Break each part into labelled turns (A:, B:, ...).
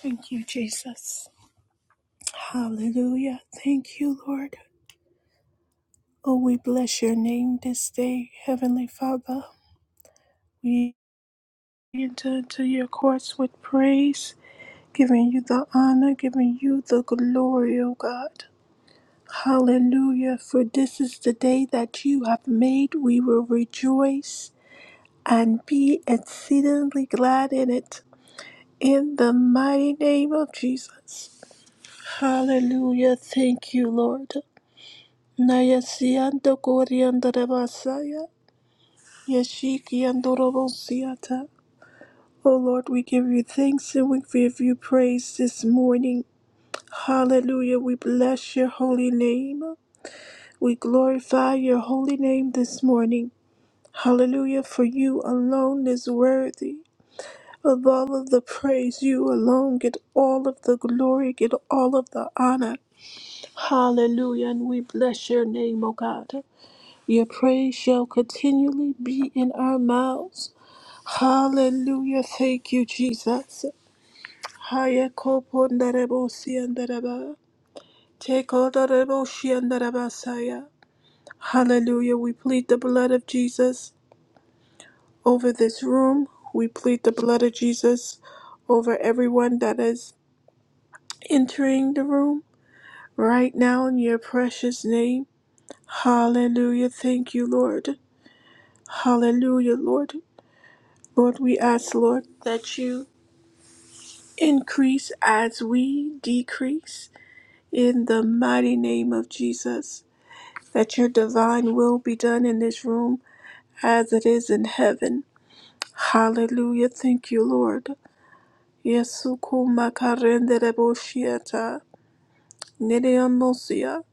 A: Thank you, Jesus. Hallelujah. Thank you, Lord. Oh, we bless your name this day, Heavenly Father. We enter into your courts with praise, giving you the honor, giving you the glory, O God. Hallelujah. For this is the day that you have made. We will rejoice and be exceedingly glad in it. In the mighty name of Jesus. Hallelujah. Thank you, Lord. Nayasiando Goriandara Masaya. Yashiki Andorobosiata. O Lord, we give you thanks and we give you praise this morning. Hallelujah. We bless your holy name. We glorify your holy name this morning. Hallelujah. For you alone is worthy of all of the praise. You alone get all of the glory, get all of the honor. Hallelujah. And we bless your name, O God. Your praise shall continually be in our mouths. Hallelujah. Thank you, Jesus. Haya kopo ndarebo siyandaraba. Teko ndarebo shiyandarabasaya. Hallelujah. We plead the blood of Jesus over this room. We plead the blood of Jesus over everyone that is entering the room right now in your precious name. Hallelujah. Thank you, Lord. Hallelujah, Lord. Lord, we ask, Lord, that you increase as we decrease in the mighty name of Jesus, that your divine will be done in this room as it is in heaven. Hallelujah. Thank you, Lord. Yesuku makarendereboshiata, nideomosia.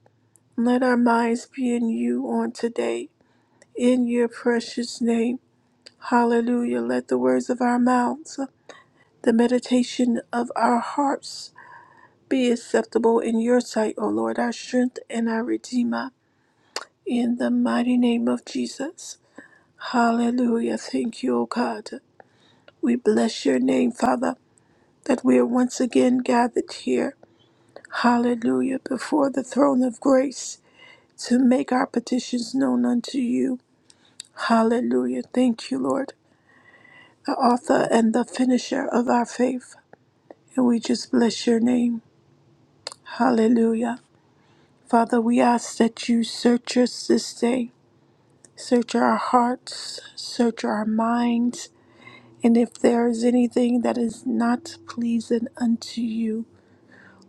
A: Let our minds be in you on today, in your precious name. Hallelujah. Let the words of our mouths, the meditation of our hearts, Be acceptable in your sight, O Lord, our strength and our redeemer, in the mighty name of Jesus. Hallelujah. Thank you, O God. We bless your name, Father, that we are once again gathered here. Hallelujah. Before the throne of grace to make our petitions known unto you. Hallelujah. Thank you, Lord, the author and the finisher of our faith. And we just bless your name. Hallelujah. Father, we ask that you search us this day. Search our hearts, search our minds, and if there is anything that is not pleasing unto you,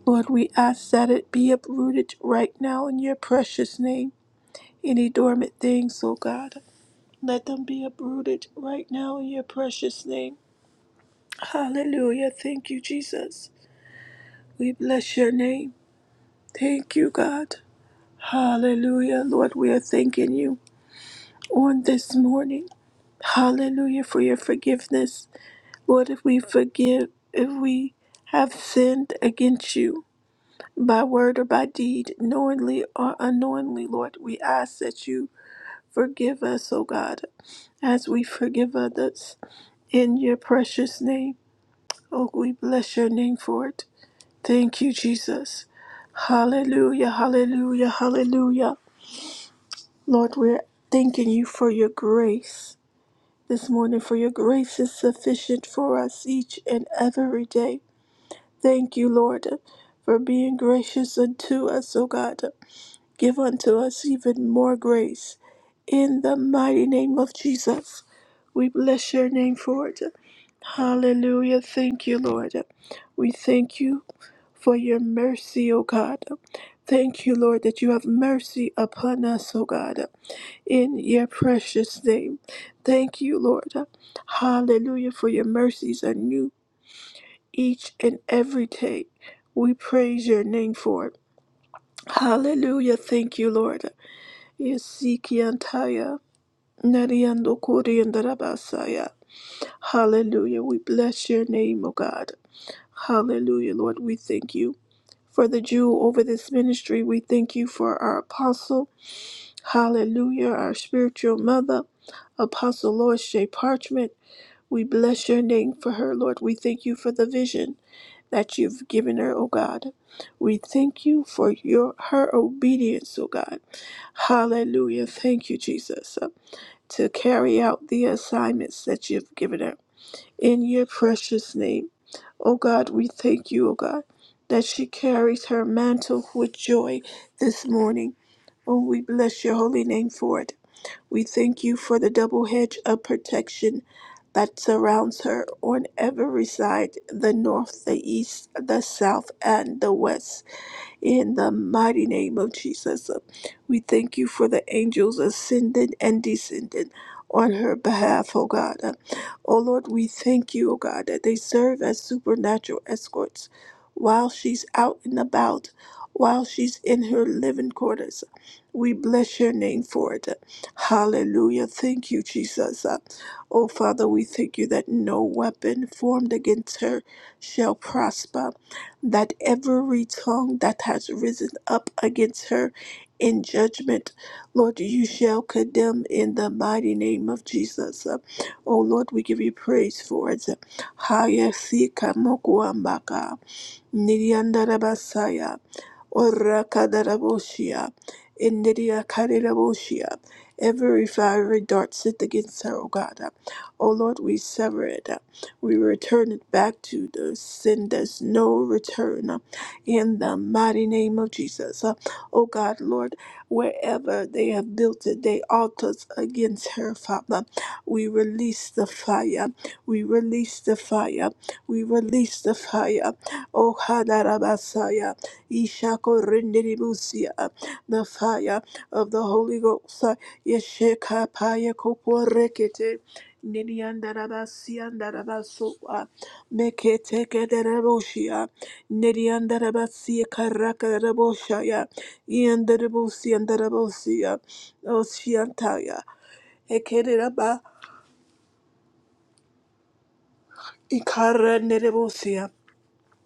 A: Lord, we ask that it be uprooted right now in your precious name. Any dormant things, O God, let them be uprooted right now in your precious name. Hallelujah. Thank you, Jesus. We bless your name. Thank you, God. Hallelujah. Lord, we are thanking you on this morning. Hallelujah for your forgiveness. Lord, if we forgive, if we have sinned against you by word or by deed, knowingly or unknowingly, Lord, we ask that you forgive us, O God, as we forgive others. In your precious name, oh, we bless your name for it. Thank you, Jesus. Hallelujah, hallelujah, hallelujah. Lord, we're thanking you for your grace this morning, for your grace is sufficient for us each and every day. Thank you, Lord, for being gracious unto us, O God. Give unto us even more grace. In the mighty name of Jesus, we bless your name for it. Hallelujah. Thank you, Lord. We thank you for your mercy, O God. Thank you, Lord, that you have mercy upon us, O God, in your precious name. Thank you, Lord. Hallelujah, for your mercies are new each and every day. We praise your name for it. Hallelujah. Thank you, Lord. Yesikiantaya, nariandokoriandarabasaya. Hallelujah. We bless your name, O God. Hallelujah, Lord. We thank you for the Jew over this ministry. We thank you for our apostle. Hallelujah. Our spiritual mother, Apostle Lord Shea Parchment. We bless your name for her, Lord. We thank you for the vision. that you've given her, O God. We thank you for your her obedience, O God. Hallelujah. Thank you, Jesus, uh, to carry out the assignments that you've given her. In your precious name, O God, we thank you, O God, that she carries her mantle with joy this morning. Oh, we bless your holy name for it. We thank you for the double hedge of protection that surrounds her on every side the north, the east, the south, and the west. In the mighty name of Jesus, Uh, we thank you for the angels ascending and descending on her behalf, oh God. Uh, Oh Lord, we thank you, oh God, that they serve as supernatural escorts while she's out and about, while she's in her living quarters. We bless your name for it. Uh, Hallelujah. Thank you, Jesus. Uh, Oh Father, we thank you that no weapon formed against her shall prosper that every tongue that has risen up against her in judgment, Lord, you shall condemn in the mighty name of Jesus. Uh, Oh Lord, we give you praise for it. Hayasika mokuambaka, niriandarabasaya. Orakadaraboshia, Indiria Kadiraboshia. Every fiery dart sent against her, O God. O Lord, we sever it. We return it back to the sin. There's no return. In the mighty name of Jesus. O God, Lord, wherever they have built it, they altars against her, Father. We release the fire. We release the fire. We release the fire. Oh, Hadarabasaya, Ishako Renderibusia, the fire of the Holy Ghost, uh, Yesheka Paya Kopo Rekete, Nidiandarabasiandarabasoa, Mekete Kedaraboshia, Nidiandarabasia Karakaraboshaya, Iandarabusiandarabosia, Oshiantaya, Ekereba, Ikara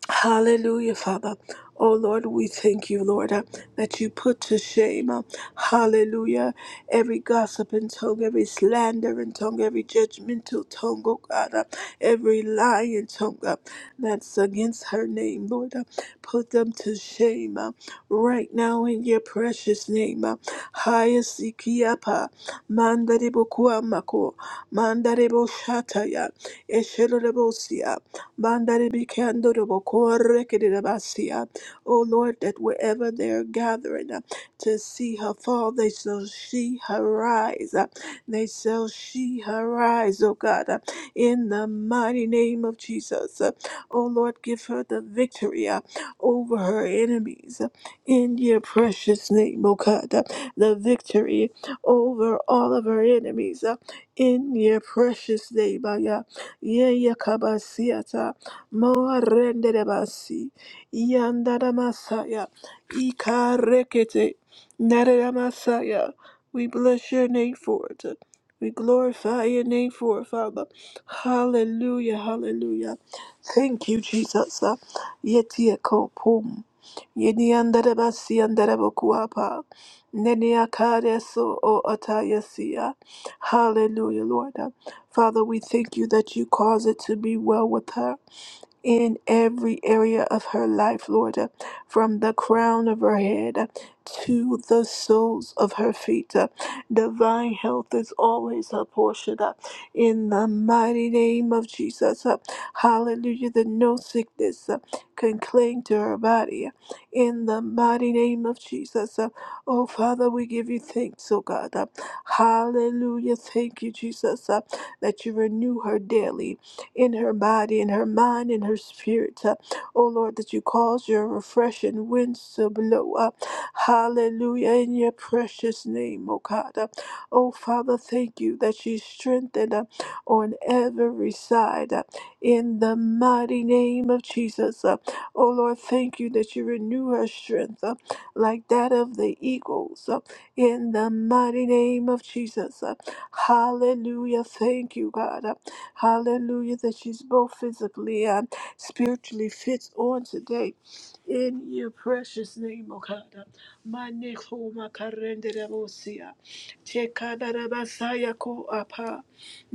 A: Hallelujah, Father. Oh Lord, we thank you, Lord, uh, that you put to shame, uh, hallelujah, every gossip and tongue, every slander and tongue, every judgmental tongue, oh God, uh, every lying tongue uh, that's against her name, Lord. uh, put them to shame uh, right now in your precious name. Uh, Hayasikiapa, Mandarebo Kuamako, Mandarebo Shataya, Eshelorebosia. Mandare bikando robo kore kedere basia. Oh Lord, that wherever they're gathering uh, to see her fall, they shall see her rise. uh, They shall see her rise, oh God, uh, in the mighty name of Jesus. Uh, Oh Lord, give her the victory uh, over her enemies uh, in your precious name, oh God. uh, The victory over all of her enemies uh, in your precious name, oh Yeye kabasiata moarendere basi yandara masaya ikarekete narera masaya. We bless your name for it. We glorify your name for it, Father. Hallelujah, hallelujah. Thank you, Jesus. Yetia kopum. Yeni andere basi andere bokuapa. Nenia kareso o atayasia. Hallelujah, Lord. Father, we thank you that you cause it to be well with her in every area of her life, Lord, uh, from the crown of her head uh, to the soles of her feet. uh, Divine health is always her portion uh, in the mighty name of Jesus. uh, Hallelujah, that no sickness uh, can cling to her body uh, in the mighty name of Jesus. uh, Oh, Father, we give you thanks, oh God. uh, Hallelujah. Thank you, Jesus, uh, that you renew her daily in her body, in her mind, in her spirit. Uh, oh Lord, that you cause your refreshing winds to blow up. Hallelujah. In your precious name, oh God. Uh, oh Father, thank you that she's strengthened uh, on every side. uh, in the mighty name of Jesus. Uh, oh Lord, thank you that you renew her strength uh, like that of the eagles. uh, in the mighty name of Jesus. Uh, hallelujah. Thank you, God. Uh, Hallelujah, that she's both physically and spiritually fits on today. In your precious name, O God. Maneko makarenderebosia. Chekadarabasaya ko apa.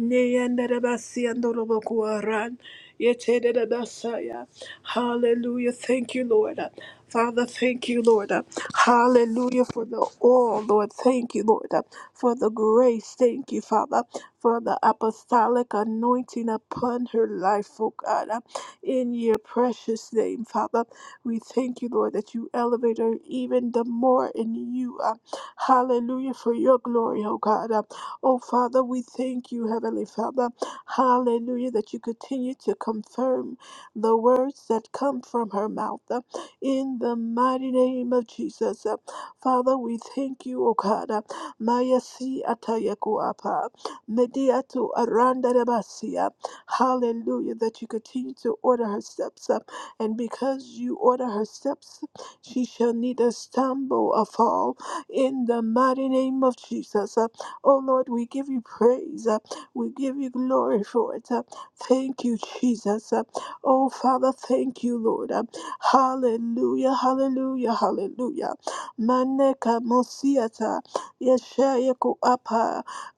A: Neyandarabasiandorobokuaran. Yetedarabasaya. Hallelujah. Thank you, Lord. Father, thank you, Lord. Hallelujah for the all, Lord. Thank you, Lord, for the grace. Thank you, Father for the apostolic anointing upon her life, oh God. Uh, In your precious name, Father, we thank you, Lord, that you elevate her even the more in you. Uh, Hallelujah, for your glory, oh God. Uh, Oh Father, we thank you, Heavenly Father. Hallelujah, that you continue to confirm the words that come from her mouth. Uh, In the mighty name of Jesus. Uh, Father, we thank you, O God. uh, Maya si atayaku apa. Medea to Aranda Rabasia. Hallelujah. That you continue to order her steps up. And because you order her steps, she shall neither stumble or fall. In the mighty name of Jesus. Uh, Oh Lord, we give you praise. Uh, We give you glory for it. Uh, Thank you, Jesus. Uh, Oh Father, thank you, Lord. Uh, Hallelujah, hallelujah, hallelujah. Maneka mosiata. Yeshaya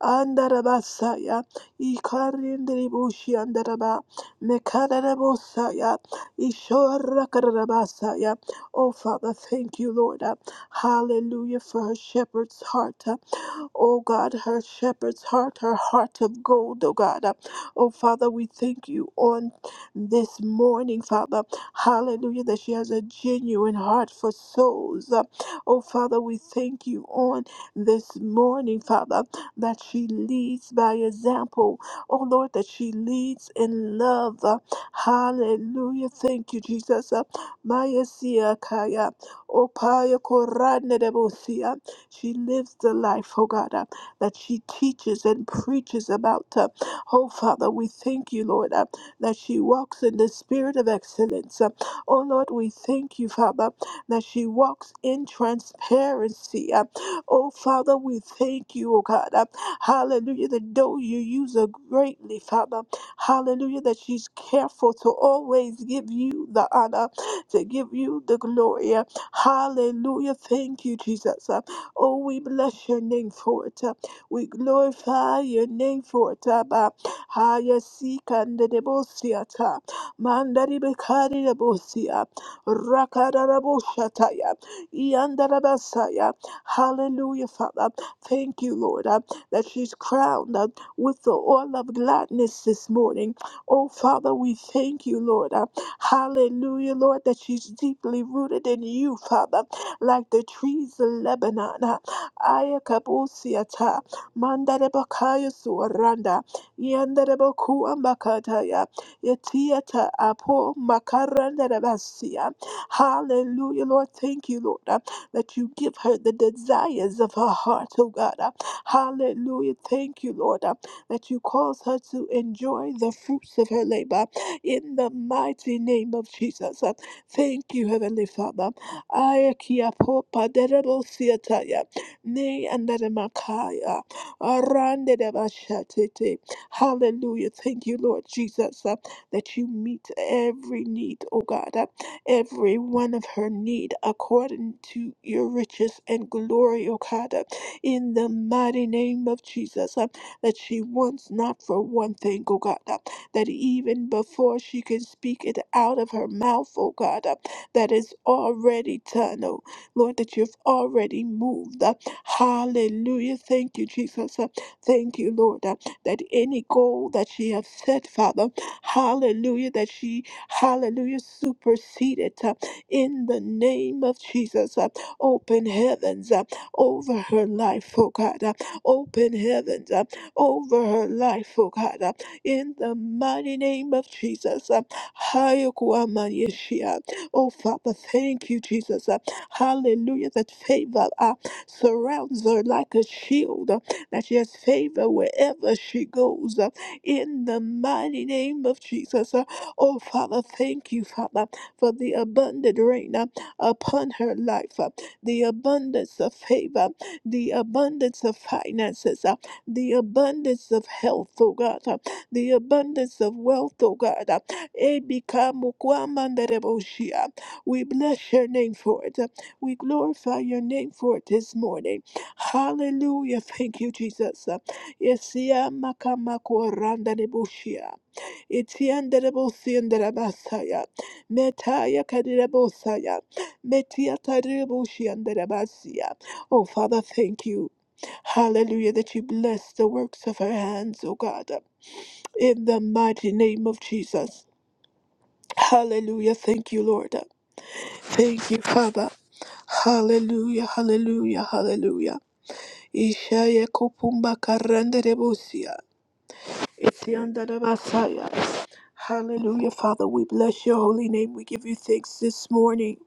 A: Andarabasaya, Ikarindribushi Andaraba, Mekarabosaya, Ishorakarabasaya. Oh, Father, thank you, Lord. Hallelujah for her shepherd's heart. Oh God, her shepherd's heart, her heart of gold, oh God. Oh Father, we thank you on this morning, Father. Hallelujah, that she has a genuine heart for souls. Oh Father, we thank you on this morning, Father, that she leads by example. Oh Lord, that she leads in love. Hallelujah. Thank you, Jesus. Maya siya kaya. Opaya korane debosia. She lives the life, oh God, uh, that she teaches and preaches about. Uh, oh Father, we thank you, Lord, uh, that she walks in the spirit of excellence. Uh, oh Lord, we thank you, Father, that she walks in transparency. Uh, oh Father, we thank you, oh God. Uh, hallelujah, that though you use her greatly, Father, hallelujah, that she's careful to always give you the honor, to give you the glory. uh, Hallelujah. Thank you, Jesus. uh, Oh, we bless your name for it. uh, We glorify your name for it. Abba. Haya sika ndedebosiata. Mandari bekari debosia. Rakaraboshataya. Iandarabasaya. Hallelujah, Father. Thank you, Lord, uh, that she's crowned uh, with the oil of gladness this morning. Oh, Father, we thank you, Lord. uh, hallelujah, Lord, that she's deeply rooted in you, Father like the trees of Lebanon. Ayakabusiata, Mandarebakaya Suaranda, Yandarebakuambakataya, Yetiata Apo Makarandarebasia. Hallelujah, Lord. Thank you, Lord, uh, that you give her the desires of her heart, oh God. uh. Hallelujah. Thank you, Lord, uh, that you cause her to enjoy the fruits of her labor in the mighty name of Jesus. Uh, Thank you, Heavenly Father. Aya kia popa derebo siataya. Ne andaramakaya. Arande devashatete. Hallelujah. Thank you, Lord Jesus, uh, that you meet every need, oh God, uh, every one of her need according to your riches and glory, oh God, uh, in the mighty name of Jesus, uh, that she wants not for one thing, oh God, uh, that even before she can speak it out of her mouth, oh God. uh, that is already done, oh Lord, that you've already moved. Uh, Hallelujah. Thank you, Jesus. Uh, Thank you, Lord, uh, that any goal that she has set, Father, hallelujah, that she, hallelujah, superseded uh, in the name of Jesus. Uh, Open heavens uh, over her life, oh God. Uh, Open heavens uh, over her life, oh God. Uh, In the mighty name of Jesus. Uh, Oh, Father, thank you, Jesus. Uh, Hallelujah. That favor uh, surrounds her like a shield, uh, that she has favor wherever she goes. uh, In the mighty name of Jesus. Uh, Oh, Father, thank you, Father, for the abundant rain uh, upon her life, uh, the abundance of favor, the abundance of finances, uh, the abundance of health, oh God, uh, the abundance of wealth, oh God. uh, Ebikamukwamandaraboshia. We bless your name for it. We glorify your name for it this morning. Hallelujah. Thank you, Jesus. Yesia makamakorandaraboshia. Itiandarabosiandarabasaya. Metaya kadirabosaya. Metiataraboshiandarabasia. Oh, Father, thank you. Hallelujah, that you bless the works of our hands, O God, in the mighty name of Jesus. Hallelujah. Thank you, Lord. Thank you, Father. Hallelujah, hallelujah, hallelujah. Ishaya kupumba karanderebosia. Itiandara basaya. Hallelujah, Father. We bless your holy name. We give you thanks this morning.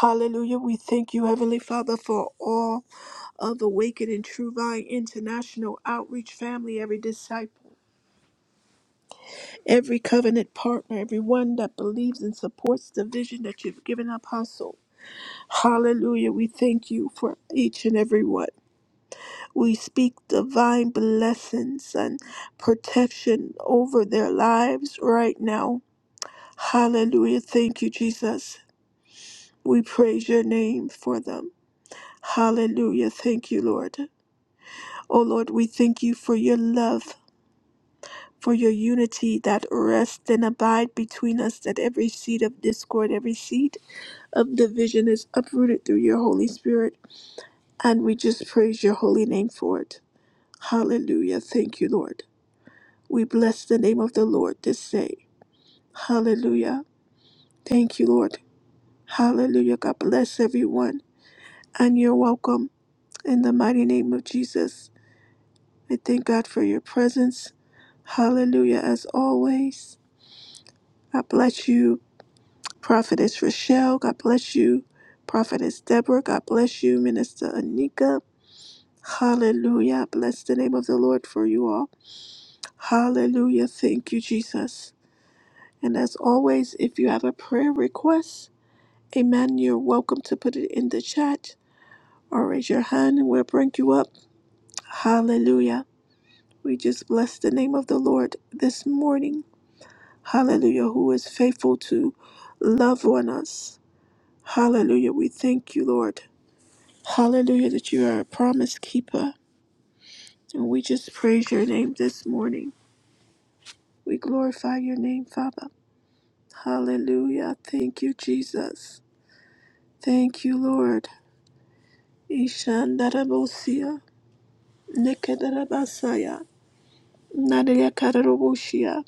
A: Hallelujah. We thank you, Heavenly Father, for all of the Waken and True Vine International Outreach family, every disciple, every covenant partner, everyone that believes and supports the vision that you've given Apostle. Hallelujah. We thank you for each and every one. We speak divine blessings and protection over their lives right now. Hallelujah. Thank you, Jesus. We praise your name for them. Hallelujah. Thank you, Lord. Oh, Lord, we thank you for your love. For your unity that rests and abide between us, that every seed of discord, every seed of division is uprooted through your Holy Spirit. And we just praise your holy name for it. Hallelujah. Thank you, Lord. We bless the name of the Lord this day. Hallelujah. Thank you, Lord. Hallelujah. God bless everyone. And you're welcome in the mighty name of Jesus. I thank God for your presence. Hallelujah. As always, God bless you, Prophetess Rochelle. God bless you, Prophetess Deborah. God bless you, Minister Anika. Hallelujah. Bless the name of the Lord for you all. Hallelujah. Thank you, Jesus. And as always, if you have a prayer request, amen, you're welcome to put it in the chat or raise your hand and we'll bring you up. Hallelujah. We just bless the name of the Lord this morning. Hallelujah, who is faithful to love on us. Hallelujah. We thank you, Lord. Hallelujah, that you are a promise keeper. And we just praise your name this morning. We glorify your name, Father. Hallelujah. Thank you, Jesus. Thank you, Lord. Ishandarabosia, Nekedarabasaya, Nadeyakarabosia.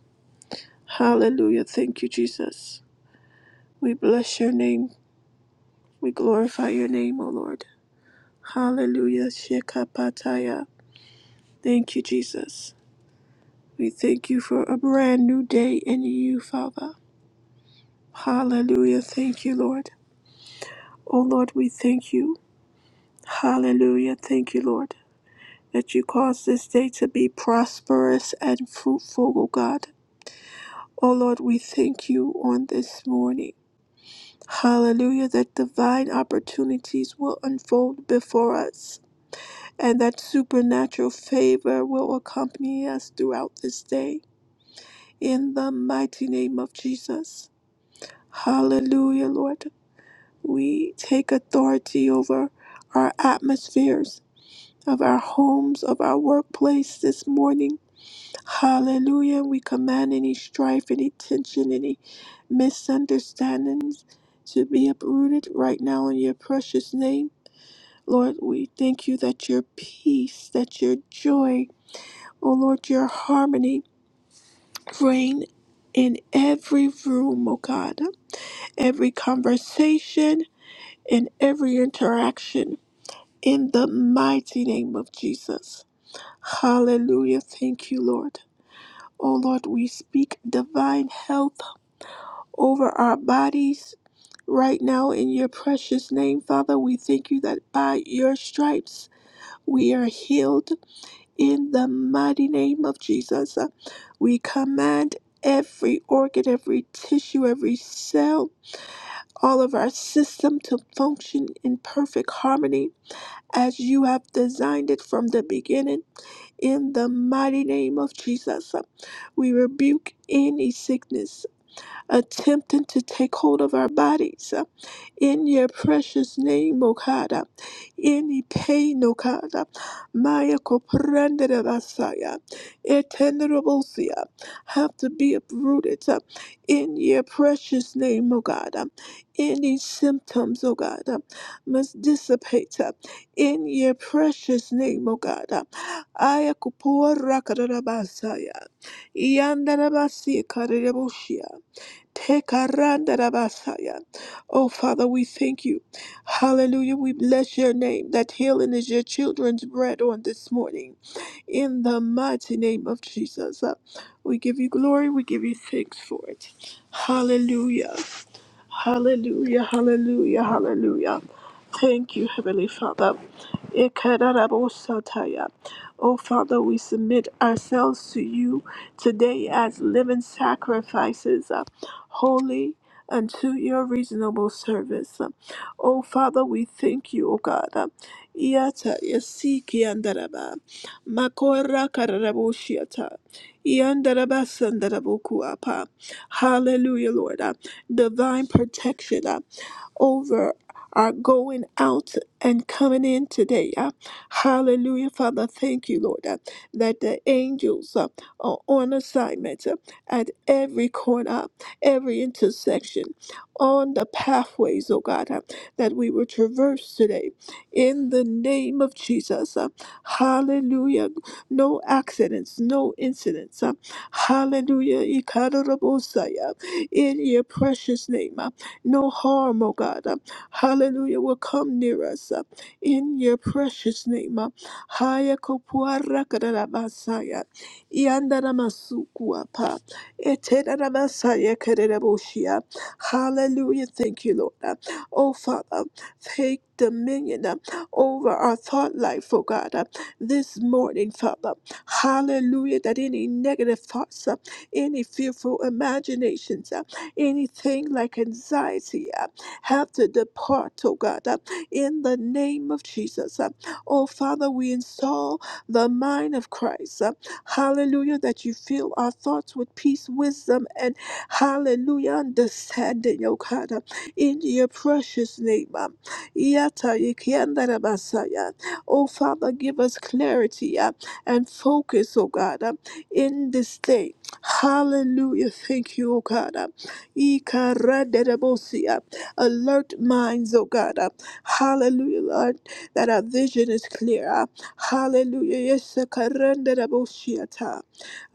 A: Hallelujah. Thank you, Jesus. We bless your name. We glorify your name, O Lord. Hallelujah. Shekapataya. Thank you, Jesus. We thank you for a brand new day in you, Father. Hallelujah. Thank you, Lord. O Lord, we thank you. Hallelujah. Thank you, Lord, that you caused this day to be prosperous and fruitful, O God. Oh Lord, we thank you on this morning. Hallelujah, that divine opportunities will unfold before us and that supernatural favor will accompany us throughout this day. In the mighty name of Jesus. Hallelujah, Lord. We take authority over our atmospheres of our homes, of our workplace this morning Hallelujah. We command any strife, any tension, any misunderstandings to be uprooted right now in your precious name. Lord, we thank you that your peace, that your joy, oh Lord, your harmony reign in every room, oh God, every conversation, and every interaction in the mighty name of Jesus. Hallelujah. Thank you, Lord. Oh Lord, we speak divine health over our bodies right now in your precious name, Father. We thank you that by your stripes we are healed in the mighty name of Jesus. We command every organ, every tissue, every cell, all of our system to function in perfect harmony as you have designed it from the beginning. In the mighty name of Jesus, we rebuke any sickness attempting to take hold of our bodies. in your precious name, O God. Any pain, O God, Maya Koprandera Basaya, Eternablesia, have to be uprooted uh, in your precious name, O God. Any symptoms, O God, must dissipate uh, in your precious name, O God. Aya Kupura Basaya, Yandarabasi Tekarandarabasaya. Oh, Father, we thank you. Hallelujah. We bless your name that healing is your children's bread on this morning in the mighty name of Jesus. Uh, We give you glory, we give you thanks for it. Hallelujah. Hallelujah, hallelujah, hallelujah. Thank you, Heavenly Father. Ikarabosataya. Oh, Father, we submit ourselves to you today as living sacrifices, uh, holy unto your reasonable service. Uh, Oh, Father, we thank you, O God. Uh, Iata yasiki andaraba. Makora karaboshiata. Yandarabasandaraboko apa. Hallelujah, Lord. Uh, Divine protection. uh, over our going out and coming in today. uh, Hallelujah, Father. Thank you, Lord, uh, that the angels uh, are on assignment uh, at every corner, every intersection, on the pathways, oh God, uh, that we will traverse today. In the name of Jesus, uh, hallelujah. No accidents, no incidents. uh, Hallelujah. Ikarabosaya. In your precious name. uh, no harm, oh God. uh, Hallelujah will come near us uh, in your precious name. uh, Haya kopuara kadarabasaya, iandaramasukuapa, etedarabasaya kadaraboshia. Hallelujah. Thank you, Lord. uh, Oh Father, take dominion uh, over our thought life, oh God, uh, this morning, Father. Hallelujah. That any negative thoughts, uh, any fearful imaginations, uh, Anything like anxiety uh, have to depart, oh God, uh, in the name of Jesus. uh. Oh Father, we install the mind of Christ. uh, Hallelujah, that you fill our thoughts with peace, wisdom, and hallelujah, understanding, oh God, uh, in your precious name. uh. Yata yikiandara basaya. Oh Father, give us clarity uh, and focus, oh God, uh, in this day. Hallelujah. Thank you, oh God. uh, Ikaradedebosia. Alert minds, oh God. uh, Hallelujah, Lord, that our vision is clear. uh, Hallelujah. Yes, ikaradedebosia ta.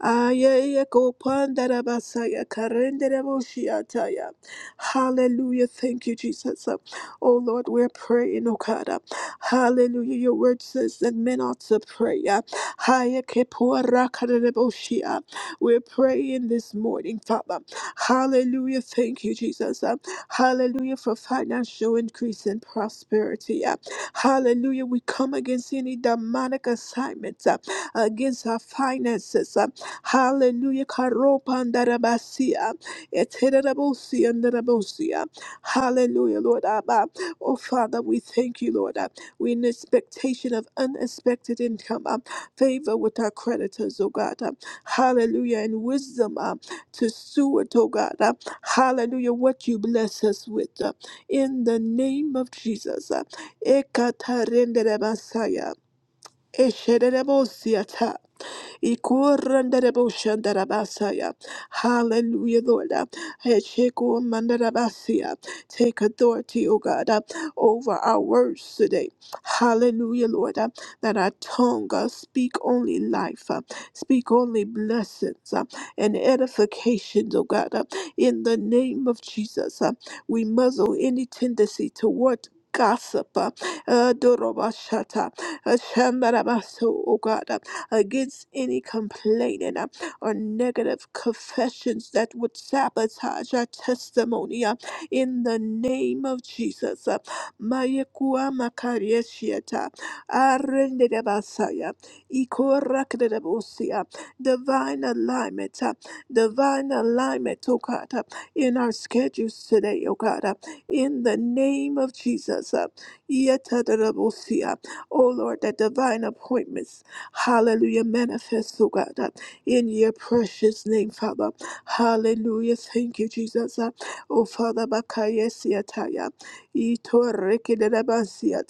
A: Ayayakopandadabasaya, karendedebosia ta ya. Hallelujah. Thank you, Jesus. Uh, Oh Lord, we're praying, oh God. uh, Hallelujah. Your word says that men ought to pray. uh, Hayakipuarakadadebosia. We're praying this morning, Father. Hallelujah. Thank you, Jesus. Uh, Hallelujah for financial increase and prosperity. Uh, Hallelujah. We come against any demonic assignments uh, against our finances. Uh, Hallelujah. Karopandarabasia. Etererabosi and Rabosia. Hallelujah, Lord Abba. Oh, Father, we thank you, Lord. Uh, We're in expectation of unexpected income. Uh, Favor with our creditors, oh God. Uh, Hallelujah. And wisdom uh, to steward, oh God. uh, hallelujah. What you bless us with. uh, in the name of Jesus. uh, Ekatarendere Messiah. Eshererebo Siata. Ikorandaraboshandarabasaya. Hallelujah, Lord. Heshikomandarabasiya. Take authority, O God, uh, over our words today. Hallelujah, Lord. uh, That our tongue uh, speak only life, uh, speak only blessings uh, and edifications, O God. uh, In the name of Jesus, uh, we muzzle any tendency toward gossip. uh, uh, Dorobashata, uh, Shandarabaso, O God against any complaining uh, or negative confessions that would sabotage our testimony uh, in the name of Jesus. uh, Mayekua makarieshieta, arendedebasaya, ikorakdedebusia, Divine alignment, uh, divine alignment, oh God, uh, in our schedules today, oh God, uh, in the name of Jesus. uh, yetadedebusia. Oh Lord, that divine appointments. Hallelujah. Manifest, oh God, uh, in your precious name, Father. Hallelujah. Thank you, Jesus. Uh, Oh, Father, Bakaya Siataya. Ito Rekidabasia.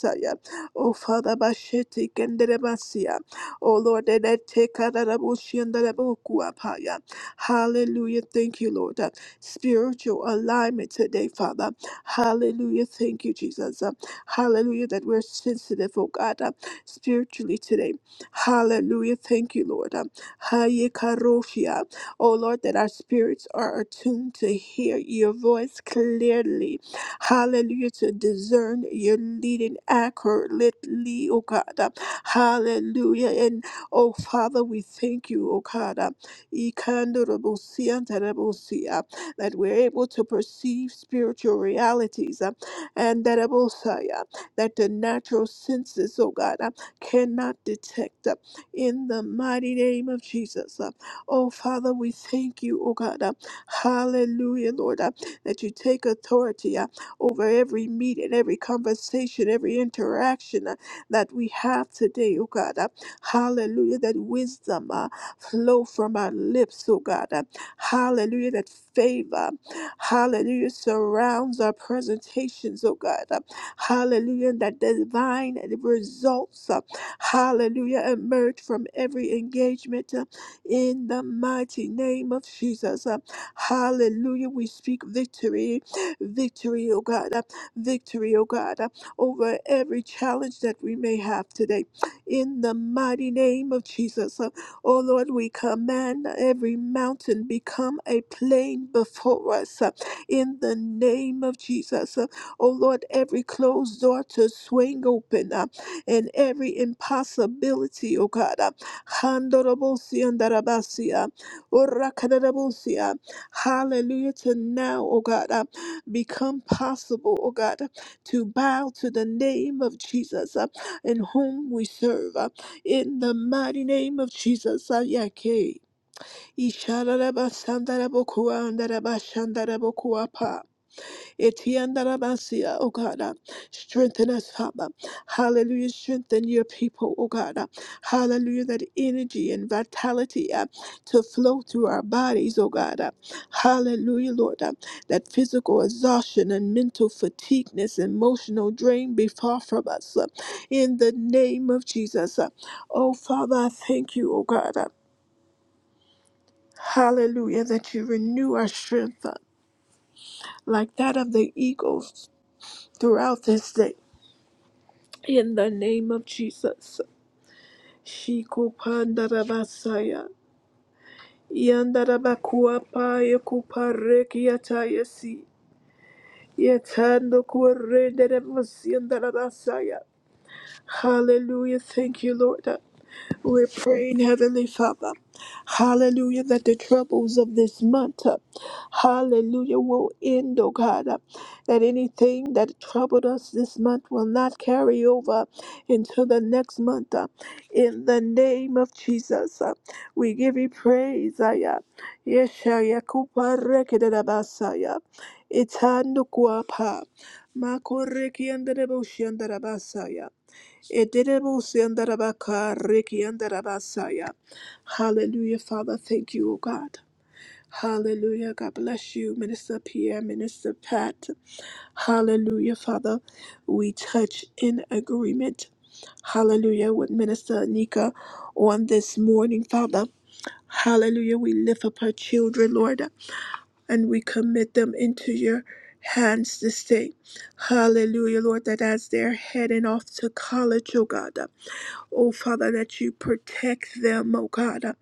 A: Oh, Father, Basheti Kenderebasia. Oh, Lord, that I take Karabushi and Darabukuapaya. Hallelujah. Thank you, Lord. Uh, Spiritual alignment today, Father. Hallelujah. Thank you, Jesus. Uh, Hallelujah. That we're sensitive, oh God, uh, spiritually today. Hallelujah. Thank you, Lord. Um, Haye karoshia. Oh, Lord, that our spirits are attuned to hear your voice clearly. Hallelujah. To discern your leading accurately, oh God. Um, Hallelujah. And, oh, Father, we thank you, oh God. Um, ikandorobosia and terebosia, That we're able to perceive spiritual realities um, and that that the natural senses, oh God cannot detect uh, in the mighty name of Jesus. Uh, Oh, Father, we thank you, oh God. uh, Hallelujah, Lord, uh, that you take authority uh, over every meeting, every conversation, every interaction uh, that we have today, oh God. uh, Hallelujah, that wisdom uh, flow from our lips, oh God. uh, Hallelujah, that favor, hallelujah, surrounds our presentations, oh God. uh, Hallelujah, and that divine results. uh, Hallelujah. Emerge from every engagement uh, in the mighty name of Jesus. Uh, Hallelujah. We speak victory, victory, oh God, uh, victory, oh God, uh, over every challenge that we may have today. In the mighty name of Jesus. Uh, Oh Lord, we command every mountain become a plain before us. uh, In the name of Jesus. Uh, Oh Lord, every closed door to swing open. uh, and every impossibility, O God. Uh, Handorobosia and Darabasia, Orakadarabosia. Hallelujah to now, O God. Uh, Become possible, O God, uh, to bow to the name of Jesus uh, in whom we serve. uh, In the mighty name of Jesus, Ayake. Isharabasandarabokuandarabashandarabokuapa. Etiandarabasia, Oh God, uh, strengthen us, Father. Hallelujah. Strengthen your people, oh God. uh, Hallelujah. That energy and vitality uh, to flow through our bodies, oh God. uh, Hallelujah, Lord. uh, That physical exhaustion and mental fatigueness, emotional drain be far from us. uh, In the name of Jesus. uh. Oh Father, I thank you, oh God. uh, Hallelujah. That you renew our strength uh, like that of the eagles throughout this day. In the name of Jesus. Shikupandarabasaya. Yandarabakuapaya kuparekiatayasi. Yetando kuarenderemasiandarabasaya. Hallelujah. Thank you, Lord. We're praying, Heavenly Father, hallelujah, that the troubles of this month, uh, hallelujah, will end, oh God, uh, that anything that troubled us this month will not carry over into the next month. uh, In the name of Jesus, uh, we give you praise. Aya. Yeshaya kuparekedabasaya. Itandukwa pa. Makorekiandarabushiandarabasaya. Ederebosiandarabakarikiandarabasaya. Hallelujah, Father. Thank you, O God. Hallelujah. God bless you, Minister Pierre, Minister Pat. Hallelujah, Father. We touch in agreement. Hallelujah, with Minister Nika on this morning, Father. Hallelujah. We lift up her children, Lord, and we commit them into your hands this day. Hallelujah, Lord, that as they're heading off to college, oh God. Oh, Father, that you protect them, oh God. uh,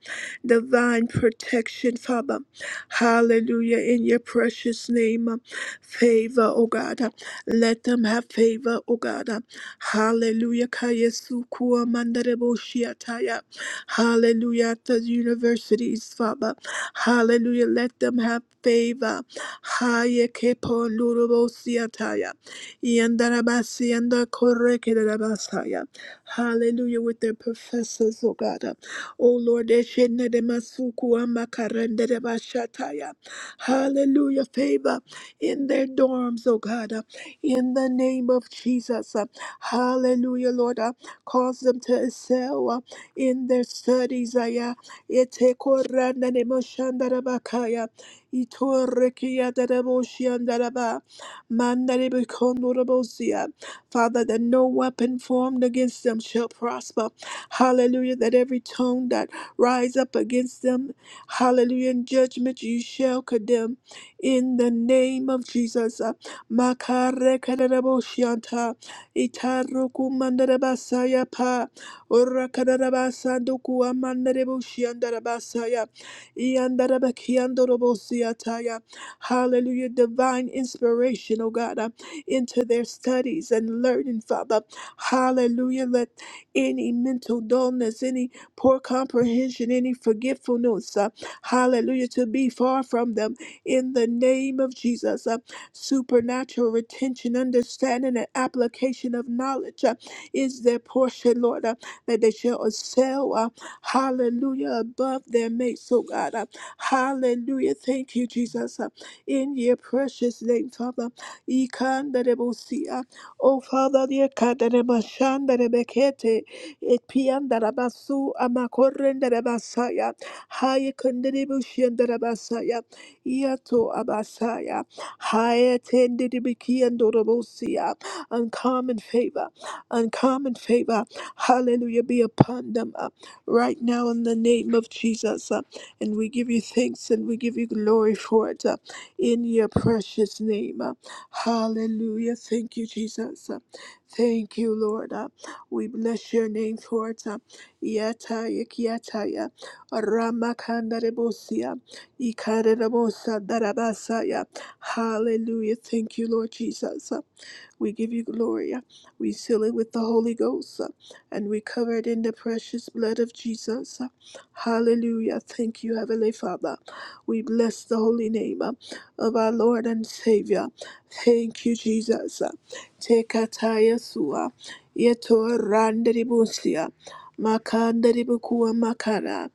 A: Divine protection, Father. Hallelujah. In your precious name, uh, favor, oh God. uh, Let them have favor, oh God. uh, Hallelujah. Kayesu kuwa mandarebo shiataya. Hallelujah. At the universities, Father. Hallelujah. Let them have favor. Haye kepo nurubo siataya. Yandarabasi and the Hallelujah, with their professors, oh God. Oh Lord, they should not they masuku who um, de bashataya. Hallelujah, favor in their dorms, oh God. In the name of Jesus. Hallelujah, Lord. uh, Cause them to excel uh, in their studies. Aya. Ete koranda de moshanda de bakaya. Ito rekia de de ba. Manda de Father, that no weapon formed against them shall prosper. Hallelujah. That every tongue that rise up against them, hallelujah, in judgment you shall condemn. In the name of Jesus. Uh, Makarekaraboshianta, Itarukumandarabasaya pa, Orakarabasandukuamandareboshiandarabasaya, Iandarabakiandorobosiataya. Hallelujah. Divine inspiration, oh God into their studies and learning, Father. Hallelujah. Let any mental dullness, any poor comprehension, any forgetfulness, uh, hallelujah, to be far from them in the name of Jesus. Uh, supernatural retention, understanding, and application of knowledge uh, is their portion, Lord, uh, that they shall excel, uh, hallelujah, above their mates, oh God. Uh, hallelujah. Thank you, Jesus. Uh, in your precious name, Father. Ikandarebusia. Oh Father, the Kandaremashandarebekete, Epiandarabasu, Amakorendarebasaya, Hayakandarebushiandarabasaya, Iato Abasaya, Hayatenderebekiandorabosia. Uncommon favor, uncommon favor. Hallelujah, be upon them uh, right now in the name of Jesus. uh, and we give you thanks and we give you glory for it uh, in your precious name. uh, Hallelujah. Thank you, Jesus. Thank you, Lord. We bless your name for it. Yataya Kiataya Ramakandarebosia Ikarebosa Darabasaya. Hallelujah. Thank you, Lord Jesus. We give you glory. We seal it with the Holy Ghost uh, and we cover it in the precious blood of Jesus. Hallelujah. Thank you, Heavenly Father. We bless the holy name uh, of our Lord and Savior. Thank you, Jesus. Tekataya sua. Yeto randeribusia. Makanderibukua makara.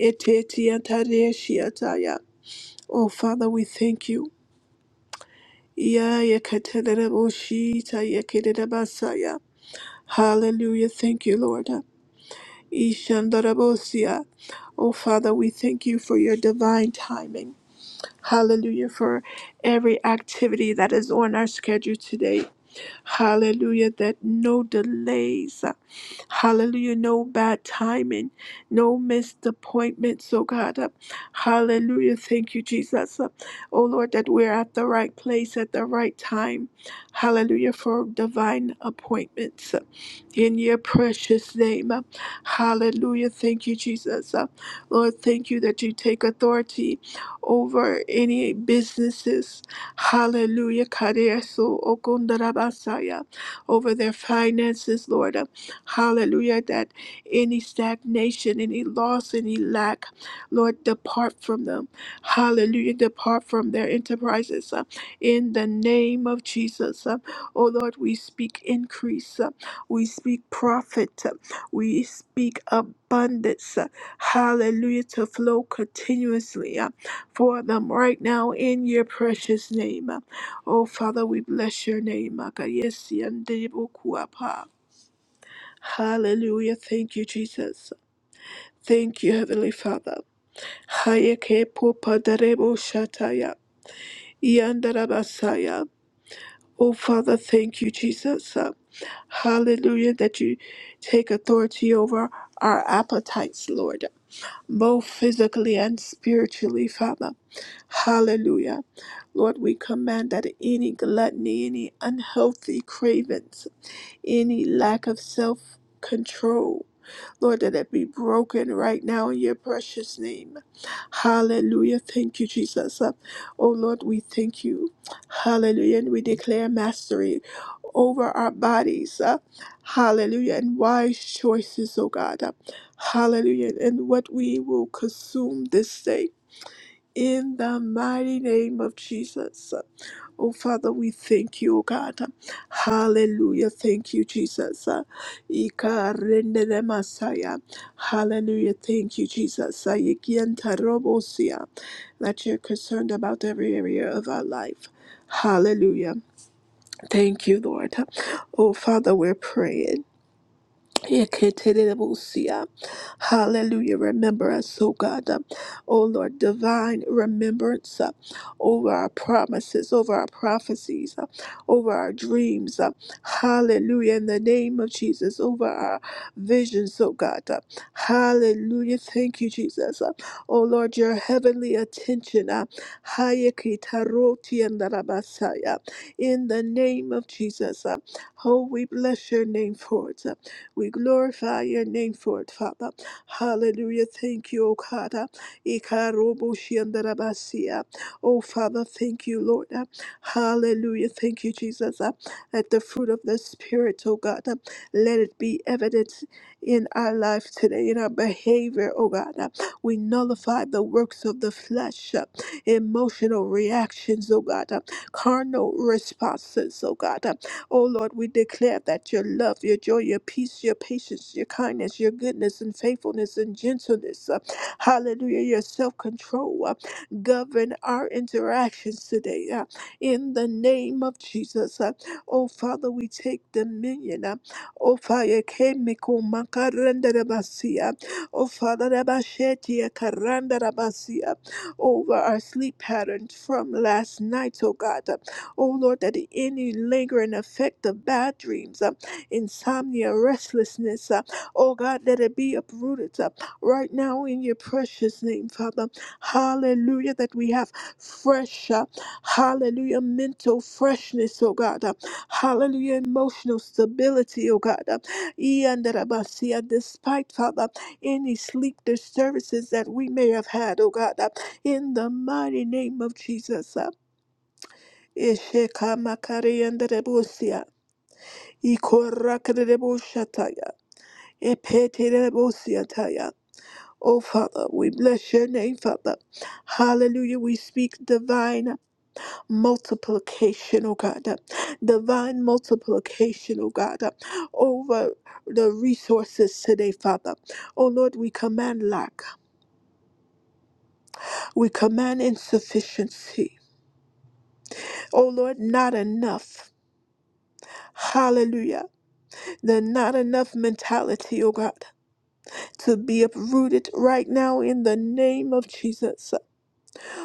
A: Etetiatareshiataya. Oh, Father, we thank you ya yeah, katada boshita, yeah, kidada basaya. Hallelujah. Thank you, Lord. Ishandarabosia. Oh, Father, we thank you for your divine timing. Hallelujah. For every activity that is on our schedule today. Hallelujah. That no delays. Hallelujah. No bad timing, no missed appointments, oh God. Uh, Hallelujah. Thank you, Jesus. Uh, Oh Lord, that we're at the right place at the right time. Hallelujah for divine appointments in your precious name. Hallelujah. Thank you, Jesus. Uh, Lord, thank you that you take authority over any businesses. Hallelujah. Kadeso okundarabasaya. Over their finances, Lord. Uh, Hallelujah. That any stagnation, any loss, any lack, Lord, depart from them. Hallelujah. Depart from their enterprises. Uh, In the name of Jesus. Uh, Oh, Lord, we speak increase. We speak profit. We speak abundance. Hallelujah to flow continuously uh, for them right now in your precious name. Oh, Father, we bless your name. Akayesi andebo kuapa. Hallelujah. Thank you, Jesus. Thank you, Heavenly Father. Hayeke popa darebo shataya. Yandarabasaya. Oh, Father, thank you, Jesus. Hallelujah, that you take authority over our appetites, Lord, both physically and spiritually, Father. Hallelujah. Lord, we command that any gluttony, any unhealthy cravings, any lack of self control, Lord, that it be broken right now in your precious name. Hallelujah. Thank you, Jesus. Uh, Oh Lord, we thank you. Hallelujah. And we declare mastery over our bodies. Uh, Hallelujah. And wise choices, oh God. Uh, Hallelujah. And what we will consume this day. In the mighty name of Jesus. Oh, Father, we thank you, oh God. Hallelujah. Thank you, Jesus. Uh, Ika rendele Messiah. Hallelujah. Thank you, Jesus. Uh, Yekienta robosia. That you're concerned about every area of our life. Hallelujah. Thank you, Lord. Oh, Father, we're praying. Yeketerebosia. Hallelujah. Remember us, oh God. Um, Oh Lord, divine remembrance uh, over our promises, over our prophecies, uh, over our dreams. uh, Hallelujah. In the name of Jesus, over our visions, oh God. uh, Hallelujah. Thank you, Jesus. Uh, Oh Lord, your heavenly attention. uh, Hayekitarotiandarabasaya. In the name of Jesus. uh, Oh, we bless your name for it. We glorify your name for it, Father. Hallelujah. Thank you, O God. Ikaroboshiandarabasia. Oh, Father, thank you, Lord. Hallelujah. Thank you, Jesus. Let the fruit of the Spirit, oh God, let it be evident in our life today, in our behavior, oh God. We nullify the works of the flesh, emotional reactions, oh God, carnal responses, oh God. Oh Lord, we declare that your love, your joy, your peace, your patience, your kindness, your goodness and faithfulness and gentleness, uh, hallelujah, your self control uh, govern our interactions today. uh, in the name of Jesus, uh, oh Father, we take dominion. Uh, oh Father, kemiko makaranda rabasia. Oh Father, rabashetia karanda rabasia. Over our sleep patterns from last night, oh God. uh. Oh Lord, that any lingering effect of bad dreams, uh, insomnia, restlessness, uh, oh God, let it be uprooted uh, right now in your precious name, Father. Hallelujah, that we have fresh, uh, hallelujah, mental freshness, oh God. uh, hallelujah, emotional stability, oh God. Uh, Iandarabasia, despite, Father, any sleep disturbances that we may have had, oh God, uh, in the mighty name of Jesus. Uh, Esheka makarianda rebosia. Ikoraka reboshataya. Epete rebosiataya. Oh, Father, we bless your name, Father. Hallelujah. We speak divine multiplication, oh God. Divine multiplication, oh God, over the resources today, Father. Oh, Lord, we command lack. We command insufficiency. Oh, Lord, not enough. Hallelujah. the not enough mentality, oh God, to be uprooted right now in the name of Jesus.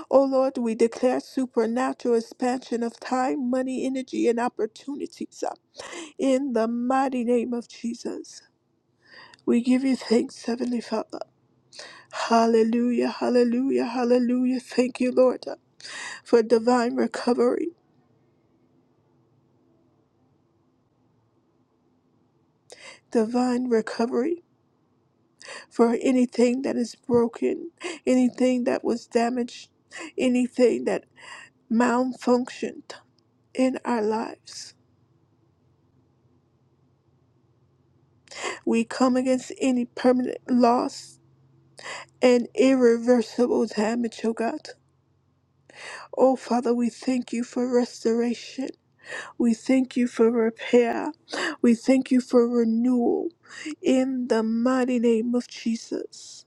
A: Oh Lord, we declare supernatural expansion of time, money, energy, and opportunities uh, in the mighty name of Jesus. We give you thanks, Heavenly Father. Hallelujah, hallelujah, hallelujah. Thank you, Lord, uh, for divine recovery. Divine recovery for anything that is broken, anything that was damaged, anything that malfunctioned in our lives. We come against any permanent loss and irreversible damage, oh God. Oh Father, we thank you for restoration. We thank you for repair. We thank you for renewal in the mighty name of Jesus.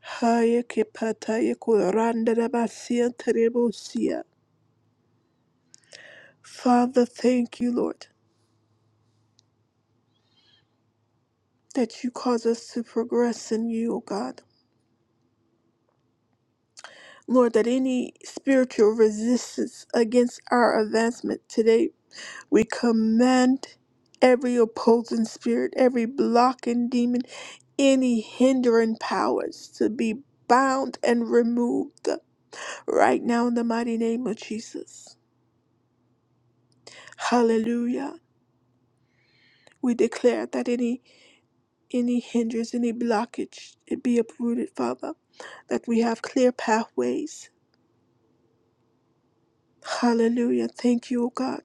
A: Haya ke pataya kuranda da basia terebosia. Father, thank you, Lord, that you cause us to progress in you, O God. Lord, that any spiritual resistance against our advancement today, we command every opposing spirit, every blocking demon, any hindering powers to be bound and removed right now in the mighty name of Jesus. Hallelujah. We declare that any any hindrance, any blockage, it be uprooted, Father, that we have clear pathways. Hallelujah. Thank you, O God.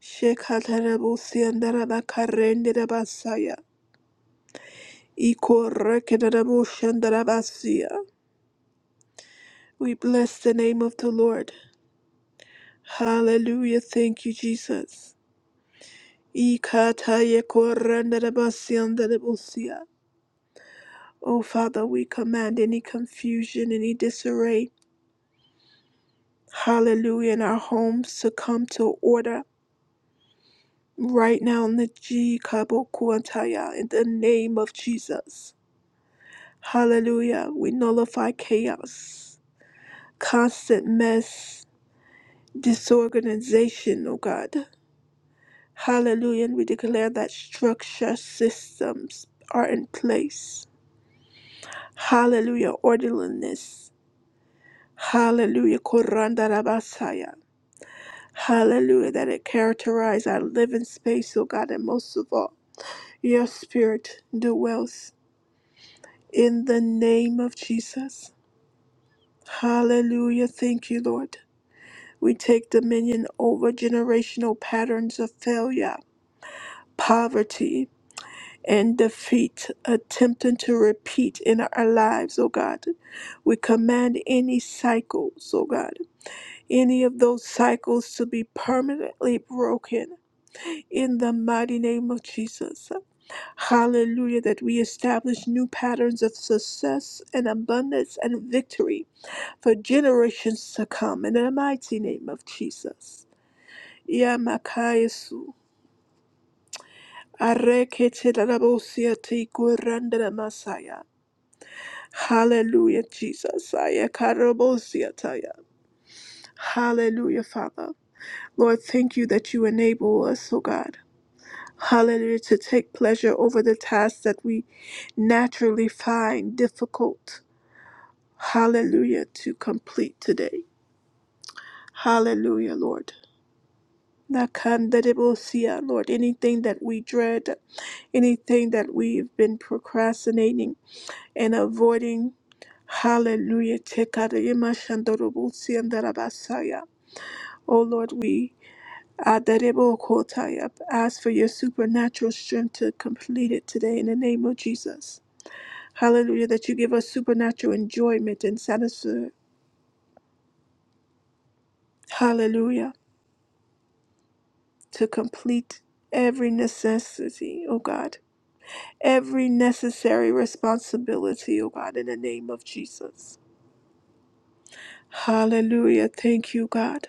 A: Shekatarabu siandaraba karendabasaya. Ikorekedabushandarabasia. We bless the name of the Lord. Hallelujah. Thank you, Jesus. Ikatayekorendabasiandarabusia. Oh, Father, we command any confusion, any disarray, hallelujah, in our homes to come to order right now in the G Kabokuantaya, in the name of Jesus. Hallelujah. We nullify chaos, constant mess, disorganization, oh God. Hallelujah. And we declare that structure systems are in place. Hallelujah. Orderliness. Hallelujah. Koranda rabasaya. Hallelujah. That it characterize our living space, oh God. And most of all, your spirit dwells in the name of Jesus. Hallelujah. Thank you, Lord. We take dominion over generational patterns of failure, poverty, and defeat, attempting to repeat in our lives, oh God. We command any cycles, oh God, any of those cycles to be permanently broken in the mighty name of Jesus. Hallelujah, that we establish new patterns of success and abundance and victory for generations to come in the mighty name of Jesus. Ya Yamakayesu. Areketelarabosia te kuranda la masaya. Hallelujah, Jesus. Ayakarabosia taya. Hallelujah, Father. Lord, thank you that you enable us, oh God. Hallelujah, to take pleasure over the tasks that we naturally find difficult. Hallelujah, to complete today. Hallelujah, Lord. Nakanderebosia, Lord, anything that we dread, anything that we've been procrastinating and avoiding hallelujah tekarima shandorobusi and darabasaya. Oh Lord, we adarebo kotaya, ask for your supernatural strength to complete it today in the name of Jesus. Hallelujah, that you give us supernatural enjoyment and satisfaction. Hallelujah, to complete every necessity, oh God, every necessary responsibility, oh God, in the name of Jesus. Hallelujah, thank you, God.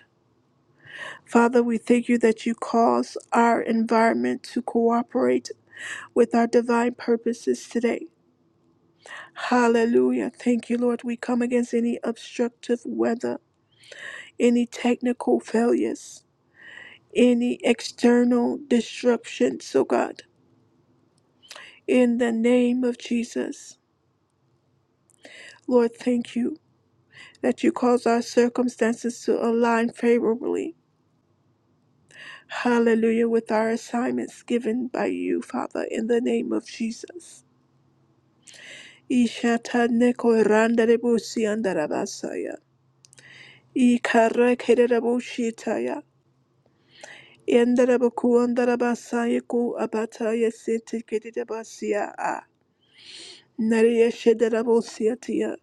A: Father, we thank you that you cause our environment to cooperate with our divine purposes today. Hallelujah. Thank you, Lord. We come against any obstructive weather, any technical failures, any external disruptions, oh God, in the name of Jesus. Lord, thank you that you cause our circumstances to align favorably. Hallelujah, with our assignments given by you, Father, in the name of Jesus. Ishatane korandarebusi andarabasaya. Ikara kererabushitaya. Yandarabaku andarabasaya ku abataya sete kererabasia a. Nariya shederabusiatia.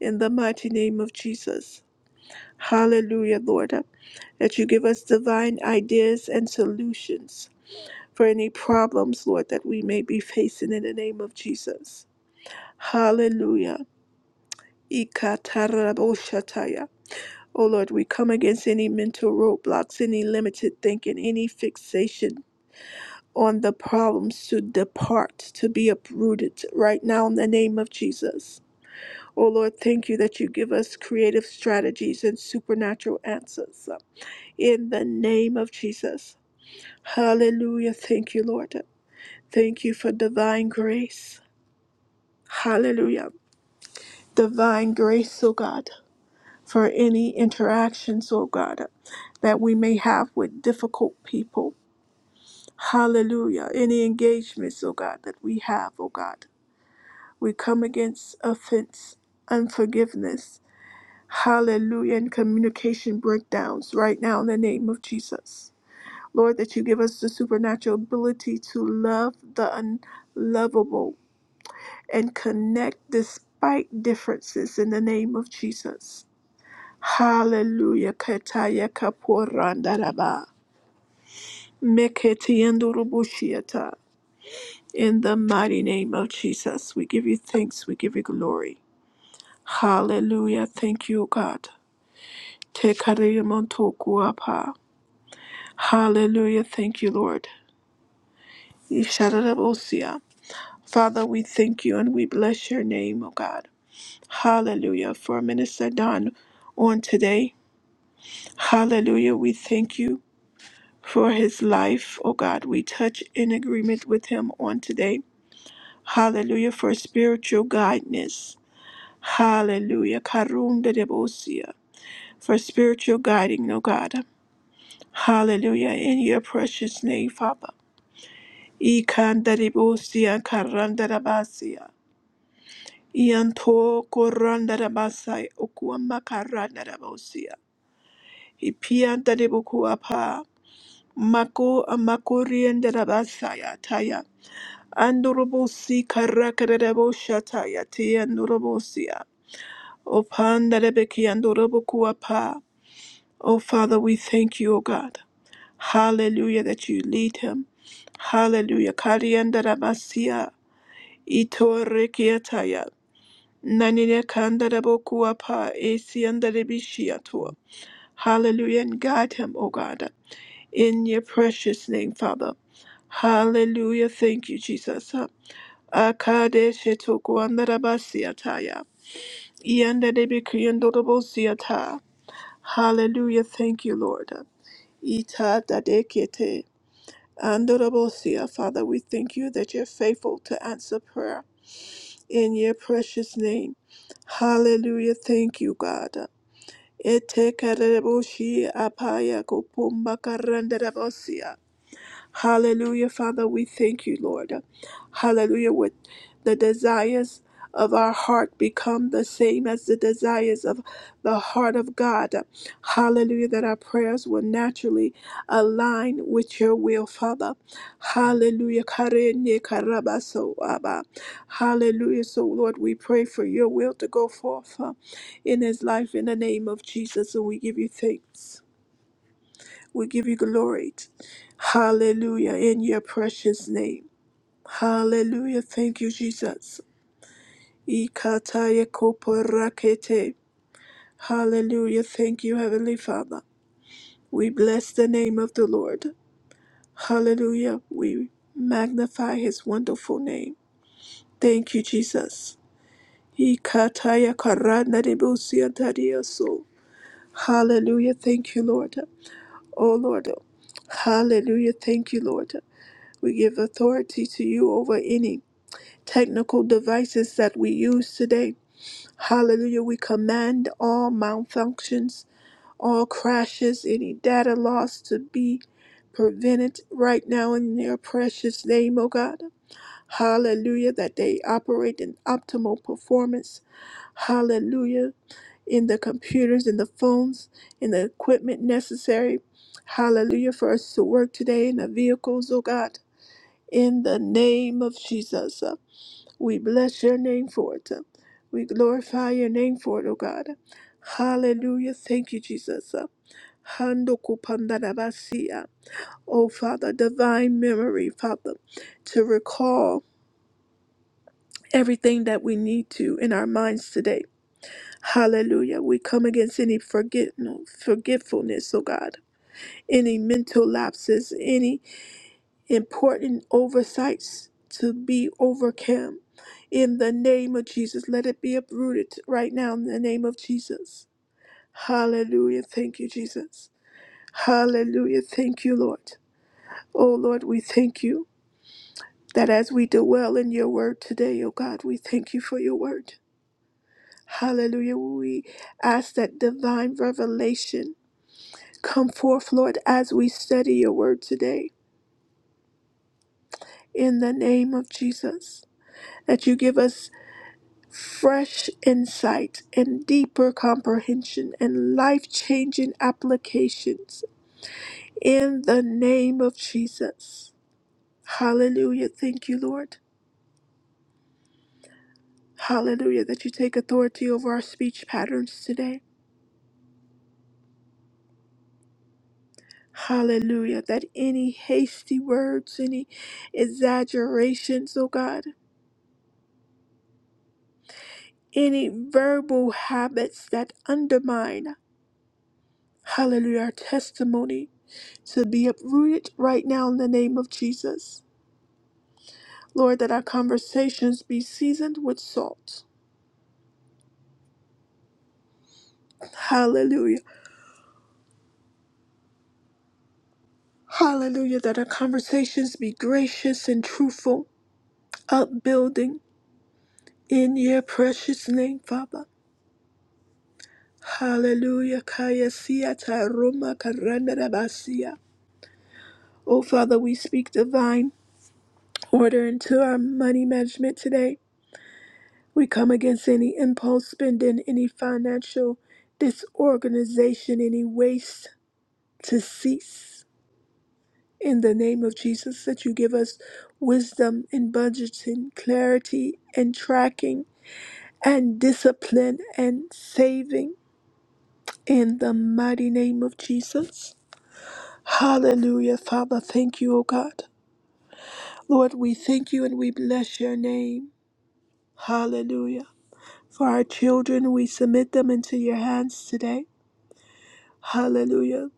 A: In the mighty name of Jesus. Hallelujah, Lord. That you give us divine ideas and solutions for any problems, Lord, that we may be facing in the name of Jesus. Hallelujah. Ikataraboshataya. Oh Lord, we come against any mental roadblocks, any limited thinking, any fixation on the problems to depart, to be uprooted right now in the name of Jesus. Oh Lord, thank you that you give us creative strategies and supernatural answers uh, in the name of Jesus. Hallelujah. Thank you, Lord. Thank you for divine grace. Hallelujah. Divine grace, oh God. for any interactions, oh God, that we may have with difficult people. Hallelujah. Any engagements, oh God, that we have, oh God. We come against offense, unforgiveness, hallelujah, and communication breakdowns right now in the name of Jesus. Lord, that you give us the supernatural ability to love the unlovable and connect despite differences in the name of Jesus. Hallelujah. Kataya kaporandaraba. Meketiendorobushiata. In the mighty name of Jesus, we give you thanks, we give you glory. Hallelujah. Thank you, God. Tekariamontokuapa. Hallelujah. Thank you, Lord. Isharabosia. Father, we thank you and we bless your name, O God. Hallelujah. For Minister Don on today. Hallelujah. We thank you. for his life. Oh God, we touch in agreement with him on today. Hallelujah for spiritual guidance. Hallelujah. Karunda debosia. For spiritual guiding, oh God. Hallelujah. In your precious name, Father. Ikanda debosia karanda dabasia. Ianto koranda dabasai okuama karanda debosia. Ipianda debokua pa. Mako amakorianda dabasaya taya. Andorobosi karakarabo shatayati andorobosia. O pandarebeki andorobokuapa. O Father, we thank you, O God. Hallelujah, that you lead him. Hallelujah. Kariandarabasia. Ito rekiataya. Nanine kandarabokuapa. Esiandarebishiatua. Hallelujah, and guide him, O God, in your precious name, Father. Hallelujah. Thank you, Jesus. Akadeshe tokuandarabasiataya. Iyandadebikriyandorobosiata. Hallelujah. Thank you, Lord. Ita dadekete andorobosia. Father, we thank you that you're faithful to answer prayer in your precious name. Hallelujah. Thank you, God. Ete kareboshi apaya kupumba karandarabosia. Hallelujah, Father, we thank you, Lord. Hallelujah, with the desires of our heart become the same as the desires of the heart of God. Hallelujah, that our prayers will naturally align with your will, Father. Hallelujah. Karene karabaso Abba. Hallelujah. So, Lord, we pray for your will to go forth uh, in his life in the name of Jesus, and we give you thanks. We give you glory. Hallelujah. In your precious name. Hallelujah. Thank you, Jesus. Ikataya koporakete. Hallelujah. Thank you, Heavenly Father. We bless the name of the Lord. Hallelujah. We magnify his wonderful name. Thank you, Jesus. Ikataya karanaribusiantariaso. Hallelujah. Thank you, Lord. Oh, Lord. Hallelujah. Thank you, Lord. We give authority to you over any technical devices that we use today. Hallelujah. We command all malfunctions, all crashes, any data loss to be prevented right now in your precious name, O God. Hallelujah. That they operate in optimal performance. Hallelujah. In the computers, in the phones, in the equipment necessary. Hallelujah for us to work today in the vehicles, O God. In the name of Jesus, uh, we bless your name for it. uh, We glorify your name for it, oh God. Hallelujah. Thank you, Jesus. uh, Handokupandarabasia. Oh, Father, divine memory, Father, to recall everything that we need to in our minds today. Hallelujah. We come against any forget, no, forgetfulness, oh God, any mental lapses, any important oversights to be overcome. In the name of Jesus, let it be uprooted right now in the name of Jesus. Hallelujah. Thank you, Jesus. Hallelujah. Thank you, Lord. Oh, Lord, we thank you that as we dwell in your word today, oh God, we thank you for your word. Hallelujah. We ask that divine revelation come forth, Lord, as we study your word today. In the name of Jesus, that you give us fresh insight and deeper comprehension and life changing applications in the name of Jesus. Hallelujah. Thank you, Lord. Hallelujah. That you take authority over our speech patterns today. Hallelujah. That any hasty words, any exaggerations, oh God, any verbal habits that undermine, hallelujah, our testimony to be uprooted right now in the name of Jesus. Lord, that our conversations be seasoned with salt. Hallelujah. Hallelujah. That our conversations be gracious and truthful, upbuilding in your precious name, Father. Hallelujah. Kaya siya ta roma karanda da basia. Oh, Father, we speak divine order into our money management today. We come against any impulse spending, any financial disorganization, any waste to cease. in the name of Jesus that you give us wisdom in budgeting, clarity and tracking, and discipline and saving in the mighty name of Jesus. Hallelujah, Father. Thank you, O God. Lord, we thank you and we bless your name. Hallelujah. For our children, we submit them into your hands today. Hallelujah.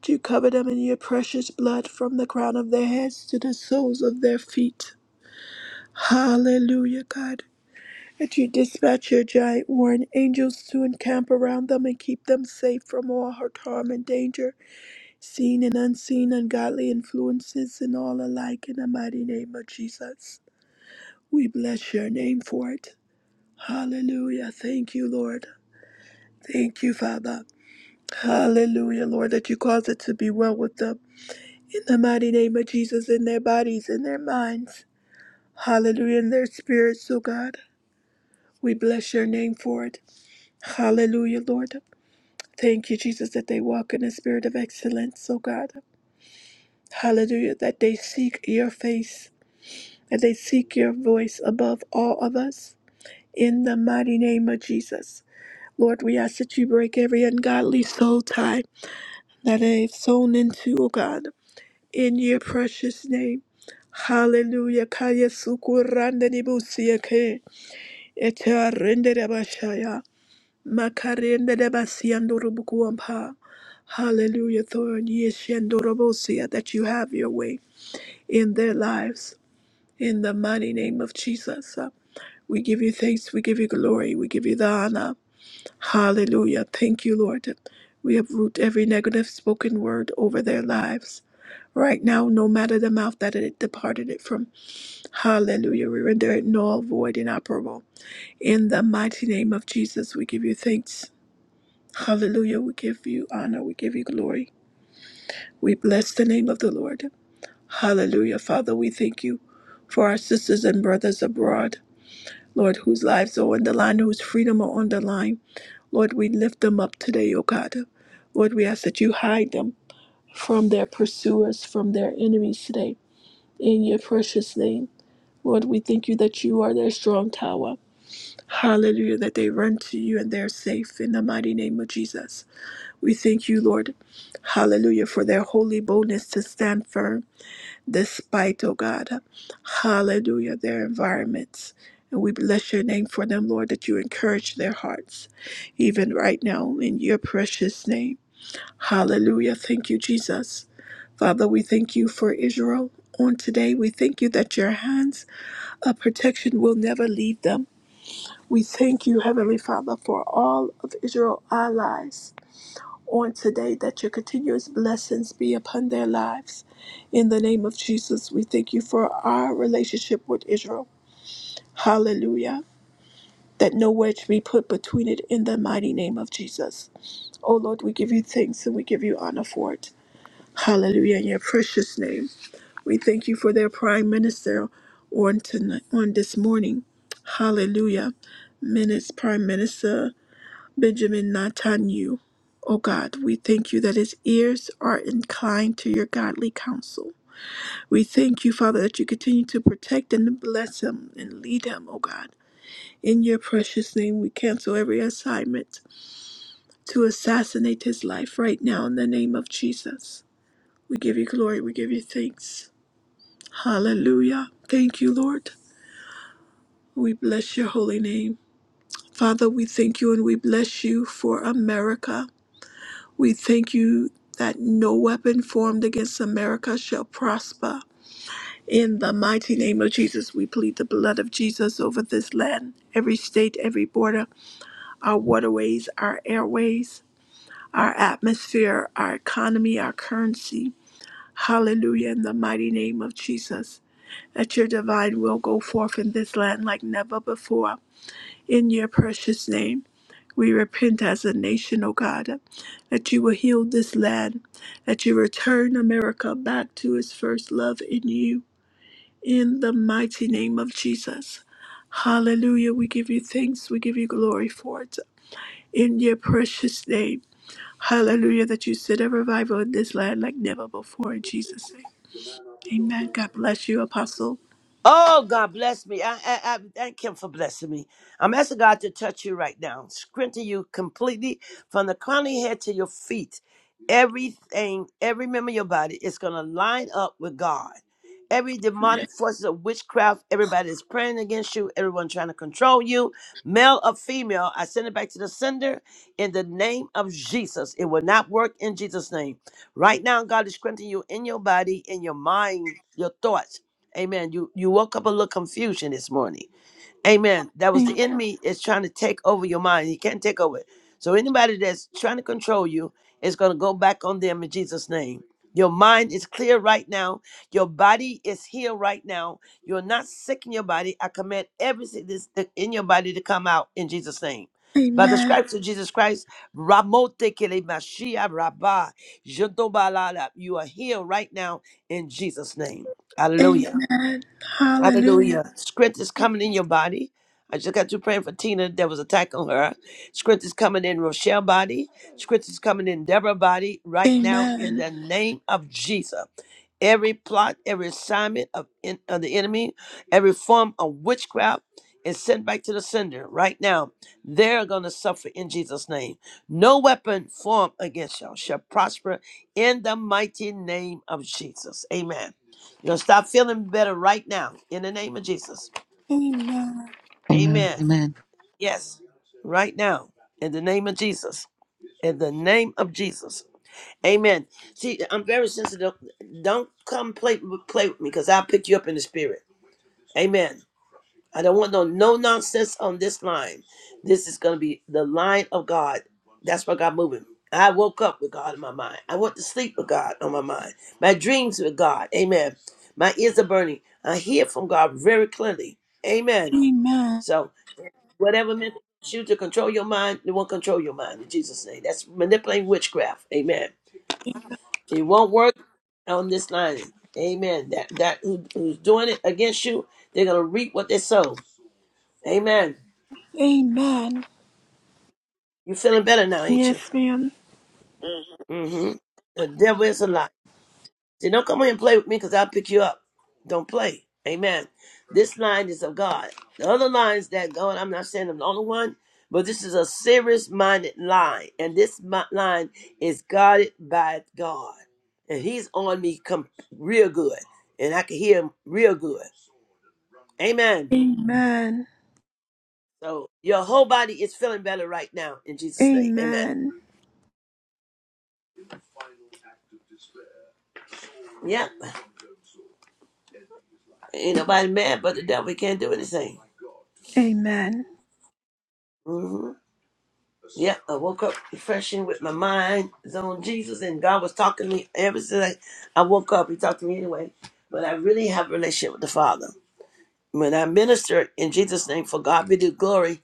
A: That You cover them in your precious blood from the crown of their heads to the soles of their feet. Hallelujah, God. that you dispatch your giant warring angels to encamp around them and keep them safe from all hurt, harm, and danger, seen and unseen, ungodly influences, and all alike, in the mighty name of Jesus. We bless your name for it. Hallelujah. Thank you, Lord. Thank you, Father. Hallelujah, Lord, that you cause it to be well with them. In the mighty name of Jesus, in their bodies, in their minds. Hallelujah, in their spirits, oh God. We bless your name for it. Hallelujah, Lord. Thank you, Jesus, that they walk in a spirit of excellence, oh God. Hallelujah, that they seek your face, that they seek your voice above all of us. In the mighty name of Jesus. Lord, we ask that you break every ungodly soul tie that they've sown into, oh God, in your precious name. Hallelujah. Kaya sukuranda nibusiya ke. Eta rende Makarende de basiando rubukuampa. Hallelujah, Lord. Yeshendo robosia, that you have your way in their lives. In the mighty name of Jesus. Uh, We give you thanks. We give you glory. We give you the honor. Hallelujah. Thank you, Lord. We have root every negative spoken word over their lives. Right now, no matter the mouth that it departed it from. Hallelujah. We render it null, void, inoperable. In the mighty name of Jesus, we give you thanks. Hallelujah. We give you honor. We give you glory. We bless the name of the Lord. Hallelujah. Father, we thank you for our sisters and brothers abroad, Lord, whose lives are on the line, whose freedom are on the line. Lord, we lift them up today, O God. Lord, we ask that you hide them from their pursuers, from their enemies today. In your precious name, Lord, we thank you that you are their strong tower. Hallelujah, that they run to you and they're safe in the mighty name of Jesus. We thank you, Lord, hallelujah, for their holy boldness to stand firm despite, oh God, hallelujah, their environments. And we bless your name for them, Lord, that you encourage their hearts, even right now, in your precious name. Hallelujah. Thank you, Jesus. Father, we thank you for Israel on today. We thank you that your hands of protection will never leave them. We thank you, Heavenly Father, for all of Israel's allies on today that your continuous blessings be upon their lives. In the name of Jesus, we thank you for our relationship with Israel. Hallelujah. That no wedge be put between it in the mighty name of Jesus. Oh Lord, we give you thanks and we give you honor for it. Hallelujah. In your precious name, we thank you for their prime minister on tonight, on this morning. Hallelujah. Minutes, Prime Minister. Benjamin Netanyahu. O God, we thank you that his ears are inclined to your godly counsel. We thank you, Father, that you continue to protect and bless him and lead him, O God. In your precious name, we cancel every assignment to assassinate his life right now in the name of Jesus. We give you glory, we give you thanks. Hallelujah. Thank you, Lord. We bless your holy name. Father, we thank you and we bless you for America. We thank you that no weapon formed against America shall prosper. In the mighty name of Jesus, we plead the blood of Jesus over this land, every state, every border, our waterways, our airways, our atmosphere, our economy, our currency. Hallelujah, in the mighty name of Jesus, that your divine will go forth in this land like never before. In your precious name. We repent as a nation, O God, that you will heal this land, that you return America back to its first love in you, in the mighty name of Jesus. Hallelujah. We give you thanks. We give you glory for it. In your precious name. Hallelujah. That you set a revival in this land like never before in Jesus' name. Amen. God bless you, Apostle.
B: Oh, God bless me. I, I, I thank Him for blessing me. I'm asking God to touch you right now, strengthen you completely from the crown of your head to your feet. Everything, every member of your body is going to line up with God. Every demonic forces of witchcraft, everybody is praying against you, everyone trying to control you, male or female. I send it back to the sender in the name of Jesus. It will not work in Jesus' name. Right now, God is strengthening you in your body, in your mind, your thoughts. Amen. You you woke up a little confusion this morning. Amen. That was the
A: Amen.
B: enemy is trying to take over your mind. He can't take over it. So anybody that's trying to control you is going to go back on them in Jesus' name. Your mind is clear right now. Your body is healed right now. You're not sick in your body. I command everything that's th- in your body to come out in Jesus' name. By the
A: Amen.
B: stripes of Jesus Christ, Ramote Kele Mashiach Rabbah, Jodobalala, you are healed right now in Jesus' name. Hallelujah.
A: Amen. Hallelujah.
B: Hallelujah. Strength is coming in your body. I just got through praying for Tina that was attack on her. Strength is coming in Rochelle body. Strength is coming in Deborah body right now in
A: Amen.
B: the name of Jesus. Every plot, every assignment of, in, of the enemy, every form of witchcraft is sent back to the sender right now. They're going to suffer in Jesus' name. No weapon formed against y'all shall prosper in the mighty name of Jesus. Amen. You're gonna start feeling better right now in the name of Jesus.
A: Amen.
C: Amen.
B: Amen.
C: Amen.
B: Yes, right now in the name of Jesus. In the name of Jesus. Amen. See, I'm very sensitive. Don't come play play with me because I'll pick you up in the spirit. Amen. I don't want no no nonsense on this line. This is gonna be the line of God. That's why God moving. I woke up with God in my mind. I went to sleep with God on my mind. My dreams with God. Amen. My ears are burning. I hear from God very clearly. Amen.
A: Amen.
B: So whatever meant you to control your mind, it won't control your mind in Jesus' name. That's manipulating witchcraft. Amen. It won't work on this line. Amen. That that who, who's doing it against you, they're gonna reap what they sow. Amen.
A: Amen.
B: you feeling better now, ain't you?
A: Yes, ma'am.
B: Mm-hmm. The devil is a lie. Say, don't come here and play with me because I'll pick you up. Don't play. Amen. This line is of God. The other lines that God, I'm not saying I'm the only one, but this is a serious minded line. And this mi- line is guarded by God. And he's on me come real good. And I can hear him real good. Amen.
A: Amen.
B: So your whole body is feeling better right now in Jesus' name. Amen.
A: Amen.
B: Yep. Ain't nobody mad but the devil. He can't do anything.
A: Amen.
B: hmm Yeah, I woke up refreshing with my mind is on Jesus, and God was talking to me ever since I, I woke up. He talked to me anyway, but I really have a relationship with the Father. When I minister in Jesus' name for God be the glory,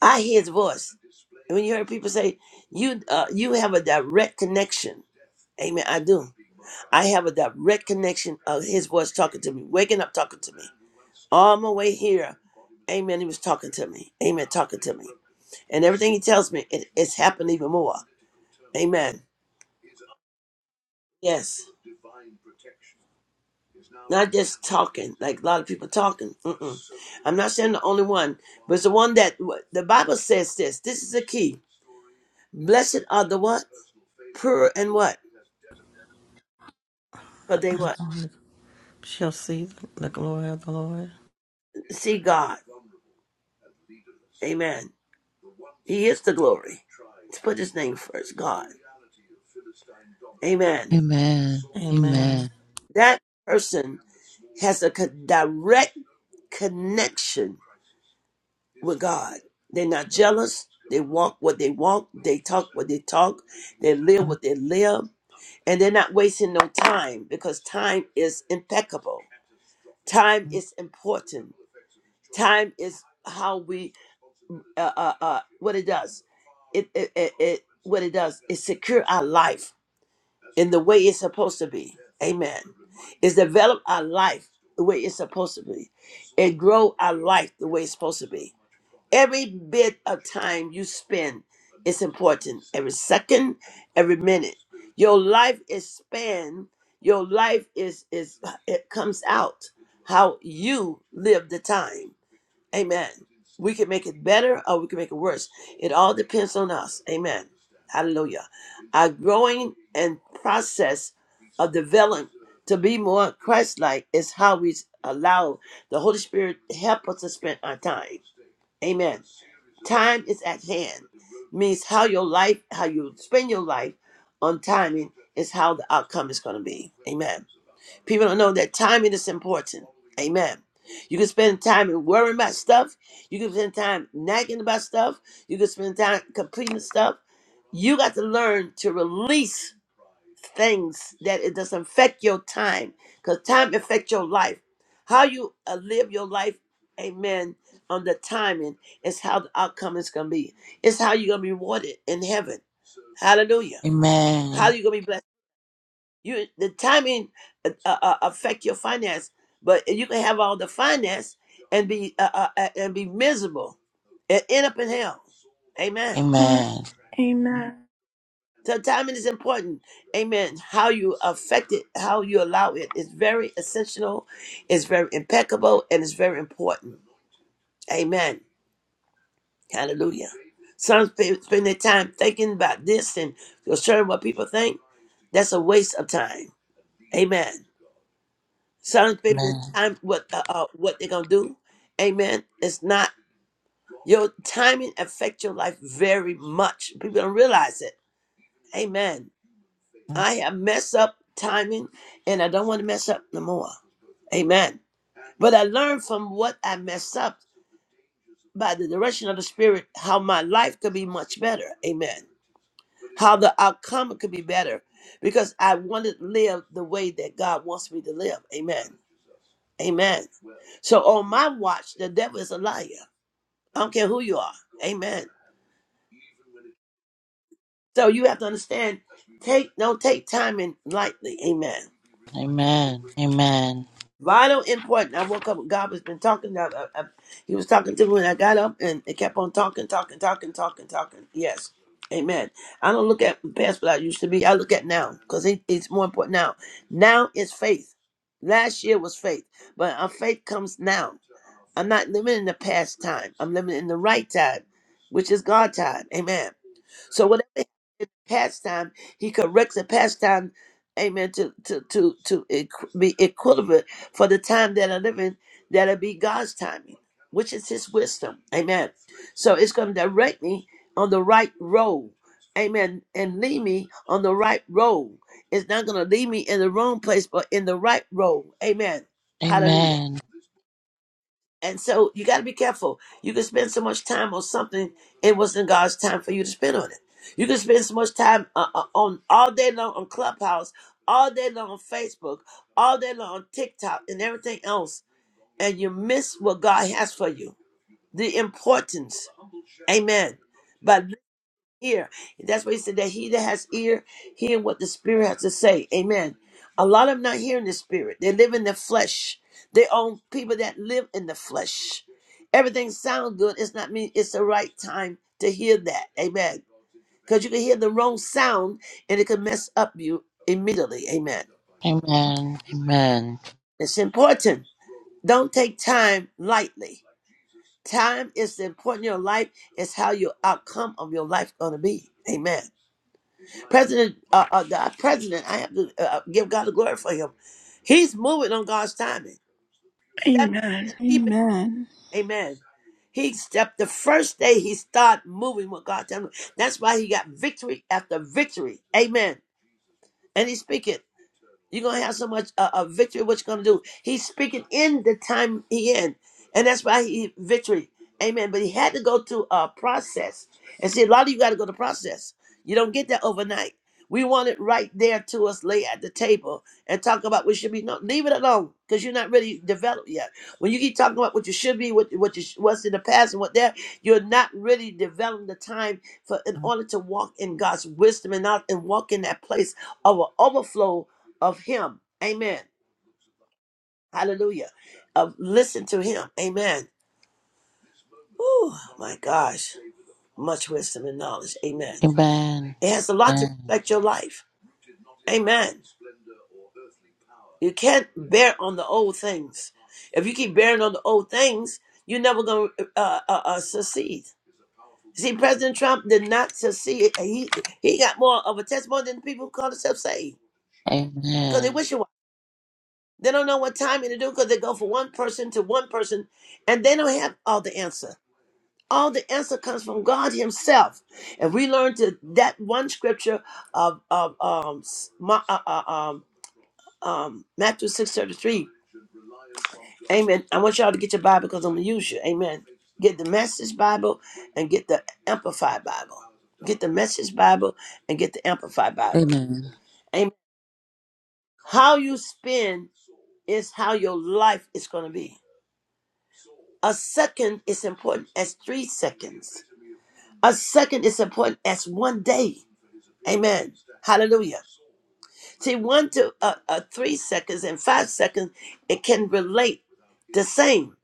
B: I hear His voice. And when you hear people say you uh, you have a direct connection, Amen. I do. I have a direct connection of His voice talking to me, waking up talking to me, all my way here. Amen. He was talking to me. Amen. Talking to me. And everything he tells me, it, it's happened even more. Amen. Yes. Not just talking, like a lot of people talking. Mm-mm. I'm not saying the only one, but it's the one that the Bible says this. This is the key. Blessed are the what? Pure and what? For they what?
D: Uh-huh. Shall see the glory of the Lord.
B: See God. Amen. He is the glory. Let's put his name first. God. Amen.
C: Amen.
D: Amen.
C: Amen.
B: That person has a co- direct connection with God. They're not jealous. They walk what they walk. They talk what they talk. They live what they live. and they're not wasting no time because time is impeccable. Time is important. Time is how we uh uh, uh what it does. It, it it it what it does is secure our life in the way it's supposed to be. Amen. It's develop our life the way it's supposed to be. and grow our life the way it's supposed to be. Every bit of time you spend is important. Every second, every minute. your life is spanned your life is is it comes out how you live the time amen we can make it better or we can make it worse it all depends on us amen hallelujah our growing and process of developing to be more christ-like is how we allow the holy spirit to help us to spend our time amen time is at hand means how your life how you spend your life on time is how the outcome is going to be. Amen. People don't know that timing is important. Amen. You can spend time worrying about stuff. You can spend time nagging about stuff. You can spend time completing stuff. You got to learn to release things that it doesn't affect your time because time affects your life. How you uh, live your life, amen, on the timing is how the outcome is going to be. It's how you're going to be rewarded in heaven. Hallelujah. How
C: Amen.
B: you going to be blessed? You the timing uh, uh, uh, affect your finance, but you can have all the finance and be uh, uh, uh, and be miserable and end up in hell. Amen.
A: Heart.
C: Amen.
A: Amen.
B: So timing is important. Amen. How you affect it, how you allow it is very essential, it's very impeccable, and it's very important. Amen. Hallelujah. Some sp- spend their time thinking about this and concerning what people think. That's a waste of time. Amen. Silence, baby. It's time what uh, uh, what they're gonna do. Amen. It's not your timing affects your life very much. People don't realize it. Amen. I have messed up timing, and I don't want to mess up no more. Amen. But I learned from what I messed up by the direction of the Spirit how my life could be much better. Amen. How the outcome could be better because I wanted to live the way that God wants me to live. Amen. Amen. So on my watch, the devil is a liar. I don't care who you are. Amen. So you have to understand, take don't take timing lightly. Amen.
C: Amen. Amen. Amen.
B: Vital important. I woke up. God has been talking. I, I, I- he was talking to me when I got up, and it kept on talking, talking, talking, talking, talking. Yes, Amen. I don't look at past what I used to be. I look at now because it, it's more important now. Now is faith. Last year was faith, but our faith comes now. I'm not living in the past time. I'm living in the right time, which is God time. Amen. So whatever in pastime, he corrects the pastime, amen, to to to to equ- be equivalent for the time that I live in, that'll be God's timing, which is his wisdom. Amen. So it's gonna direct me on the right road. Amen. And lead me on the right road. It's not gonna lead me in the wrong place, but in the right road. Amen. Hallelujah.
C: Amen.
B: And so you got to be careful. You can spend so much time on something it wasn't God's time for you to spend on it. You can spend so much time uh, uh, on all day long on Clubhouse, all day long on Facebook, all day long on TikTok, and everything else, and you miss what God has for you. The importance, Amen. By ear. That's what he said that he that has ear, hear what the spirit has to say. Amen. A lot of them not hearing the spirit. They live in the flesh. They own people that live in the flesh. Everything sound good. It's not mean it's the right time to hear that. Amen. Because you can hear the wrong sound and it can mess up you immediately. Amen.
C: Amen.
B: It's important. Don't take time lightly. Time is important in your life. It's how your outcome of your life gonna be. Amen. President, uh, uh, the president, I have to uh, uh, give God the glory for him. He's moving on God's timing. That
A: Amen.
B: keep
A: Amen.
B: it. Amen. He stepped the first day he started moving with God. told That's why he got victory after victory. Amen. And he's speaking. You're gonna have so much uh, uh, victory. What you gonna do? He's speaking in the time he in, and that's why he victory. Amen. But he had to go through a process And see, a lot of you got to go the process. You don't get that overnight. We want it right there to us, lay at the table, and talk about what should be. No, leave it alone, because you're not really developed yet. When you keep talking about what you should be, what what you, sh- what's in the past, and what there, you're not really developing the time for in order to walk in God's wisdom and not and walk in that place of an overflow of Him. Amen. Hallelujah. Of listen to Him. Amen. Oh my gosh much wisdom and knowledge. Amen.
C: Amen. Amen.
B: It has a lot to
C: Amen.
B: reflect your life. Amen. You can't bear on the old things. If you keep bearing on the old things, you're never going to uh, uh, uh, succeed. See, President Trump did not succeed. He he got more of a testimony than the people who call themselves saved because they
C: Amen.
B: wish it was. They don't know what timing to do because they go from one person to one person and they don't have all the answer. All the answer comes from God Himself. And we learn to that one scripture of, of um, s- Ma- uh, uh, um, um, Matthew 6.33. Amen. I want y'all to get your Bible because I'm going to use you. Amen. Get the Message Bible and get the Amplified Bible. Get the Message Bible and get the Amplified
C: Amen.
B: Bible.
C: Amen.
B: Amen. How you spend is how your life is going to be. A second is important as three seconds. A second is important as one day. Amen. Hallelujah. See, one to uh, uh, three seconds and five seconds, it can relate the same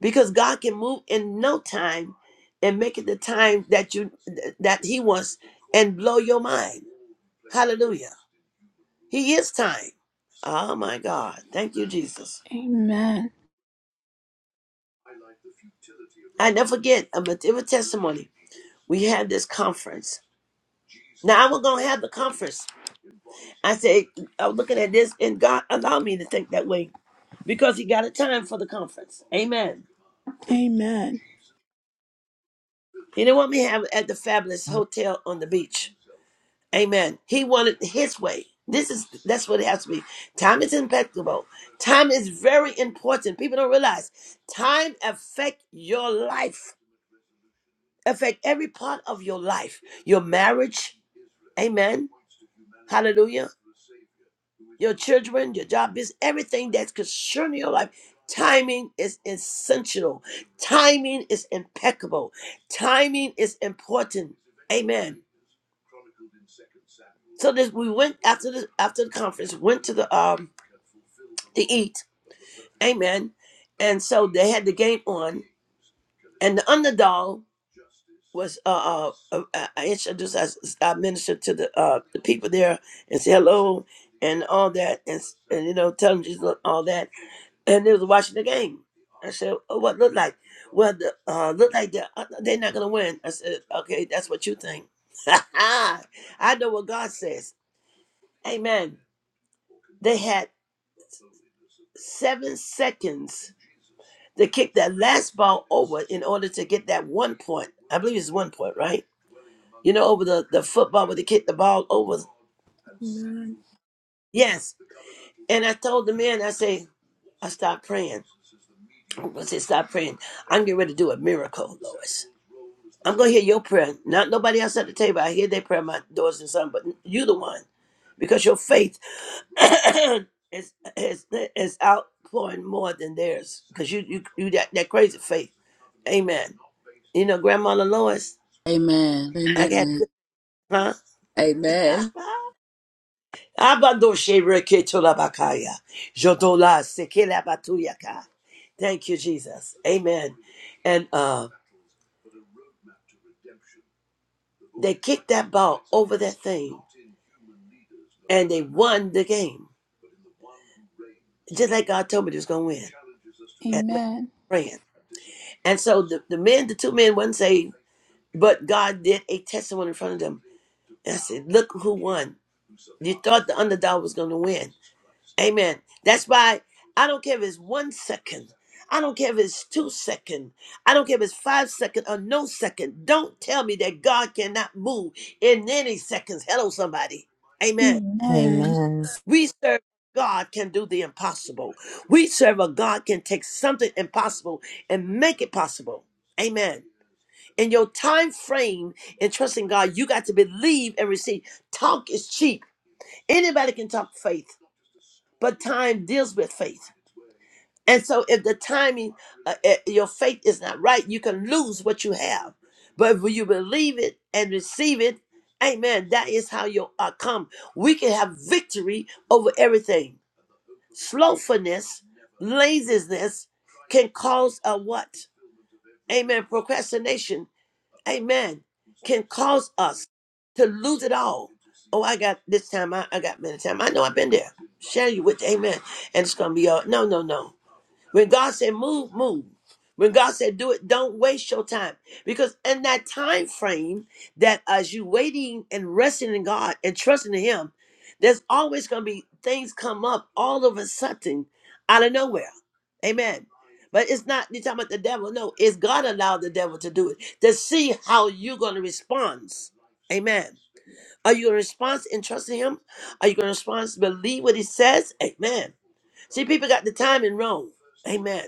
B: because God can move in no time and make it the time that you that He wants and blow your mind. Hallelujah. He is time. Oh my God. Thank you, Jesus.
A: Amen.
B: I never forget a material testimony. We had this conference. Now I was gonna have the conference. I said, I was looking at this, and God allowed me to think that way because he got a time for the conference. Amen.
A: Amen. Amen.
B: He didn't want me to have it at the fabulous hotel on the beach. Amen. He wanted his way. This is that's what it has to be. Time is impeccable. Time is very important. People don't realize time affect your life, affect every part of your life, your marriage. Amen. Hallelujah. Your children, your job, business, everything that's concerning your life. Timing is essential Timing is impeccable. Timing is important. Amen. So this we went after the after the conference, went to the um to eat Amen. And so they had the game on, and the underdog was uh, uh, uh I introduced I, I ministered to the uh the people there and said hello and all that and s- and you know tell them Jesus and all that and they was watching the game. I said, oh, what looked like? Well, the, uh, looked like they're, uh, they're not gonna win. I said, okay, that's what you think. I know what God says. Amen. They had seven seconds to kick that last ball over in order to get that one point. I believe it's one point, right? You know, over the, the football where they kick the ball over.
A: Amen.
B: Yes. And I told the man, I say, I stopped praying. I said, stop praying. I'm getting ready to do a miracle, Lois. I'm going to hear your prayer. Not nobody else at the table. I hear their prayer, my daughters and son, but you the one. Because your faith is, is, is outpouring more than theirs. Because you, you, you that, that crazy faith. Amen. You know, Grandma Lois, I got huh?
C: Amen. Amen. Amen.
B: Abadoshe reketolabakaya. Jodola sekelabatuya. Thank you, Jesus. Amen. And uh, they kicked that ball over that thing and they won the game. Just like God told me they was gonna win. And with praying. And so the, the men, the two men wasn't saved, but God did a testimony in front of them. And I said, Look who won. You thought the underdog was gonna win. Amen. That's why I don't care if it's one second. I don't care if it's two second. I don't care if it's five second or no second. Don't tell me that God cannot move in any seconds. Hello, somebody. Amen.
A: Amen.
D: Amen.
B: We serve a God can do the impossible. We serve a God can take something impossible and make it possible. Amen. In your time frame and trusting God, you got to believe and receive. Talk is cheap. Anybody can talk faith, but time deals with faith. And so, if the timing, uh, uh, your faith is not right, you can lose what you have. But when you believe it and receive it, amen, that is how you'll uh, come. We can have victory over everything. Slowfulness, laziness can cause a what? Amen. Procrastination amen, can cause us to lose it all. Oh, I got this time. I, I got many time. I know I've been there. Share you with, amen. And it's going to be all, no, no, no. When God said move, move. When God said do it, don't waste your time. Because in that time frame that as you waiting and resting in God and trusting in Him, there's always gonna be things come up all of a sudden out of nowhere. Amen. But it's not you're talking about the devil. No, it's God allowed the devil to do it to see how you're gonna respond. Amen. Are you gonna respond and trust in him? Are you gonna respond, believe what he says? Amen See, people got the timing wrong. Amen.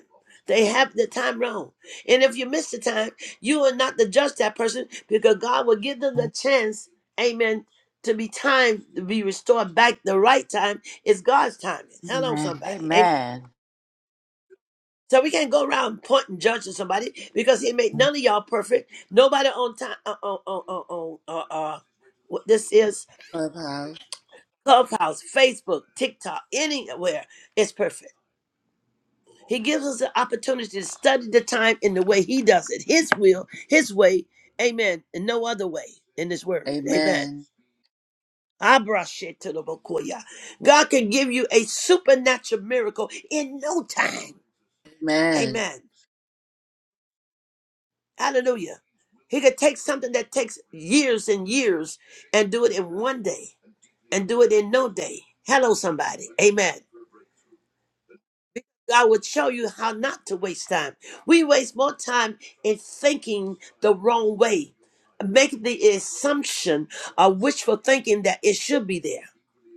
B: They have the time wrong. And if you miss the time, you are not to judge that person because God will give them the chance, amen, to be timed, to be restored back. The right time is God's timing. Hello, somebody. Amen.
C: Amen.
B: So we can't go around pointing judging somebody because He made none of y'all perfect. Nobody on time uh, on on on on uh, uh, what this is
C: Clubhouse.
B: Clubhouse, Facebook, TikTok, anywhere is perfect. He gives us an opportunity to study the time in the way He does it, His will, His way. Amen. And no other way in this word. Amen.
C: Amen.
B: Abrashetabokoya. God can give you a supernatural miracle in no time.
C: Amen.
B: Amen. Hallelujah. He could take something that takes years and years and do it in one day and do it in no day. Hello, somebody. Amen. God would show you how not to waste time. We waste more time in thinking the wrong way, making the assumption of wishful thinking that it should be there.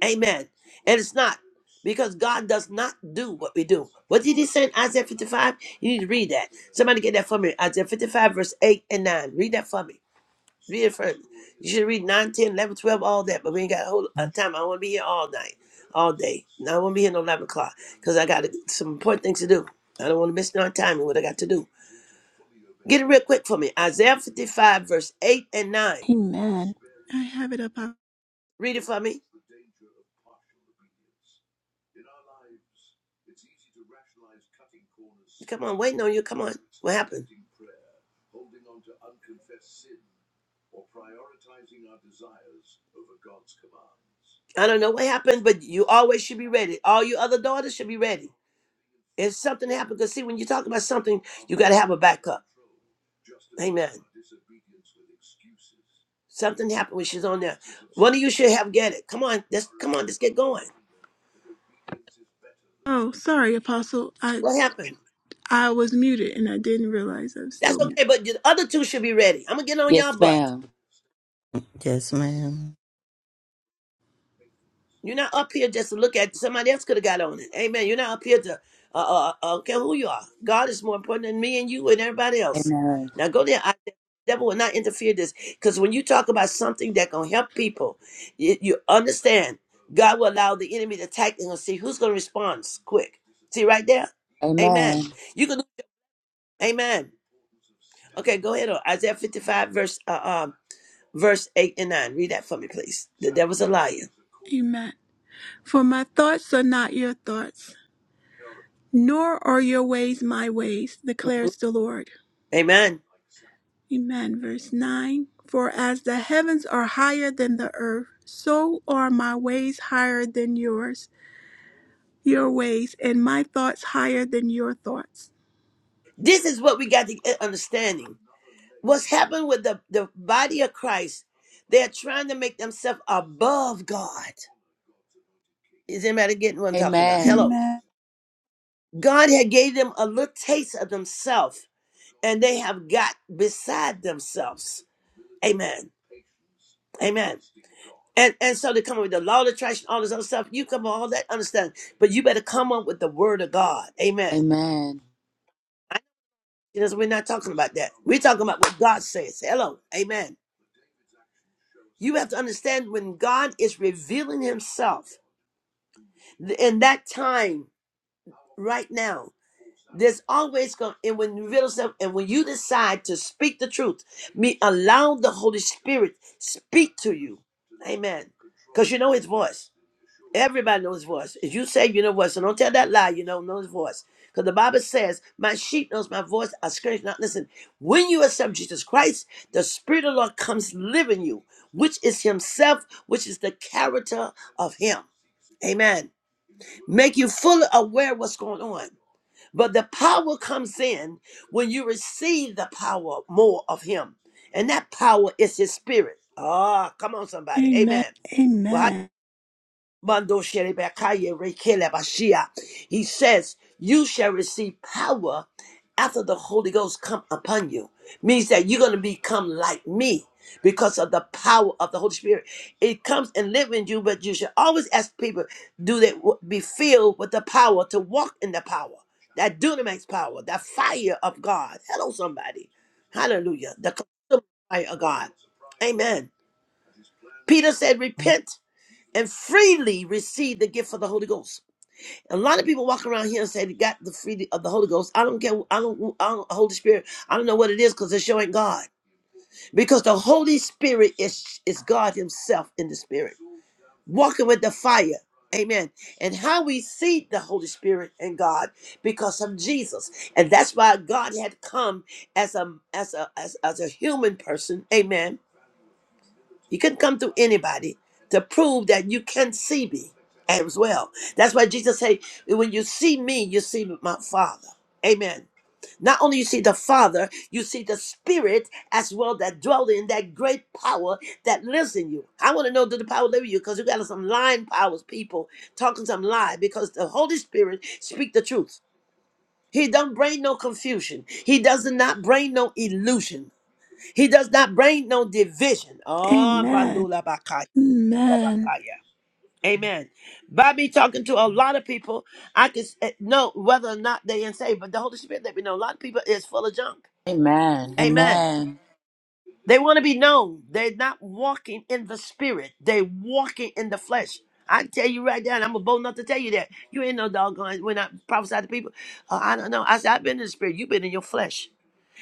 B: Amen. And it's not because God does not do what we do. What did he say in Isaiah 55? You need to read that. Somebody get that for me. Isaiah 55, verse 8 and 9. Read that for me. Read it first. You should read 9, 10, 11, 12, all that, but we ain't got a whole lot of time. I want to be here all night, all day. And I won't be here no 11 o'clock because I got some important things to do. I don't want to miss no time and what I got to do. Get it real quick for me. Isaiah 55, verse 8 and 9.
A: Amen. I have it up.
B: Read it for me. Come on, waiting on you. Come on. What happened? I don't know what happened, but you always should be ready. All your other daughters should be ready. If something happened, because see, when you talk about something, you got to have a backup. Amen. Something happened when she's on there. One of you should have get it. Come on, let's come on, let's get going.
A: Oh, sorry, Apostle. I
B: What happened?
A: I was muted and I didn't realize I was still
B: That's
A: muted.
B: okay, but the other two should be ready. I'm gonna get on y'all
C: Yes,
B: butt.
C: ma'am.
D: Yes, ma'am.
B: You're not up here just to look at somebody else could have got on it. Amen. You're not up here to uh, uh uh, okay who you are. God is more important than me and you and everybody else.
C: Amen.
B: Now go there. devil will not interfere this because when you talk about something that gonna help people you, you understand god will allow the enemy to attack and see who's gonna respond quick see right there amen
C: Amen.
B: you can amen okay go ahead on isaiah 55 verse uh, um verse 8 and 9 read that for me please the devil's a liar
A: Amen. For my thoughts are not your thoughts, nor are your ways my ways,
B: Mhm.
A: declares the Lord.
B: amen
A: Amen. Verse 9 For as the heavens are higher than the earth, so are my ways higher than yours, your ways, and my thoughts higher than your thoughts.
B: this is what we got to get understanding what's happened with the the body of christ they're trying to make themselves above god Is anybody getting what I'm talking about?
C: Amen.
B: Hello.
A: Amen.
B: God had gave them a little taste of themselves, and they have got beside themselves. Amen. Amen. And and so they come up with the law of attraction, all this other stuff. You come up with all that, understand? But you better come up with the word of God. Amen.
C: Amen.
B: I, because we're not talking about that. We're talking about what God says. Hello. Amen. You have to understand when God is revealing Himself in that time right now. There's always going, and when you realize yourself, and when you decide to speak the truth, me allow the Holy Spirit speak to you, Amen. Because you know His voice. Everybody knows His voice. If you say you know His voice, so don't tell that lie. You don't know His voice, because the Bible says, "My sheep knows my voice; I scourge not." Listen, when you accept Jesus Christ, the Spirit of the Lord comes live in you, which is Himself, which is the character of Him. Amen. Make you fully aware of what's going on. But the power comes in when you receive the power more of Him. And that power is His Spirit. Ah, come on, somebody.
A: Amen.
B: Amen.
A: Amen.
B: Mando Sherebekaya Rekele Bashia. He says, You shall receive power after the Holy Ghost come upon you. Means that you're going to become like me because of the power of the Holy Spirit. It comes and lives in you, but you should always ask people, do they w- be filled with the power to walk in the power? That dunamis power, that fire of God. Hello, somebody. Hallelujah. The consuming fire of God. Amen. Peter said, Repent and freely receive the gift of the Holy Ghost. A lot of people walk around here and say they got the freedom of the Holy Ghost. I don't get, I don't, I don't Holy Spirit. I don't know what it is because it's showing God. Because the Holy Spirit is is God Himself in the Spirit, walking with the fire. Amen. And how we see the Holy Spirit and God because of Jesus, and that's why God had come as a as a as, as a human person. Amen you couldn't come through anybody to prove that you can see me as well. That's why Jesus said, when you see me, you see my Father. Amen. Not only you see the Father, you see the Spirit as well that dwells in that great power that lives in you. I want to know do the power live in you because you got some lying powers, people talking some lie because the Holy Spirit speak the truth. He don't bring no confusion. He does not bring no illusion. He does not bring no division. Oh,
A: Amen. Amen.
B: Rabakaya. Amen. By me talking to a lot of people, I can s- eh, know whether or not they in saved. But the Holy Spirit let me know a lot of people is full of junk.
C: Amen.
B: Amen.
C: Amen.
B: They want to be known. They're not walking in the spirit. They're walking in the flesh. I tell you right now, and I'm bold enough to tell you that. You ain't no doggone when I prophesy to people. "Uh, I don't know. I said, I've been in the spirit. You've been in your flesh.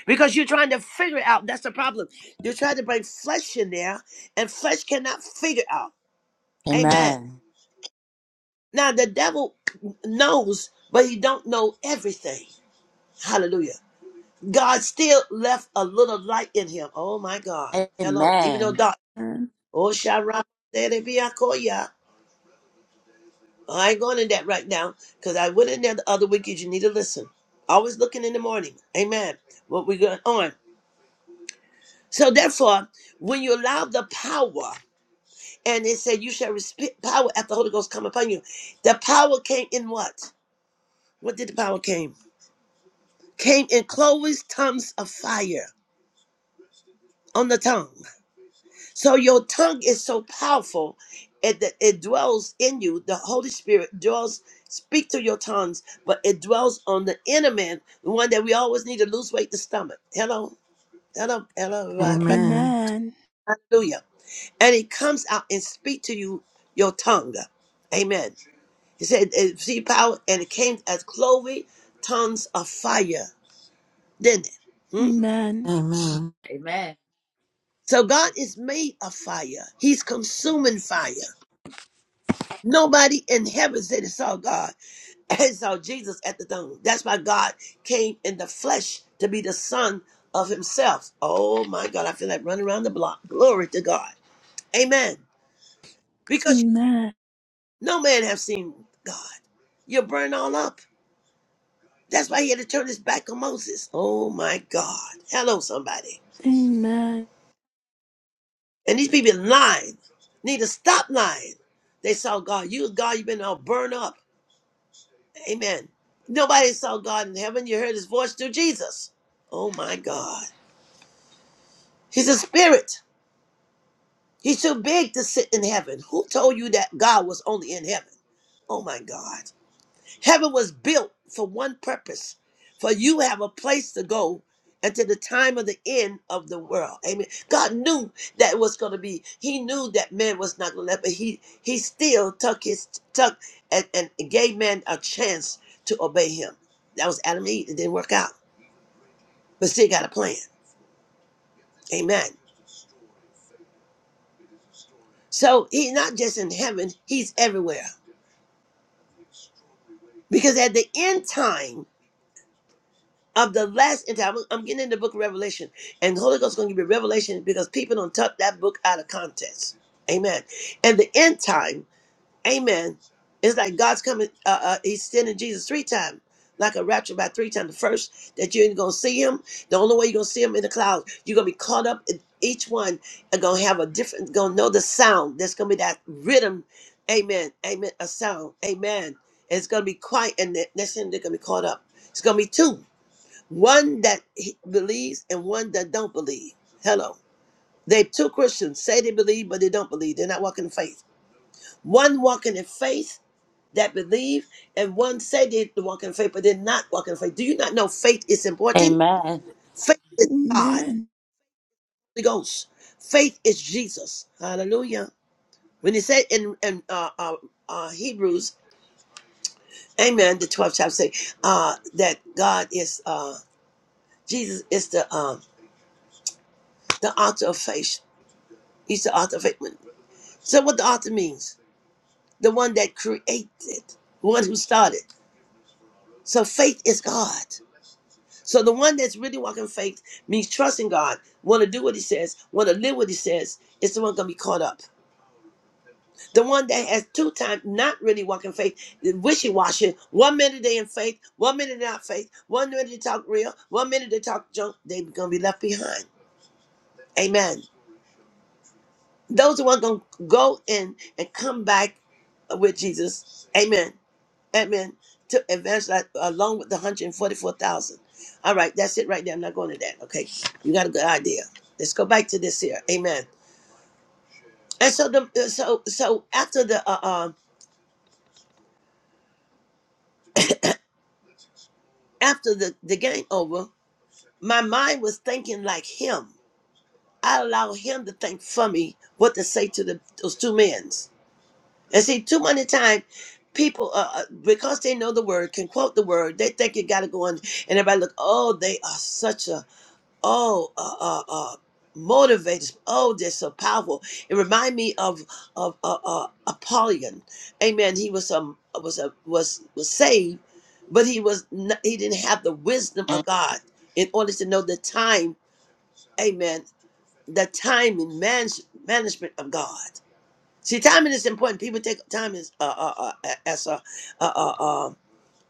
B: Because you're trying to figure it out. That's the problem. You're trying to bring flesh in there, and flesh cannot figure out. Amen.
C: Amen.
B: Now the devil knows, but he don't know everything. Hallelujah. God still left a little light in him. Oh my God. Hello. Even though
C: Amen.
B: God, Oh Sharon, there be I I ain't going in that right now because I went in there the other week. You need to listen. Always looking in the morning. Amen. What we going on. So therefore, when you allow the power, and it said you shall respect power after the Holy Ghost come upon you. The power came in what? What did the power came? came in Chloe's tongues of fire on the tongue. So your tongue is so powerful it, that it dwells in you. The Holy Spirit dwells, speak to your tongues, but it dwells on the inner man, the one that we always need to lose weight, the stomach. Hello, hello, hello, right, right.
D: Amen.
A: Amen.
B: hallelujah. And it comes out and speak to you, your tongue. Amen. He said, "See power," and it came as Chloe tongues of fire, didn't it? Hmm.
A: Amen.
D: Amen.
C: Amen.
B: So God is made of fire. He's consuming fire. Nobody in heaven said they saw God and saw Jesus at the throne. That's why God came in the flesh to be the son of himself. Oh my God, I feel like running around the block. Glory to God. Amen. Because
A: Amen.
B: no man have seen God. You're burned all up. That's why he had to turn his back on Moses. Oh my God. Hello, somebody.
A: Amen. Amen.
B: And these people lying. Need to stop lying. They saw God. You God, you've been all burned up. Amen. Nobody saw God in heaven. You heard his voice through Jesus. Oh my God. He's a spirit. He's too big to sit in heaven. Who told you that God was only in heaven? Oh my God. Heaven was built for one purpose. For you have a place to go until the time of the end of the world. Amen. God knew that it was going to be. He knew that man was not going to let, but he he still took his tuck and, and gave man a chance to obey him. That was Adam and Eve. It didn't work out. but still got a plan. Amen. So he's not just in heaven, he's everywhere. Because at the end time of the last end time, I'm getting in the book of Revelation, and the Holy Ghost is going to give me revelation because people don't tuck that book out of context. Amen. And the end time Amen. It's like God's coming. Uh, uh, he's sending Jesus three times, like a rapture by three times. The first that you ain't gonna see him. The only way you're gonna see him in the clouds, you're gonna be caught up. in each one and gonna have a different. Gonna know the sound. There's gonna be that rhythm. Amen. Amen. A sound. Amen. And it's gonna be quiet, and that- that's him. They're gonna be caught up. It's gonna be two. One that he believes and one that don't believe. Hello. They two Christians say they believe, but they don't believe. They're not walking in faith. One walking in faith that believe, and one say they walk in faith, but they're not walking in faith. Do you not know faith is important?
C: Amen.
B: Faith is God,
A: Amen.
B: The Ghost. Faith is Jesus. Hallelujah. When he said in, in uh, uh, uh, Hebrews, Amen, the 12th chapter, say uh, that God is, uh, Jesus is the um the author of faith. He's the author of faith. So what the author means? The one that created, one who started. So faith is God. So the one that's really walking faith means trusting God, want to do what He says, want to live what He says. Is the one gonna be caught up? The one that has two times not really walking faith, wishy washy. One minute they in faith, one minute they not faith. One minute they talk real, one minute they talk junk. They gonna be left behind. Amen. Those who are one gonna go in and come back with Jesus. Amen. Amen. To advance that along with the 144,000. All right, that's it right there. I'm not going to that. Okay, you got a good idea. Let's go back to this here. Amen. And so the uh, so so after the uh, um after the the game over, my mind was thinking like him. I allow him to think for me what to say to the those two men. And see, too many times people uh, uh, because they know the word can quote the word. They think you got to go on, and everybody look. Oh, they are such a oh uh, uh, uh motivators oh they're so powerful it remind me of of uh, uh, Apollyon amen he was um was a was was saved but he was not, he didn't have the wisdom of God in order to know the time amen the time and man- management of God see timing is important people take time as uh, uh, uh, as a uh, uh, uh,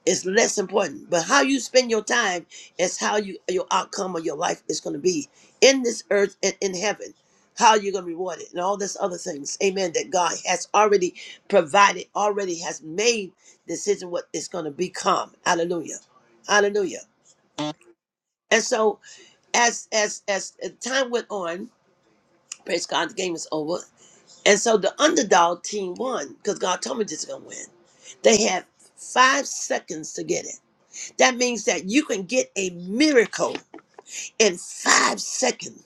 B: it's less important. But how you spend your time is how you your outcome of your life is going to be in this earth and in heaven. How you're going to be rewarded and all this other things. Amen. That God has already provided, already has made decision what it's going to become. Hallelujah. Hallelujah. And so as as as time went on, praise God, the game was over. And so the underdog team won because God told me this is gonna win. They had five seconds to get it. That means that you can get a miracle in five seconds.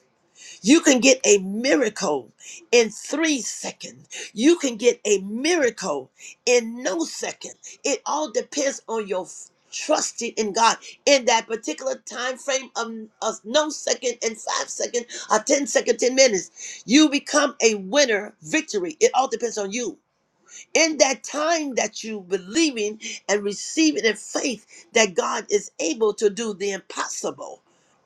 B: You can get a miracle in three seconds. You can get a miracle in no second. It all depends on your f- trusting in God in that particular time frame of, of no second and five second or ten second, 10 minutes. You become a winner victory. It all depends on you in that time that you believing and receiving in faith that God is able to do the impossible.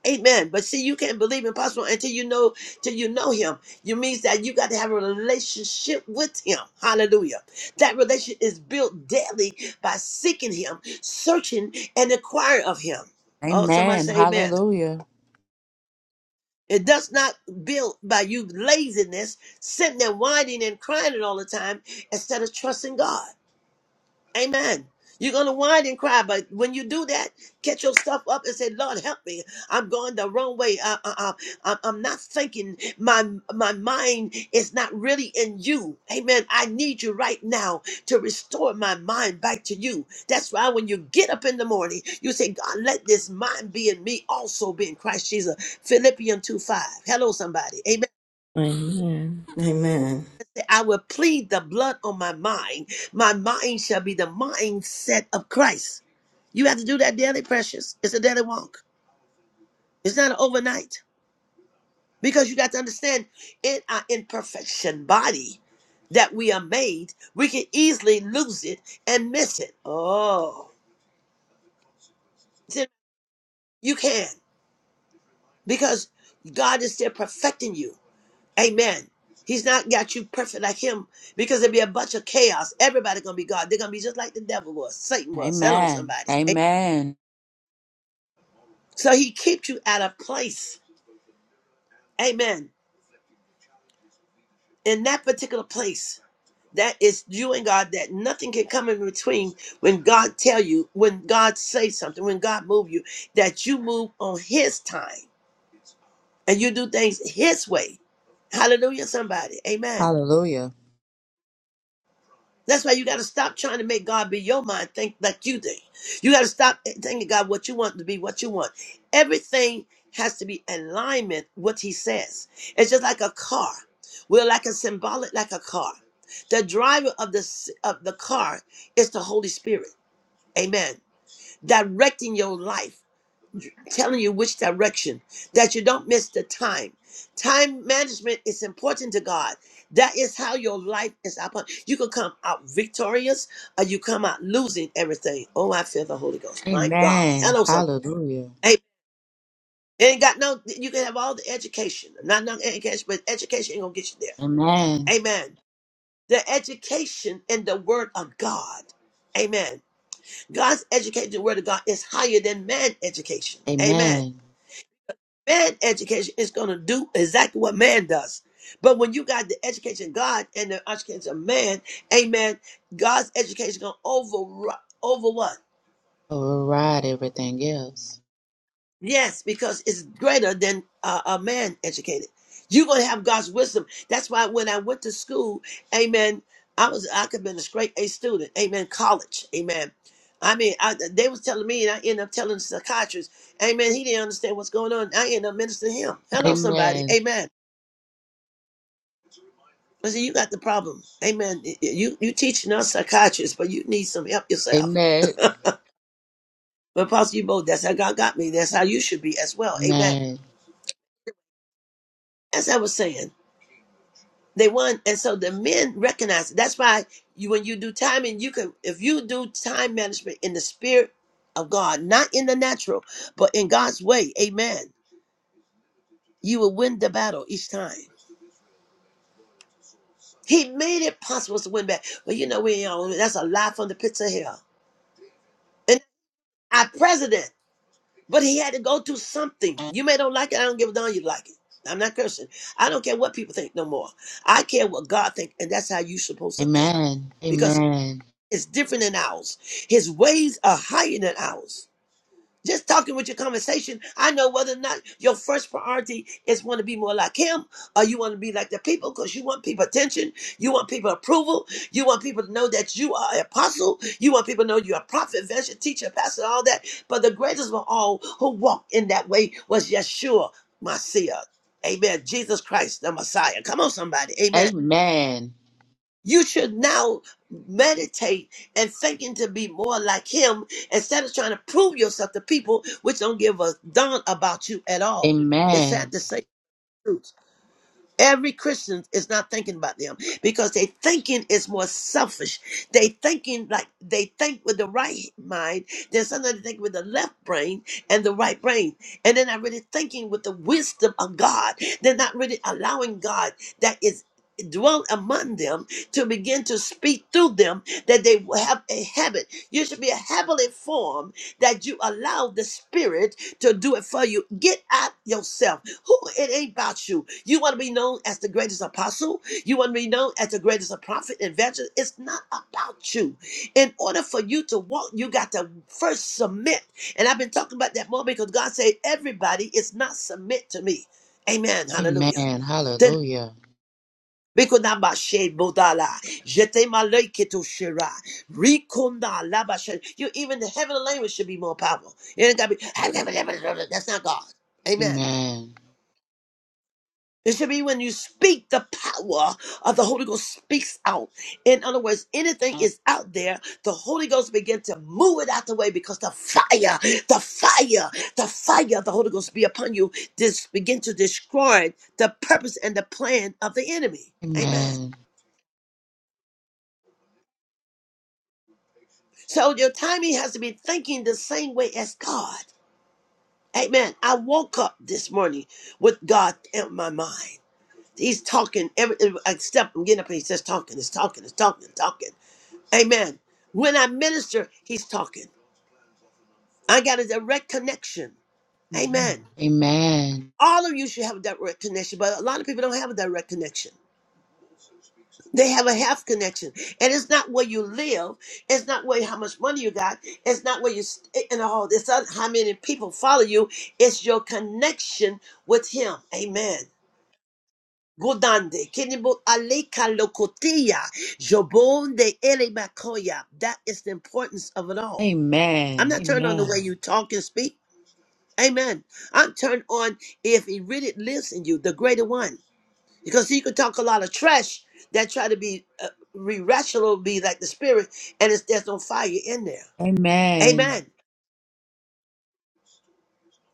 B: Amen. But see, you can't believe impossible until you know till you know him. You means that you got to have a relationship with him. Hallelujah. That relationship is built daily by seeking him, searching and inquiring of him. Oh, somebody
C: Amen.
B: say amen.
C: Hallelujah.
B: It does not build by you laziness, sitting there whining and crying all the time instead of trusting God. Amen. You're gonna whine and cry, but when you do that, get your stuff up and say, "Lord, help me. I'm going the wrong way. I, I, I, I'm I'm not thinking. My my mind is not really in you. Amen. I need you right now to restore my mind back to you. That's why when you get up in the morning, you say, God, let this mind be in me, also be in Christ Jesus. Philippians two five. Hello, somebody. Amen.
D: Amen. Amen.
B: I will plead the blood on my mind. My mind shall be the mindset of Christ. You have to do that daily, precious. It's a daily walk. It's not an overnight. Because you got to understand, in our imperfection body that we are made, we can easily lose it and miss it. Oh, See, you can. Because God is still perfecting you. Amen. He's not got you perfect like him because there'll be a bunch of chaos. Everybody gonna be God. They're gonna be just like the devil was, Satan was. Hello,
C: Amen.
B: somebody.
C: Amen.
B: So he keeps you at a place. Amen. In that particular place that is you and God that nothing can come in between when God tell you, when God say something, when God move you, that you move on his time and you do things his way. Hallelujah, somebody. Amen.
C: Hallelujah.
B: That's why you got to stop trying to make God be your mind, think like you think. You got to stop thinking God what you want to be, what you want. Everything has to be in alignment with what He says. It's just like a car. We're like a symbolic, like a car. The driver of the s- of the car is the Holy Spirit. Amen. Directing your life telling you which direction, that you don't miss the time. Time management is important to God. That is how your life is. up- You can come out victorious or you come out losing everything. Oh, I feel the Holy Ghost. My God.
C: Amen.
B: Hello, somebody.
C: Hallelujah.
B: Hey, ain't got no, you can have all the education. Not no education, but education ain't going to get you there.
C: Amen.
B: Amen. The education in the Word of God. Amen. God's education, the Word of God, is higher than man education. Amen.
C: Amen.
B: man education is going to do exactly what man does. But when you got the education of God and the education of man, amen, God's education is going to over, over what?
C: Override everything else.
B: Yes, because it's greater than uh, a man educated. You're going to have God's wisdom. That's why when I went to school, amen, I was, I could have been a straight A student, amen, college, amen. I mean, I, they was telling me, and I ended up telling the psychiatrist, amen, he didn't understand what's going on. I ended up ministering to him. Hello, somebody,
C: Amen.
B: amen. I said, you got the problem. Amen. You you teaching us psychiatrists, but you need some help yourself.
C: Amen.
B: But Apostle, you both, that's how God got me. That's how you should be as well. Amen.
C: Amen.
B: As I was saying, they won. And so the men recognize it. That's why you, when you do timing, you can, if you do time management in the spirit of God, not in the natural, but in God's way, amen, you will win the battle each time. He made it possible to win back. But you know, we all that's a lie from the pits of hell. And our president. But he had to go through something. You may don't like it. I don't give a darn you like it. I'm not cursing. I don't care what people think no more. I care what God thinks, and that's how you're supposed to think.
C: Amen.
B: Because
C: Amen.
B: it's different than ours. His ways are higher than ours. Just talking with your conversation, I know whether or not your first priority is want to be more like him or you want to be like the people because you want people attention, you want people approval, you want people to know that you are an apostle, you want people to know you're a prophet, evangelist, teacher, pastor, all that. But the greatest of all who walked in that way was Yeshua, Messiah. Amen. Jesus Christ, the Messiah. Come on, somebody. Amen.
C: Amen.
B: You should now meditate and thinking to be more like him instead of trying to prove yourself to people which don't give a darn about you at all. It's sad
C: Amen.
B: to say the truth. Every Christian is not thinking about them because they thinking is more selfish. They thinking like they think with the right mind. Then sometimes they think with the left brain and the right brain, and they're not really thinking with the wisdom of God. They're not really allowing God that is dwell among them to begin to speak through them that they will have a habit you should be a habitually form that you allow the spirit to do it for you get out yourself who it ain't about you. You want to be known as the greatest apostle. You want to be known as the greatest prophet and evangelist. It's not about you. In order for you to walk, you got to first submit. And I've been talking about that more because God said everybody is not submit to me. Amen. Hallelujah.
C: Amen.
B: Then
C: Hallelujah.
B: Rikonaba she bodala, jete maleke to shira, rikonda laba she- You even the heavenly language should be more powerful. It ain't gotta be. That's not God. Amen.
C: Amen.
B: It should be when you speak, the power of the Holy Ghost speaks out. In other words, anything is out there, the Holy Ghost begin to move it out the way because the fire, the fire, the fire of the Holy Ghost be upon you. This begin to destroy the purpose and the plan of the enemy. Amen.
C: Amen.
B: So your timing has to be thinking the same way as God. Amen. I woke up this morning with God in my mind. He's talking every every- step, I'm getting up and he's just talking, he's talking, he's talking, he's talking. Amen. When I minister, he's talking. I got a direct connection. Amen.
C: Amen.
B: All of you should have a direct connection, but a lot of people don't have a direct connection. They have a half connection, and it's not where you live. It's not where how much money you got. It's not where you st- and all this. other- How many people follow you? It's your connection with Him. Amen. Godande, Kenibo Aleka Lokotia, Jobon de Ele Makoya. That is the importance of it all. I'm
C: Amen.
B: not turned on the
C: Amen.
B: way you talk and speak. Amen. I'm turned on if he really lives in you, the greater one. Because you can talk a lot of trash that try to be uh, irrational, be like the spirit, and it's, there's no fire in there.
C: Amen.
B: Amen.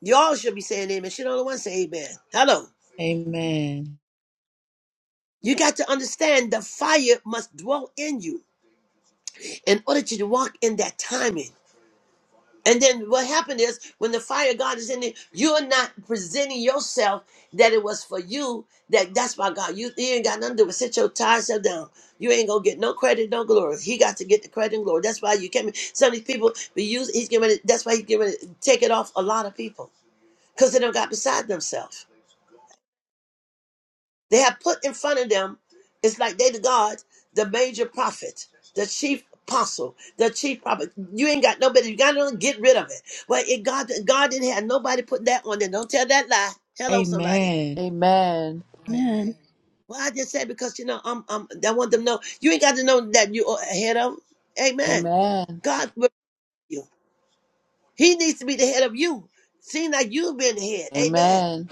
B: Y'all should be saying amen. She don't want to say amen. Hello.
C: Amen.
B: You got to understand the fire must dwell in you in order to walk in that timing. And then what happened is when the fire of God is in there, you're not presenting yourself that it was for you. That that's why God, you, you ain't got nothing to do with sit your tired self down. You ain't gonna get no credit, no glory. He got to get the credit and glory. That's why you came. Some of these people be used. He's giving it. That's why he's giving it. Take it off a lot of people because they don't got beside themselves. They have put in front of them, it's like they the gods, the major prophet, the chief apostle, the chief prophet. You ain't got nobody, you gotta get rid of it. Well, it God God didn't have nobody put that on there. Don't tell that lie. Hello, somebody.
C: Amen. Amen.
A: Amen.
B: Well, I just said because you know, I'm I'm I want them to know you ain't got to know that you are ahead of. Amen.
C: Amen.
B: God will you. He needs to be the head of you. Seeing like you being the head. Amen.
C: Amen.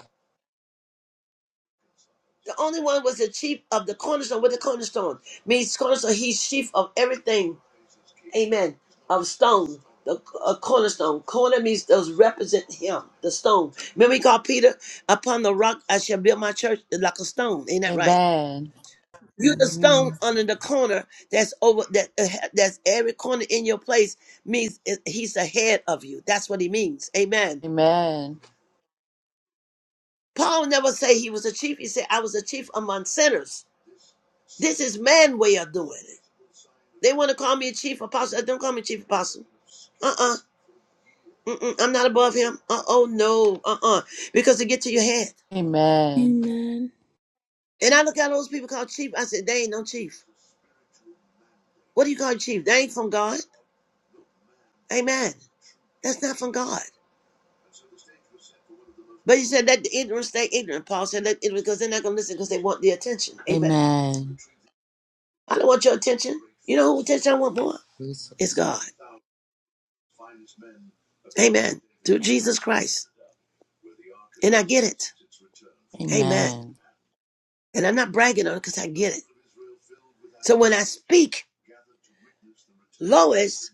B: The only one was the chief of the cornerstone with the cornerstone. Means cornerstone, he's chief of everything amen, of stone, the a cornerstone. Corner means those represent him, the stone. Remember he called Peter, upon the rock I shall build my church like a stone. Ain't that right?
C: Amen.
B: You the stone
D: Amen.
B: under the corner that's over that uh, that's every corner in your place means it- he's the head of you. That's what he means. Amen.
C: Amen.
B: Paul never say he was a chief. He said I was a chief among sinners. This is man way of doing it. They want to call me a chief apostle. Don't call me chief apostle. Uh-uh. Mm-mm, I'm not above him. Uh oh, no. Uh uh Because it get to your head.
C: Amen.
A: Amen.
B: And I look at those people called chief. I said, they ain't no chief. What do you call chief? They ain't from God. Amen. That's not from God. But he said, let the ignorant stay ignorant. Paul said, let ignorant, because they're not going to listen because they want the attention. Amen.
C: Amen.
B: I don't want your attention. You know who attention I want more? It's
C: Jesus.
B: God. Amen. Through Jesus Christ. And I get it. Amen.
C: Amen.
B: And I'm not bragging on it because I get it. So when I speak, Lois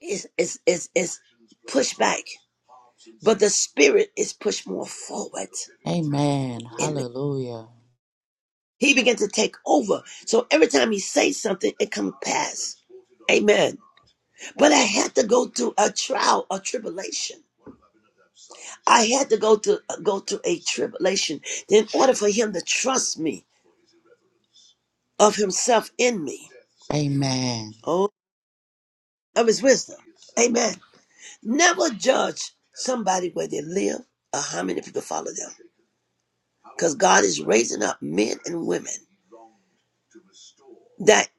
B: is, is, is, is pushed back. but the spirit is pushed more forward
C: Amen.
B: in me.
C: Hallelujah.
B: He began to take over. So every time he says something, it comes pass. Amen. But I had to go through a trial, a tribulation. I had to go to go through a tribulation in order for him to trust me of himself in me.
C: Amen.
B: Oh, of his wisdom. Amen. Never judge somebody where they live or how many people follow them. Because God is raising up men and women. that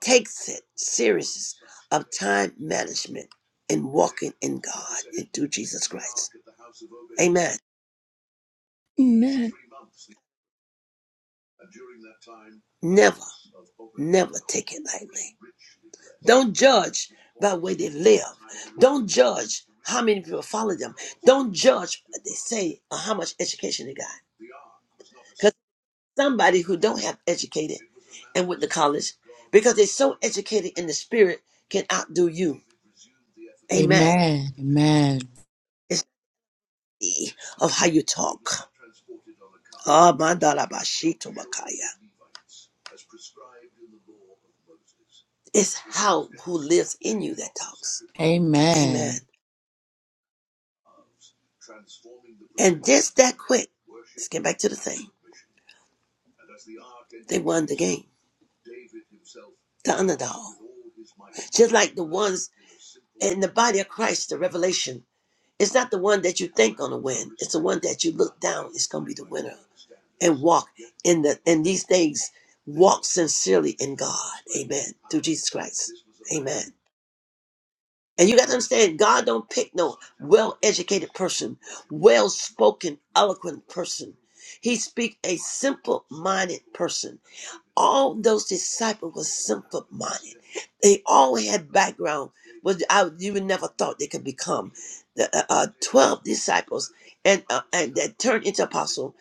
B: takes it serious of time management and walking in God and through Jesus Christ. Amen. Never, never take it lightly. Don't judge by where they live. Don't judge how many people follow them. Don't judge what they say or how much education they got. Because somebody who don't have educated and went to college, because they're so educated in the spirit, can outdo you. Amen.
C: Amen. Amen.
B: of how you talk. Ah, mandalabashito makaya. It's how who lives in you that talks. Amen.
C: Amen.
B: And just that quick, let's get back to the thing. They won the game, the underdog. Just like the ones in the body of Christ, the revelation. It's not the one that you think gonna win. It's the one that you look down is gonna be the winner. And walk in the in these things, walk sincerely in God. Amen. Through Jesus Christ. Amen. And you got to understand, God don't pick no well-educated person, well-spoken, eloquent person. He speak a simple-minded person all those disciples were simple minded. They all had background, which I would- you would never thought they could become. The uh, uh, twelve disciples, and uh, and that turned into apostle,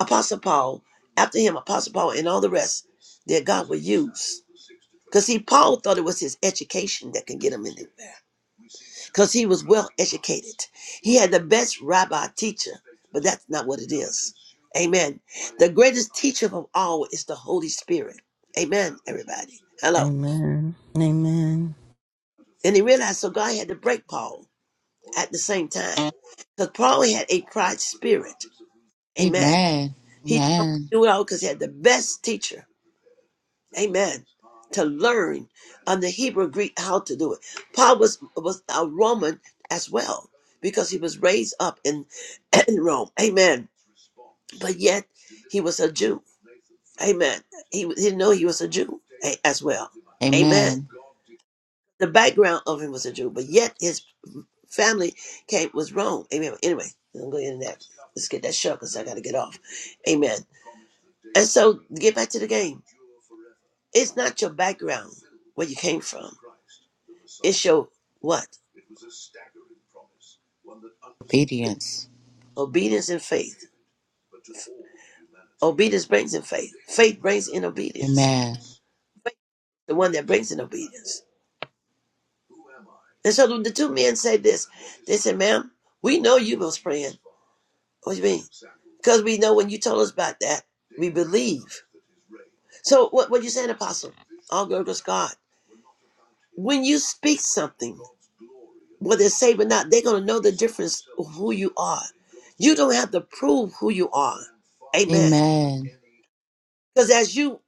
B: apostle Paul. After him, apostle Paul, and all the rest that God would use. Because see, Paul thought it was his education that could get him in there. Because he was well educated. He had the best rabbi teacher but that's not what it is. Amen. The greatest teacher of all is the Holy Spirit. Amen, everybody. Hello.
D: Amen. Amen.
B: And he realized so God had to break Paul at the same time. Because Paul had a pride spirit. Amen.
C: Amen.
B: He
C: Amen.
B: knew it all because he had the best teacher. Amen. To learn on the Hebrew Greek how to do it. Paul was, was a Roman as well because he was raised up in, in Rome. Amen. But yet he was a Jew. Amen. He, he didn't know he was a Jew a- as well. Amen.
C: Amen.
B: The background of him was a Jew, but yet his family came was wrong. Amen. Anyway, I'm going into that. Let's get that shut because I got to get off. Amen. And so get back to the game. It's not your background where you came from. It's your what?
C: Obedience.
B: Obedience and faith. Obedience brings in faith. Faith brings in obedience.
C: Amen.
B: Faith is the one that brings in obedience. And so the the two men said this. They said, ma'am, we know you was praying. What do you mean? because we know when you told us about that, we believe. So what what you saying, Apostle? All glory to God. When you speak something, whether it's saved or not, they're gonna know the difference of who you are. You don't have to prove who you are. Amen.
C: Amen.
B: Because as you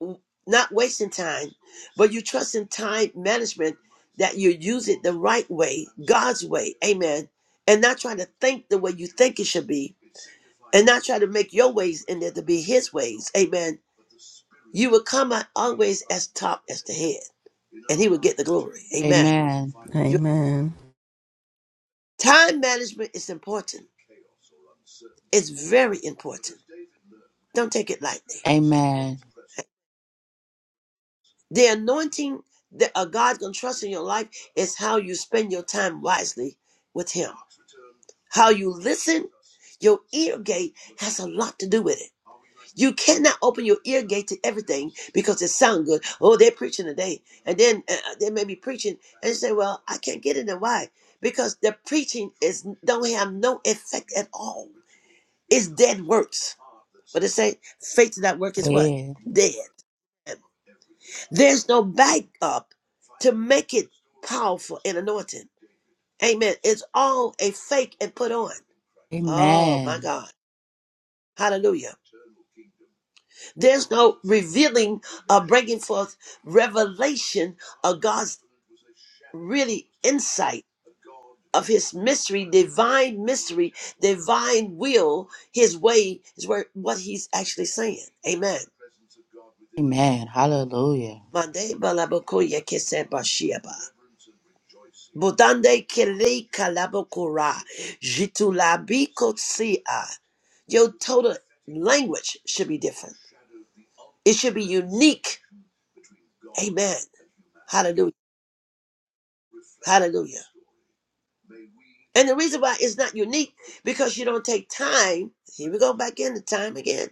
B: not wasting time, but you trust in time management that you use it the right way, God's way. Amen. And not trying to think the way you think it should be, and not trying to make your ways in there to be His ways. Amen You will come out always as top, as the head, and he will get the glory. Amen.
C: Amen.
B: Your
D: Amen.
B: time management is important. It's very important. Don't take it lightly.
C: Amen.
B: The anointing that a God can trust in your life is how you spend your time wisely with Him. How you listen, your ear gate has a lot to do with it. You cannot open your ear gate to everything because it sounds good. Oh, they're preaching today, and then uh, uh, they may be preaching. and say, "Well, I can't get in it. Why? Because the preaching is don't have no effect at all. It's dead works. But it say faith without work is what
C: Yeah.
B: dead. There's no backup to make it powerful and anointing. Amen. It's all a fake and put on. Oh my
C: Amen.
B: God. Hallelujah. There's no revealing uh, bringing forth revelation of God's really insight of his mystery, divine mystery, divine will, his way is where what he's actually saying. Amen.
C: Amen. Hallelujah.
B: Mande balabakoye kese bashiaba. Budande kere kalabokora. Jitulabikotsia. Your total language should be different. It should be unique. Amen. Hallelujah. Hallelujah. And the reason why it's not unique because you don't take time. Here we go back into time again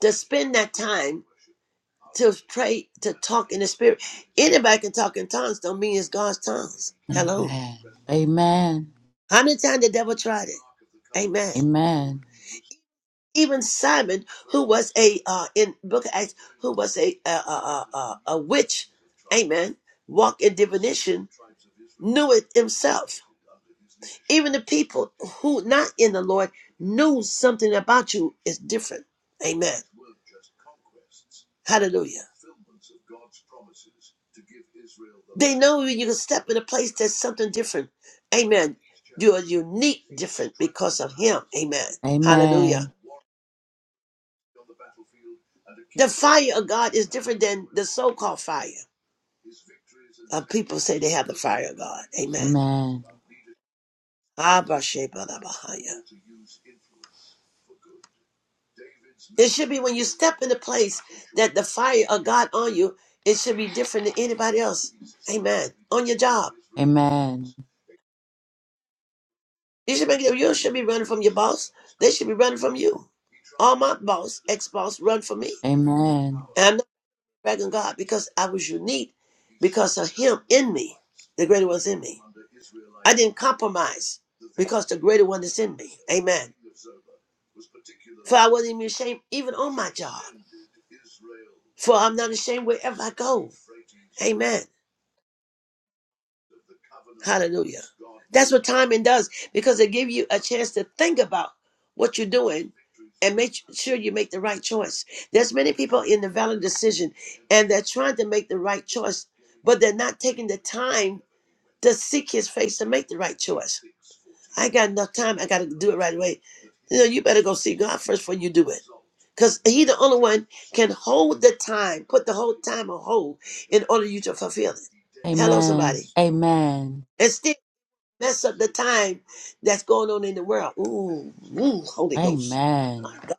B: to spend that time to pray to talk in the spirit. Anybody can talk in tongues. Don't mean it's God's tongues. Hello.
C: Amen. Amen.
B: How many times the devil tried it? Amen.
C: Amen.
B: even Simon, who was a uh, in Book of Acts, who was a a, a, a, a witch, amen, walk in divination, knew it himself. Even the people who not in the Lord knew something about you is different, amen. Hallelujah. They know you can step in a place that's something different, amen. You are unique, different because of Him, amen. Hallelujah.
C: Amen.
B: The fire of God is different than the so called fire. Uh, people say they have the fire of God. Amen.
C: Amen.
B: Abba Sheba da Bahaya. It should be when you step in the place that the fire of God on you, it should be different than anybody else. Amen. On your job.
C: Amen.
B: You should make you should be running from your boss. They should be running from you. All my boss, ex boss, run from me.
C: Amen.
B: And I'm not bragging God because I was unique because of him in me. The greater was in me. I didn't compromise. because the greater one is in me. Amen. For I wasn't even ashamed, even on my job. For I'm not ashamed wherever I go. Amen. Hallelujah. That's what timing does because it gives you a chance to think about what you're doing and make sure you make the right choice. There's many people in the valid decision and they're trying to make the right choice, but they're not taking the time to seek his face to make the right choice. I ain't got enough time. I got to do it right away. You know, you better go see God first before you do it. Because he the only one can hold the time, put the whole time on hold in order you to fulfill it. Hello,
C: Amen.
B: somebody.
C: Amen.
B: And still mess up the time that's going on in the world. Ooh, ooh, Holy Ghost. My
C: Amen.
B: God.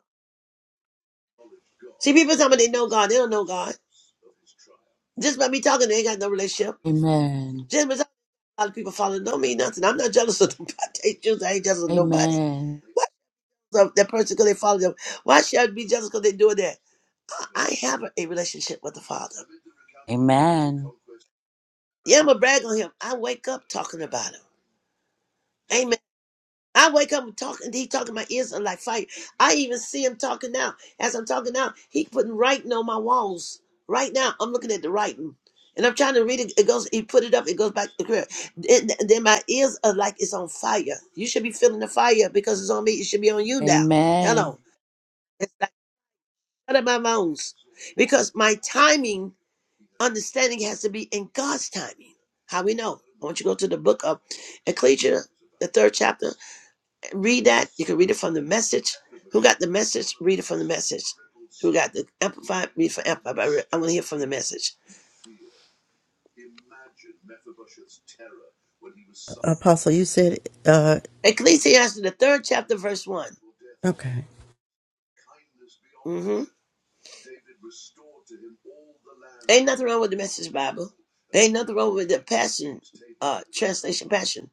B: See, people tell me they know God. They don't know God. Just by me talking, they ain't got no relationship.
C: Amen.
B: Just by talking, a lot of people following don't mean nothing. I'm not jealous of nobody. I ain't jealous I ain't jealous of nobody.
C: Amen.
B: Why? That person because they follow them. Why should I be jealous because they doing that? I have a, a relationship with the Father.
C: Amen.
B: Yeah, I'm gonna brag on him. I wake up talking about him. Amen. I wake up and talking. He talking. My ears are like fire. I even see him talking now. As I'm talking now, he putting writing on my walls. Right now, I'm looking at the writing, and I'm trying to read it. It goes. He put it up. It goes back to the crib. Then, then my ears are like it's on fire. You should be feeling the fire because it's on me. It should be on you now.
C: Amen.
B: Hello. It's like shut up my bones because my timing. understanding has to be in God's timing. How we know? I want you to go to the book of Ecclesia, the third chapter. and Read that. You can read it from the message. Who got the message? Read it from the message. Who got the amplified? Read it from amplified. I re- I want to hear from the message.
D: Apostle, you said uh
B: Ecclesiastes, the third chapter, verse one.
D: okay.
B: Mm-hmm. Ain't nothing wrong with the Message Bible. Ain't nothing wrong with the Passion uh, translation. Passion.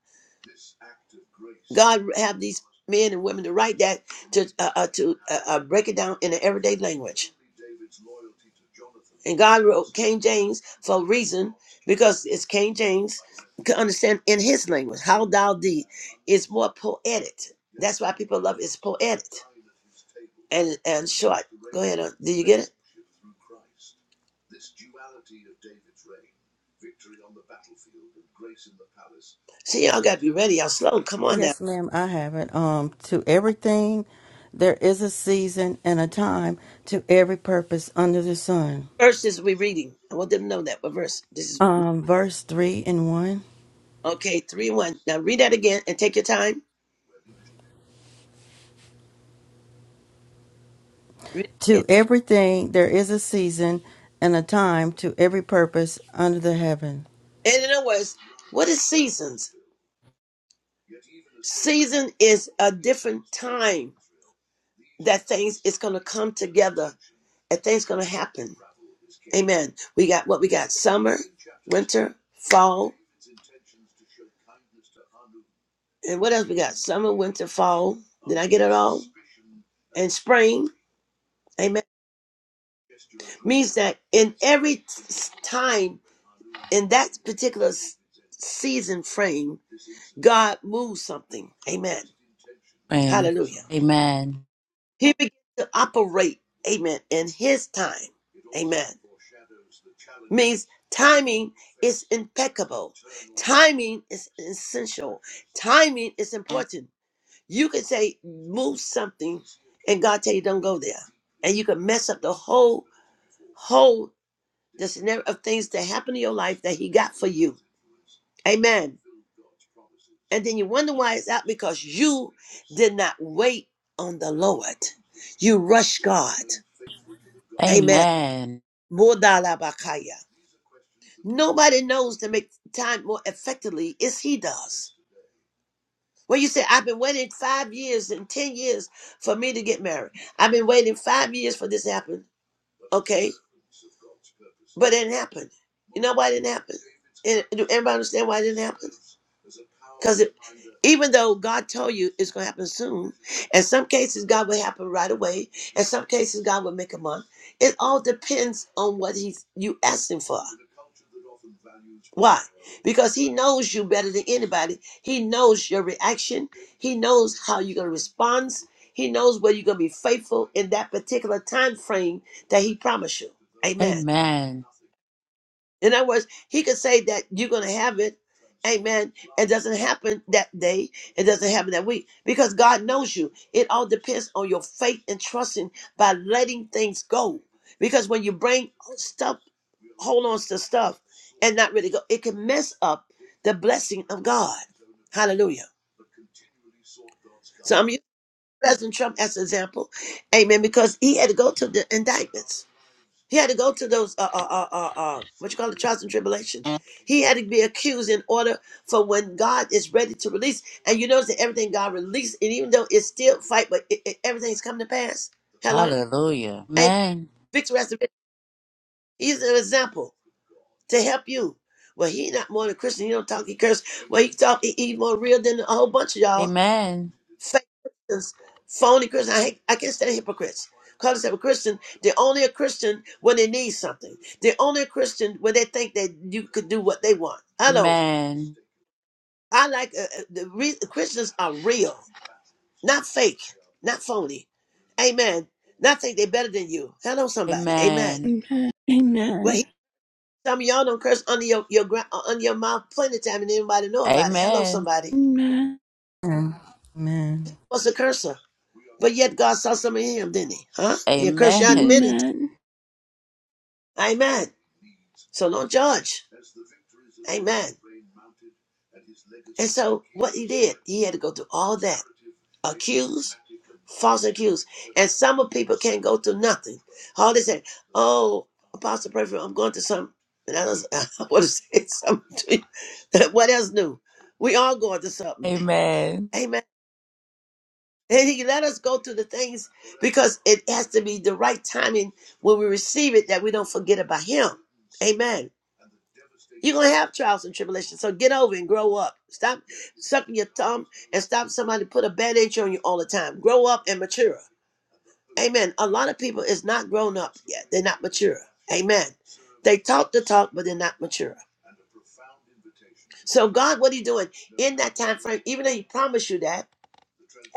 B: God have these men and women to write that to uh, uh, to uh, uh, break it down in an everyday language. And God wrote King James for a reason because it's King James to understand in his language. How thou thee is more poetic. That's why people love it. it's poetic and and short. Go ahead. Uh, did you get it? See, y'all got to be ready. Y'all slow. Come on now.
D: Yes, ma'am, I have it. Um to everything there is a season and a time to every purpose under the sun.
B: Verse is we reading. I want them to know that. What verse? This is
D: Um verse 3 and 1.
B: okay. Three one. Now read that again and take your time. Read it again.
D: To everything there is a season and a time to every purpose under the heaven.
B: And in other words, what is seasons? Season is a different time that things is going to come together and things going to happen. Amen. We got what we got: summer, winter, fall, and what else we got? Summer, winter, fall. Did I get it all? And spring. Amen. Means that in every time in that particular s- season frame, God moves something. Amen. Hallelujah.
C: Amen.
B: He began to operate, amen, in his time. Amen. Means timing is impeccable. Timing is essential. Timing is important. You can say, move something, and God tell you, don't go there. And you can mess up the whole, whole, the scenario of things that happen in your life that he got for you. Amen. And then you wonder why it's out because you did not wait on the Lord. You rushed God. Amen.
C: Amen. Amen.
B: Modalabakaya. Nobody knows to make time more effectively as He does. When you say, I've been waiting five years and 10 years for me to get married, I've been waiting five years for this to happen. Okay, but it didn't happen. You know why it didn't happen? And do everybody understand why it didn't happen? Because even though God told you it's going to happen soon, in some cases God will happen right away. In some cases God will make a month. It all depends on what He's you asking for. Why? Because He knows you better than anybody. He knows your reaction. He knows how you're going to respond. He knows whether you're going to be faithful in that particular time frame that he promised you. Amen.
C: Amen.
B: In other words, he could say that you're going to have it. Amen. It doesn't happen that day. It doesn't happen that week because God knows you. It all depends on your faith and trusting by letting things go. Because when you bring stuff, hold on to stuff and not really go, it can mess up the blessing of God. Hallelujah. So I'm using President Trump as an example. Amen. Because he had to go to the indictments. He had to go to those uh uh uh uh, uh what you call it trials and tribulations. He had to be accused in order for when God is ready to release. And you notice that everything God released, and even though it's still fight, but it, it- everything's come to pass. Hello,
C: Hallelujah.
B: amen.
C: Amen.
B: Victory has to be. He's an example to help you. Well, he not more than a Christian. He don't talk. He curse. Well, he talk. He, he more real than a whole bunch of y'all
C: Amen.
B: fake Christians, phony Christians. I, hate, I can't stand hypocrites. Call themselves a Christian. They're only a Christian when they need something. They're only a Christian when they think that you could do what they want. Hello.
C: Amen.
B: I like uh, uh, the re- Christians are real, not fake, not phony. Amen. Not think they're better than you. Hello, somebody. Amen.
C: Amen.
A: Amen.
B: Well,
A: Amen.
B: he, some of y'all don't curse under your your gra- uh, under your mouth plenty of time, and anybody know about it. Hello,
C: Amen.
B: somebody.
A: Amen.
D: Amen. Amen.
B: What's a cursor? But yet God saw some of him, didn't he? Huh? He cursed you out in a
C: Amen.
B: minute.
A: Amen. Amen.
B: Amen. So don't judge. Amen. And so what he did, he had to go through all that. Accused, false accused. And some of people can't go through nothing. All they say, oh, Apostle Pray I'm going to some and I was I want to say something to you. what else new? We all going to something.
C: Amen.
B: Amen. And he let us go through the things because it has to be the right timing when we receive it that we don't forget about him. Amen. You're gonna have trials and tribulations. So get over and grow up. Stop sucking your thumb and stop somebody to put a bandage on you all the time. Grow up and mature. Amen. A lot of people is not grown up yet. They're not mature. Amen. They talk the talk, but they're not mature. So God, what are you doing in that time frame? Even though He promised you that.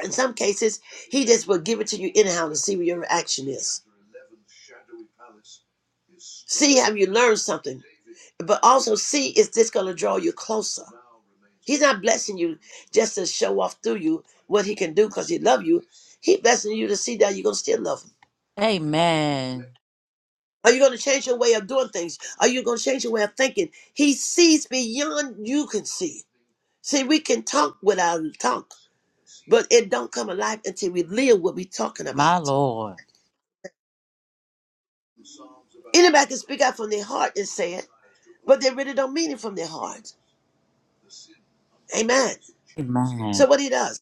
B: In some cases, he just will give it to you anyhow to see what your reaction is. See how you learn something, but also see is this going to draw you closer. He's not blessing you just to show off through you what he can do because he loves you. He blessing you to see that you're going to still love him.
C: Amen.
B: Are you going to change your way of doing things? Are you going to change your way of thinking? He sees beyond you can see. See, we can talk without talk, but it don't come alive until we live what we are talking about.
C: My Lord.
B: Anybody can speak out from their heart and say it, but they really don't mean it from their heart. Amen. So
C: Amen.
B: what he does,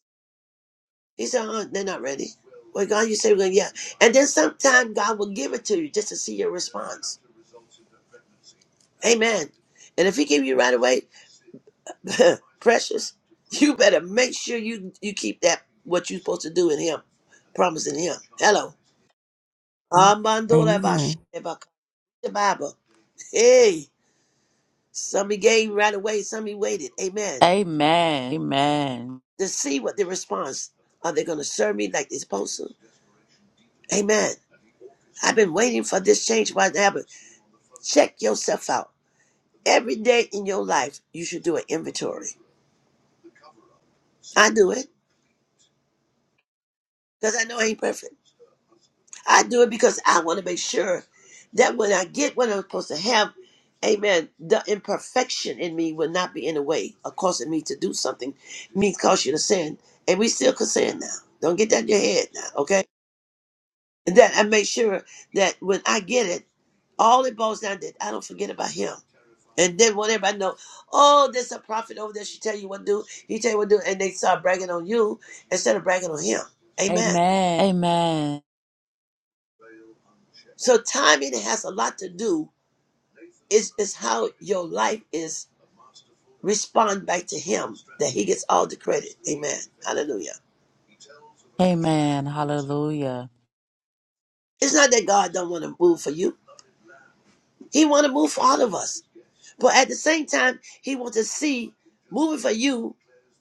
B: he said, oh, they're not ready. Well, God, you say, well, yeah. And then sometime God will give it to you just to see your response. Amen. And if he give you right away, precious, you better make sure you, you keep that, what you're supposed to do in him, promising him. Hello. Amandora ba
D: Amen.
B: shi- ba- The Bible. Hey. Some he gave right away, some he waited. Amen.
C: Amen. Amen.
B: To see what the response. Are they going to serve me like they're supposed to? Amen. I've been waiting for this change why didn't it happen. Check yourself out. Every day in your life, you should do an inventory. I do it because I know I ain't perfect. I do it because I want to make sure that when I get what I'm supposed to have, amen, the imperfection in me will not be in the way of causing me to do something, me cause you to sin. And we still can sin now. Don't get that in your head now, okay? And that I make sure that when I get it, all it boils down to that I don't forget about him. And then when I know, oh, there's a prophet over there, she tell you what to do, he tell you what to do, and they start bragging on you instead of bragging on him. Amen.
C: Amen. Amen.
B: So timing has a lot to do It's, it's how your life is respond back to him that he gets all the credit. Amen. Hallelujah.
C: Amen. Hallelujah.
B: It's not that God don't want to move for you. He want to move for all of us. But at the same time, he wants to see moving for you.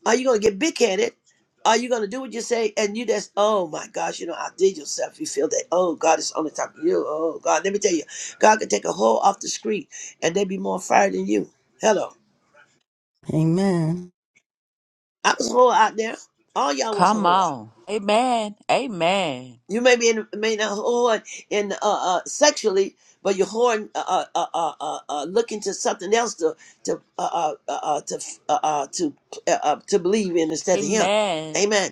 B: Are you gonna get big headed? Are you gonna do what you say? And you just, oh my gosh, you know, I did yourself. You feel that, oh God is on the top of you. Oh God, let me tell you, God can take a hole off the street and they be more fired than you. Hello.
D: Amen.
B: I was a whore out there. All y'all was a
C: Come
B: whore.
C: on. Amen. Amen.
B: You may be in, may not hoard in uh, uh, sexually, but you're hoarding, uh, uh, uh, uh, uh, uh, looking to something else to to uh, uh, uh, uh, to uh, uh, to uh, uh, to believe in instead of Him.
C: Amen.
B: Amen.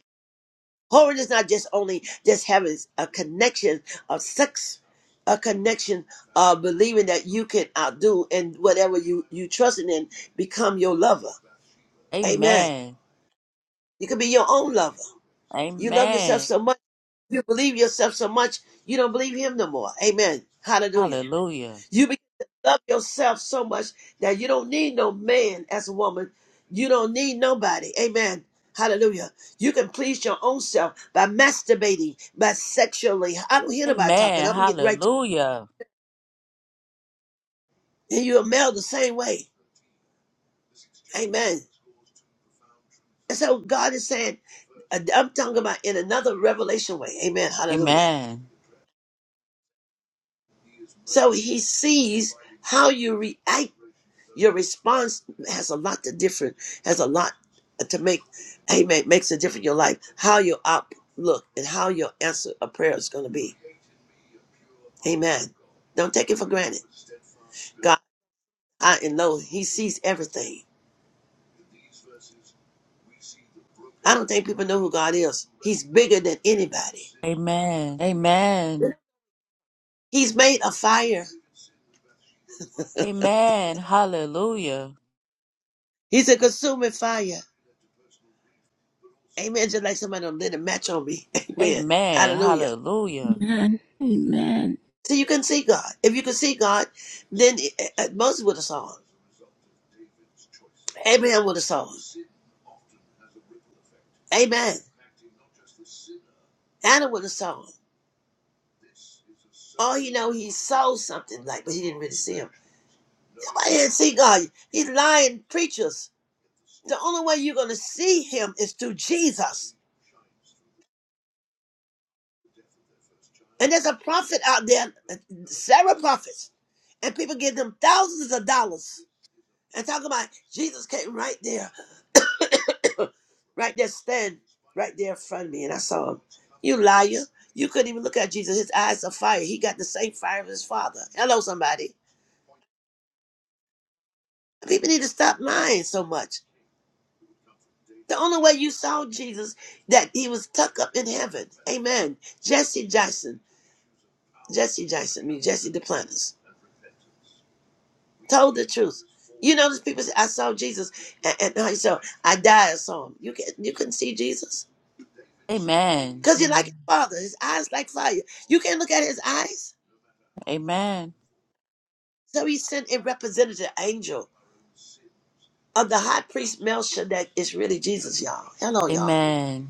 B: Hoarding is not just only just having a connection of sex, a connection of believing that you can outdo and whatever you you trusting in become your lover. Amen.
C: Amen.
B: You could be your own lover. You love yourself
C: Amen.
B: so much You believe yourself so much, you don't believe him no more. Amen. Hallelujah.
C: Hallelujah.
B: You begin to love yourself so much that you don't need no man as a woman. You don't need nobody. Amen. Hallelujah. You can please your own self by masturbating, by sexually. I don't hear nobody talking.
C: Amen.
B: I'm getting right to
C: Hallelujah.
B: And you're a male the same way. Amen. And so God is saying, I'm talking about in another revelation way. Amen. Hallelujah.
C: Amen.
B: So he sees how you react your response has a lot to different has a lot to make amen makes a difference in your life how your outlook and how your answer of prayer is going to be amen don't take it for granted god high and low he sees everything i don't think people know who god is he's bigger than anybody
C: Amen. Amen.
B: he's made a fire
C: Amen. Hallelujah.
B: he's a consuming fire amen just like somebody done lit a match on me amen
C: Amen.
B: hallelujah
C: Hallelujah.
A: Amen. Amen.
B: so you can see god if you can see god then eh, eh, eh, moses would have saw him Amen with a song. Amen. Anna with a song. Oh, you know, he saw something like, but he didn't really see him. Nobody didn't see God. He's lying preachers. The only way you're going to see him is through Jesus. And there's a prophet out there, uh, several prophets, and people give them thousands of dollars and talk about Jesus came right there, right there, stand right there in front of me, and I saw him. You liar. You couldn't even look at Jesus. His eyes are fire. He got the same fire as his father. Hello, somebody. People need to stop lying so much. The only way you saw Jesus that he was tucked up in heaven. Amen. Jesse Jackson, Jesse Jackson, I mean Jesse the Planters, told the truth. You know, those people say, I saw Jesus and, and I saw I died, I saw him. You can you couldn't see Jesus?
C: Amen.
B: Because you like his father, his eyes like fire. You can't look at his eyes.
C: Amen.
B: So he sent a representative angel of the high priest Melchizedek is really Jesus, y'all. Hello, y'all.
C: Amen.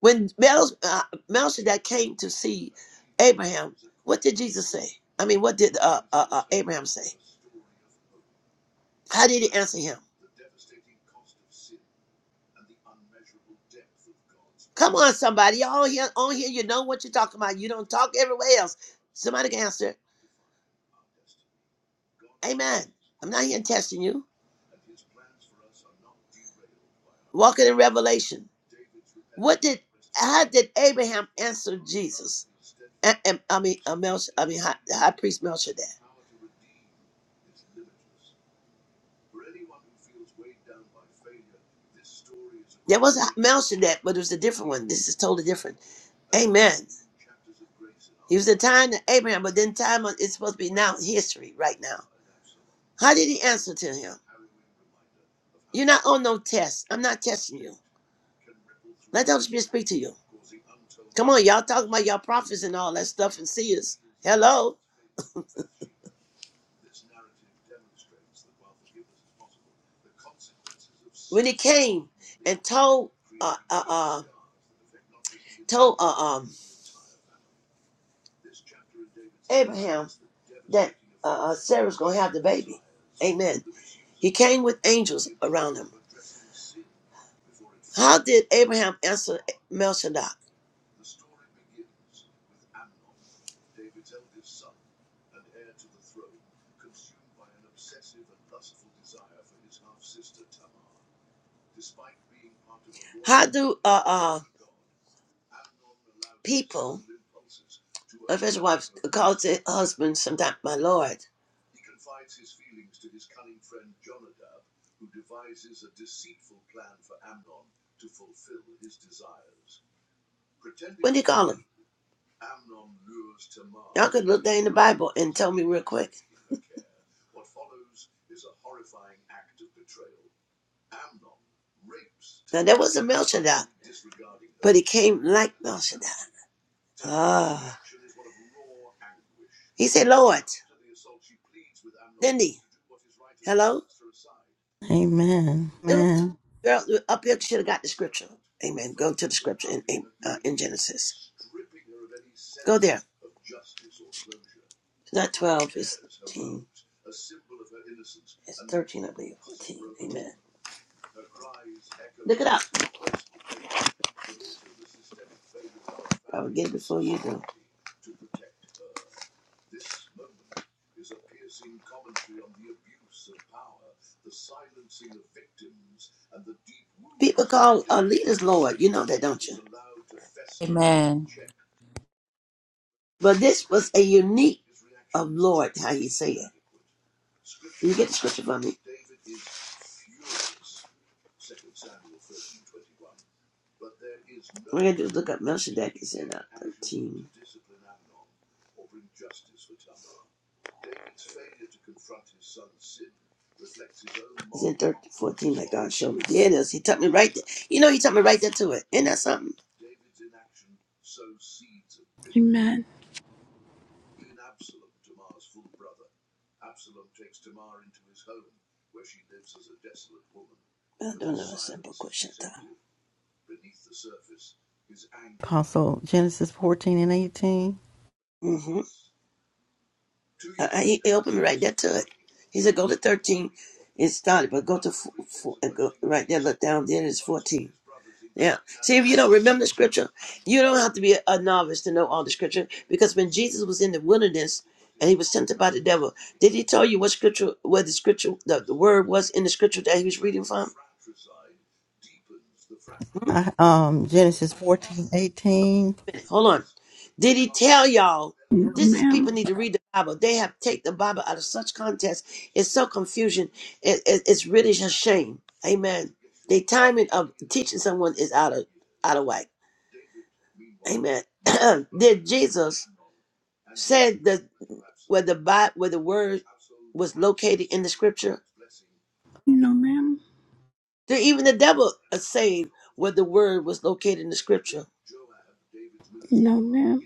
B: When Mel, uh, Melchizedek came to see Abraham, what did Jesus say? I mean, what did uh, uh, uh, Abraham say? How did he answer him? Come on, somebody. Y'all on here, on here, you know what you're talking about. You don't talk everywhere else. Somebody can answer. Amen. I'm not here testing you. Walking in revelation. What did how did Abraham answer Jesus? And, and- I mean, uh, Melch, I mean, high, high priest Melchizedek. There was a Melchizedek, but it was a different one. This is totally different. Amen. He was the time to Abraham, but then time on- it's supposed to be now history, right now. How did he answer to him? You're not on no test. I'm not testing you. Let the Holy Spirit speak to you. Come on, y'all talking about y'all prophets and all that stuff and seers. Hello. When he came and told uh uh, uh told uh, um Abraham that uh, uh, Sarah's gonna have the baby. Amen. He came with angels around him. How did Abraham answer Melchizedek? How do uh, uh people, if his wife calls their husband sometimes my Lord, what do you call him? Y'all could look there in the Bible and tell me real quick. Now there was a Melchizedek, but he came like Melchizedek. Ah, he said, Lord, didn't he? Hello?
D: Amen. Amen.
B: Girl, up there should have got the scripture. Amen. Go to the scripture in in, uh, in Genesis. Go there. Not twelve. It's thirteen. It's thirteen, I believe. 14. Amen. Look it up. I will get it before you do.
C: Amen.
B: But this was a unique of Lord, how he said. Can you get the scripture for me? We're going to just look up Melchizedek in uh, 13. It's in thirteen fourteen. 14 that God showed me. Yeah, it is. He taught me right there. You know, he taught me right there to it. Isn't that something?
A: Amen.
B: I don't know. Simple question time.
D: Apostle Genesis 14 and 18.
B: Uh, uh, he, he opened me right there to it. He said, go to 13. It started, but go to four, four, uh, go right there, look down, then it's 14. Yeah. See, if you don't remember the scripture, you don't have to be a, a novice to know all the scripture. Because when Jesus was in the wilderness and he was tempted by the devil, did he tell you what scripture, where the scripture, the, the word was in the scripture that he was reading from? Hmm?
D: I, um Genesis fourteen eighteen.
B: Hold on. Did he tell y'all?
A: No,
B: This is people
A: ma'am.
B: need to read the Bible. They have take the Bible out of such context. It's so confusion. It, it- it's really a shame. Amen. The timing of teaching someone is out of out of whack. Amen. Did Jesus said that where the Bi- where the word was located in the scripture?
A: No, ma'am.
B: There- Even the devil is saying where the word was located in the scripture.
A: No, ma'am.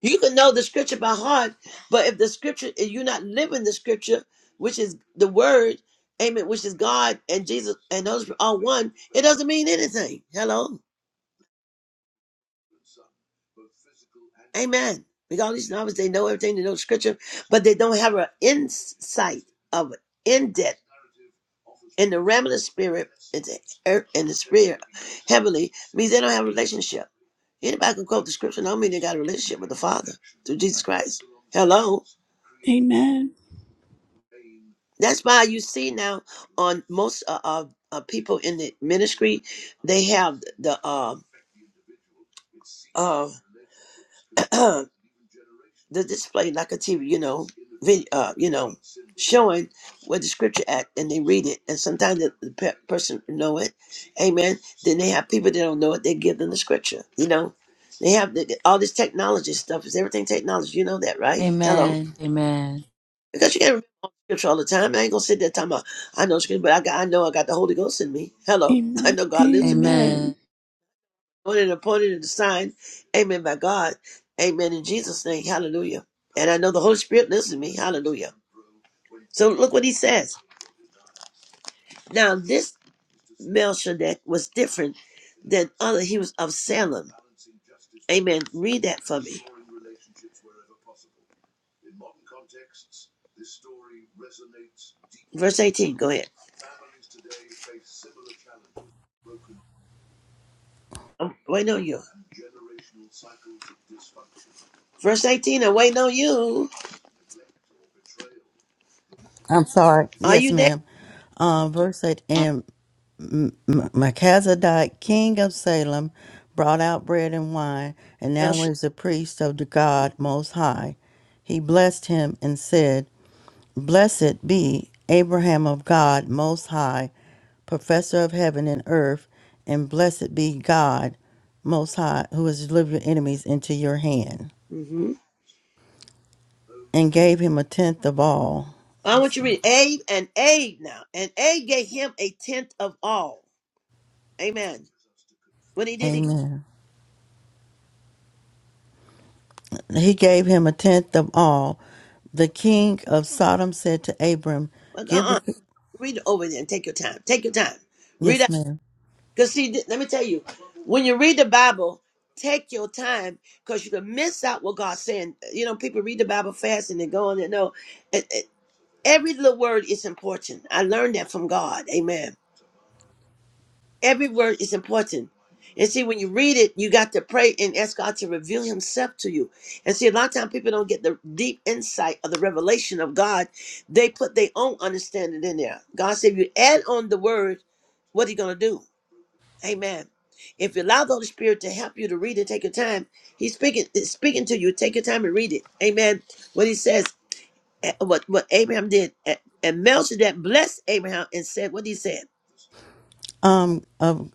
B: You can know the scripture by heart, but if the scripture, if you're not living the scripture, which is the word, amen, which is God and Jesus and those are one, it doesn't mean anything. Hello. Amen. Because all these novices, they know everything, they know scripture, but they don't have an insight of it, in depth in the realm of the spirit in the, earth, in the spirit heavenly means they don't have a relationship. Anybody can quote the scripture, don't mean they got a relationship with the Father through Jesus Christ. Hello.
A: Amen.
B: That's why you see now on most uh, uh, uh, people in the ministry, they have the uh, uh, the display like a TV, you know, video, uh, you know, showing where the scripture at, and they read it. And sometimes the, the pe- person know it, amen. Then they have people that don't know it. They give them the scripture, you know. They have the, all this technology stuff. Is everything technology? You know that, right? Hello
C: Amen. Amen.
B: Because you can't remember all scripture all the time. I ain't gonna sit there talking about I know scripture, but I got I know I got the Holy Ghost in me. Hello. I
A: Amen.
B: know God lives in me.
C: Amen.
A: Amen.
B: Anointed and appointed and assigned. Amen by God. Amen in Jesus' name. Hallelujah. And I know the Holy Spirit lives in me. Hallelujah. So look what he says. Now this Melchizedek was different than other. He was of Salem. Amen. Read that for me. Verse 18, go ahead. I'm waiting on you. Verse 18, I'm waiting on you.
D: I'm sorry.
B: Are
D: Yes,
B: you
D: ma'am. Um, verse 8 and M- M- Melchizedek, king of Salem, brought out bread and wine, and
B: there?
D: now is the priest of the God Most High. He blessed him and said, Blessed be Abraham of God Most High, professor of heaven and earth, and blessed be God Most High, who has delivered your enemies into your hand,
B: hmm
D: and gave him a tenth of all. Let
B: I
D: me
B: want you
D: see.
B: to read Abe and Abe now. And Abe gave him a tenth of all. Amen. When he did, he
D: Amen. He gave him a tenth of all The king of Sodom said to Abram,
B: uh
D: "Give the
B: uh read it over there and take your time. Take your time. Read
D: yes, ma'am.
B: Because see, th- let me tell you, when you read the Bible, take your time because you can miss out what God's saying. You know, people read the Bible fast and they go on and know. It, it- every little word is important. I learned that from God. Amen. Every word is important. And see, when you read it, you got to pray and ask God to reveal Himself to you. And see, a lot of times people don't get the deep insight of the revelation of God. They put their own understanding in there. God said, if you add on the word, what are you going to do? Amen. If you allow the Holy Spirit to help you to read it, take your time. He's speaking is speaking to you. Take your time and read it. Amen. What he says, eh, what what Abraham did, eh, and Melchizedek blessed Abraham and said, what he said.
D: Um, of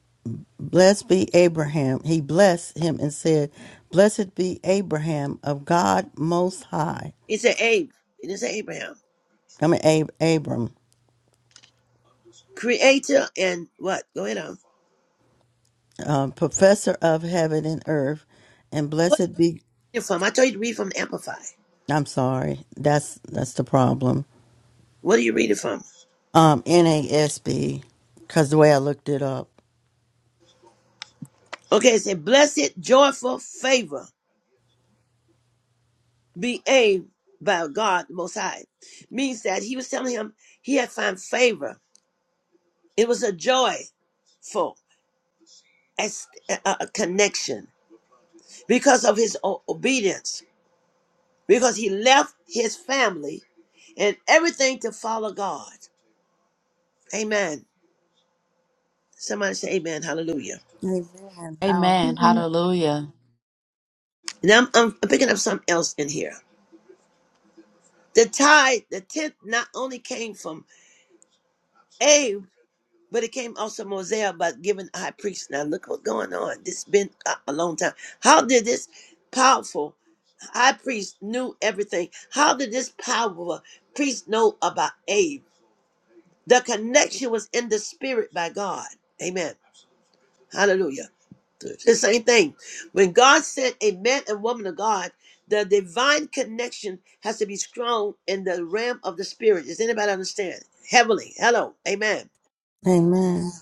D: blessed be Abraham. He blessed him and said, Blessed be Abraham of God Most High.
B: He said, Abe. He didn't say Abraham.
D: I mean, Ab- Abram,
B: Creator and what? Go ahead on.
D: uh, professor of heaven and earth, and
B: What are
D: blessed be.
B: you reading from? I told you to read from the Amplify.
D: I'm sorry, that's that's the problem.
B: What are you reading from?
D: Um, NASB, because the way I looked it up.
B: Okay, it said, blessed, joyful favor be aimed by God the Most High. Means that he was telling him he had found favor. It was a joy. full as a connection because of his o- obedience, because he left his family and everything to follow God. Amen. Somebody say amen. Hallelujah.
D: Amen.
C: Amen.
A: Amen.
D: Hallelujah.
C: Hallelujah.
B: And I'm, I'm picking up something else in here. The tithe, the tenth, not only came from Abe, but it came also Mosiah about giving the high priest. Now look what's going on. This has been a, a long time. How did this powerful high priest knew everything? How did this powerful priest know about Abe? The connection was in the spirit by God. Amen. Hallelujah. The same thing. When God sent a man and woman of God, the divine connection has to be strong in the realm of the spirit. Does anybody understand? Heavenly. Hello. Amen.
D: Amen.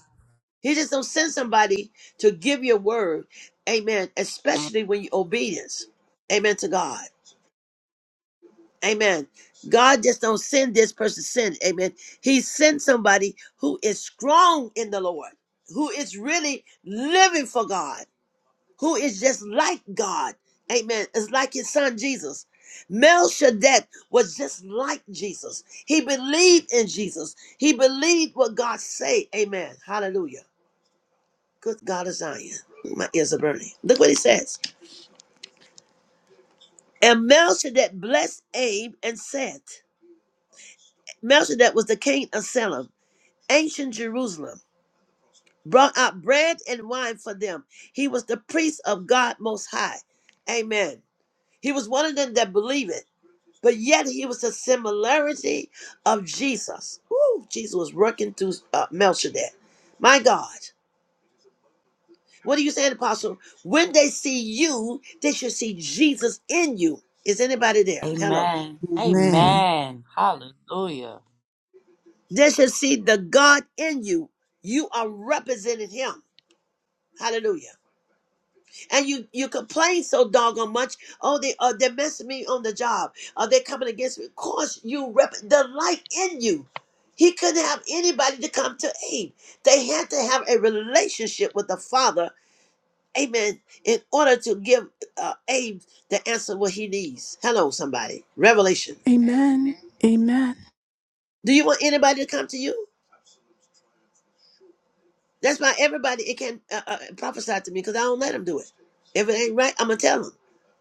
B: He just don't send somebody to give you a word. Amen. Especially when you're obedience. Amen to God. Amen. God just don't send this person sin. Amen. He sends somebody who is strong in the Lord, who is really living for God, who is just like God. Amen. It's like his son Jesus. Melchizedek was just like Jesus. He believed in Jesus. He believed what God said. Amen. Hallelujah. Good God of Zion. My ears are burning. Look what he says. And Melchizedek blessed Abe and said, Melchizedek was the king of Salem ancient Jerusalem, brought out bread and wine for them. He was the priest of God Most High. Amen. He was one of them that believe it, but yet he was the similarity of Jesus. Woo, Jesus was working through uh, Melchizedek. My God. What are you saying, Apostle? When they see you, they should see Jesus in you. Is anybody there? Hello.
C: Amen. Amen. Hallelujah.
B: They should see the God in you. You are representing him. Hallelujah. and you you complain so doggone much. Oh, they uh, they're messing me on the job. Are they coming against me? Of course, you rep the light in you. He couldn't have anybody to come to aid. They had to have a relationship with the Father, Amen, in order to give uh, Abe the answer what he needs. Hello, somebody. Revelation.
A: Amen. Amen.
B: Do you want anybody to come to you? That's why everybody it can uh, uh, prophesy to me because I don't let them do it. If it ain't right, I'm gonna tell them.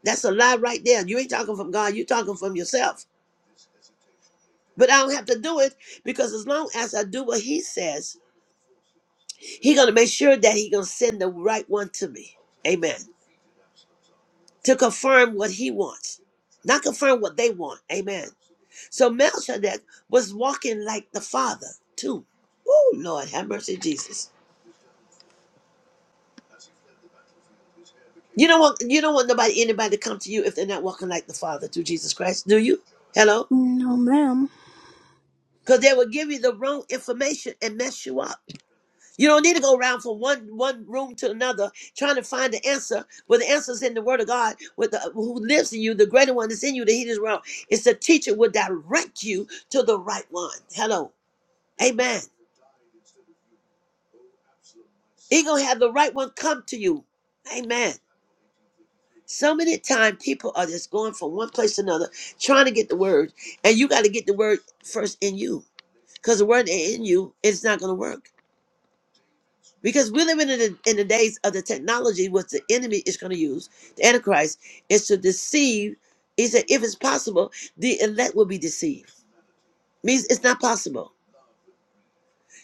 B: That's a lie right there. You ain't talking from God. You talking from yourself. But I don't have to do it because as long as I do what He says, He gonna make sure that He gonna send the right one to me. Amen. To confirm what He wants, not confirm what they want. Amen. So Melchizedek was walking like the Father too. Oh Lord, have mercy, Jesus. You don't want you don't want nobody anybody to come to you if they're not walking like the Father through Jesus Christ, do you? Hello?
A: No, ma'am.
B: Because they will give you the wrong information and mess you up. You don't need to go around from one one room to another trying to find the answer. Well, the answer's in the Word of God. With the, who lives in you, the greater one is in you. The He is wrong. It's the teacher will direct you to the right one. Hello, Amen. He gonna have the right one come to you, Amen. So many times people are just going from one place to another trying to get the word, and you got to get the word first in you because the word ain't in you it's not going to work. Because we're living in the, in the days of the technology, what the enemy is going to use, the Antichrist, is to deceive. He said, if it's possible, the elect will be deceived. Means it's not possible.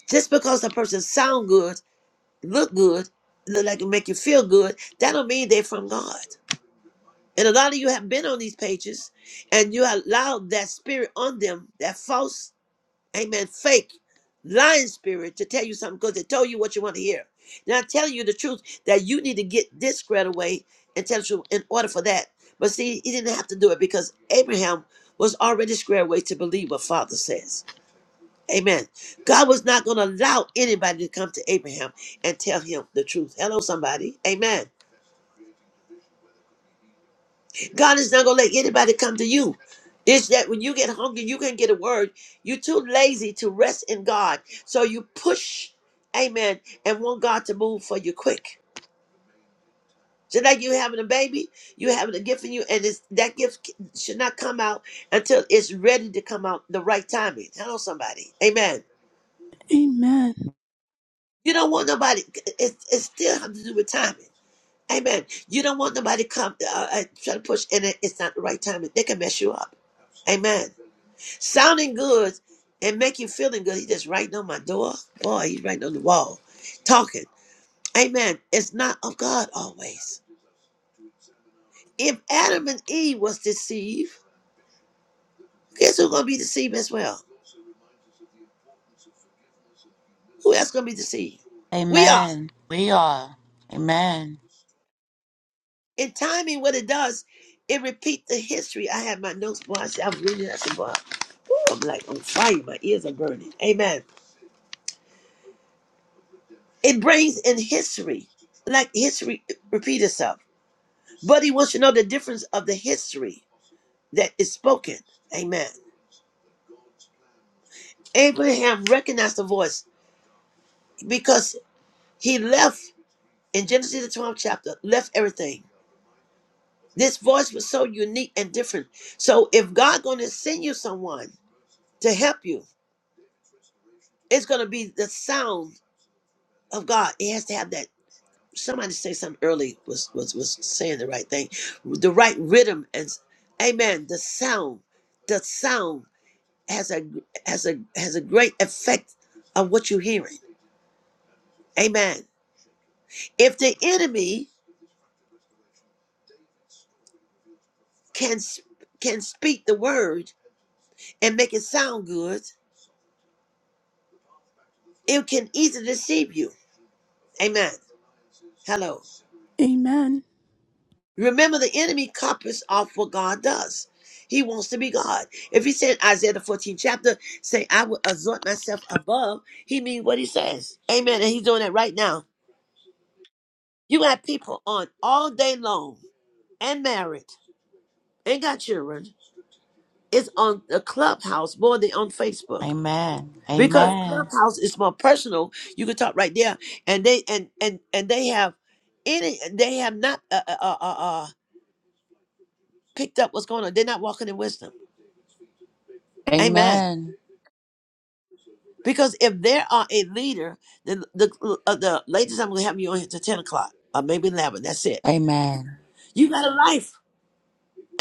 B: Just because a person sound good, look good, look like it make you feel good, that don't mean they're from God. And a lot of you have been on these pages and you allowed that spirit on them, that false, amen, fake, lying spirit to tell you something because they told you what you want to hear. Now I'm telling you the truth that you need to get this squared away and tell the truth in order for that. But see, he didn't have to do it because Abraham was already squared away to believe what Father says. Amen. God was not going to allow anybody to come to Abraham and tell him the truth. Hello, somebody. Amen. God is not gonna let anybody come to you. It's that when you get hungry, you can get a word. You're too lazy to rest in God. So you push, amen, and want God to move for you quick. Just like you having a baby, you having a gift in you, and it's, that gift should not come out until it's ready to come out the right timing. Hello, somebody. Amen.
A: Amen.
B: You don't want nobody, it, it still has to do with timing. Amen. You don't want nobody come uh, uh, try to push, and it, it's not the right timing. They can mess you up. Amen. Sounding good and make you feeling good. He just writing on my door. Boy, he's writing on the wall. Talking. Amen. It's not of God always. If Adam and Eve was deceived, guess who's gonna be deceived as well? Who else gonna be deceived? We are.
C: Amen. We are. Amen.
B: In timing, what it does, it repeats the history. I have my notes, boy. I said, I'm reading it. I said, boy, Ooh, I'm like on fire. My ears are burning. Amen. It brings in history, like history repeat itself. But he wants to know the difference of the history that is spoken. Amen. Abraham recognized the voice because he left in Genesis the 12th chapter, left everything. This voice was so unique and different. So if God gonna send you someone to help you, it's gonna be the sound of God. It has to have that. Somebody say something early was was was saying the right thing. The right rhythm and s- amen. The sound. The sound has a has a has a great effect of what you're hearing. Amen. If the enemy can s- can speak the word and make it sound good, it can easily deceive you. Amen. Hello.
A: Amen.
B: Remember, the enemy copies off what God does. He wants to be God. If he said Isaiah the 14th chapter, say, I will exalt myself above, he means what he says. Amen. And he's doing that right now. You got people on all day long and married, ain't got children, It's on the Clubhouse more than on Facebook
C: Amen.
B: because
C: Amen.
B: Clubhouse is more personal. You can talk right there, and they and and and they have any they have not uh, uh, uh, uh, uh, picked up what's going on. They're not walking in wisdom. Amen.
C: Amen.
B: Because if there are a leader, then the uh, the latest I'm gonna have you on here to ten o'clock or maybe eleven. That's it.
C: Amen.
B: You got a life.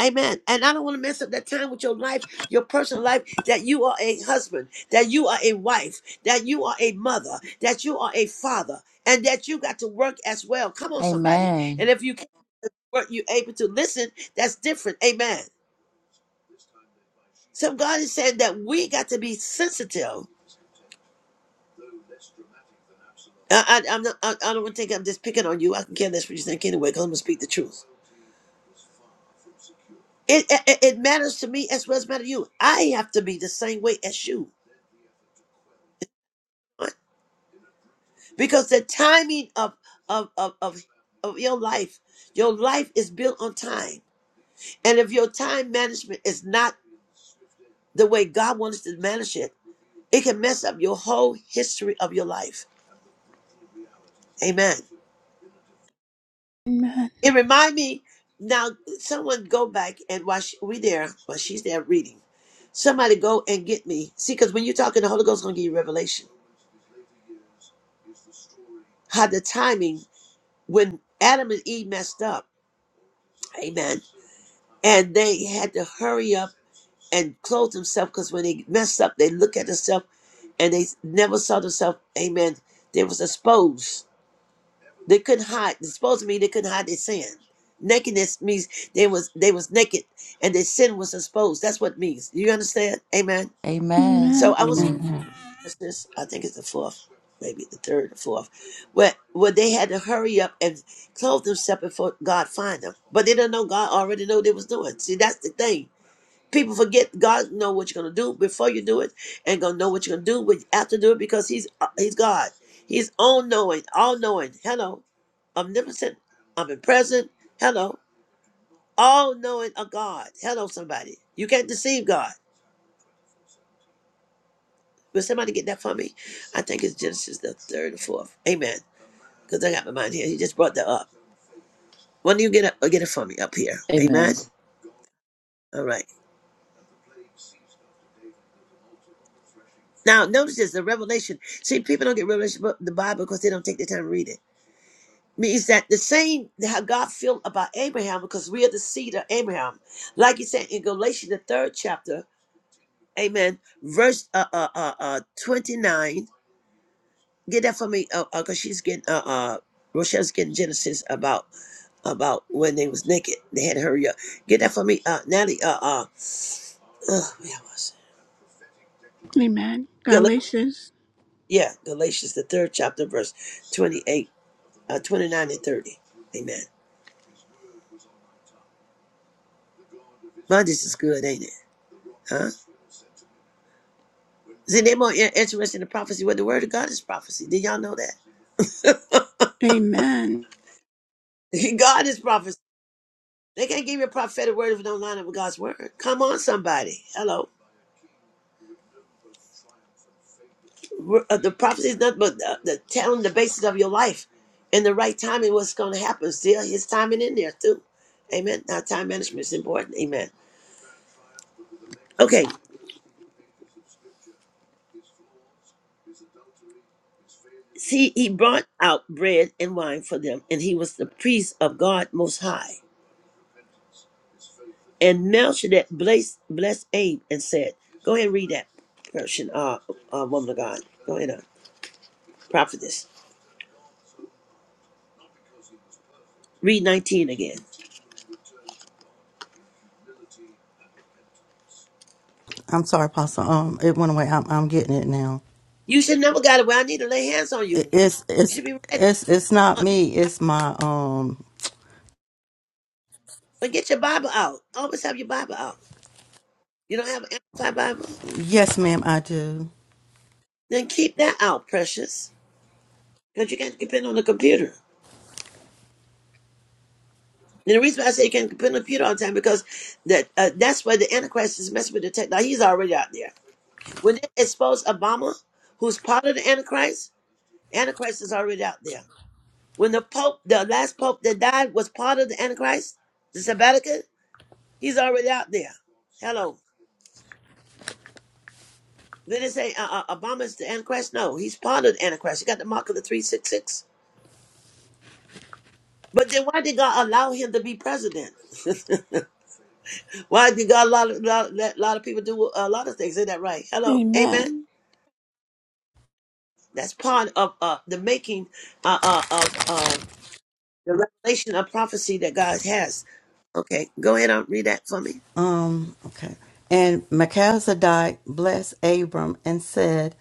B: Amen. And I don't want to mess up that time with your life, your personal life, that you are a husband, that you are a wife, that you are a mother, that you are a father, and that you got to work as well. Come on, somebody.
C: Amen.
B: And if you can't work, you're able to listen. That's different. Amen. So God is saying that we got to be sensitive I, I, I'm not, I, I don't want to think I'm just picking on you. I can care less what you think anyway, because I'm going to speak the truth. It, it, it matters to me as well as matter to you. I have to be the same way as you. because the timing of of of of, of your life your life is built on time and if your time management is not the way god wants to manage it it can mess up your whole history of your life amen
A: Amen.
B: it remind me now someone go back and while she, we there while she's there reading somebody go and get me see because when you're talking the holy ghost gonna give you revelation how the timing when adam and eve messed up amen and they had to hurry up and clothe themselves because when they mess up, they look at themselves and they never saw themselves. Amen. They was exposed. They couldn't hide. Exposed means they couldn't hide their sin. Nakedness means they was they was naked and their sin was exposed. That's what it means. You understand? Amen.
C: Amen.
B: So
A: Amen.
B: I was
D: Amen.
C: Amen.
B: this. I think it's the fourth, maybe the third or fourth, where where they had to hurry up and clothe themselves before God find them. But they didn't know God already know what they was doing. See, that's the thing People forget God know what you're gonna do before you do it, and gonna know what you're gonna do with after you do it because He's uh, He's God. He's all knowing, all knowing. Hello, omnipotent, omnipresent. Hello, all knowing of God. Hello, somebody. You can't deceive God. Will somebody get that for me? I think it's Genesis the third or fourth. Amen. Because I got my mind here. He just brought that up. When do you get it? Get it for me up here. Amen.
C: Amen.
B: All right. Now notice this: the revelation. See, people don't get revelation about the Bible because they don't take the time to read it. means that the same that how God felt about Abraham, because we are the seed of Abraham. Like he said in Galatians, the third chapter, amen, verse uh, uh, uh, uh, 29. Get that for me, because uh, uh, 'cause she's getting, uh, uh, Rochelle's getting Genesis about about when they was naked. They had to hurry up. Get that for me, uh, Natalie, uh, uh, uh where was it?
A: Amen.
B: Gal-
A: Galatians.
B: yeah, Galatians, the third chapter, verse 28, uh, 29 and 30. Amen. My, this is good, ain't it? Huh? See, they're more in- interested in prophecy. Well, the word of God is prophecy. Did y'all know that?
A: Amen.
B: God is prophecy. They can't give you a prophetic word if it don't line up with God's word. Come on, somebody. Hello. We're- uh, The prophecy is nothing but the, the telling the basis of your life and the right timing, what's going to happen. Still, his timing in there, too. Amen. Now, time management is important. Amen. Okay. See, he brought out bread and wine for them, and he was the priest of God Most High. And Melchizedek blessed, blessed Abe and said, Go ahead and read that, person, uh, uh, woman of God. Go ahead, uh, prophetess. Read 19 again.
D: I'm sorry, Apostle. Um, it went away. I'm, I'm getting it now.
B: You should never got it where I need to lay hands on
D: It,
B: you.
D: it's
B: You
D: it's
B: should be ready.
D: it's it's not
B: Uh, you,
D: me. It's my um.
B: but get your Bible out. Always have your Bible out. You don't have an Amplified Bible?
D: Yes, ma'am, I do.
B: Then keep that out, precious, because you can't depend on the computer. And the reason why I say you can't depend on the computer all the time because that uh, that's where the Antichrist is messing with the tech. Now, he's already out there. When they expose Obama, who's part of the Antichrist, Antichrist is already out there. When the Pope, the last Pope that died, was part of the Antichrist, the Sabbatican, he's already out there. Hello. Did it say uh, uh, Obama's the Antichrist? No, he's part of the Antichrist. He got the mark of the 366. But then why did God allow him to be president? why did God allow, allow, let a lot of people do a lot of things? Isn't that right? Hello. Amen.
A: Amen.
B: That's part of uh, the making uh, uh, of uh, the revelation of prophecy that God has. Okay, go ahead and read that for me.
D: Um. Okay. And Melchizedek blessed Abram and said,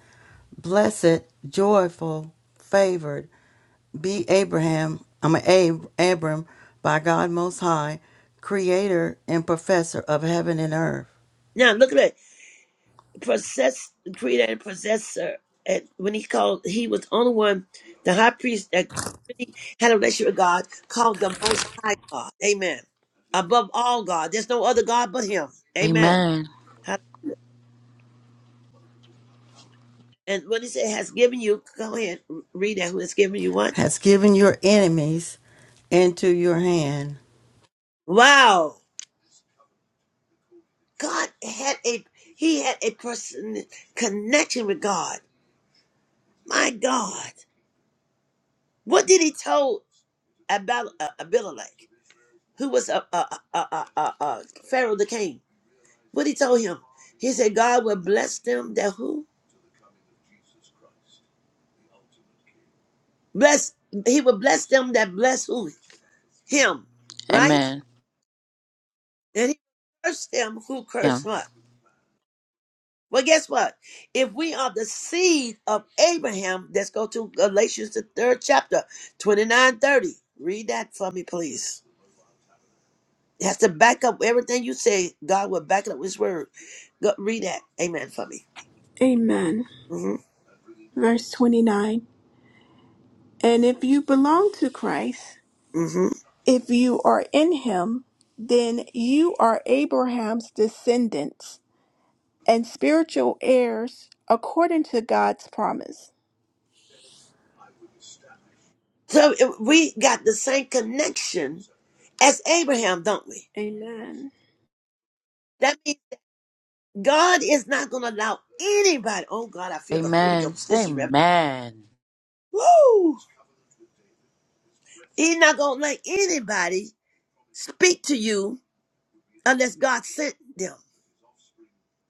D: "Blessed, joyful, favored, be Abraham. I'm an Ab- Abram by God Most High, Creator and Professor of heaven and earth,
B: Now, look at that. possess creator and possessor. And when he called, he was the only one, the high priest that really had a relationship with God, called the Most High God. Amen. Above all God, there's no other God but Him. Amen.
C: Amen.
B: Ha- And when he said has given you, go ahead read that. Who has given you what?
D: has given your enemies into your hand."
B: Wow, God had a he had a person connection with God. My God, what did he tell about uh, Abimelech? who was a a a a a uh, Pharaoh the king. What he told him, he said, God will bless them that who bless. He will bless them that bless who him, right?
C: Amen.
B: And he cursed them who cursed
C: Him.
B: not. Well, guess what? If we are the seed of Abraham, let's go to Galatians the third chapter, 29 30. Read that for me, please. It has to back up everything you say. God will back it up with his word. Go, read that. Amen for me.
A: Amen.
B: Mm-hmm.
A: Verse 29. And if you belong to Christ,
B: mm-hmm.
A: if you are in him, then you are Abraham's descendants and spiritual heirs according to God's promise.
B: So it- we got the same connection as Abraham, don't we?
A: Amen.
B: That means God is not going to allow anybody. Oh God, I feel the Holy
C: Amen.
B: Ghost. This is rev-
C: Amen.
B: Woo! He's not going to let anybody speak to you unless God sent them.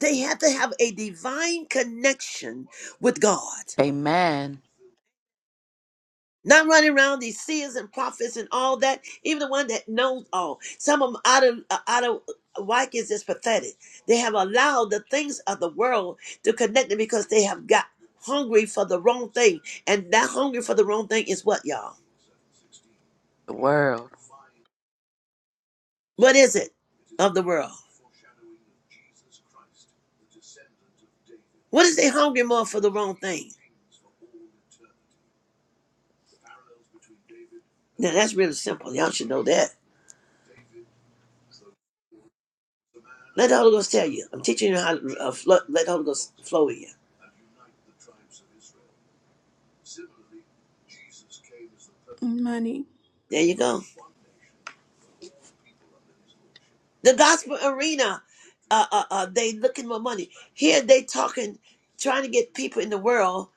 B: They have to have a divine connection with God.
C: Amen.
B: Not running around these seers and prophets and all that. Even the one that knows all. Some of them out of uh, out of uh, whack is just pathetic. They have allowed the things of the world to connect them because they have got hungry for the wrong thing. And that hunger for the wrong thing is what, y'all?
C: The world.
B: What is it of the world? What is they hungry more for the wrong thing? Now that's really simple. Y'all should know that. Let the Holy Ghost tell you. I'm teaching you how to uh, flow, let the Holy Ghost flow in you.
A: Money.
B: There you go. The gospel arena, uh, uh, uh, they looking for money. Here they talking, trying to get people in the world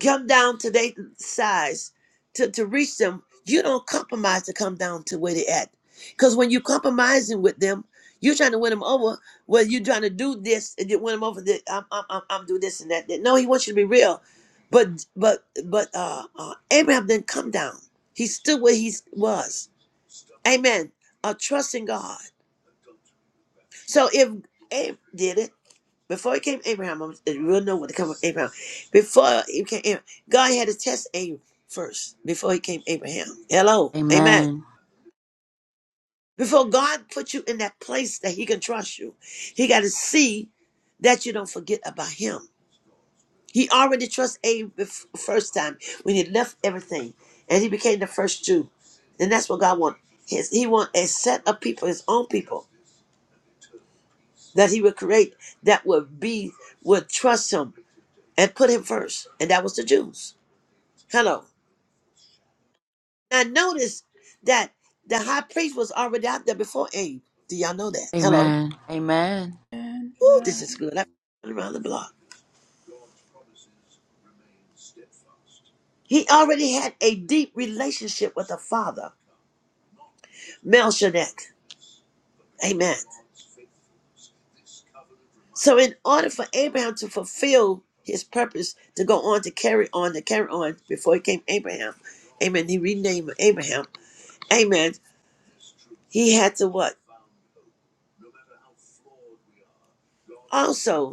B: come down to their size to, to reach them. You don't compromise to come down to where they at. Because when you compromising with them, you're trying to win them over. Well, you're trying to do this and you win them over. That I'm, I'm, I'm, I'm do this and that, that. No, he wants you to be real. But, but, but uh, uh, Abraham didn't come down. He stood where he was. Amen. Uh, trust in God. So if Abe did it before he came to Abraham, I'm- it- we'll know what to come with Abraham. Before he came, Abraham, God had to test Abe first before he came Abraham. Hello, Amen.
C: Amen.
B: Before God put you in that place that He can trust you, He got to see that you don't forget about Him. He already trusts Abe the f- first time when he left everything, and he became the first Jew, and that's what God wants. His, he want a set of people, His own people, that He would create that would be would trust Him and put him first, and that was the Jews. Hello. Now notice that the high priest was already out there before Abe. Do y'all know that? Hello.
C: Amen. Amen.
A: Amen.
B: Ooh, this
A: Amen.
B: is good. I'm around the block. He already had a deep relationship with the father, Melchizedek. Amen. So in order for Abraham to fulfill his purpose to go on to carry on to carry on before he came Abraham, Amen. He renamed him Abraham. Amen. He had to what? Also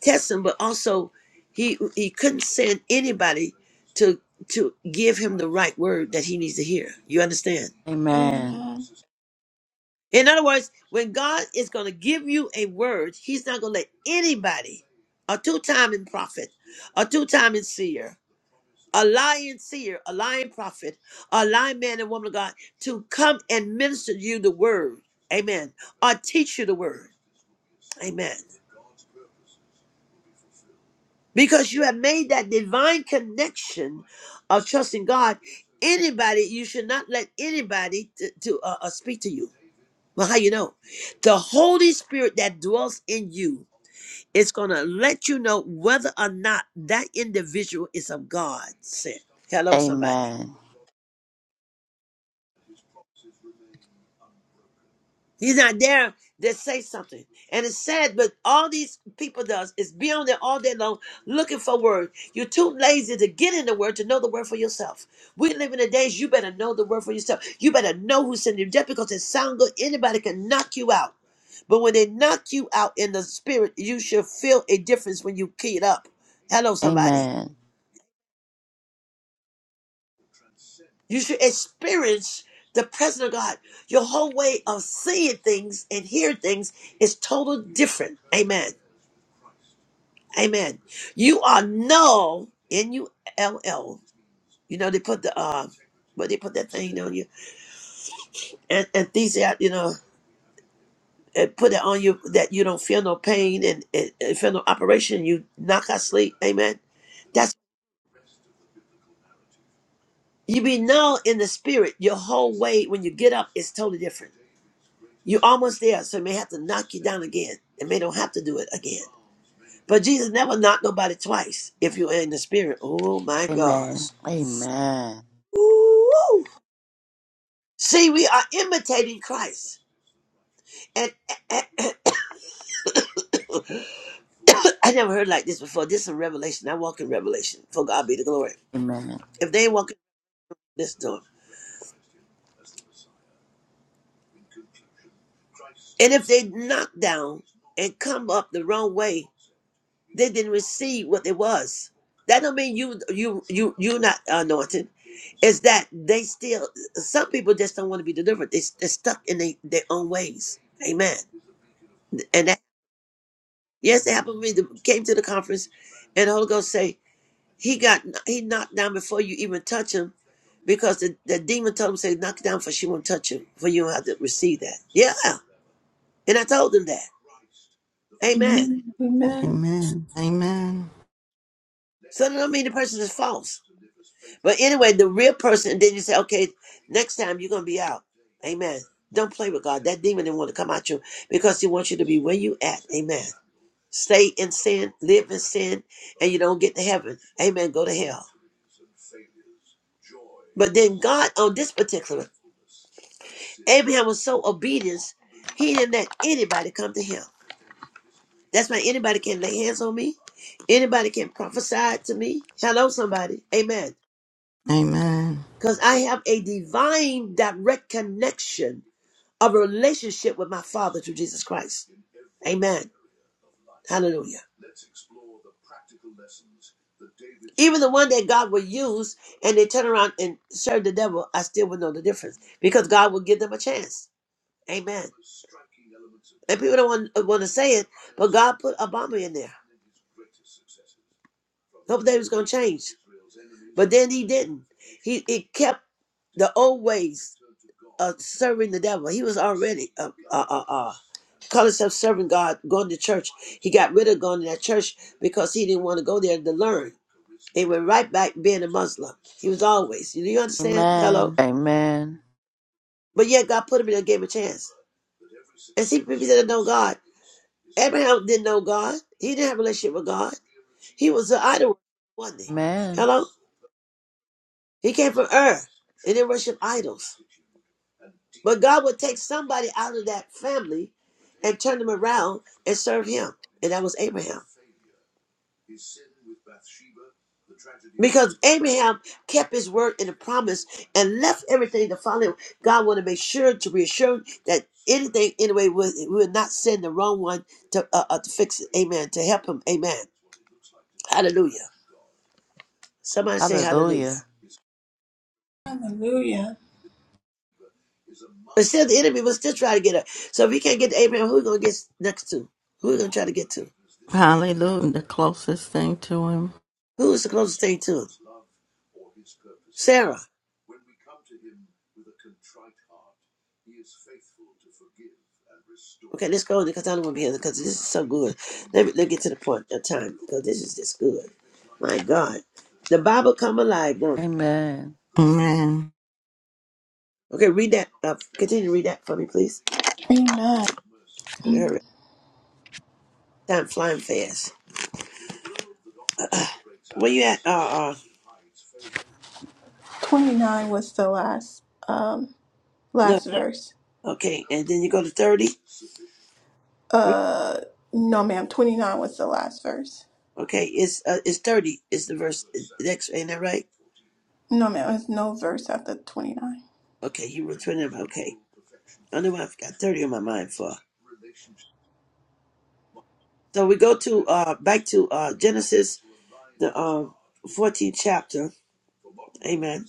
B: test him, but also he he couldn't send anybody to to give him the right word that he needs to hear. You understand?
C: Amen.
A: Amen.
B: In other words, when God is going to give you a word, He's not going to let anybody, a two-timing prophet, a two-timing seer, a lying seer, a lying prophet, a lying man and woman of God, to come and minister to you the word. Amen. Or teach you the word. Amen. because you have made that divine connection of trusting God. Anybody, you should not let anybody to, to uh, uh, speak to you. Well, how you know? The Holy Spirit that dwells in you is going to let you know whether or not that individual is of God. Said, hello, somebody.
C: Amen.
B: He's not there to say something. And it's sad, but all these people does is be on there all day long looking for word. You're too lazy to get in the word to know the word for yourself. We live in the days you better know the word for yourself. You better know who sent you. Just because it sound good, anybody can knock you out. But when they knock you out in the spirit, you should feel a difference when you key it up. Hello, somebody.
C: Amen.
B: You should experience the presence of God. Your whole way of seeing things and hearing things is total different. Amen. Amen. You are null, N U L L. You know, they put the, uh, but they put that thing on you. And, and these, out, you know, and put it on you that you don't feel no pain and, and, and feel no operation. You knock out sleep. Amen. That's, you be null in the spirit. Your whole way when you get up is totally different. You're almost there, so it may have to knock you down again. It may don't have to do it again. But Jesus never knocked nobody twice if you're in the spirit. Oh my gosh.
C: Amen. Amen.
B: Woo! See, we are imitating Christ. And, and- and- I never heard like this before. This is a revelation. I walk in revelation. For God be the glory.
C: Amen.
B: If they walk in this door, and if they knock down and come up the wrong way, they didn't receive what it was. That don't mean you you you you not anointed. It's that they still some people just don't want to be delivered. They, they're stuck in they, their own ways. Amen. And that yes, it happened to me. They Came to the conference, and the Holy Ghost say. He got he knocked down before you even touch him, because the, the demon told him say knock down for she won't touch him for you don't have to receive that. Yeah, and I told him that. Amen.
A: Amen. Amen.
D: Amen. Amen.
B: So that don't mean the person is false. But anyway, the real person, then you say, okay, next time you're gonna be out. Amen. Don't play with God. That demon didn't want to come out you because he wants you to be where you at. Amen. Stay in sin, live in sin, and you don't get to heaven. Amen. Go to hell. But then God on this particular Abraham was so obedient, he didn't let anybody come to him. That's why anybody can lay hands on me. Anybody can prophesy to me. Hello, somebody. Amen.
D: Amen.
B: Because I have a divine direct connection of a relationship with my Father through Jesus Christ. Amen. Hallelujah. Even the one that God will use and they turn around and serve the devil, I still would know the difference because God will give them a chance. Amen. And people don't want, want to say it, but God put Obama in there. Hope that he was going to change. But then he didn't. He it kept the old ways of serving the devil. He was already uh, uh, uh, uh, call himself serving God, going to church. He got rid of going to that church because he didn't want to go there to learn. He went right back being a Muslim. He was always. Do you understand? Hello.
C: Amen. Amen.
B: But yet God put him in there and gave him a chance. And see people that know God. Abraham didn't know God. He didn't have a relationship with God. He was an idol, wasn't he?
C: Amen.
B: Hello? He came from earth. They worship idols. But God would take somebody out of that family and turn them around and serve him. And that was Abraham. Because Abraham kept his word and the promise and left everything to follow him. God wanted to make sure to reassure him that anything, anyway, would, would not send the wrong one to, uh, uh, to fix it. Amen. To help him. Amen. Hallelujah. Somebody say hallelujah.
C: Hallelujah.
A: Hallelujah.
B: But still, the enemy will still try to get her. So if he can't get to Abraham, who are we going to get next to? Who are we going to try to get to?
D: Hallelujah. The closest thing to him.
B: Who is the closest thing to him? Sarah. Okay, let's go on because I don't want to be here because this is so good. Let me let me get to the point of time because this is just good. My God. The Bible come alive, don't it?
C: Amen.
D: Amen.
B: Okay, read that. Uh, continue to read that for me, please.
A: Amen.
B: Hurry. Time flying fast. Uh, where you at? Uh, uh,
A: 29 was the last um
B: no.
A: last verse.
B: Okay, and then you go to 30.
A: Uh no ma'am, 29 was the last verse.
B: Okay, it's uh, it's thirty. Is the verse is the next? Ain't that right?
A: No ma'am, there's no verse after 29.
B: Okay, Hebrews twenty. Okay, I don't know why I've got thirty on my mind for. So we go to uh back to uh Genesis the um fourteenth chapter. Amen.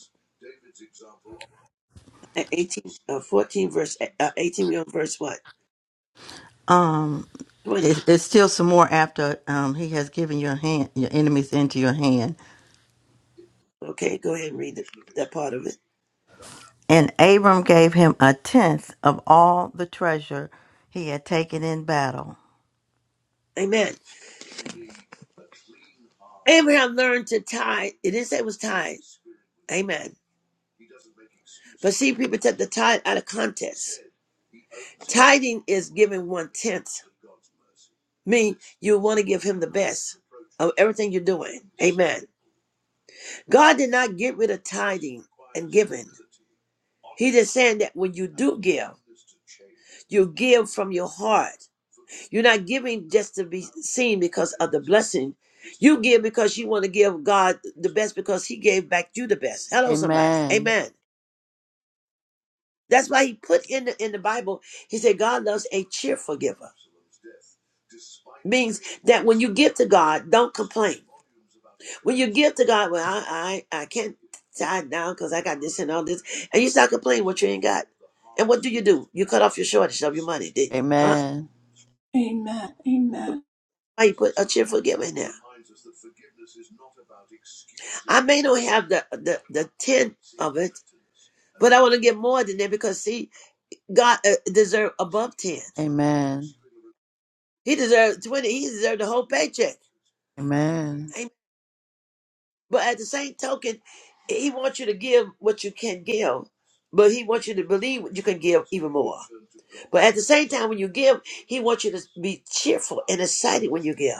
B: Uh, Eighteen, uh, fourteen verse uh, eighteen. We on verse what
D: Um,
B: twenty?
D: it, it's still some more after um he has given your hand your enemies into your hand.
B: Okay, go ahead and read the, that part of it.
D: And Abram gave him a tenth of all the treasure he had taken in battle.
B: Amen. Abraham learned to tithe. It didn't say it was tithe. Amen. But see, people take the tithe out of context. Tithing is giving one tenth. mean you want to give him the best of everything you're doing. Amen. God did not get rid of tithing and giving. He just saying that when you do give, you give from your heart. You're not giving just to be seen because of the blessing. You give because you want to give God the best because He gave back you the best. Hello, somebody.
C: Amen.
B: Amen. That's why he put in the, in the Bible, he said, God loves a cheerful giver. Means that when you give to God, don't complain. When you give to God, well, I I, I can't tie it down because I got this and all this, and you start complaining what you ain't got. And what do you do? You cut off your shortage of your money, didn't you? Huh?
C: Amen.
A: Amen. Amen.
B: Why you put a cheerful giver in there? I may not have the the, the tenth of it, but I want to get more than that because see, God uh, deserved above 10.
C: Amen.
B: He deserved 20. He deserved the whole paycheck.
C: Amen.
B: Amen. But at the same token, he wants you to give what you can give, but he wants you to believe you can give even more. But at the same time, when you give, he wants you to be cheerful and excited when you give.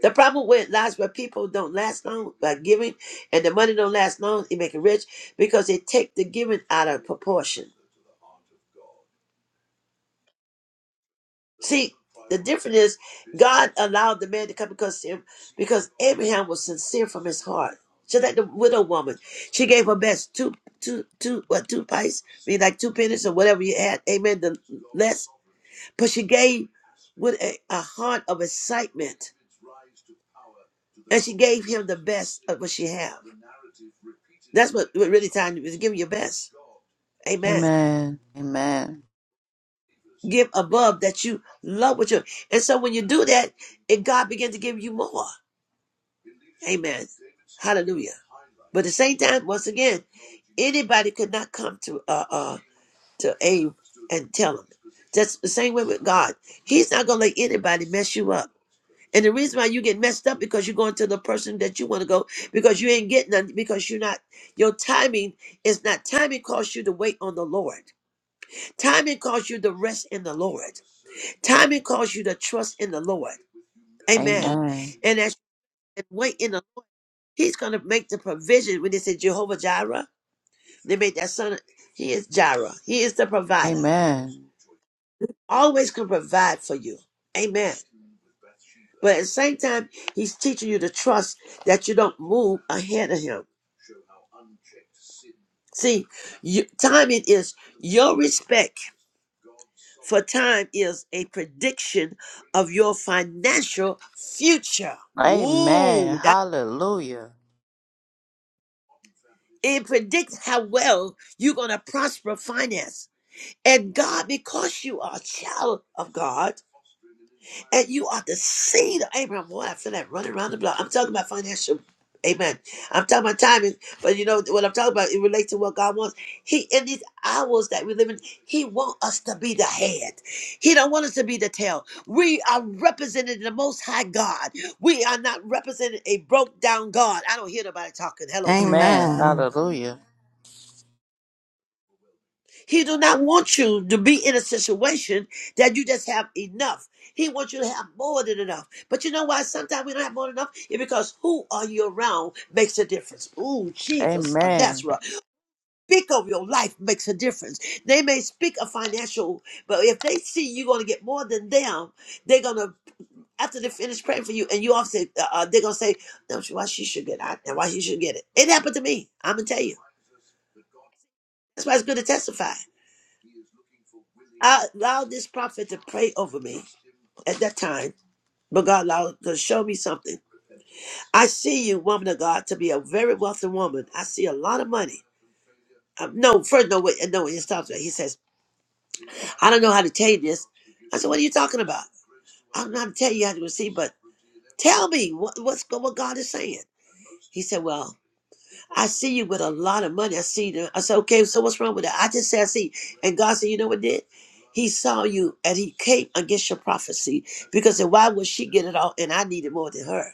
B: The problem with lies where people don't last long by giving and the money don't last long, it make it rich because they take the giving out of proportion. See, the difference is God allowed the man to come because because Abraham was sincere from his heart. Just like the widow woman, she gave her best two two two what two pice, I mean like two pennies or whatever you had. Amen. The less, but she gave with a, a heart of excitement, and she gave him the best of what she had. That's what, what really time is giving your best. Amen.
C: Amen.
B: Give above that you love what you and so when you do that and God began to give you more. Amen. Hallelujah. But at the same time, once again, anybody could not come to uh, uh to Abe and tell him. That's the same way with God. He's not gonna let anybody mess you up. And the reason why you get messed up because you're going to the person that you want to go because you ain't getting nothing because you're not your timing is not timing calls you to wait on the Lord. Timing calls you to rest in the Lord. Timing calls you to trust in the Lord. Amen.
C: Amen. Amen.
B: And as you wait in the He's going to make the provision when they say Jehovah Jireh. They make that son. He is Jireh. He is the provider.
C: Amen.
B: Always can provide for you. Amen. But at the same time, he's teaching you to trust that you don't move ahead of him. See, you, timing is your respect for time is a prediction of your financial future.
C: Amen.
B: Ooh, that
C: Hallelujah.
B: it predicts how well you're gonna prosper finance. And God, because you are a child of God and you are the seed of Abraham, boy, I feel that running around the block. I'm talking about financial. Amen. I'm talking about timing, but you know what I'm talking about. It relates to what God wants. He in these hours that we live in, He wants us to be the head. He don't want us to be the tail. We are representing the Most High God. We are not representing a broke down God. I don't hear nobody talking. Hello, somebody.
C: Amen.
D: Amen.
C: Hallelujah.
B: He do not want you to be in a situation that you just have enough. He wants you to have more than enough. But you know why sometimes we don't have more than enough? It's because who are you around makes a difference. Ooh, Jesus of
C: Amen.
B: Nazareth. Speak of your life makes a difference. They may speak of financial, but if they see you're going to get more than them, they're going to, after they finish praying for you, and you all say, uh, uh, they're going to say, no, why she should get it, and why she should get it. It happened to me. I'm going to tell you. That's why it's good to testify. I allowed this prophet to pray over me at that time, but God allowed to show me something. I see you, woman of God, to be a very wealthy woman. I see a lot of money. Um, no, first, no, wait, no, he stops there. He says, I don't know how to tell you this. I said, What are you talking about? I don't know how to tell you how to receive, but tell me what, what's go- what God is saying. He said, Well, I see you with a lot of money. I see you. I said, okay, so what's wrong with that? I just said, I see. And God said, you know what did? He saw you and he came against your prophecy because then why would she get it all and I need it more than her?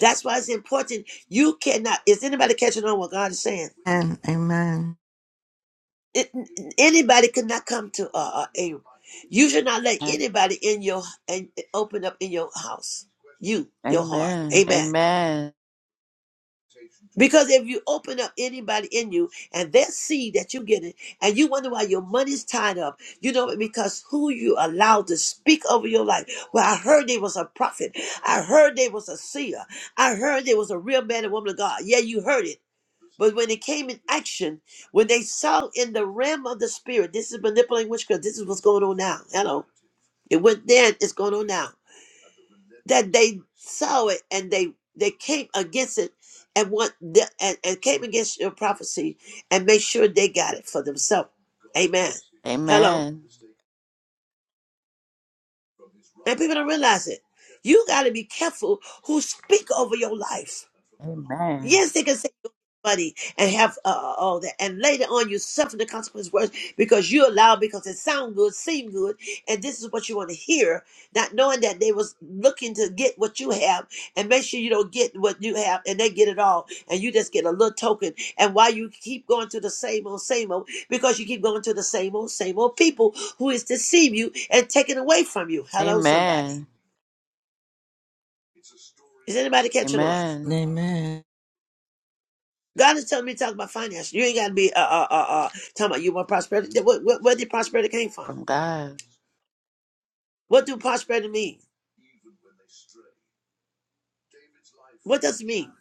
B: That's why it's important. You cannot, is anybody catching on what God is saying?
D: And amen.
B: It, anybody could not come to uh, uh, Abram. You should not let anybody in your and open up in your house. You, your heart.
C: Amen.
B: Amen.
C: Amen.
B: Because if you open up anybody in you and that seed that you get it, and you wonder why your money's tied up, you know, because who you allow to speak over your life. Well, I heard they was a prophet. I heard they was a seer. I heard they was a real man and woman of God. Yeah, you heard it. But when it came in action, when they saw in the realm of the spirit, this is manipulating witchcraft. This is what's going on now. Hello. It went then, it's going on now that they saw it and they they came against it and what the, and, and came against your prophecy and made sure they got it for themselves. Amen. Hello.
C: Amen.
B: And people don't realize it. You got to be careful who speak over your life.
C: Amen.
B: Yes, they can say money and have uh, uh, all that. And later on, you suffer the consequences worse because you allow because it sound good, seem good, and this is what you want to hear, not knowing that they was looking to get what you have and make sure you don't get what you have and they get it all and you just get a little token. And why you keep going to the same old, same old, because you keep going to the same old, same old people who is deceive you and taking away from you. Hello, somebody.
C: Amen.
B: Is anybody catching on?
C: Amen.
D: Amen.
B: God is telling me to talk about finance. You ain't got to be uh, uh, uh, uh, talking about you want prosperity. Where, where, where did prosperity came from?
C: from God.
B: What do prosperity mean? What does it mean?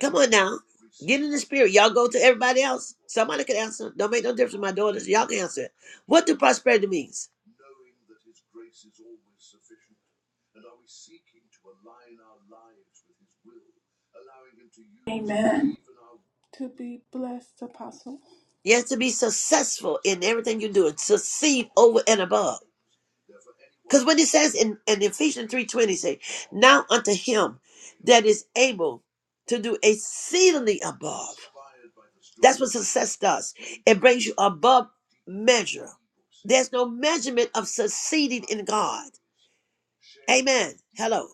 B: Come on now. Get in the spirit. Y'all go to everybody else. Somebody can answer. Don't make no difference to my daughters. Y'all can answer it. What do prosperity means?
A: Amen. To be blessed, apostle.
B: You have to be successful in everything you do and succeed over and above. Because when it says in, in Ephesians 3.20, say, Now unto him that is able to do exceedingly above. That's what success does. It brings you above measure. There's no measurement of succeeding in God. Amen. Hello.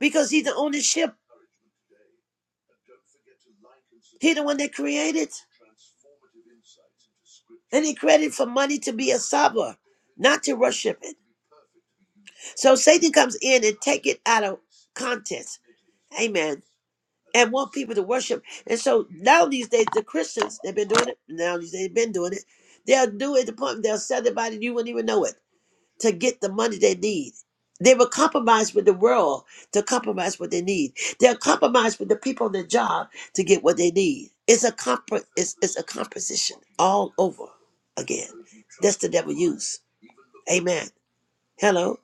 B: Because he's the ownership. He's the one that created. And he created for money to be a sabbath, not to worship it. So Satan comes in and take it out of context. Amen. And want people to worship. And so now these days, the Christians, they've been doing it. Now these days, they've been doing it. They'll do it at the point they'll sell their body, you wouldn't even know it, to get the money they need. They will compromise with the world to compromise what they need. They'll compromise with the people on their job to get what they need. It's a comp- it's, it's a composition all over again. That's the devil use. Amen. Hello.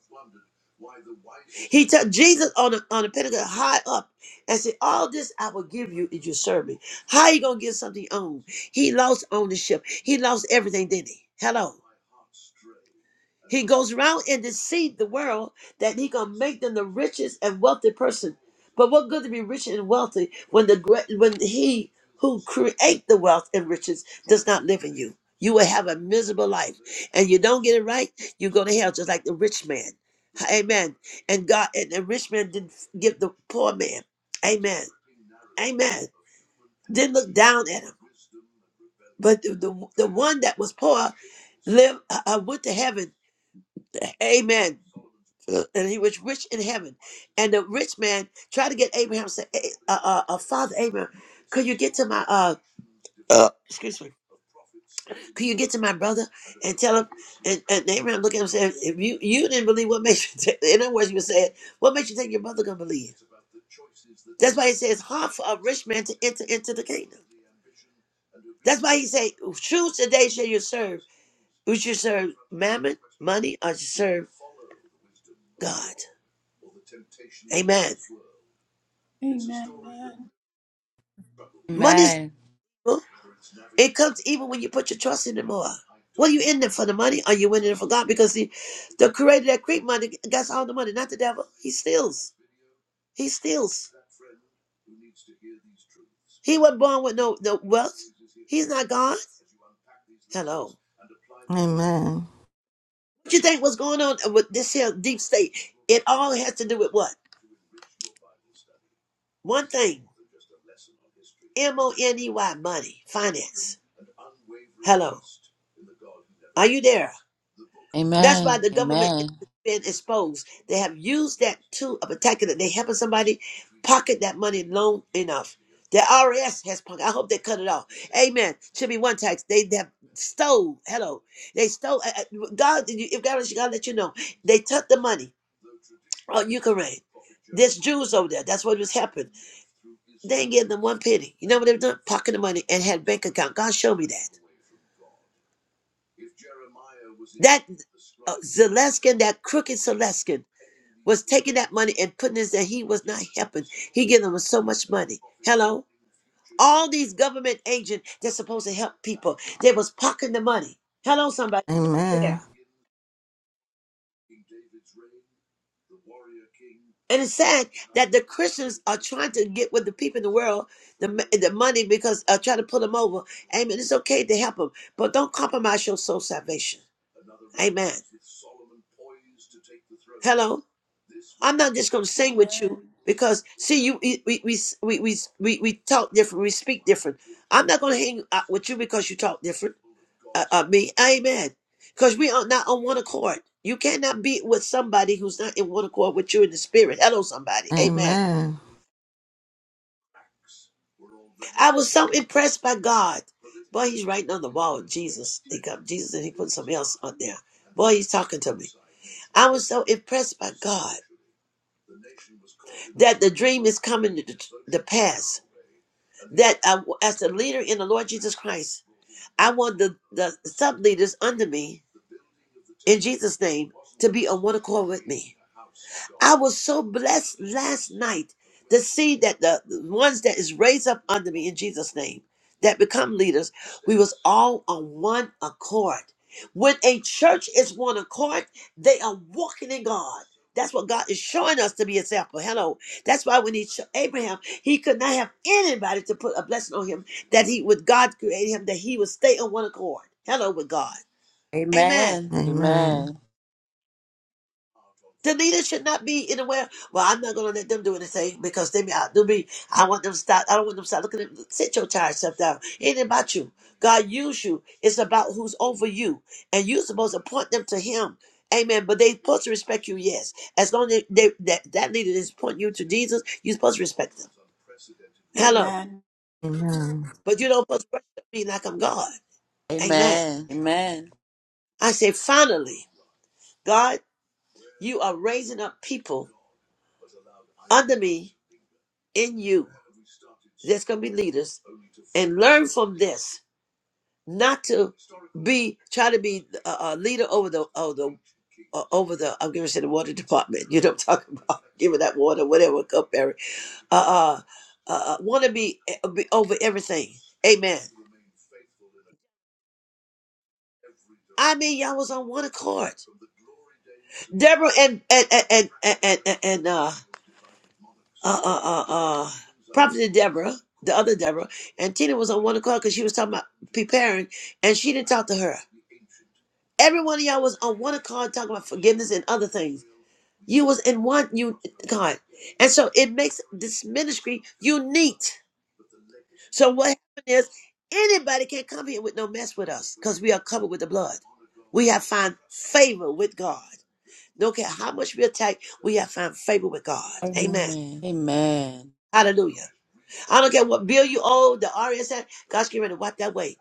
B: He took Jesus on the on the Pentecost high up and said, All this I will give you if you serve me. How you gonna give something on? He lost ownership. He lost everything, didn't he? Hello. He goes around and deceives the world that he gonna make them the richest and wealthy person. But what good to be rich and wealthy when the great when he who create the wealth and riches does not live in you? You will have a miserable life, and you don't get it right, you go to hell just like the rich man. Amen. And God and the rich man didn't give the poor man. Amen. Amen. Didn't look down at him. But the, the, the one that was poor lived uh, uh, went to heaven Amen. And he was rich in heaven. And the rich man tried to get Abraham, say, eh, uh, uh, uh, Father Abraham, could you get to my, uh." Uh, excuse me. Can you get to my brother and tell him? And, and Abraham looked at him and said, If you, you didn't believe, what makes you think? In other words, you were saying, What makes you think your brother going to believe? That's why he says, it's Hard for a rich man to enter into the kingdom. That's why he said, Choose today shall you serve. Would you serve mammon, money, or you serve God? Amen.
A: Amen. Amen.
B: Money
C: Amen.
B: It comes even when you put your trust in Him more. What are you in there for? The money? Are you in there for God? Because the, the creator that create money gets all the money, not the devil. He steals. He steals. He wasn't born with no, no wealth. He's not God. Hello.
D: Amen.
B: What you think was going on with this here deep state? It all has to do with what? One thing. M O N E Y money. Finance. Hello. Are you there? That's why
C: Amen.
B: the government
C: Amen.
B: is being exposed. They have used that tool of attacking it. They helping somebody pocket that money long enough. The RS has pocket. I hope they cut it off. Amen. Should be one tax. They they have stole. Hello, they stole. uh, uh, God, if God, God let you know, they took the money. on Ukraine. There's Jews over there. That's what was happening. They ain't giving them one penny. You know what they've done? Pocket the money and had bank account. God showed me that. That uh, Zelenskin, that crooked Zelensky, was taking that money and putting it that he was not helping. He giving them so much money. Hello? All these government agents that's supposed to help people, they was pocketing the money. Hello, somebody.
D: Amen.
B: And it's sad that the Christians are trying to get with the people in the world the m- the money because uh, trying to pull them over. Amen. It's okay to help them, but don't compromise your soul salvation. Amen. Hello. I'm not just going to sing with you
A: Amen.
B: because see you we we we we we, we we talk different. We speak different. I'm not going to hang out with you because you talk different. Uh, uh, me. Amen. Because we are not on one accord. You cannot be with somebody who's not in one accord with you in the spirit. Hello, somebody. Amen.
D: Amen.
B: I was so impressed by God. Boy, he's writing on the wall. Jesus. He got Jesus and he put something else on there. Boy, he's talking to me. I was so impressed by God that the dream is coming to the pass. That I, as the leader in the Lord Jesus Christ, I want the, the sub leaders under me in Jesus' name to be on one accord with me. I was so blessed last night to see that the the ones that is raised up under me in Jesus' name that become leaders, we was all on one accord. When a church is one accord, they are walking in God. That's what God is showing us to be example. Hello. That's why when he cho- Abraham, he could not have anybody to put a blessing on him that he with God created him, that he would stay on one accord. Hello with God. Amen.
C: Amen.
D: Amen.
C: Amen.
B: The leader should not be in the way. Well, I'm not gonna let them do anything because they may outdo me. I want them to stop. I don't want them to stop Look at them. sit your tired self down. It ain't about you. God used you. It's about who's over you. And you're supposed to point them to him. Amen. But they supposed to respect you, yes. As long as they, that, that leader is pointing you to Jesus, you're supposed to respect them. Hello.
A: Amen.
D: Amen.
B: But you don't supposed to worship me like I'm God. Amen.
C: Amen. Amen.
B: I say finally. God, you are raising up people under me in you that's going to be leaders and learn from this not to be try to be a, a leader over the over the uh, over the i'm going to say the water department you know what i'm talking about giving that water whatever cup Barry. uh uh, uh want to be, uh, be over everything amen I mean, y'all was on one accord. Deborah and and and and and, and, uh, uh uh uh uh Prophet Deborah, the other Deborah, and Tina was on one accord because she was talking about preparing, and she didn't talk to her. Every one of y'all was on one accord talking about forgiveness and other things. You was in one you God. And so it makes this ministry unique. So what happened is anybody can come here with no mess with us because we are covered with the blood. We have found favor with God. Don't care how much we attack, we have found favor with God. Amen.
C: Amen. Amen.
B: Hallelujah. I don't care what bill you owe, the RS at, God's getting ready to wipe that away.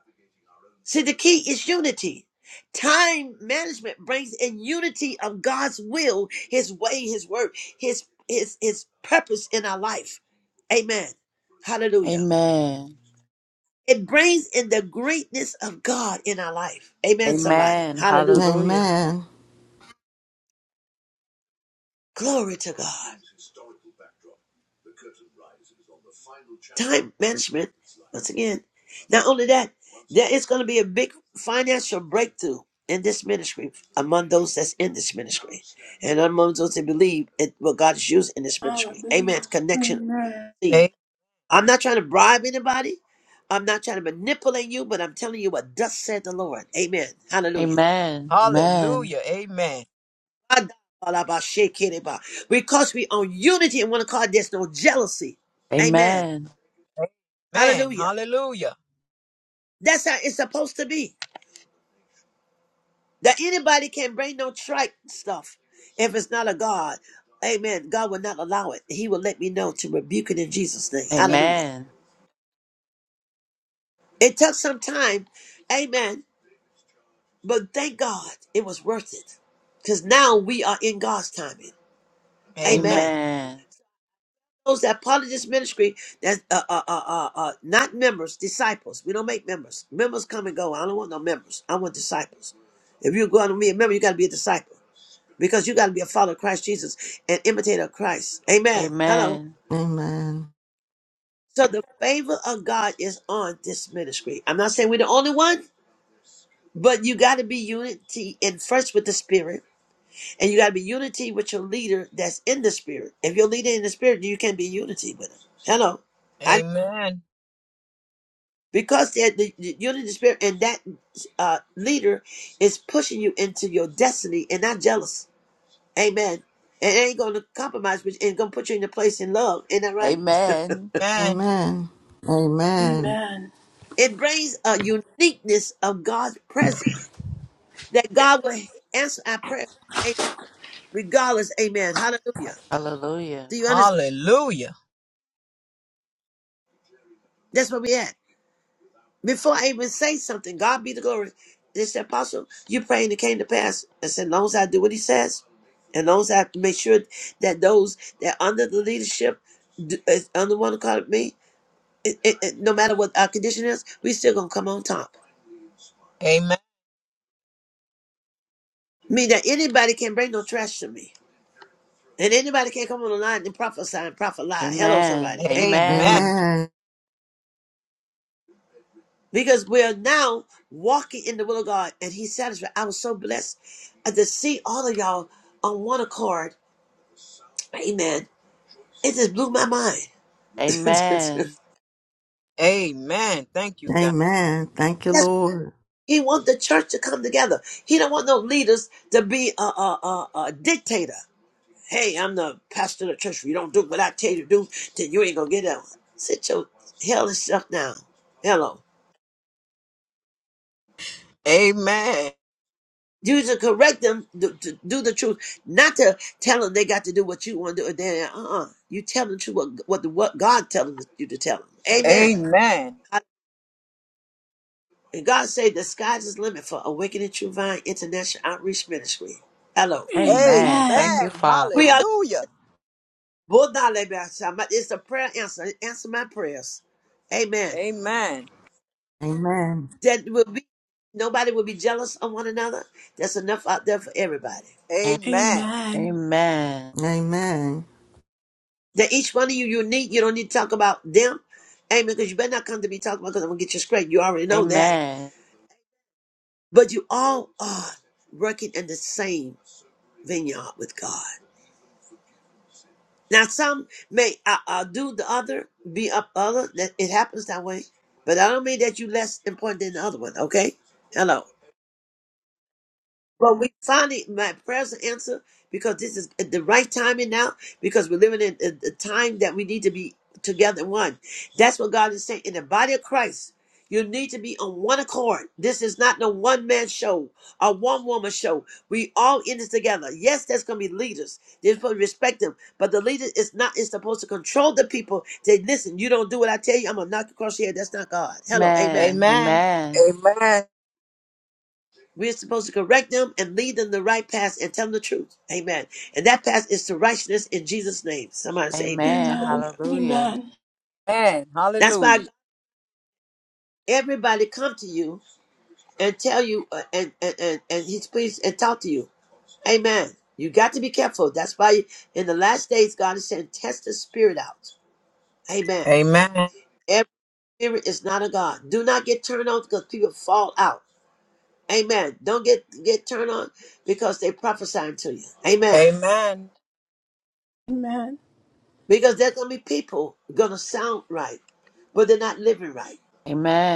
B: See, the key is unity. Time management brings in unity of God's will, His way, His word, His His His purpose in our life. Amen. Hallelujah.
C: Amen.
B: It brings in the greatness of God in our life. Amen, somebody.
C: Amen.
B: Hallelujah.
C: Hallelujah.
D: Amen.
B: Glory to God. Time management, once again. Not only that, there is going to be a big financial breakthrough in this ministry among those that's in this ministry and among those that believe in what God is using in this ministry. Amen.
A: Hallelujah.
B: Connection of
A: Amen.
B: seed.
E: A-
B: I'm not trying to bribe anybody. I'm not trying to manipulate you, but I'm telling you what thus said the Lord. Amen. Hallelujah.
C: Amen. Amen.
E: hallelujah. Amen.
B: Adabashekeriba. Because we on unity in one accord, there's no jealousy.
C: Amen.
B: Amen.
E: Amen.
B: Hallelujah.
E: Hallelujah.
B: That's how it's supposed to be. That anybody can bring no trite stuff if it's not a God. Amen. God will not allow it. He will let me know to rebuke it in Jesus' name.
E: A-
B: Hallelujah.
C: Amen.
B: It took some time. Amen. But thank God it was worth it. Because now we are in God's timing.
E: amen.
B: Amen.
C: Amen.
B: those that part of this ministry that uh, uh, uh, uh, uh, not members, disciples. We don't make members. Members come and go. I don't want no members. I want disciples. If you're going to be a member, you got to be a disciple because you got to be a follower of Christ Jesus and imitator of Christ. Amen. Hello.
C: Amen.
D: Amen.
B: So the favor of God is on this ministry. I'm not saying we're the only one, but you got to be unity in first with the Spirit, and you got to be unity with your leader that's in the Spirit. If your leader in the Spirit, you can be unity with him. Hello.
E: Amen.
B: because they're the the unity of the spirit and that uh, leader is pushing you into your destiny and not jealous amen and it ain't gonna compromise but it's gonna put you in a place in love isn't that right
C: Amen.
E: Amen.
D: Amen. Amen.
A: Amen.
B: it brings a uniqueness of god's presence that god will answer our prayer amen regardless amen hallelujah
C: Hallelujah.
B: do you understand
E: Hallelujah.
B: that's where we at Before I even say something, God be the glory. They said, Apostle, you're praying it came to pass. I said, "As long as I do what he says, and as long as I make sure that those that under the leadership, d- is under one call me, it, it, it- no matter what our condition is, we still gonna come on top.
E: Amen.
B: Mean that anybody can bring no trash to me. And anybody can come on the line and prophesy and prophet lie. Hello,
C: Amen.
B: somebody. Amen.
E: Amen.
C: Amen.
D: Amen.
B: Because we're now walking in the will of God and He's satisfied. I was so blessed uh, to see all of y'all on one accord Amen. It just blew my mind. That's
C: Amen.
E: Amen. Thank you, God.
D: Amen. Thank you, Lord.
B: he want the church to come together. He don't want no leaders to be a, a, a, a dictator. Hey, I'm the pastor of the church. If you don't do what I tell you to do, then you ain't gonna get that one. Sit your hellish stuff down. Hello.
E: Amen.
B: You to correct them to, to do the truth, not to tell them they got to do what you want to do. Then, uh-uh. You tell them the truth, what, what, what God tells you to tell them. Amen.
E: Amen.
B: And God say, the sky's his limit for Awakening True Vine International Outreach Ministry. Hello.
C: Amen. Thank
A: Amen.
C: you,
E: Amen.
B: We
C: Father.
B: are
E: Hallelujah.
B: it's a prayer answer. Answer my prayers. Amen.
E: Amen.
D: Amen.
B: That will be nobody will be jealous of one another. That's enough out there for everybody.
E: Amen.
A: Amen.
C: Amen.
D: Amen.
B: That each one of you unique. You don't need to talk about them. Amen. Because you better not come to me talking about because I'm gonna get you straight. You already know that.
C: Amen.
B: But you all are working in the same vineyard with God. Now, some may uh, uh, do the other, be up other. That it happens that way, but I don't mean that you less important than the other one. Okay, hello. Well, we finally, my prayers are answered because this is at the right timing now because we're living in a, a time that we need to be together one. That's what God is saying. In the body of Christ, you need to be on one accord. This is not no one man show or one woman show. We all in this together. Yes, there's going to be leaders. They're supposed to respect them, but the leader is not, is supposed to control the people. They listen, you don't do what I tell you, I'm going to knock you across your head. That's not God. Hello, amen.
C: Amen.
E: Amen.
C: Amen.
E: Amen.
B: We're supposed to correct them and lead them the right path and tell them the truth. Amen. And that path is to righteousness in Jesus' name. Somebody say amen.
C: Amen.
A: Amen.
B: Hallelujah.
C: Hallelujah.
A: Amen.
E: Amen.
B: That's why
E: Hallelujah.
B: everybody come to you and tell you uh, and, and, and, and he's pleased and talk to you. Amen. You got to be careful. That's why in the last days, God is saying, test the spirit out. Amen.
E: Amen.
B: Every spirit is not a God. Do not get turned on because people fall out. Amen. Don't get, get turned on because they prophesying to you. Amen.
E: Amen.
A: Amen.
B: Because there's gonna be people gonna sound right, but they're not living right.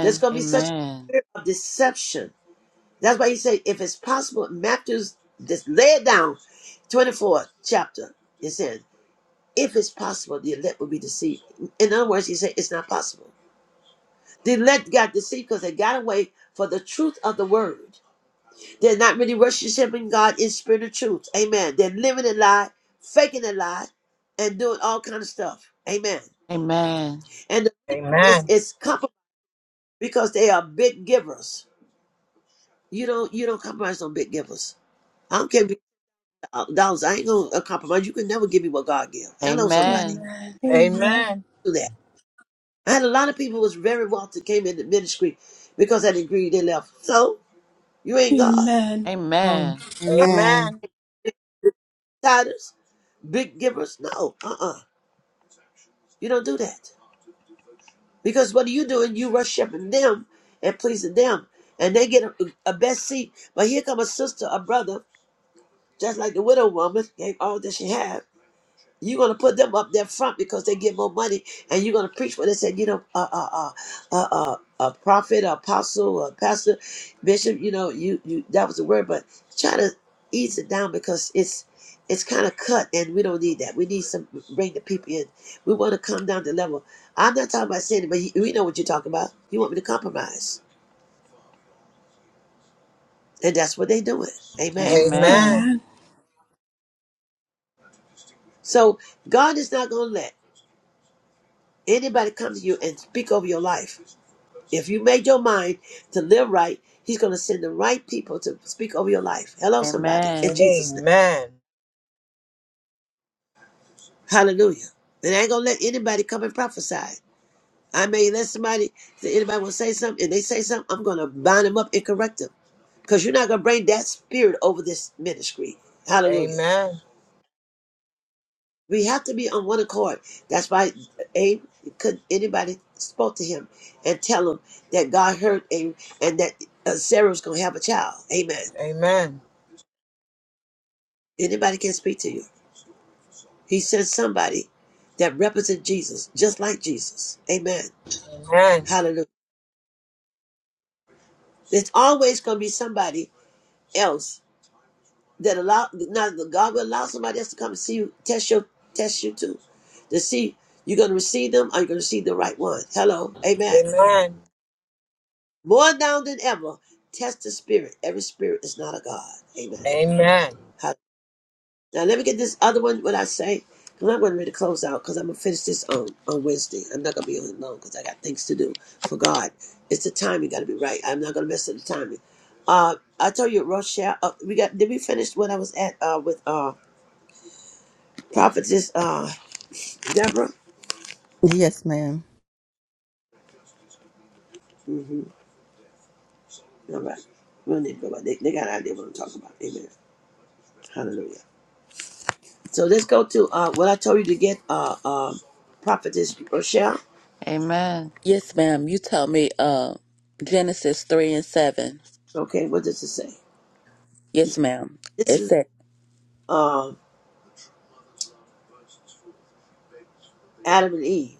B: There's gonna be such a
C: Amen.
B: spirit of deception. That's why he said, if it's possible, Matthew's just lay it down, 24th chapter. It says, if it's possible, the elect will be deceived. In other words, he said, it's not possible. The elect got deceived because they got away for the truth of the word. They're not really worshiping God in spirit and truth. Amen. They're living a lie, faking a lie, and doing all kind of stuff. Amen
C: Amen.
B: And It's
E: Amen.
B: it's compromise because they are big givers. You don't you don't compromise on big givers. I don't care if you- dollars. I ain't gonna uh, compromise. You can never give me what God give. Hello, somebody.
C: Amen.
A: Amen. Amen.
E: Amen.
B: Do that. I had a lot of people who was very wealthy came into ministry because I didn't agree. They left. So you
A: Amen.
B: ain't
A: Amen.
B: God.
D: Amen.
C: Amen.
D: Amen.
E: Amen.
B: Tithers, big givers. No, uh uh You don't do that because what are you doing? You worshiping them and pleasing them, and they get a, a best seat. But here come a sister, a brother, just like the widow woman gave all that she had You're gonna put them up there front because they get more money, and you're gonna preach when they said, you know, uh, uh, uh, uh, uh, a prophet, a apostle, a pastor, bishop. You know, you you that was the word, but try to ease it down because it's it's kind of cut, and we don't need that. We need some bring the people in. We want to come down to level. I'm not talking about sin, but you, we know what you're talking about. You want me to compromise, and that's what they're doing. Amen.
E: Amen.
C: Amen.
A: Amen.
B: So God is not gonna let anybody come to you and speak over your life. If you made your mind to live right, He's going to send the right people to speak over your life. Hello, somebody, in
C: Amen.
B: Jesus' name.
E: Amen.
B: Hallelujah. And I ain't going to let anybody come and prophesy. I may let somebody, if anybody will say something, and they say something, I'm going to bind them up and correct them. Because you're not going to bring that spirit over this ministry. Hallelujah.
E: Amen.
B: We have to be on one accord. That's why Abe could anybody spoke to him and tell him that God heard Abe and that uh, Sarah was going to have a child. Amen.
E: Amen.
B: Anybody can speak to you. He sent somebody that represents Jesus, just like Jesus. Amen.
E: Amen.
B: Hallelujah. There's always going to be somebody else that allow. Now God will allow somebody else to come and see you, test your test you too, to see you're going to receive them. Are you going to receive the right one? Hello. Amen.
E: Amen.
B: More now than ever, test the spirit. Every spirit is not a god. Amen.
E: Amen.
B: Now let me get this other one. What I say? Because I'm going to really close out. Because I'm going to finish this on on Wednesday. I'm not going to be on long because I got things to do for God. It's the timing got to be right. I'm not going to mess up the timing. Uh, I told you, Rochelle. Uh, we got. Did we finish what I was at uh, with uh, prophetess uh, Deborah?
D: Yes, ma'am.
B: Mm-hmm. All right. We don't need to go about. They, they got an idea what I'm talking about. Amen. Hallelujah. So let's go to uh, what I told you to get. Uh, uh, prophetess Rochelle.
C: Amen. Yes, ma'am. You taught me uh, Genesis 3 and 7.
B: Okay. What does it say?
C: Yes, ma'am.
B: This
C: It
B: is
C: said,
B: um. Adam and Eve.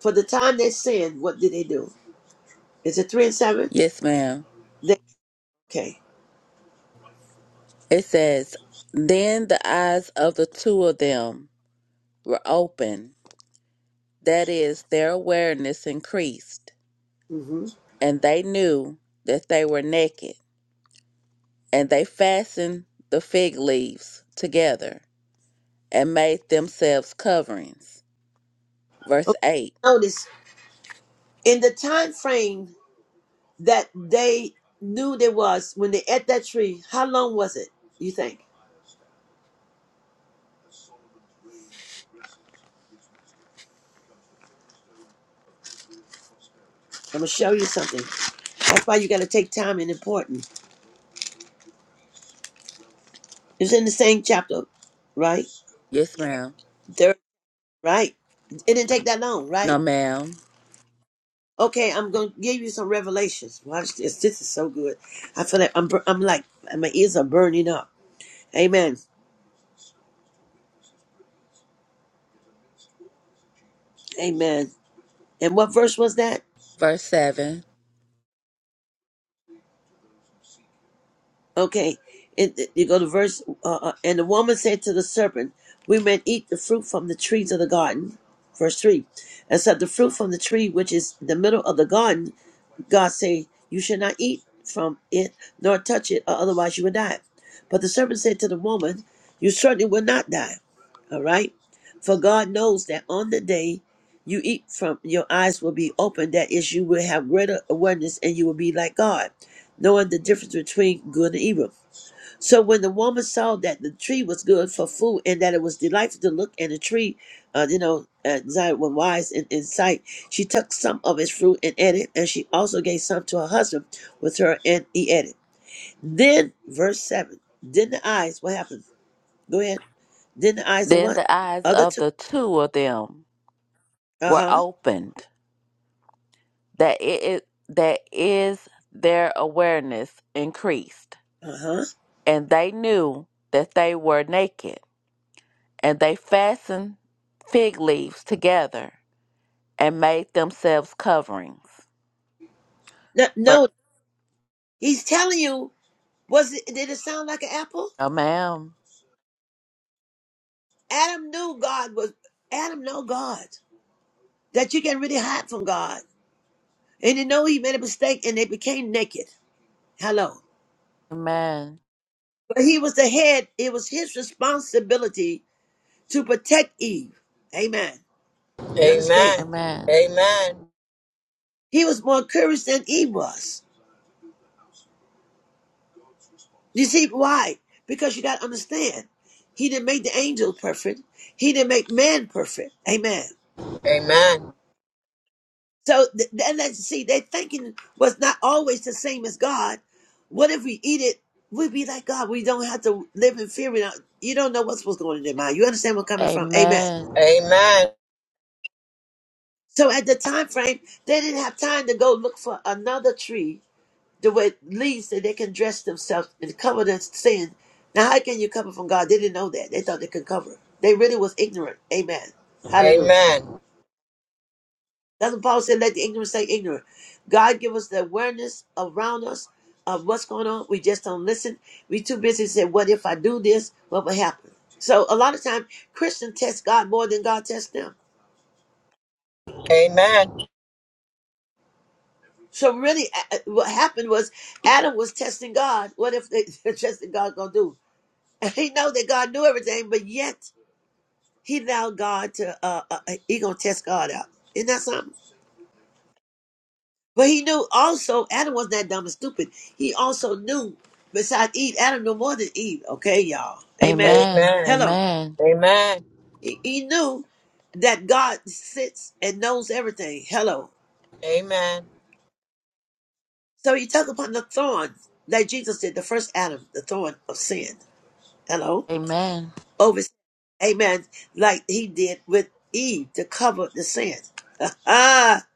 B: For the time they sinned, what did they do? Is it three and seven?
C: Yes, ma'am.
B: They okay.
C: It says, Then the eyes of the two of them were open. That is, their awareness increased,
B: hmm
C: and they knew that they were naked. And they fastened the fig leaves together and made themselves coverings. Verse
B: okay
C: 8.
B: notice in the time frame that they knew there was when they ate that tree. How long was it? You think? I'm gonna show you something. That's why you gotta take time and important. It's in the same chapter, right?
C: Yes, ma'am.
B: There, right? It didn't take that long, right?
C: No, ma'am.
B: Okay, I'm going to give you some revelations. Watch this. This is so good. I feel like I'm, bur- I'm like, my ears are burning up. Amen. Amen. And what verse was that?
C: Verse 7.
B: Okay. It, it- you go to verse, uh, uh, and the woman said to the serpent, We may eat the fruit from the trees of the garden. Verse 3. Except the fruit from the tree which is in the middle of the garden God said, You shall not eat from it, nor touch it, or otherwise you will die. But the serpent said to the woman, You certainly will not die. All right? For God knows that on the day you eat from, your eyes will be opened. That is, you will have greater awareness and you will be like God, knowing the difference between good and evil. So when the woman saw that the tree was good for food and that it was delightful to look at the tree, uh, you know, uh, desired when wise and in sight, she took some of its fruit and ate it, and she also gave some to her husband with her, and he ate it. Then, verse 7, then the eyes, what happened? Go ahead. Then the eyes of
C: Then
B: what?
C: the eyes
B: Other
C: of
B: two.
C: the two of them
B: Uh
C: were
B: huh.
C: opened, that it is, that is their awareness increased,
B: Uh huh.
C: and they knew that they were naked, and they fastened fig leaves together and made themselves coverings.
B: No,
C: Ver-
B: no, he's telling you, was it, did it sound like an apple?
C: No, ma'am.
B: Adam knew God was, Adam know God, that you can really hide from God. They didn't know he made a mistake and they became naked. Hello.
C: Amen.
B: But he was the head. It was his responsibility to protect Eve. Amen.
E: Amen.
B: You
E: Amen.
B: understand?
C: Amen.
E: Amen.
B: He was more courageous than Eve was. You see why? Because you got to understand, he didn't make the angels perfect. He didn't make man perfect. Amen. So th- and let's see, their thinking was not always the same as God. What if we eat it? We'd be like God. We don't have to live in fear. We don't, you don't know what's what's going on in their mind. You understand where I'm coming from? Amen.
C: Amen.
E: Amen. Amen. Amen.
B: So at the time frame, they didn't have time to go look for another tree the way leaves that they can dress themselves and cover their sin. Now, how can you cover from God? They didn't know that. They thought they could cover. They really was ignorant. Amen.
E: Amen.
B: Hallelujah. That's what Paul said, let the ignorant stay ignorant. God give us the awareness around us of what's going on. We just don't listen. We too busy to say, what if I do this? What will happen? So a lot of time, Christians test God more than God tests them.
E: Amen.
B: So really, a- a- what happened was Adam was testing God. What if they testing God gonna do? And he know that God knew everything, but yet he allowed God to. Uh, uh, he gonna test God out. Isn't that something? But he knew also Adam was not that dumb and stupid. He also knew, besides Eve, Adam knew more than Eve. Okay, y'all.
E: Amen. Amen.
B: Amen.
C: Amen.
B: Hello.
C: Amen.
E: Amen.
B: He, he knew that God sits and knows everything. Hello. So he took upon the thorn that Jesus did, the first Adam, the thorn of sin. Hello.
C: Amen.
B: Over. Amen. Like he did with Eve to cover the sin. Ah,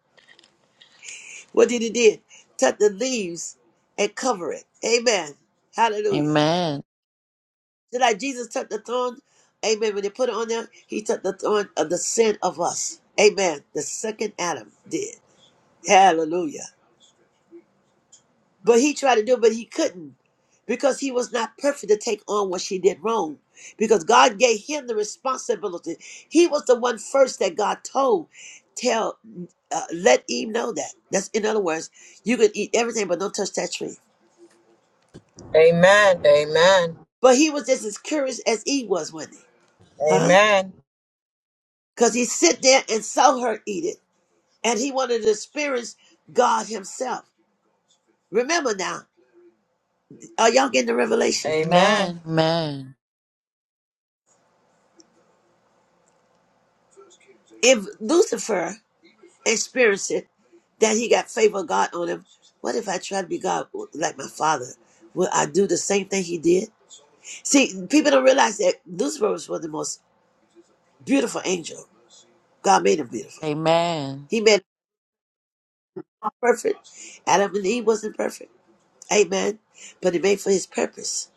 B: what did he do? Took the leaves and cover it. Amen. Hallelujah.
C: Amen.
B: Just like Jesus took the thorn, amen. When they put it on there, he took the thorn of the sin of us. Amen. The second Adam did. Hallelujah. But he tried to do it, but he couldn't because he was not perfect to take on what she did wrong. Because God gave him the responsibility. He was the one first that God told, tell, uh, let Eve know that. That's in other words, you can eat everything, but don't touch that tree.
E: Amen. Amen. Amen. Amen. Amen. Amen. Amen.
B: But he was just as curious as Eve was, wasn't he? Huh? Because he sit there and saw her eat it. and he wanted to experience God himself. Remember now, are y'all getting the
E: Amen.
B: revelation?
E: Amen.
C: Amen. Amen.
B: If Lucifer experienced it, that he got favor of God on him, what if I try to be God like my father? Will I do the same thing he did? See, people don't realize that Lucifer was one of the most beautiful angel. God made him beautiful.
C: Amen.
B: He made him perfect. Adam and Eve wasn't perfect. Amen. But he made for his purpose.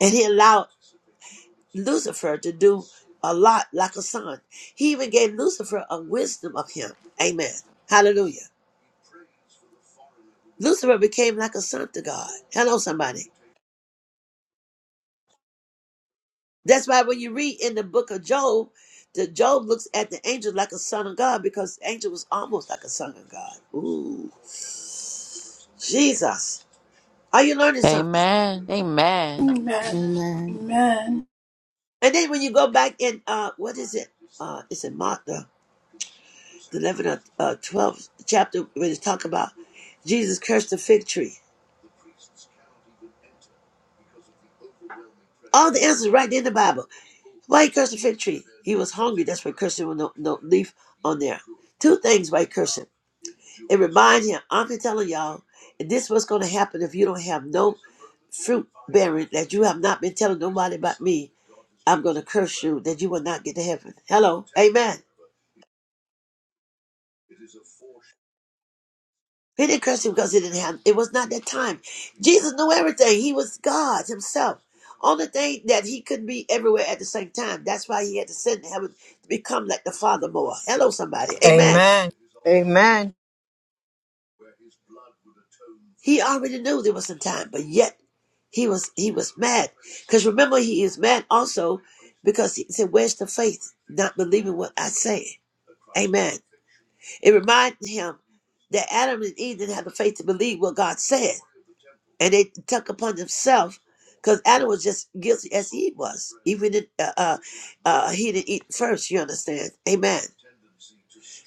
B: And he allowed Lucifer to do a lot like a son. He even gave Lucifer a wisdom of him. Amen. Hallelujah. Lucifer became like a son to God. Hello, somebody. That's why when you read in the book of Job, the Job looks at the angel like a son of God because the angel was almost like a son of God. Ooh, Jesus. Are you learning something?
C: Amen.
A: Amen.
C: Amen.
A: Amen.
D: Amen.
B: And then when you go back in, uh, what is it? Uh, it's in Mark, the 11th, uh, 12th chapter, when it's talking about Jesus cursed the fig tree. All the answers right there in the Bible. Why he cursed the fig tree? He was hungry. That's why cursing with no, no leaf on there. Two things why he cursed him. It reminds him, I'm telling y'all, and this is what's going to happen if you don't have no fruit bearing that you have not been telling nobody about me. I'm going to curse you that you will not get to heaven. Hello. Amen. He didn't curse him because he didn't have. It was not that time. Jesus knew everything. He was God Himself. Only thing that He couldn't be everywhere at the same time. That's why He had to send heaven to become like the Father more. Hello, somebody. Amen. He already knew there was some time, but yet he was he was mad. Because remember, he is mad also because he said, "Where's the faith? Not believing what I say." Amen. It reminded him that Adam and Eve didn't have the faith to believe what God said. and they took upon themselves because Adam was just guilty as he was. Even in, uh, uh, uh, he didn't eat first. You understand? Amen.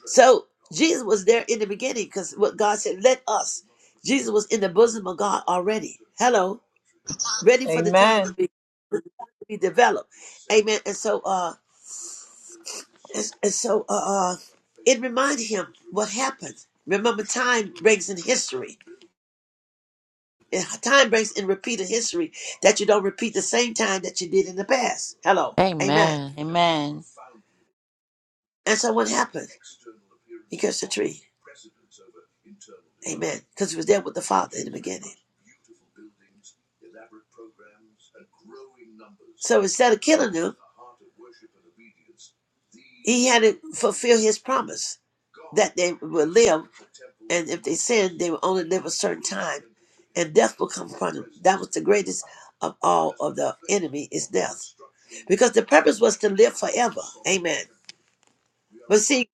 B: So Jesus was there in the beginning because what God said, "Let us." Jesus was in the bosom of God already. Hello, ready for the time to be, to be developed. Amen. And so, uh, and, and so, uh, uh, it reminded him what happened. Remember, time brings in history. And time breaks in repeated history that you don't repeat the same time that you did in the past. Hello.
C: Amen. Amen. Amen.
B: Amen. And so what happened? He cursed the tree. Amen. Because he was there with the Father in the beginning. So instead of killing him, He had to fulfill his promise that they would live, and if they sinned, they would only live a certain time, and death will come upon them. That was the greatest of all of the enemy is death, because the purpose was to live forever. Amen. But see,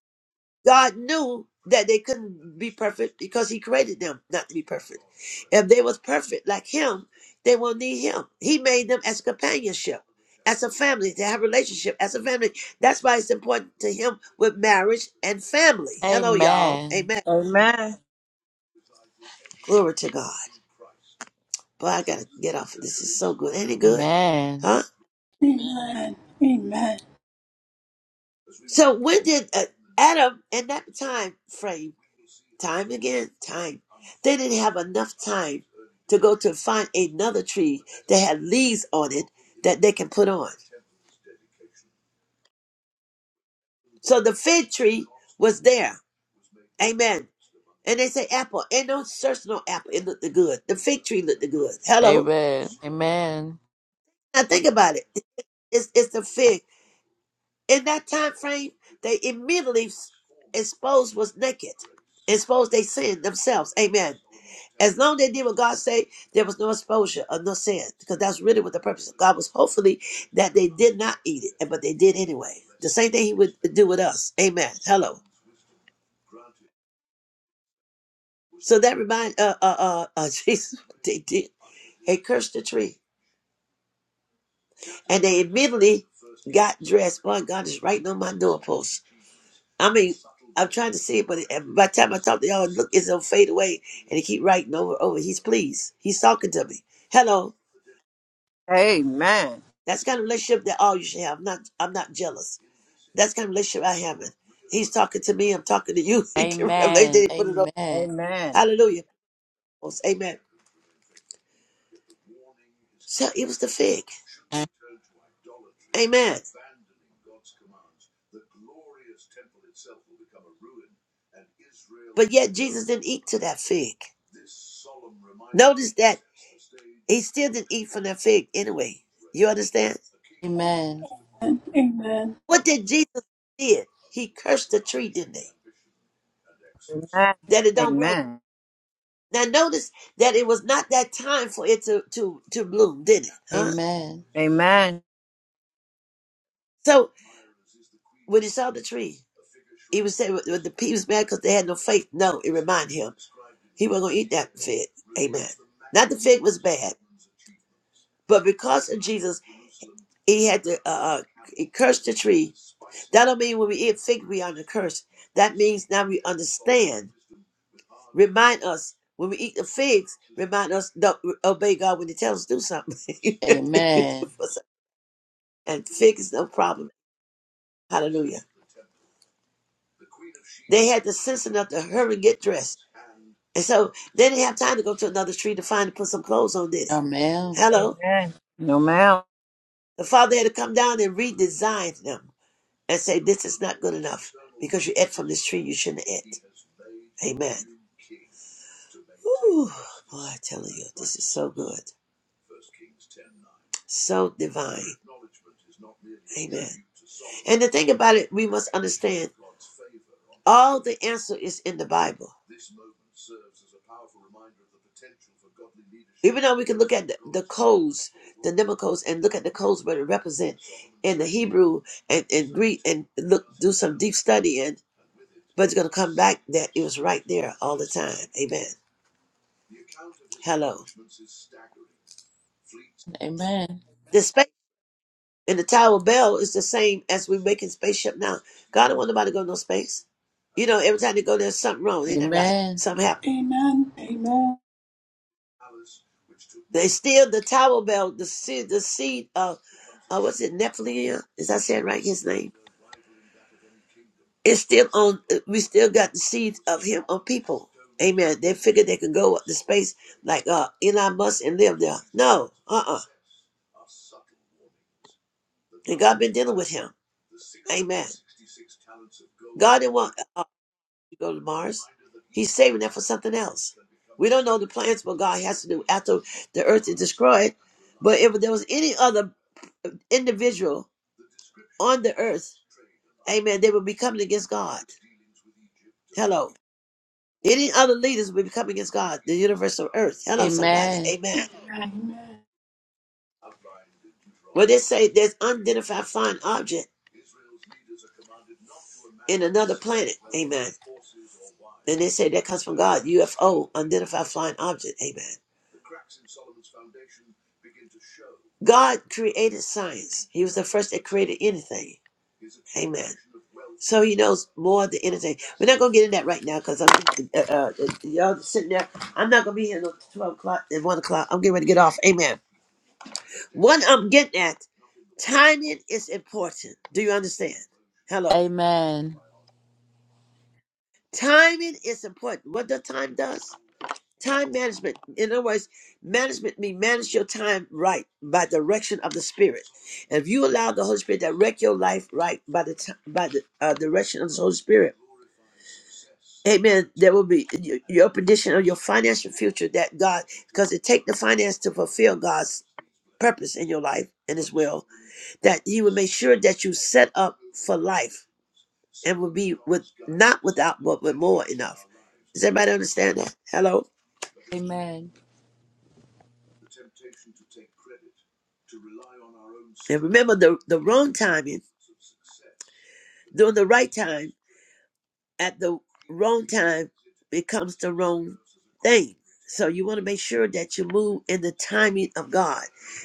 B: God knew that they couldn't be perfect because he created them not to be perfect. If they was perfect like him, they will need him. He made them as companionship, as a family, to have relationship as a family. That's why it's important to him with marriage and family. Hello, y'all. Amen. Glory to God. Boy, I gotta get off of this. It's so good. Ain't it good?
C: Amen.
B: Huh?
A: Amen. Amen. Amen. Amen.
B: So when did uh, Adam in that time frame, time again, time They didn't have enough time to go to find another tree that had leaves on it that they can put on. So the fig tree was there. Amen. And they say apple. Ain't no search no apple. It looked the good. The fig tree looked the good. Hello.
C: Amen. Amen.
B: Now think about it. It's it's the fig. In that time frame, they immediately exposed was naked. Exposed they sin themselves. Amen. As long as they did what God said, there was no exposure of no sin. Because that's really what the purpose of God was. Hopefully that they did not eat it, but they did anyway. The same thing he would do with us. Amen. Hello. So that remind uh uh uh, uh Jesus what they did. They cursed the tree. And they immediately got dressed. Boy, God is right on my doorpost. I mean, I'm trying to see it, but by the time I talk to y'all, look, it's gonna fade away And he keep writing over over. He's pleased. He's talking to me. Hello. That's the kind of relationship that all you should have. I'm not I'm not jealous. That's the kind of relationship I have. In. He's talking to me. I'm talking to you. He give Revelation Then
C: Amen. Amen.
B: he
C: Amen.
B: put it on.
C: Amen.
B: Hallelujah. Amen. So it was the fig. Amen. But yet Jesus didn't eat to that fig. Notice that he still didn't eat from that fig anyway. You understand?
C: Amen.
A: Amen.
B: What did Jesus did? He cursed the tree, didn't he? That it don't grow. Now notice that it was not that time for it to to to bloom, did it?
C: Amen.
B: Huh?
E: Amen. Amen.
B: So when he saw the tree, he was saying "Well, the people was mad because they had no faith. No, it reminded him he wasn't gonna eat that fig. Amen. Not the fig was bad, but because of Jesus. He had to uh, uh, he cursed the tree. That don't mean when we eat fig, we under curse. That means now we understand. Remind us when we eat the figs. Remind us to obey God when He tells us to do something.
C: Amen.
B: and fig is no problem. Hallelujah. They had the sense enough to hurry and get dressed. And so they didn't have time to go to another tree to find and put some clothes on, did they? Hello?
E: Amen. No ma'am.
B: The father had to come down and redesign them. and say, This is not good enough because you ate from this tree you shouldn't have ate. Amen. Whew, boy, I tell you, this is so good. So divine. Amen. And the thing about it, we must understand all the answer is in the Bible. Even though we can look at the, the codes, the number codes, and look at the codes what it represent in the Hebrew and, and Greek, and look do some deep study, and but it's gonna come back that it was right there all the time. Amen. Hello. The space And the Tower of Bell is the same as we're making spaceship now. God don't want nobody to go to no space. You know, every time they go, there's something wrong. Ain't that right?
C: Amen.
B: Something happened.
A: Amen. Amen.
B: They still the Tower of Bell, the seed, the seed of uh, what's it, Nephilim? Is that saying right? His name. It's still on. We still got the seeds of him on people. Amen. They figured they could go up to space like uh, Elon Musk and live there. No, uh uh And God been dealing with him. Amen. God didn't want. you go to Mars. He's saving that for something else. We don't know the plans what God has to do after the earth is destroyed. But if there was any other individual on the earth, amen, they would be coming against God. Hello. Any other leaders would be coming against God, the universal earth. Hello, somebody. Amen. Well, they say there's unidentified flying object in another planet. Amen. And they say that comes from God. UFO, unidentified flying object. Amen. God created science. He was the first that created anything. Amen. So he knows more than anything. We're not gonna get in that right now because I'm uh, uh, y'all sitting there. I'm not gonna be here until twelve o'clock and one o'clock. I'm getting ready to get off. Amen. What I'm getting at, timing is important. Do you understand? Hello.
C: Amen.
B: Timing is important. What the time does? Time management. In other words, management means manage your time right by direction of the Spirit. And if you allow the Holy Spirit to direct your life right by the time, by the uh, direction of the Holy Spirit, Amen. There will be y- your condition of your financial future that God, because it take the finance to fulfill God's purpose in your life and His will that he would make sure that you set up for life and will be with not without but with more enough. Does everybody understand that? Hello?
C: Amen. Amen.
B: And remember the the wrong timing, doing the right time at the wrong time becomes the wrong thing. So you want to make sure that you move in the timing of God.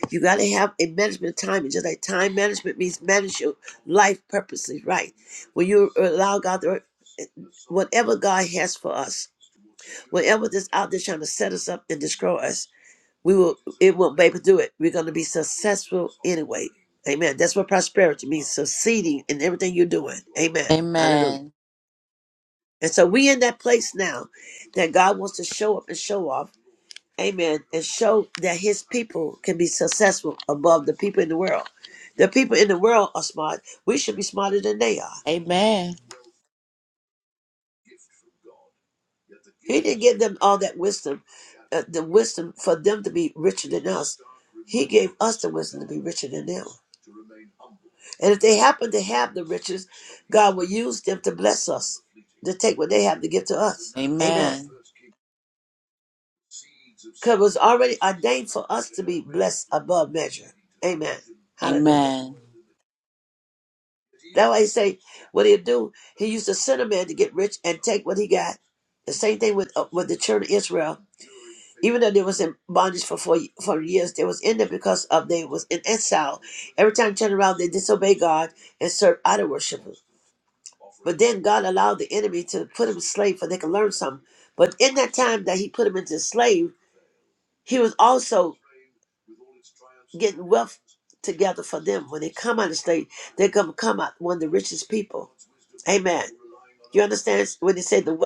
B: You got to have a management of timing. Just like time management means manage your life purposely right. When you allow God to eh, whatever God has for us. Whatever that's out there trying to set us up and destroy us, we will it won't be able to do it. We're gonna be successful anyway. Amen. That's what prosperity means, succeeding in everything you're doing. Amen. Hallelujah.
C: Amen.
B: And so we in that place now that God wants to show up and show off. Amen. And show that his people can be successful above the people in the world. The people in the world are smart. We should be smarter than they are.
C: Amen.
B: He didn't give them all that wisdom, uh, the wisdom for them to be richer than us. He gave us the wisdom to be richer than them. And if they happen to have the riches, God will use them to bless us, to take what they have to give to us. Amen.
C: Amen.
B: Because it was already ordained for us to be blessed above measure. Amen. Hallelujah.
C: Amen.
B: That's why he say, what he do, he used to send a man to get rich and take what he got. The same thing with uh, with the children of Israel. even though they was in bondage for four for years, they was in there because of they was in exile. Every time you turn around, they disobey God and serve idol worshipers. But then God allowed the enemy to put him slave for they can learn something. But in that time that He put him into slave, He was also getting wealth together for them. When they come out of slave, they're gonna come out one of the richest people. Amen. You understand when they say the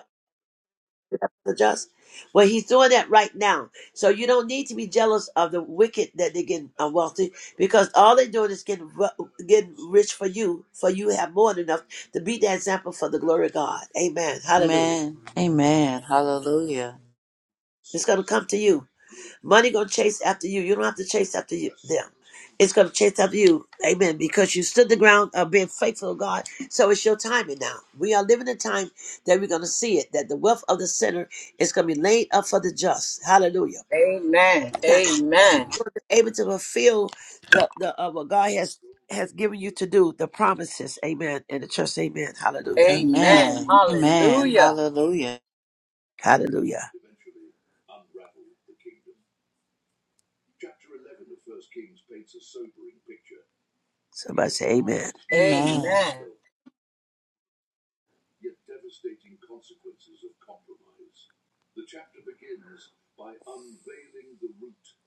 B: the just. Well, he's doing that right now. So you don't need to be jealous of the wicked that they're getting uh, wealthy because all they're doing is getting ru- getting rich for you, for you have more than enough to be that example for the glory of God. Amen. Hallelujah.
C: Amen. Amen. Hallelujah.
B: It's going to come to you. Money gonna chase after you. You don't have to chase after you them. It's gonna chase after you. Amen. Because you stood the ground of being faithful to God. So it's your timing now. We are living a time that we're gonna see it, that the wealth of the sinner is gonna be laid up for the just. Hallelujah.
E: Amen.
B: That
E: Amen.
B: you're able to fulfill the, the uh, what God has has given you to do, the promises. Amen. And the church, amen. Hallelujah.
E: Amen.
C: Amen. Amen.
E: Hallelujah.
C: Hallelujah.
B: Hallelujah. Somebody say amen.
C: Amen.
E: Amen.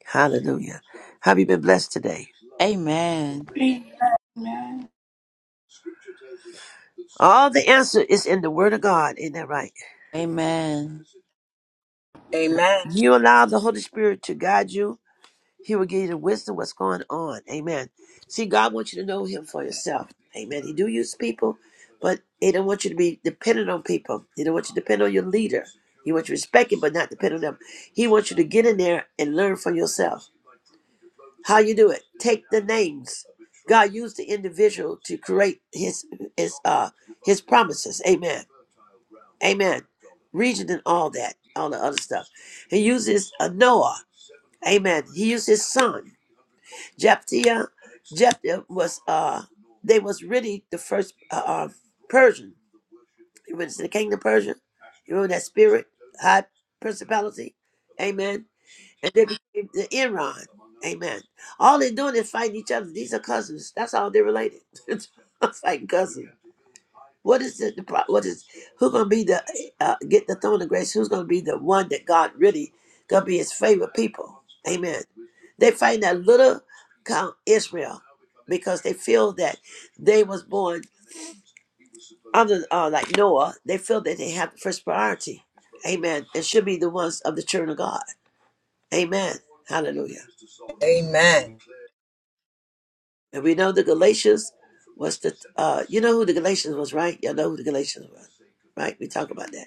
B: Hallelujah. Have you been blessed today?
C: Amen.
A: Amen.
B: All the answer is in the Word of God. Ain't that right?
C: Amen.
E: Amen.
B: You allow the Holy Spirit to guide you. He will give you the wisdom what's going on. Amen. See, God wants you to know Him for yourself. Amen. He do use people, but He don't want you to be dependent on people. He don't want you to depend on your leader. He wants you to respect it, but not depend on them. He wants you to get in there and learn for yourself. How you do it? Take the names. God used the individual to create His His uh His promises. Amen. Amen. Region and all that, all the other stuff. He uses uh, Noah. Amen. He used his son. Jephthah. Jephthah was uh they was really the first uh, uh Persian. He went to the kingdom of Persia. You remember that spirit, high principality? Amen. And they became the Iran. Amen. All they're doing is fighting each other. These are cousins. That's how they're related. fighting cousins. What is it? The pro- what is who gonna be the uh, get the throne of grace? Who's gonna be the one that God really gonna be His favorite people? Amen. They find that little count Israel because they feel that they was born under uh, like Noah. They feel that they have the first priority. Amen. And should be the ones of the children of God. Amen. Hallelujah.
E: Amen.
B: And we know the Galatians was the uh, you know who the Galatians was, right? Y'all know who the Galatians was, right? We talk about that.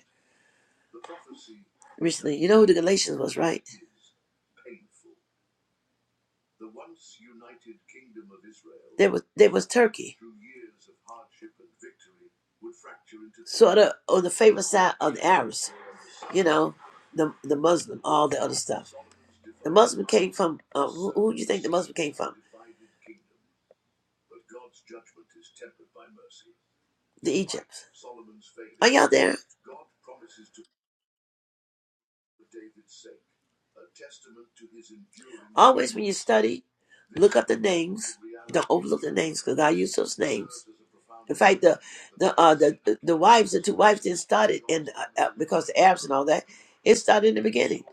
B: Recently, you know who the Galatians was, right? They was they was Turkey. Sort of on the favorite side of the Arabs, you know, the the Muslim, all the other stuff. The Muslim came from uh, who, who do you think the Muslim came from? The Egypt. Are y'all there? Always when you study, look up the names. Don't overlook the names because God used those names. In fact, the the uh, the the wives, the two wives, didn't start it in uh, uh, because the Arabs and all that. It started in the beginning.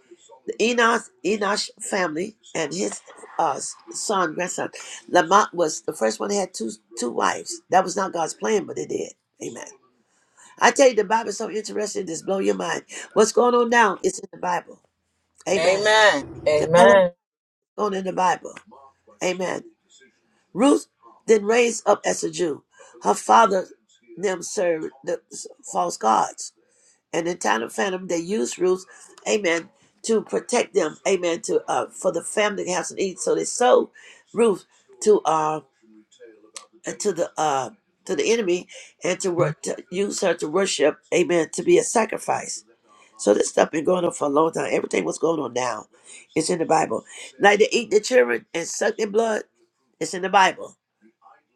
B: The Enosh Enosh family and his uh, son grandson Lamont was the first one that had two two wives. That was not God's plan, but it did. Amen. I tell you, the Bible is so interesting. Just blow your mind. What's going on now? It's in the Bible.
E: Amen.
B: Amen. The
E: Amen.
B: on in the Bible. Amen. Ruth then raised up as a Jew. Her father them served the false gods. And in time of famine, they used Ruth, amen, to protect them, amen, to uh, for the family to have some eat. So they sold Ruth to uh to the uh to the enemy and to, wor- to use her to worship, amen, to be a sacrifice. So this stuff been going on for a long time. Everything was going on now. It's in the Bible. Like they eat the children and suck their blood. It's in the Bible.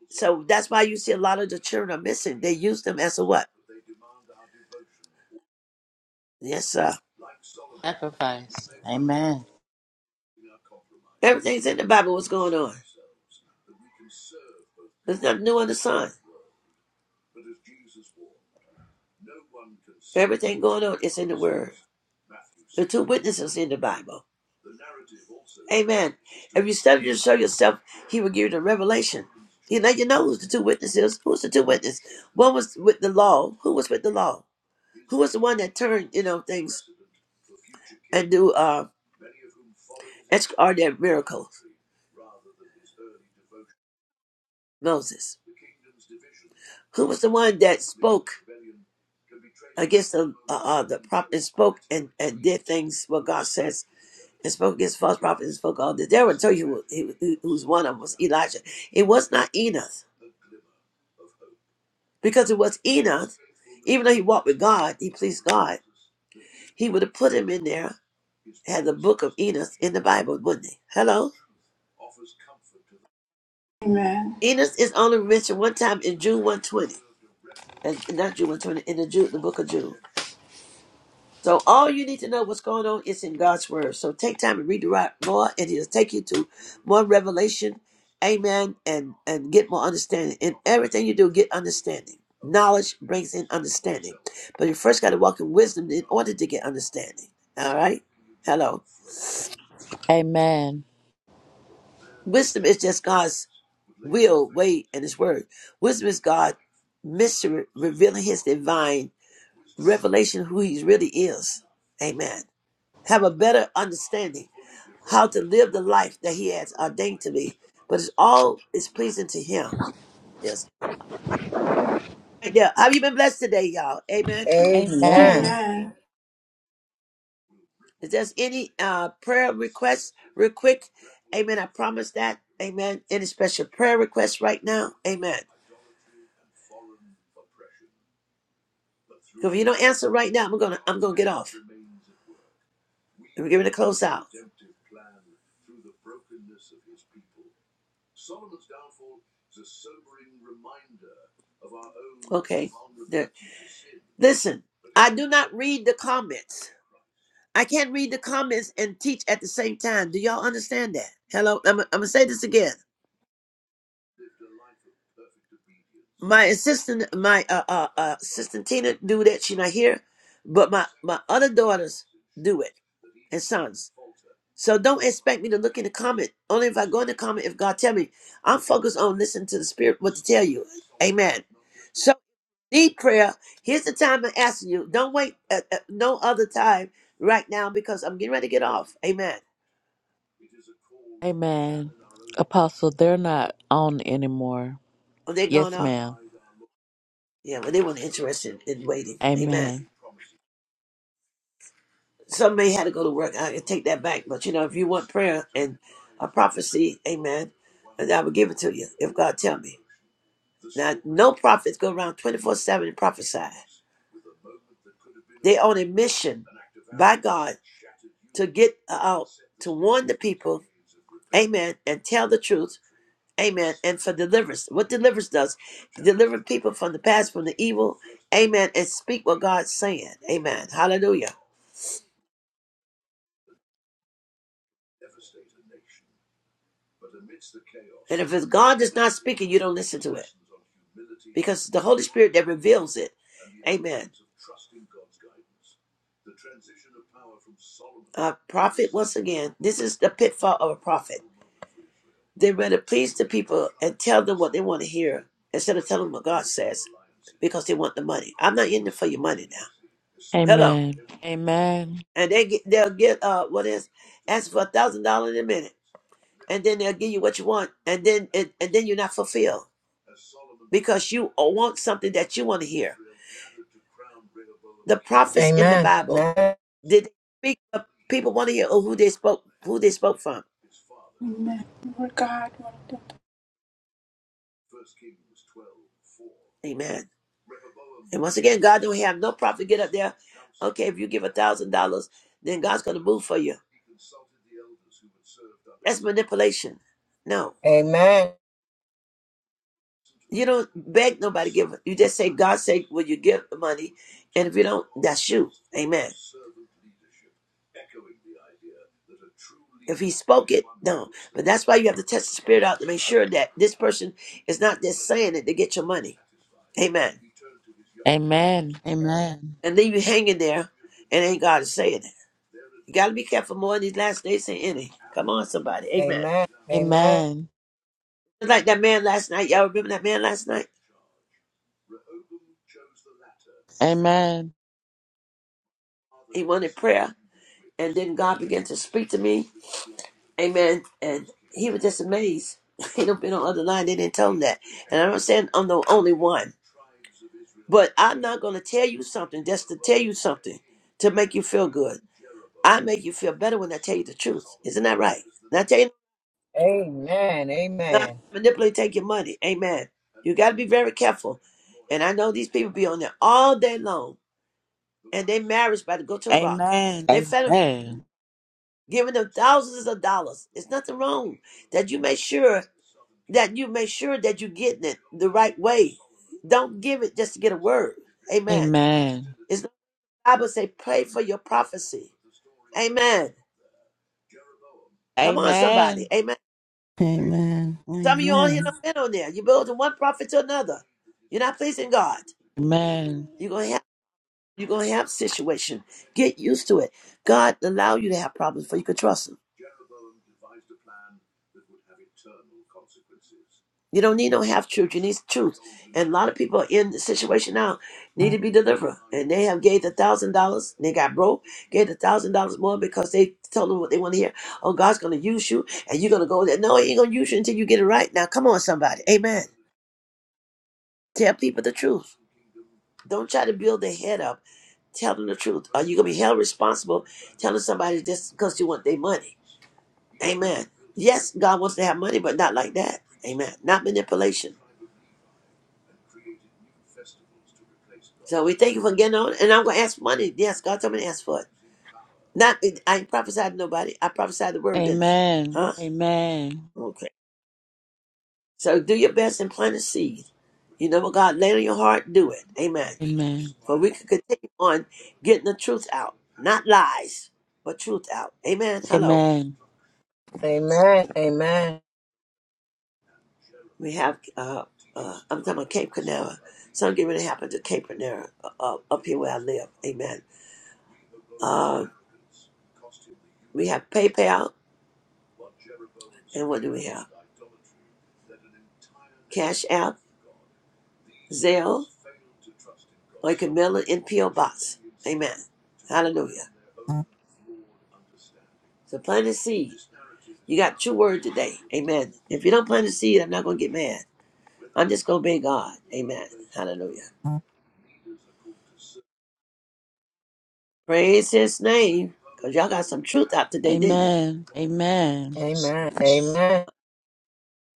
B: So that's why you see a lot of the children are missing. They use them as a what? Yes, sir.
C: Sacrifice. Amen.
B: Everything's in the Bible. What's going on? There's nothing new under the sun. Everything going on is in the Word. The two witnesses in the Bible. Amen. If you study to show yourself, He will give you the revelation. He let you know who's the two witnesses. Who's the two witnesses? One was with the law. Who was with the law? Who was the one that turned you know things and do? uh, That's are that miracle, Moses. Who was the one that spoke against the uh, uh, the prophet and spoke and, and did things what God says and spoke against false prophets and spoke all this. They will tell you who, who, who's one of them was Elijah. It was not Enoch because it was Enoch. Even though he walked with God, he pleased God. He would have put him in there had the book of Enoch in the Bible, wouldn't he? Hello, Enoch is only mentioned one time in June one twenty, and not June one twenty in the Jude, the book of Jude. So all you need to know what's going on is in God's word. So take time and read the right more, and He'll take you to more revelation, Amen, and and get more understanding. In everything you do, get understanding. Knowledge brings in understanding, but you first got to walk in wisdom in order to get understanding. All right, hello.
C: Amen.
B: Wisdom is just God's will, way, and His word. Wisdom is God mystery revealing His divine revelation who He really is. Amen. Have a better understanding how to live the life that He has ordained to me. But it's all is pleasing to Him. Yes. Right there. Have you been blessed today, y'all? Amen.
E: Amen.
C: Amen.
B: If there's any uh prayer requests, real quick, Amen. I promise that. Amen. Any special prayer requests right now? Amen. 'Cause if you don't answer right now, I'm gonna I'm gonna get off. And we're giving a close out. Okay. There. Listen, I do not read the comments. I can't read the comments and teach at the same time. Do y'all understand that? Hello, I'm, I'm gonna say this again. My assistant, my uh, uh, uh, assistant Tina do that. She not here, but my my other daughters do it and sons. So don't expect me to look in the comment. Only if I go in the comment if God tell me. I'm focused on listening to the Spirit what to tell you. Amen. So Need prayer. Here's the time I'm asking you. Don't wait uh, uh, no other time right now because I'm getting ready to get off. Amen.
C: Amen. Apostle, they're not on anymore.
B: Are they going
C: Yes,
B: off?
C: ma'am.
B: Yeah, well, they weren't interested in waiting. Amen.
C: Amen.
B: Some may had to go to work. I can take that back. But, you know, if you want prayer and a prophecy, amen, and I will give it to you if God tell me. Now, no prophets go around 24-7 and prophesy. They're on a mission by God to get out, to warn the people, amen, and tell the truth Amen. And for deliverance. What deliverance does, deliver people from the past, from the evil. Amen. And speak what God's saying. Amen. Hallelujah. And if it's God that's not speaking, you don't listen to it. Because it's the Holy Spirit that reveals it. Amen. A prophet, once again, this is the pitfall of a prophet. They rather please the people and tell them what they want to hear instead of telling them what God says because they want the money. I'm not in it for your money now. Hello.
C: Amen. Amen.
B: and they get, they'll get uh what is ask for a thousand dollars in a minute, and then they'll give you what you want, and then it, and then you're not fulfilled because you want something that you want to hear. The
E: Amen.
B: prophets in the
E: Amen.
B: Bible
E: Amen.
B: did they speak of people want to hear or who they spoke who they spoke from.
A: Amen. Lord God, Lord God.
B: Amen. And once again, God don't have no prophet get up there. Okay, if you give a thousand dollars, then God's going to move for you. That's manipulation. No.
E: Amen.
B: You don't beg nobody give it. You just say, God say, will you give the money? And if you don't, that's you. Amen. If he spoke it, no. But that's why you have to test the spirit out to make sure that this person is not just saying it to get your money. Amen.
C: Amen. Amen.
B: And then you hanging there and ain't God saying it. You gotta be careful more in these last days than any. Come on, somebody. Amen.
E: Amen. Amen.
C: Amen.
B: Just like that man last night. Y'all remember that man last night?
C: Amen. Amen.
B: He wanted prayer. And then God began to speak to me. Amen. And he was just amazed. He don't been on the other line. They didn't tell him that. And I'm not saying I'm the only one, but I'm not going to tell you something just to tell you something to make you feel good. I make you feel better when I tell you the truth. Isn't that right? Not tell you,
E: Amen. Amen.
B: not manipulate, take your money. Amen. You got to be very careful. And I know these people be on there all day long, and their marriage about to go to a rock.
C: Amen.
B: They fed them,
C: Amen.
B: giving them thousands of dollars. It's nothing wrong that you make sure that you make sure that you're getting it the right way. Don't give it just to get a word. Amen. It's the Bible say pray for your prophecy. Amen. Come on, somebody.
C: Amen.
B: Amen.
D: Amen.
B: Some of you on here
D: Amen.
B: don't been on there. You're building one prophet to another. You're not pleasing God.
C: Amen.
B: You're gonna have you're gonna have situation. Get used to it. God allow you to have problems for you can trust him. You don't need no half truth. You need truth. And a lot of people are in the situation now need to be delivered. And they have gave a thousand dollars. They got broke, gave a thousand dollars more because they told them what they want to hear. Oh, God's gonna use you and you're gonna go there. No, he ain't gonna use you until you get it right. Now come on, somebody. Amen. Tell people the truth. Don't try to build their head up. Tell them the truth. Are you gonna be held responsible telling somebody just because you want their money? Amen. Yes, God wants to have money, but not like that. Amen. Not manipulation. So we thank you for getting on. And I'm going to ask for money. Yes, God told me to ask for it. Not, I ain't prophesied to nobody. I prophesied the word, didn't I?
C: Amen.
B: Huh?
C: Amen.
B: Okay. So do your best and plant a seed. You know what God laid on your heart, do it. Amen.
C: Amen.
B: For we can continue on getting the truth out. Not lies, but truth out. Amen. Hello.
C: Amen.
E: Amen. Amen.
B: We have, uh, uh, I'm talking about Cape Canaveral. Something getting ready to happen to Cape Canaveral uh, uh, up here where I live. Amen. Uh, we have PayPal. And what do we have? Cash App, Zelle, or you can mail it in P.O. Box. Amen. Hallelujah. So plant a seed. You got true word today. Amen. If you don't plant a seed, I'm not going to get mad. I'm just going to be God. Amen. Hallelujah. Praise his name. Because y'all got some truth out today, didn't you?
C: Amen. Amen.
E: Amen.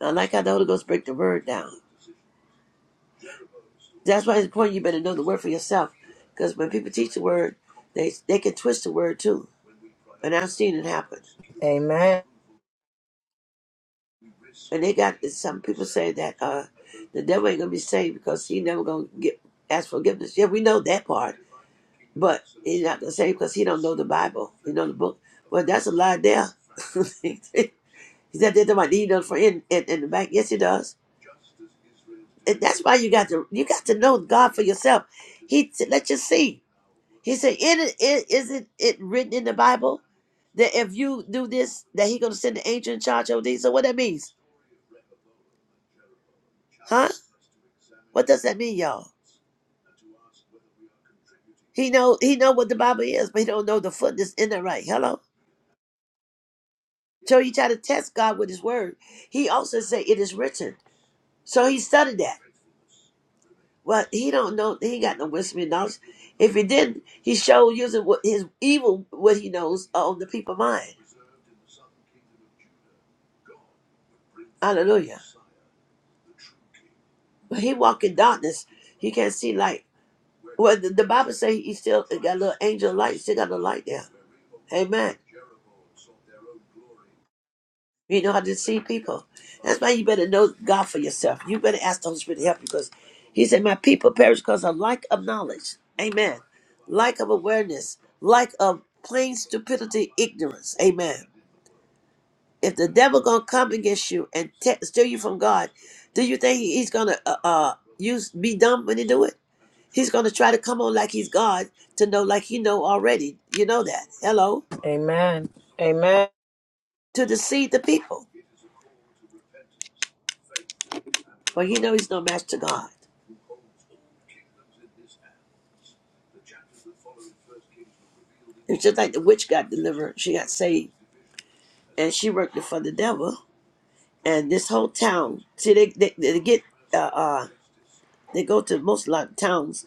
B: I like how the Holy Ghost break the word down. That's why it's important you better know the word for yourself. Because when people teach the word, they they can twist the word too. And I've seen it happen.
E: Amen.
B: And they got this, some people say that uh, the devil ain't gonna be saved because he never gonna get ask forgiveness. Yeah, we know that part, but he's not gonna save because he don't know the Bible, he know the book. Well, that's a lie there. he said that might need done for in, in in the back. Yes, he does, and that's why you got to you got to know God for yourself. He t- let you see. He said, "It it isn't it written in the Bible that if you do this, that He gonna send an angel in charge of these." So what that means, huh? What does that mean, y'all? He know he know what the Bible is, but he don't know the foot that's in it right. Hello. So he tried to test God with his word. He also say it is written. So he studied that. Well, he don't know. He ain't got no wisdom and knowledge. If he didn't, he showed using what his evil what he knows on the people mind. Hallelujah. But he walk in darkness. He can't see light. Well, the, the Bible say he still got a little angel of light. Still got the light there. Amen. You know how to see people. That's why you better know God for yourself. You better ask the Holy Spirit to help you because He said, My people perish because of lack of knowledge. Amen. Lack of awareness. Lack of plain stupidity, ignorance. Amen if the devil gonna come against you and te- steal you from God, do you think he- he's gonna uh, uh use be dumb when he do it? He's gonna try to come on like he's God to know like he know already. You know that. Hello,
E: Amen. Amen.
B: to deceive the people, for he know he's no match to God. It's just like the witch got delivered. She got saved and she worked for the devil. And this whole town, see, they they, they get uh, uh they go to most lot of towns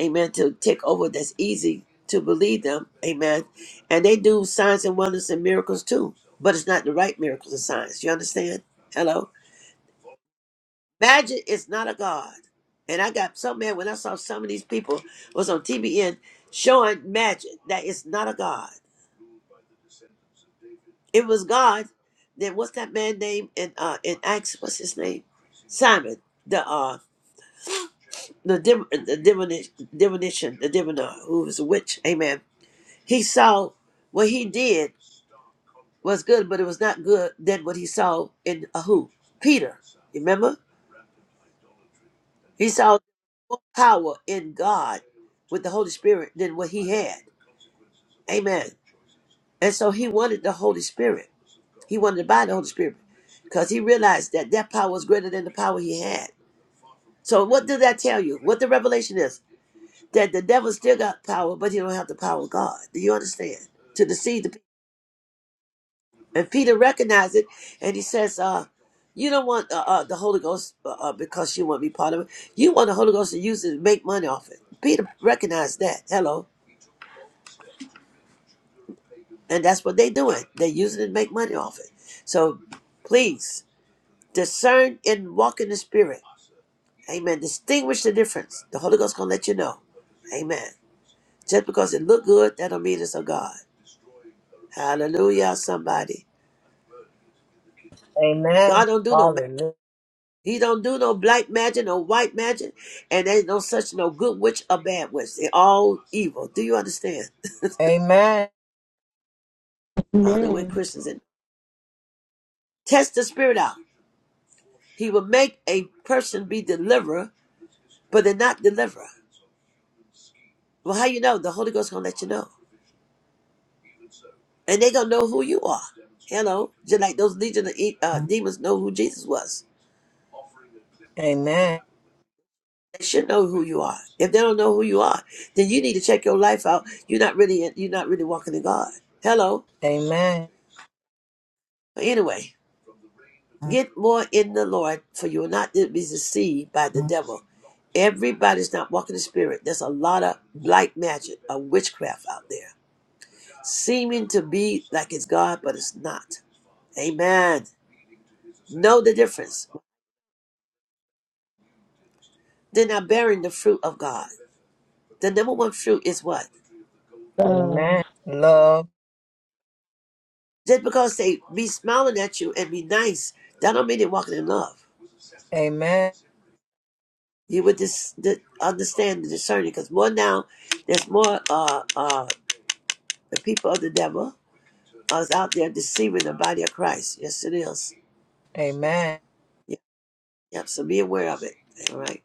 B: amen, to take over that's easy to believe them, amen. And they do signs and wonders and miracles too, but it's not the right miracles and signs. You understand? Hello? Magic is not a god. And I got some man when I saw some of these people was on TBN showing magic that it's not a god. It was God. Then what's that man name in uh in Acts? What's his name? Simon, the uh the div- the divination, divination, the diviner who was a witch. Amen He saw what he did was good, but it was not good than what he saw in uh, who? Peter. remember? He saw more power in God with the Holy Spirit than what he had. Amen. And so he wanted the Holy Spirit. He wanted to buy the Holy Spirit because he realized that that power was greater than the power he had. So what did that tell you? What the revelation is? That the devil still got power, but he don't have the power of God. Do you understand? To deceive the people. And Peter recognized it, and he says, uh, "You don't want uh, uh, the Holy Ghost uh, uh, because you want to be part of it. You want the Holy Ghost to use it to make money off it." Peter recognized that. Hello, and that's what they're doing. They're using it to make money off it. So, please discern and walk in the Spirit. Amen. Distinguish the difference. The Holy Ghost gonna let you know. Amen. Just because it look good, that don't mean it's of God. Hallelujah, somebody.
E: Amen.
B: God don't do no
E: Hallelujah.
B: He don't do no black magic, no white magic, and ain't no such no good witch or bad witch. They all evil. Do you understand?
E: Amen.
B: I don't know where
F: Amen.
B: Christians in. Test the spirit out. He will make a person be deliverer, but they're not deliverer. Well, how you know? The Holy Ghost gonna let you know, and they gonna know who you are. Hello, just like those legion of e- uh, demons know who Jesus was.
E: Amen.
B: They should know who you are. If they don't know who you are, then you need to check your life out. You're not really you're not really walking in God. Hello.
E: Amen.
B: Anyway, Get more in the Lord, for you will not be deceived by the devil. Everybody's not walking the spirit. There's a lot of black magic, of witchcraft out there, seeming to be like it's God, but it's not. Amen. Know the difference. They're not bearing the fruit of God. The number one fruit is what?
F: Love.
E: Amen. Love.
B: Just because they be smiling at you and be nice, that don't mean they're walking in love.
E: Amen.
B: You would dis- di- understand the discerning, because more now, there's more uh, uh, the people of the devil I was out there deceiving the body of Christ. Yes, it is.
E: Amen.
B: Yep, yep. So be aware of it. All right.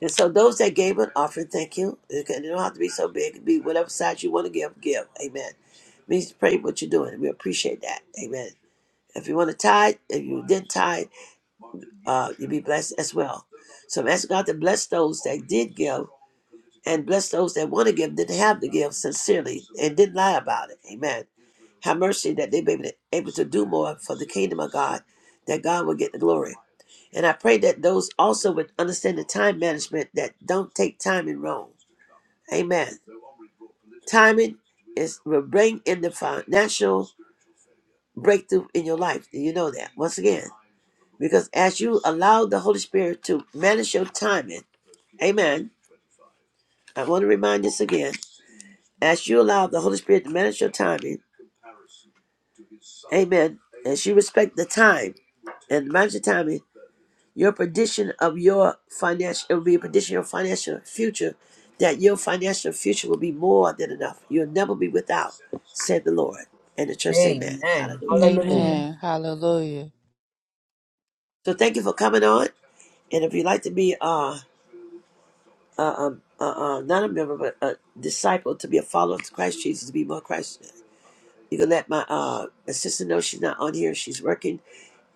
B: And so those that gave an offering, thank you. It can- it don't have to be so big. It can be whatever size you want to give, give. Amen. Means pray what you're doing. We appreciate that. Amen. If you want to tithe, if you didn't tithe, uh, you'll be blessed as well. So I'm asking God to bless those that did give and bless those that want to give, didn't have to give sincerely and didn't lie about it. Amen. Have mercy that they may be able to do more for the kingdom of God, that God will get the glory. And I pray that those also would understand the time management that don't take time in wrong. Amen. Timing is will bring in the financial breakthrough in your life. Do you know that? Once again, because as you allow the Holy Spirit to manage your timing, Amen. I want to remind this again. As you allow the Holy Spirit to manage your timing, Amen. As you respect the time and manage the timing, Your prediction of your financial it will be a prediction of your financial future, that your financial future will be more than enough. You'll never be without, said the Lord. And the church, say amen.
E: Amen.
B: Hallelujah.
E: Hallelujah.
F: Amen.
C: Amen. Hallelujah.
B: So thank you for coming on. And if you'd like to be uh, uh, um, uh, uh, not a member, but a disciple, to be a follower of Christ Jesus, to be more Christ, you can let my uh, assistant know she's not on here. She's working.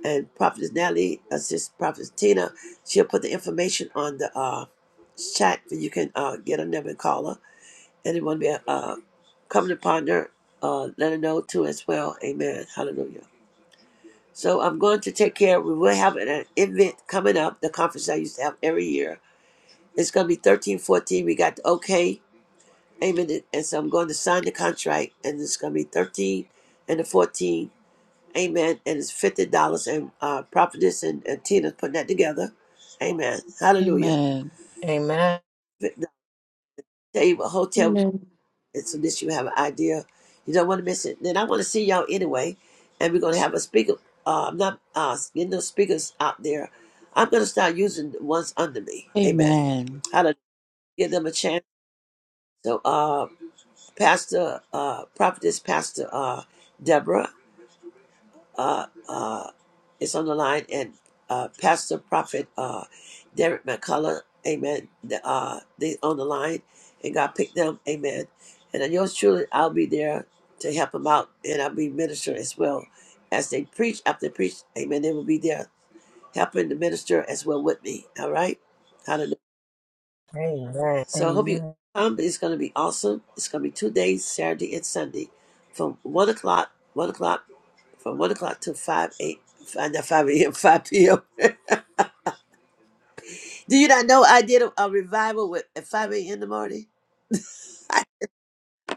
B: and Prophetess Natalie, assists Prophetess Tina. She'll put the information on the uh, chat, and you can uh, get her number and call her. Anyone be uh, coming upon her, uh, let her know too as well. Amen. Hallelujah. So I'm going to take care. We will have an event coming up, the conference I used to have every year. It's going to be 13, 14. We got the okay. Amen. And so I'm going to sign the contract, and it's going to be 13 and the 14 Amen. And it's fifty dollars, and uh, prophetess and, and Tina's putting that together. Amen. Hallelujah.
C: Amen.
E: Amen.
B: But i Tell you what hotel.
F: Amen.
B: It's so this you have an idea. You don't want to miss it. Then I want to see y'all anyway, and we're gonna have a speaker. Uh, I'm not uh, getting those speakers out there. I'm gonna start using the ones under me. Amen.
C: Amen.
B: Hallelujah. Give them a chance. So, uh, Pastor, uh, prophetess, Pastor, uh, Deborah. uh, uh, is on the line, and uh, Pastor Prophet uh, Derek McCullough, amen, the, uh, they on the line, and God picked them, amen. And then yours truly, I'll be there to help them out, and I'll be minister as well. As they preach, after they preach, amen, they will be there helping the minister as well with me, all right?
E: Amen.
B: So I hope you
E: Amen.
B: come. It's going to be awesome. It's going to be two days, Saturday and Sunday, from one o'clock, one o'clock, from one o'clock to five eight, five, not five a.m. five p.m. Do you not know I did a, a revival with at five a.m. in the morning?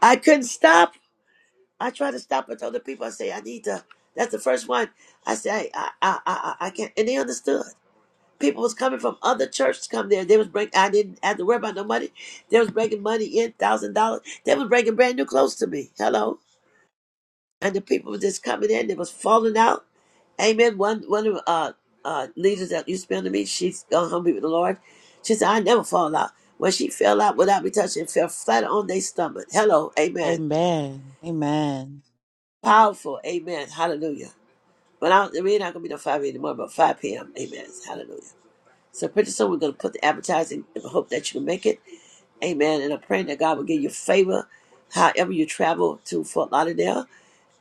B: I couldn't stop. I tried to stop, but other people I say I need to. That's the first one. I say I I I, I I can't, and they understood. People was coming from other churches come there. They was bring. I didn't have to worry about no money. They was bringing money in thousand dollars. They was bringing brand new clothes to me. Hello. and the people were just coming in. They was falling out. Amen. One one of uh uh leaders that used to be under me, she's gone home to be with the Lord. She said, I never fall out. When she fell out without me touching, fell flat on their stomach. Hello, amen.
C: Amen. Amen.
B: Powerful, amen. Hallelujah. But I don't, we're not gonna be no five anymore, but five p.m. Amen. Hallelujah. So pretty soon we're gonna put the advertising. I hope that you can make it. Amen. And I'm praying that God will give you favor, however you travel to Fort Lauderdale.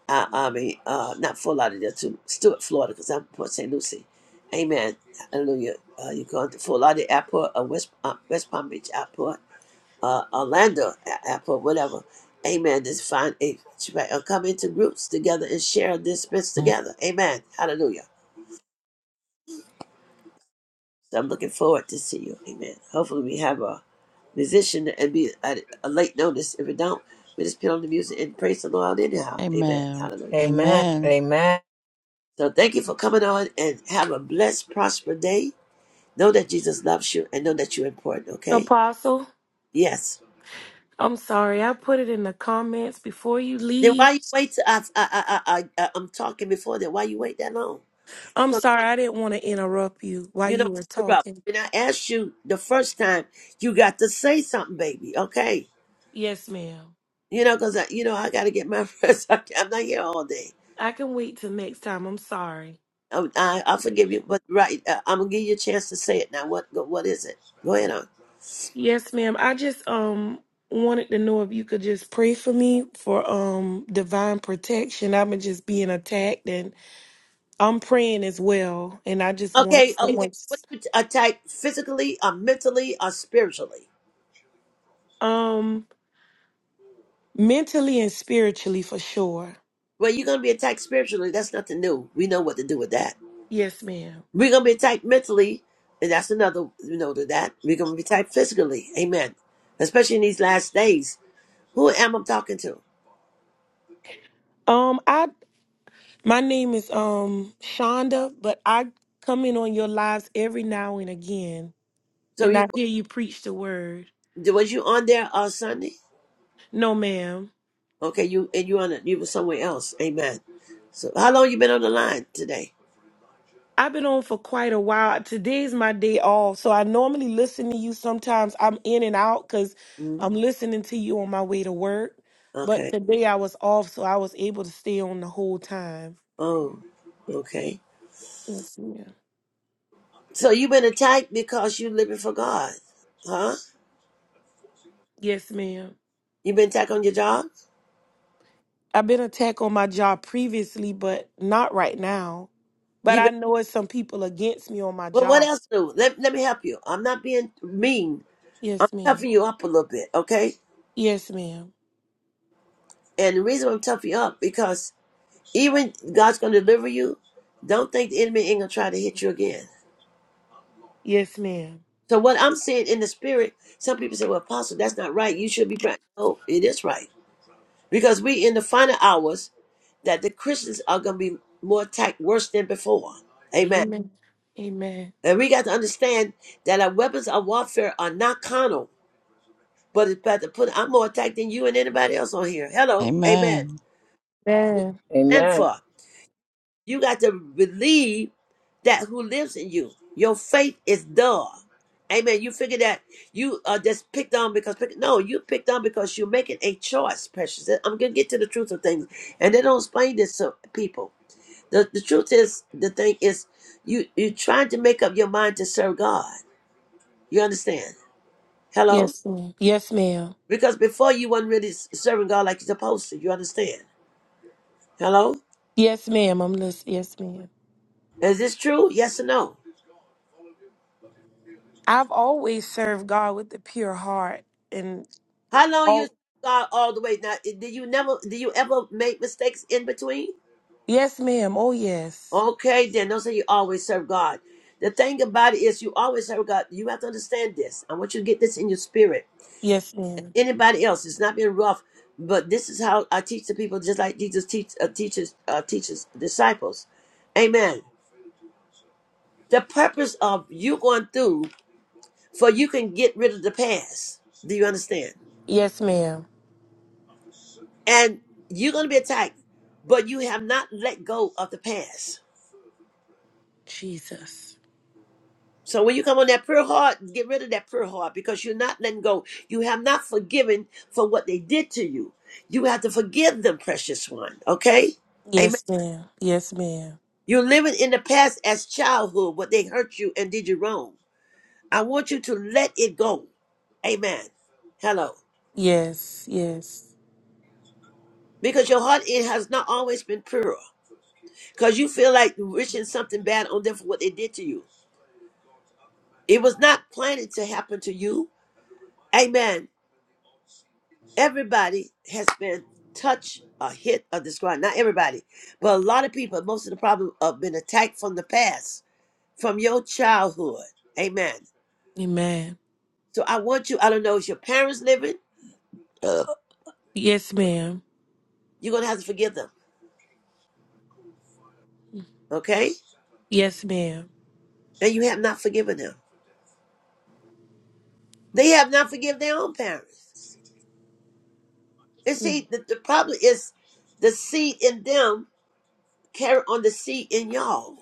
B: I, I mean, uh, not Fort Lauderdale, to Stuart, Florida, because I'm Port St. Lucie. Amen. Hallelujah. Uh, you're going to Fort Lauderdale Airport, uh, West, uh, West Palm Beach Airport, uh, Orlando A- Airport, whatever. Amen. Just find a right, uh, come into groups together and share this space together. Amen. Hallelujah. So I'm looking forward to see you. Amen. Hopefully we have a musician and be at a late notice. If we don't, we just put on the music and praise the Lord anyhow. Amen.
C: Amen.
B: Hallelujah.
E: Amen.
C: Amen.
E: Amen.
B: So thank you for coming on and have a blessed, prosperous day. Know that Jesus loves you and know that you're important, okay?
F: Apostle,
B: Yes.
F: I'm sorry. I put it in the comments before you
B: Then
F: leave.
B: why you wait? To, I, I, I, I, I, I'm talking before that. Why you wait that long? I'm
F: I'm
B: gonna,
F: sorry. I didn't want to interrupt you while
B: you know,
F: you were
B: interrupt.
F: talking.
B: When I asked you the first time, you got to say something, baby, okay?
F: Yes, ma'am.
B: You know, because, you know, I got to get my rest. I can't- I'm not here all day.
F: I can wait till next time. I'm sorry.
B: I, I, I forgive you, but right, uh, I'm going to give you a chance to say it now. What, what is it? Go ahead on.
F: Yes, ma'am. I just um wanted to know if you could just pray for me for um divine protection. I've been just being attacked and I'm praying as well. And I just want
B: Okay, okay.
F: someone
B: What do you attack physically, or mentally, or spiritually?
F: um mentally and spiritually for sure.
B: Well, you're gonna be attacked spiritually. That's nothing new. We know what to do with that.
F: Yes, ma'am.
B: We're gonna be attacked mentally, and that's another you know to that. We're gonna be attacked physically. Amen. Especially in these last days. Who am I talking to?
F: Um, I my name is um Shonda, but I come in on your lives every now and again,
B: So
F: and
B: you
F: I hear you preach the word.
B: was you on there on Sunday?
F: No, ma'am.
B: Okay, you and you on it. You were somewhere else. Amen. So how long you been on the line today?
F: I've been on for quite a while. Today's my day off, so I normally listen to you. Sometimes I'm in and out because
B: mm
F: I'm listening to you on my way to work. But
B: Okay.
F: today I was off, so I was able to stay on the whole time.
B: Oh, okay.
F: Yes, ma'am.
B: So you've been attacked because you living for God, huh?
F: Yes, ma'am.
B: You've been attacked on your job.
F: I've been attacked on my job previously, but not right now. But
B: You've
F: I
B: been
F: know it's some people against me on my
B: well. What
F: job.
B: else do? Let Let me help you. I'm not being mean. I'm
F: Yes, ma'am.
B: toughing you up a little bit, okay?
F: Yes, ma'am.
B: And the reason I'm toughing you up because even God's gonna deliver you. Don't think the enemy ain't gonna try to hit you again.
F: Yes, ma'am.
B: So what I'm saying in the spirit, some people say, "Well, Apostle, that's not right. You should be praying." No, it is right because we in the final hours that the Christians are gonna be more attacked worse than before. Amen.
F: Amen. Amen.
B: And we got to understand that our weapons of warfare are not carnal, but it's better put. I'm more attacked than you and anybody else on here. Hello, amen.
C: Amen.
F: Amen.
B: And
E: Amen.
B: for you got to believe that who lives in you. Your faith is dull. Amen. You figure that you are just picked on because pick, no, you picked on because you're making a choice, precious. I'm gonna get to the truth of things, and they don't explain this to people. The the truth is the thing is you you trying to make up your mind to serve God. You understand? Hello.
F: Yes, ma'am. Yes, ma'am.
B: Because before you weren't really s- serving God like you're supposed to. You understand? Hello?
F: Yes, ma'am. I'm listening. Yes, ma'am.
B: Is this true? Yes or no?
F: I've always served God with a pure heart. And
B: How long you serve
F: oh,
B: God all the way? Now, i- did you never? Did you ever make mistakes in between?
F: yes, ma'am. Oh, yes.
B: Okay, then don't say you always serve God. The thing about it is, you always serve God. You have to understand this. I want you to get this in your spirit.
F: Yes, ma'am.
B: Anybody else? It's not been rough, but this is how I teach the people, just like Jesus teach, uh, teaches, uh, teaches disciples. Amen. The purpose of you going through for you can get rid of the past. Do you understand?
F: Yes, ma'am.
B: And you're going to be attacked, but you have not let go of the past.
F: Jesus.
B: So when you come on that pure heart, get rid of that pure heart because you're not letting go. You have not forgiven for what they did to you. You have to forgive them, precious one. Okay? Amen.
F: Yes, ma'am. Yes, ma'am.
B: You're living in the past as childhood, what they hurt you and did you wrong. I want you to let it go. Amen. Hello.
F: Yes, yes.
B: Because your heart it has not always been pure. because you feel like wishing something bad on them for what they did to you. It was not planning to happen to you. Amen. Everybody has been touched or hit or described. Not everybody, but a lot of people, most of the problem have been attacked from the past, from your childhood. Amen.
F: Amen.
B: So I want you, I don't know, is your parents living? Ugh.
F: Yes, ma'am.
B: You're going to have to forgive them, okay?
F: Yes, ma'am.
B: And you have not forgiven them. They have not forgiven their own parents. And
F: Mm,
B: see, the, the problem is the seed in them carry on the seed in y'all.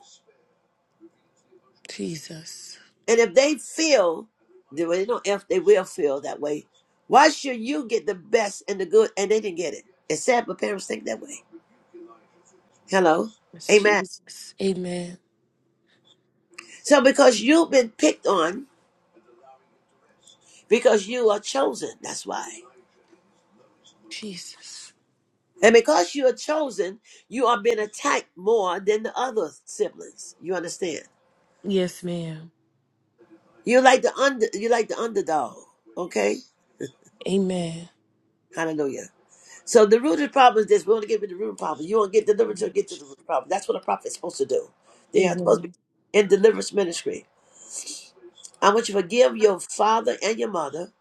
F: Jesus.
B: And if they feel, they well, they don't if they will feel that way. Why should you get the best and the good and they didn't get it? It's sad, but parents think that way. Hello,
F: Yes,
B: amen.
F: Jesus. Amen.
B: So because you've been picked on, because you are chosen, that's why.
F: Jesus.
B: And because you are chosen, you are being attacked more than the other siblings. You understand?
F: Yes, ma'am.
B: You like the under, you like the underdog. Okay,
F: Amen.
B: hallelujah. So the rooted problem is this. We want to get rid of the rooted problem. You want to get delivered to
F: Amen.
B: get to the rooted problem. That's what a prophet is supposed to do. They are supposed to
F: Amen.
B: be in deliverance ministry. I want you to forgive your father and your mother.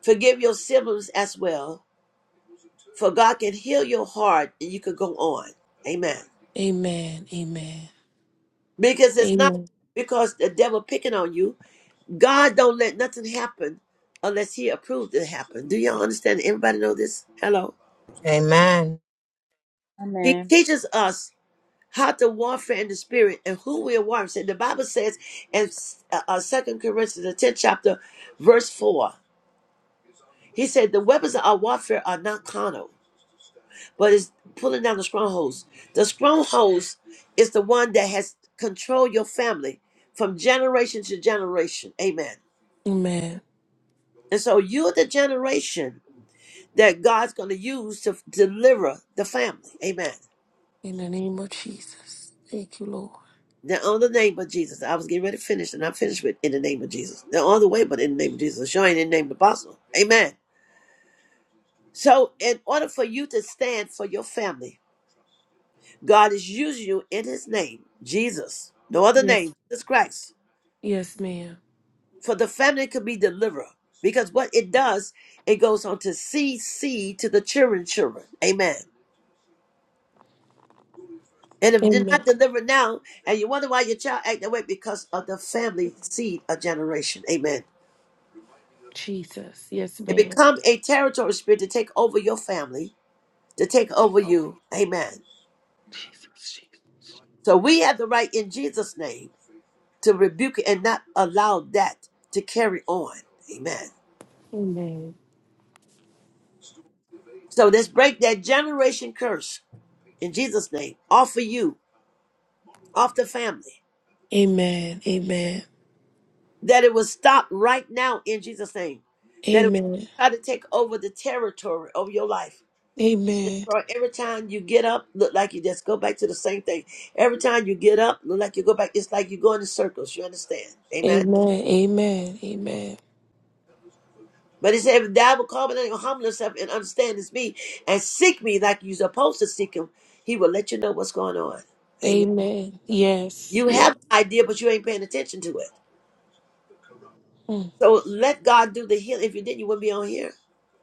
B: Forgive your siblings as well. For God can heal your heart and you can go on. Amen.
F: Amen.
B: Because it's not
F: Amen.
B: because the devil picking on you. God don't let nothing happen unless he approves it happen. Do y'all understand? Everybody know this? Hello.
E: Amen.
B: He
G: Amen.
B: teaches us. how to warfare in the spirit and who we are warring. So the Bible says in uh, uh, Second Corinthians, the tenth chapter, verse four, he said the weapons of our warfare are not carnal, but it's pulling down the strongholds. The strongholds is the one that has controlled your family from generation to generation. Amen.
F: Amen.
B: And so you're the generation that God's going to use to f- deliver the family. Amen.
F: In the name of Jesus. Thank you, Lord.
B: Now, on the name of Jesus, I was getting ready to finish, and I finished with in the name of Jesus. Now, on the way, but in the name of Jesus, showing in the name of the apostle. Amen. So, in order for you to stand for your family, God is using you in His name, Jesus, no other
F: Yes.
B: name, Jesus Christ,
F: Yes, ma'am.
B: for the family could be deliverer. Because what it does, it goes on to seed seed to the children, children. Amen. And if you're
F: Amen.
B: not delivered now, and you wonder why your child act that way, because of the family seed of generation. Amen.
F: Jesus. Yes,
B: It
F: ma'am.
B: become a territory spirit to take over your family, to take over you. Amen.
F: Jesus. Jesus.
B: So we have the right in Jesus' name to rebuke it and not allow that to carry on. Amen.
F: Amen.
B: So let's break that generation curse in Jesus' name off of you, off the family.
F: Amen. Amen.
B: That it will stop right now in Jesus' name. That it will
F: Amen.
B: try to take over the territory of your life
F: Amen.
B: destroy. Every time you get up, look like you just go back to the same thing. Every time you get up, look like you go back. It's like you go in circles. You understand? Amen.
F: Amen. Amen. Amen.
B: But he said, if thou will call my name, humble yourself and understand it's me, and seek me like you're supposed to seek him, he will let you know what's going on. Amen.
F: Amen. Yes.
B: You
F: Yes.
B: have an idea, but you ain't paying attention to it.
F: Mm.
B: So let God do the healing. If you didn't, you wouldn't be on here.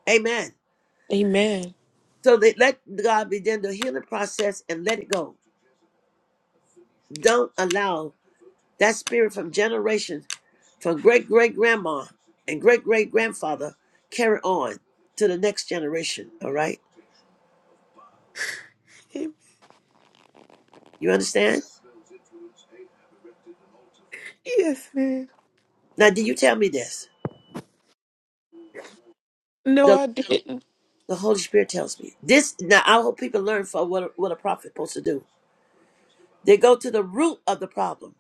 B: Amen.
F: Amen.
B: So they let God begin the healing process and let it go. Don't allow That spirit from generations, from great great grandma and great great grandfather, carry on to the next generation. All right, you understand?
F: Yes, ma'am.
B: Now, did you tell me this?
F: No,
B: The
F: I didn't.
B: the Holy Spirit tells me this. Now, I hope people learn from what a, what a prophet supposed to do. They go to the root of the problem.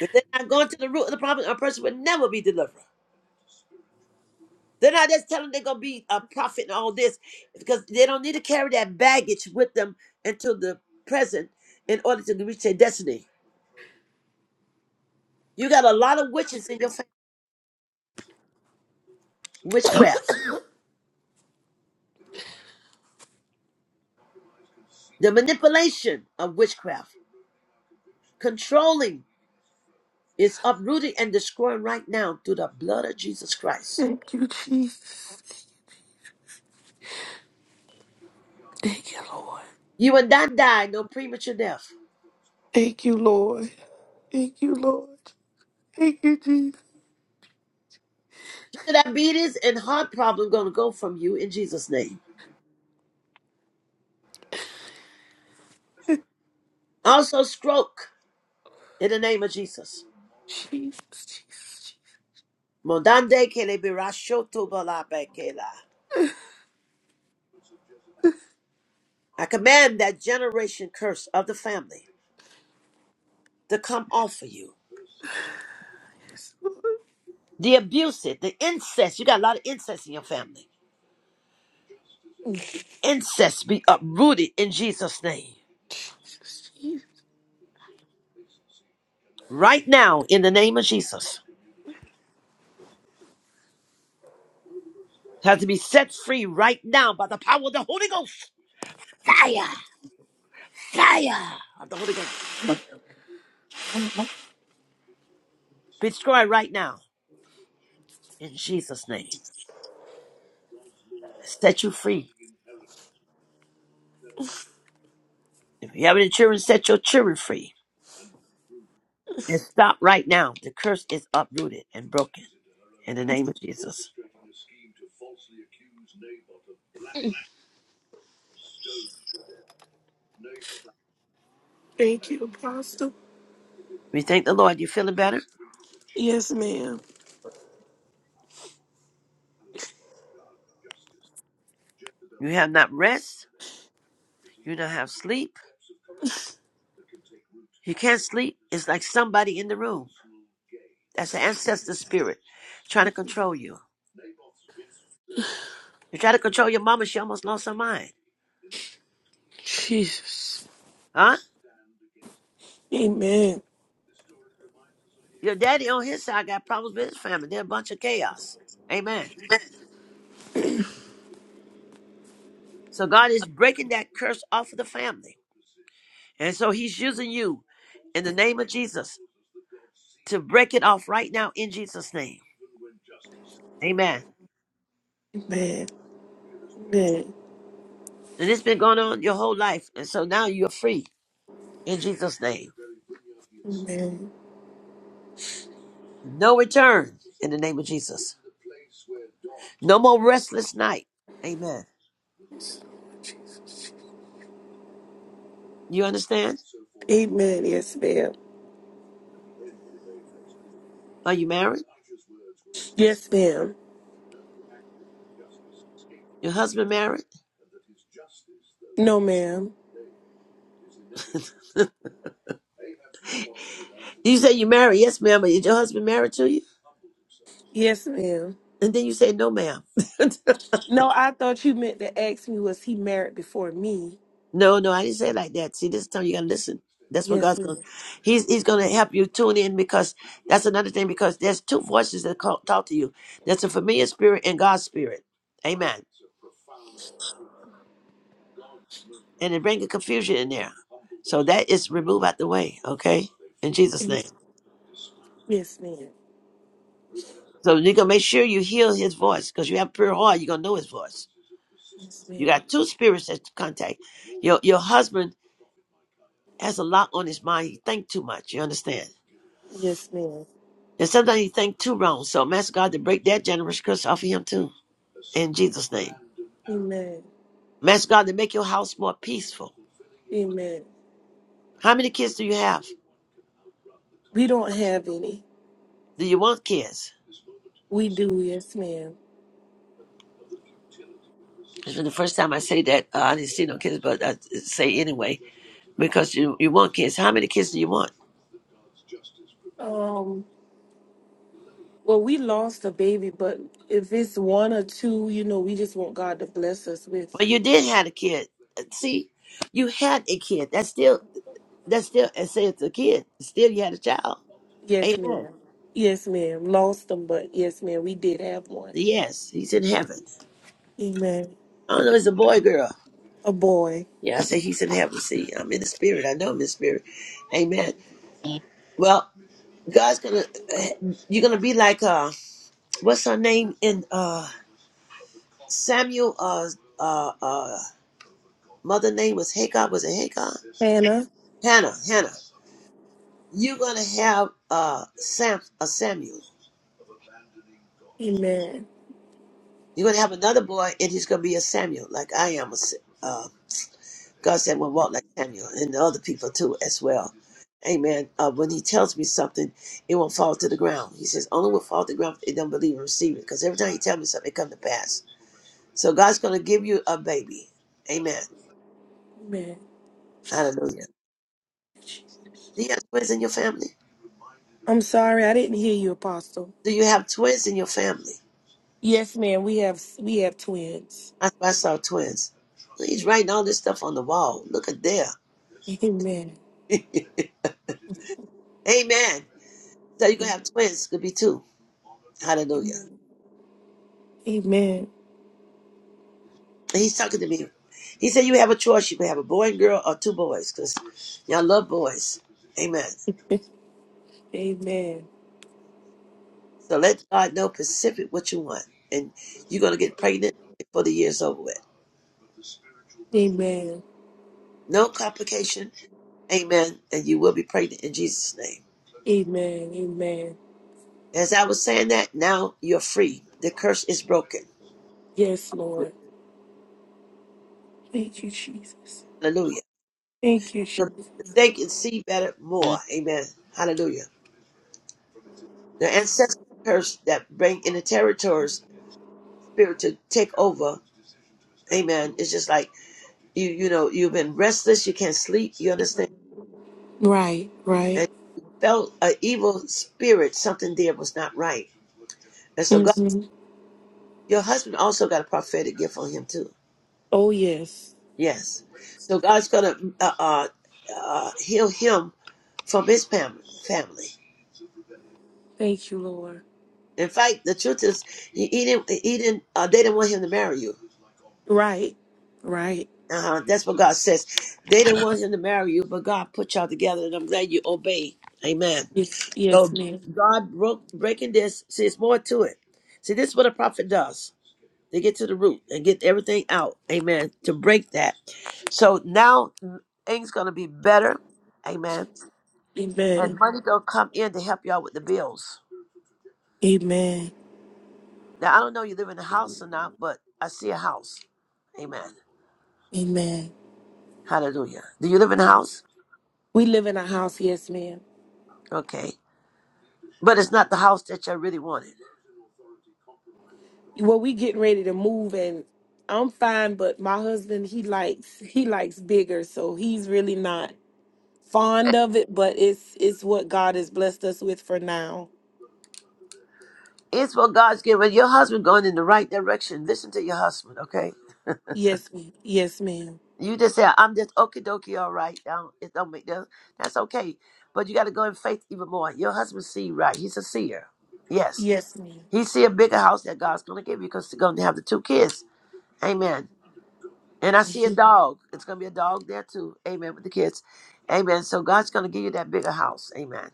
B: If they're not going to the root of the problem, a person would never be delivered. They're not just telling they're gonna be a prophet and all this because they don't need to carry that baggage with them into the present in order to reach their destiny. You got a lot of witches in your family. Witchcraft, the manipulation of witchcraft, controlling is uprooting and destroying right now through the blood of Jesus Christ.
F: Thank you, Jesus. Thank you, Lord.
B: You will not die no premature death.
F: Thank you, Lord. Thank you, Lord. Thank you, Jesus.
B: Diabetes and heart problem gonna go from you in Jesus' name. Also stroke in the name of Jesus.
F: Jesus, Jesus,
B: Mondande kele birashoto balabekela. I command that generation curse of the family to come off of you.
F: Jesus.
B: The abuse, it, the incest. You got a lot of incest in your family Incest be uprooted in Jesus' name.
F: Jesus, Jesus.
B: Right now, in the name of Jesus. Has to be set free right now by the power of the Holy Ghost. Fire! Fire of the Holy Ghost. Be destroyed right now in Jesus' name. Set you free. If you have any children, set your children free. And stop right now. The curse is uprooted and broken in the name of Jesus.
F: Thank you, Apostle.
B: We thank the Lord. You're feeling better.
F: Yes, ma'am.
B: You have not rest. You don't have sleep. You can't sleep. It's like somebody in the room. That's the ancestor spirit trying to control you. You try to control your mama, she almost lost her mind.
F: Jesus.
B: Huh?
F: Amen.
B: Your daddy on his side got problems with his family. They're a bunch of chaos. Amen. So God is breaking that curse off of the family. And so he's using you in the name of Jesus to break it off right now in Jesus' name. Amen.
F: Amen. Amen.
B: And it's been going on your whole life. And so now you're free in Jesus' name.
F: Amen.
B: No return in the name of Jesus. No more restless night. Amen. You understand?
F: Amen. Yes, ma'am.
B: Are you married?
F: Yes, ma'am.
B: Your husband married?
F: No, ma'am.
B: You say you married. Yes, ma'am. But is your husband married to you?
F: Yes, ma'am.
B: And then you say, no, ma'am.
F: No, I thought you meant to ask me was he married before me.
B: no, no, I didn't say it like that. See, this time you got to listen. That's what
F: Yes,
B: God's going to,
F: ma'am.
B: he's, he's going to help you tune in because that's another thing because there's two voices that call, talk to you. That's a familiar spirit and God's spirit. Amen. And it brings a confusion in there. So that is removed out the way. Okay. In Jesus name.
F: Yes, ma'am.
B: So you're going to make sure you hear his voice because you have pure heart. You're going to know his voice.
F: Yes,
B: You
F: ma'am.
B: got two spirits that contact. Your your husband has a lot on his mind. He think too much. You understand?
F: Yes, ma'am.
B: And sometimes he think too wrong. So I'm asking God to break that generous curse off of him too. In Jesus' name.
F: Amen.
B: I'm asking God to make your house more peaceful.
F: Amen.
B: How many kids do you have?
F: We don't have any.
B: Do you want kids?
F: We do, yes, ma'am.
B: It's been the first time I say that. Uh, I didn't see no kids, but I say anyway because you, you want kids. How many kids do you want?
F: Um, well, we lost a baby, but if it's one or two, you know, we just want God to bless us with.
B: Well, you did have a kid. Uh, See, you had a kid. That's still that's still. and say it's a kid. Still, you had a child.
F: Yes,
B: Amen.
F: ma'am. Yes, ma'am. Lost them, but yes, ma'am, we did have one.
B: Yes, he's in heaven.
F: Amen.
B: I don't know, he's a boy, girl.
F: A boy.
B: Yeah, I say he's in heaven. See, I'm in the spirit. I know I'm in the spirit. Amen. Well, God's gonna, eh, you're gonna be like, uh, what's her name in uh Samuel? Uh, uh, uh, mother name was Hagar. Was it Hagar?
F: Hannah.
B: Hannah. Hannah. You're gonna have uh Sam a Samuel.
F: Amen.
B: You're gonna have another boy, and he's gonna be a Samuel, like I am a Sam. God said, "Well, walk like Samuel and the other people too as well." Amen. Uh, when He tells me something, it won't fall to the ground. He says, "Only will fall to the ground if they don't believe and receive it." Because every time He tells me something, it comes to pass. So God's going to give you a baby. Amen.
F: Amen.
B: Hallelujah. Do you have twins in your family?
F: I'm sorry, I didn't hear you, Apostle.
B: Do you have twins in your family?
F: Yes, ma'am. We have we have twins.
B: I, I saw twins. He's writing all this stuff on the wall. Look at there.
F: Amen.
B: Amen. So you're gonna have twins. Could be two. Hallelujah.
F: Amen.
B: he's talking to me. He said, You have a choice. You can have a boy and girl or two boys because y'all love boys. Amen.
F: Amen.
B: So let God know specific what you want. And you're going to get pregnant before the year's over with.
F: Amen.
B: No complication. Amen. And you will be pregnant in Jesus' name.
F: Amen. Amen.
B: As I was saying that, now you're free. The curse is broken.
F: Yes, Lord. Thank you, Jesus.
B: Hallelujah.
F: Thank you,
B: So
F: Jesus.
B: They can see better more. Amen. Hallelujah. The ancestral curse that bring in the territories spirit to take over. Amen. It's just like You you know you've been restless. You can't sleep. You understand?
F: Right,
B: And
F: right.
B: you felt an evil spirit. Something there was not right. And so God,
F: hmm
B: your husband also got a prophetic gift on him too.
F: Oh, yes.
B: Yes. So God's gonna uh, uh, uh, heal him from his fam- family.
F: Thank you, Lord.
B: In fact, the truth is, he, he didn't. He didn't. Uh, they didn't want him to marry you.
F: Right, right.
B: Uh-huh. That's what God says. They didn't want him to marry you, but God put y'all together, and I'm glad you obey. Amen.
F: Yes, yes,
B: So
F: ma'am.
B: God broke breaking this. See, it's more to it. See, this is what a prophet does. They get to the root and get everything out. Amen. To break that. So now things gonna be better. Amen. And
F: Amen.
B: money gonna come in to help you all with the bills.
F: Amen.
B: Now I don't know you live in a house or not, but I see a house. Amen.
F: Amen.
B: Hallelujah. Do you live in a
F: Yes.
B: house?
F: We live in a house, yes, ma'am.
B: Okay. But it's not the house that you really wanted.
F: Well, we getting ready to move, and I'm fine, but my husband, he likes he likes bigger, so he's really not. fond of it, but it's it's what God has blessed us with for now.
B: It's what God's giving. Your husband going in the right direction. Listen to your husband, okay?
F: Yes, ma'am. Yes, ma'am.
B: You just say, I'm just okie dokie, all right. Don't, it don't make that, that's okay. But you got to go in faith even more. Your husband see right. He's a seer. Yes.
F: Yes, ma'am.
B: He see a bigger house that God's going to give you because you're going to have the two kids. Amen. And I see a dog. It's going to be a dog there too. Amen. With the kids. Amen. So God's going to give you that bigger house. Amen.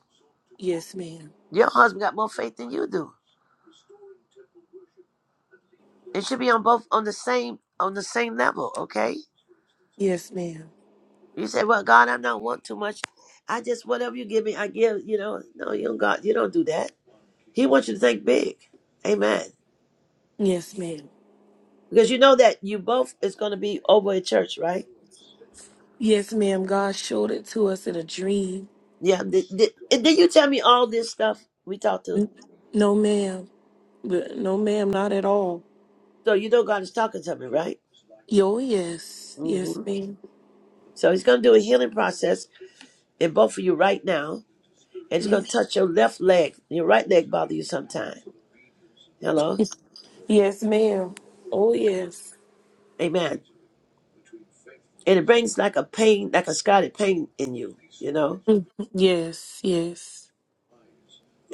F: Yes, ma'am.
B: Your husband got more faith than you do. It should be on both on the same on the same level, okay?
F: Yes, ma'am.
B: You say, "Well, God, I don't want too much. I just whatever you give me, I give." You know, no, you don't. God, you don't do that. He wants you to think big, Amen.
F: Yes, ma'am.
B: Because you know that you both is going to be over at church, right?
F: Yes, ma'am. God showed it to us in a dream.
B: Yeah. Did, did, and did you tell me all this stuff we talked to?
F: No, ma'am. But No, ma'am. Not at all.
B: So you know God is talking to me, right?
F: Yo, yes. Yes,
B: hmm
F: ma'am.
B: So He's going to do a healing process in both of you right now, and it's going to
F: Yes.
B: touch your left leg. Your right leg bother you sometime. Hello,
F: Yes, ma'am. Oh, yes.
B: Amen. And it brings like a pain, like a scarlet pain in you, you know
F: Yes. Yes.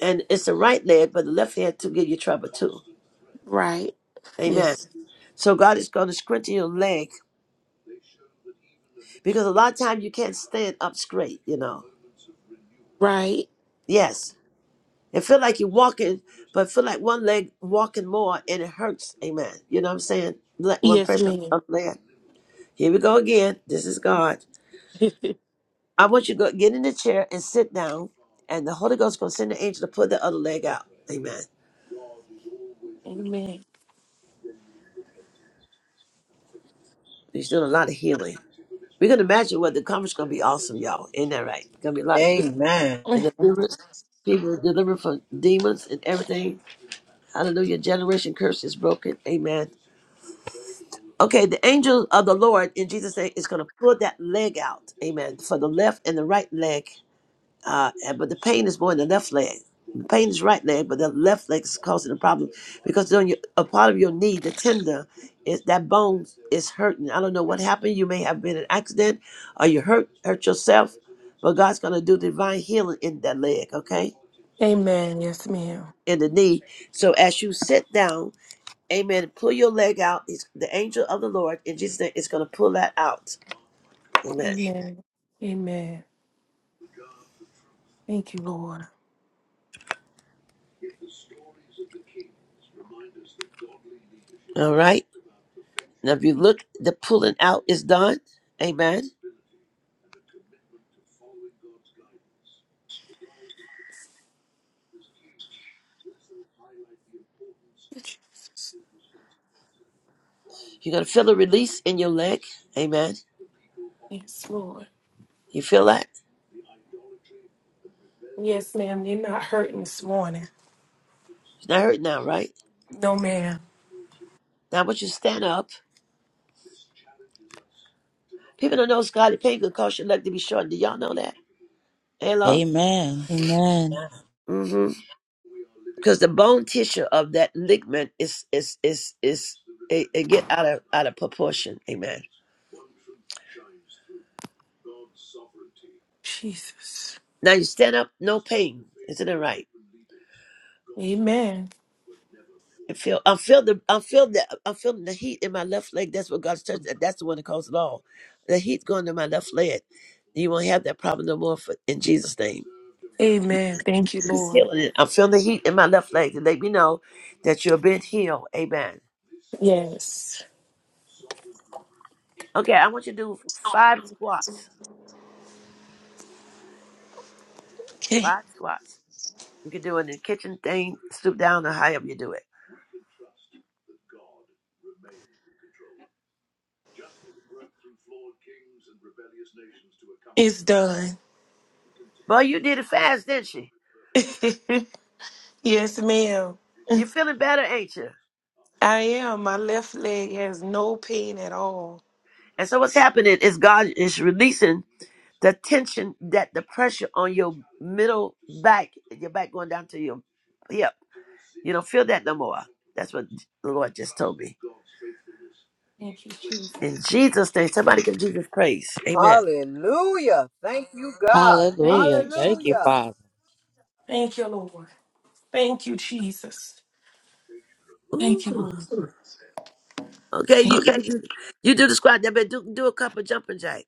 B: And it's the right leg, but the left hand to give you trouble too.
F: Right.
B: Amen.
F: Yes.
B: So God is going to strengthen your leg because a lot of times you can't stand up straight, you know.
F: Right.
B: Yes. It feel like you're walking, but feel like one leg walking more and it hurts. Amen. You know what I'm saying? Let one
F: Yes,
B: person
F: ma'am.
B: up there. Here we go again. This is God. I want you to go get in the chair and sit down, and the Holy Ghost is going to send the angel to put the other leg out. Amen.
F: Amen.
B: He's doing a lot of healing. We can imagine what the conference is going to be awesome, y'all. Isn't that right? Going to be a lot of healing.
E: Amen.
B: and deliverance. People delivered from demons and everything. Hallelujah. Generation curse is broken. Amen. Okay, the angel of the Lord in Jesus' name is going to pull that leg out. Amen. For the left and the right leg. Uh, and- but the pain is more in the left leg. The pain is right leg, but the left leg is causing the problem because on your, a part of your knee, the tender, is that bone is hurting. I don't know what happened. You may have been in an accident or you hurt hurt yourself, but God's going to do divine healing in that leg. Okay.
F: Amen. Yes, ma'am.
B: In the knee. So as you sit down, amen, pull your leg out. It's the angel of the Lord in Jesus' name is going to pull that out. Amen.
F: Amen. Amen. Thank you, Lord.
B: All right. Now, if you look, the pulling out is done. Amen. You're going to feel a release in your leg. Amen.
F: Yes, Lord.
B: You feel that?
F: Yes, ma'am. You're not hurting this morning.
B: It's not hurt now, right?
F: No, ma'am.
B: Now, I want you to stand up. People don't know scarlet pain could cause your leg to be shortened. Do y'all know that? Hello?
C: Amen. Amen.
B: Mm-hmm. Because the bone tissue of that ligament is is is is it, it get out of out of proportion. Amen.
F: Jesus.
B: Now you stand up, no pain. Isn't it right?
F: Amen.
B: I feel I feel the I feel the I feel the heat in my left leg. That's what God's touched. That's the one that caused it all. The heat going to my left leg. You won't have that problem no more for, in Jesus' name.
F: Amen. Thank you,
B: He's
F: Lord.
B: healing it. I feel the heat in my left leg to let me know that you're been healed. Amen.
F: Yes.
B: Okay, I want you to do five squats.
F: Okay.
B: Five squats. You can do it in the kitchen thing, stoop down or however you do it.
F: It's done.
B: Boy, you did it fast, didn't she?
F: yes, ma'am.
B: You're feeling better, ain't you?
F: I am. My left leg has no pain at all.
B: And so what's happening is God is releasing the tension that the pressure on your middle back, your back going down to your hip. You don't feel that no more. That's what the Lord just told me.
F: Thank you, Jesus.
B: In Jesus' name, somebody give Jesus praise. Amen.
E: Hallelujah. Thank you, God.
F: Thank
C: Hallelujah.
F: you,
C: Thank you,
E: Hallelujah.
F: Jesus.
C: Father.
F: Thank you, Lord. Thank you, Jesus.
B: Ooh.
F: Thank you, Lord.
B: Okay, you
F: Thank you.
B: you do, you do the squat that better do, do a couple jumping jack.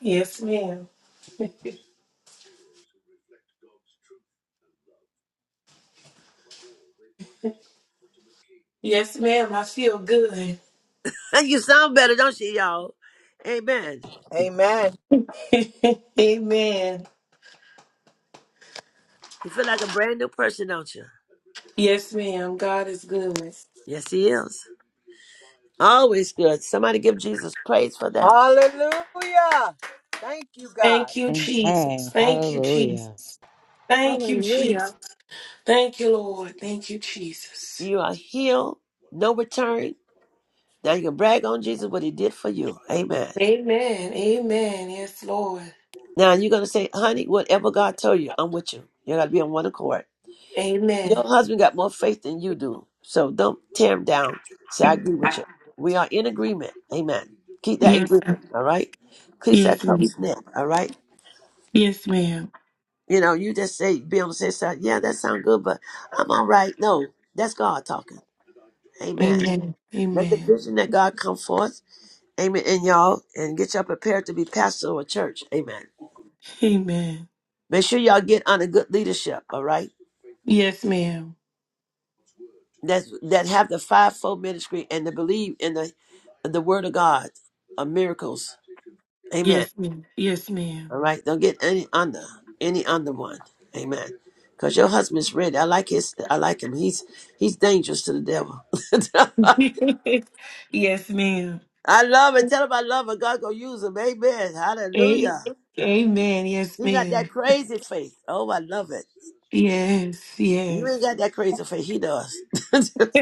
F: Yes, ma'am. Yes, ma'am. I feel good.
B: you sound better, don't you, y'all? Amen.
E: Amen.
F: Amen.
B: You feel like a brand new person, don't you?
F: Yes, ma'am. God is good.
B: Yes, he is. Always good. Somebody give Jesus praise for that.
E: Hallelujah. Thank you, God.
F: Thank you, Jesus.
C: Amen.
F: Thank you,
C: Hallelujah.
F: Jesus. Thank you, Jesus.
A: hallelujah.
F: Thank you, Lord. Thank you, Jesus.
B: You are healed, no return. Now you can brag on Jesus what he did for you. Amen.
F: Amen. Amen. Yes, Lord.
B: Now you're gonna say, honey, whatever God told you, I'm with you. You gotta be on one accord.
F: Amen.
B: Your husband got more faith than you do. So don't tear him down. Say, I agree with you. We are in agreement. Amen. Keep that in
F: Yes, sir.
B: agreement, all right? Keep that
F: Yes, ma'am.
B: close knit, all right?
F: Yes, ma'am.
B: You know, you just say be able to say something, yeah, that sounds good, but I'm all right. No, that's God talking. Amen.
F: Amen.
B: Let the
F: Amen.
B: vision that God come forth. Amen. And y'all, and get y'all prepared to be pastor of a church. Amen.
F: Amen.
B: Make sure y'all get under good leadership. All right.
F: Yes, ma'am.
B: That that have the fivefold ministry and to believe in the the word of God of miracles. Amen.
F: Yes, ma'am. Yes,
B: All
F: ma'am.
B: right. Don't get any under any under one. Amen. Cause your husband's ready. I like his. I like him. He's he's dangerous to the devil.
F: yes, ma'am.
B: I love it. Tell him I love it. God gonna use him. Amen.
F: A-
B: Hallelujah.
F: Amen. Yes,
B: He got that
F: ma'am.
B: crazy faith. Oh, I love it.
F: Yes,
B: You ain't
F: yes.
B: got that crazy faith. He does.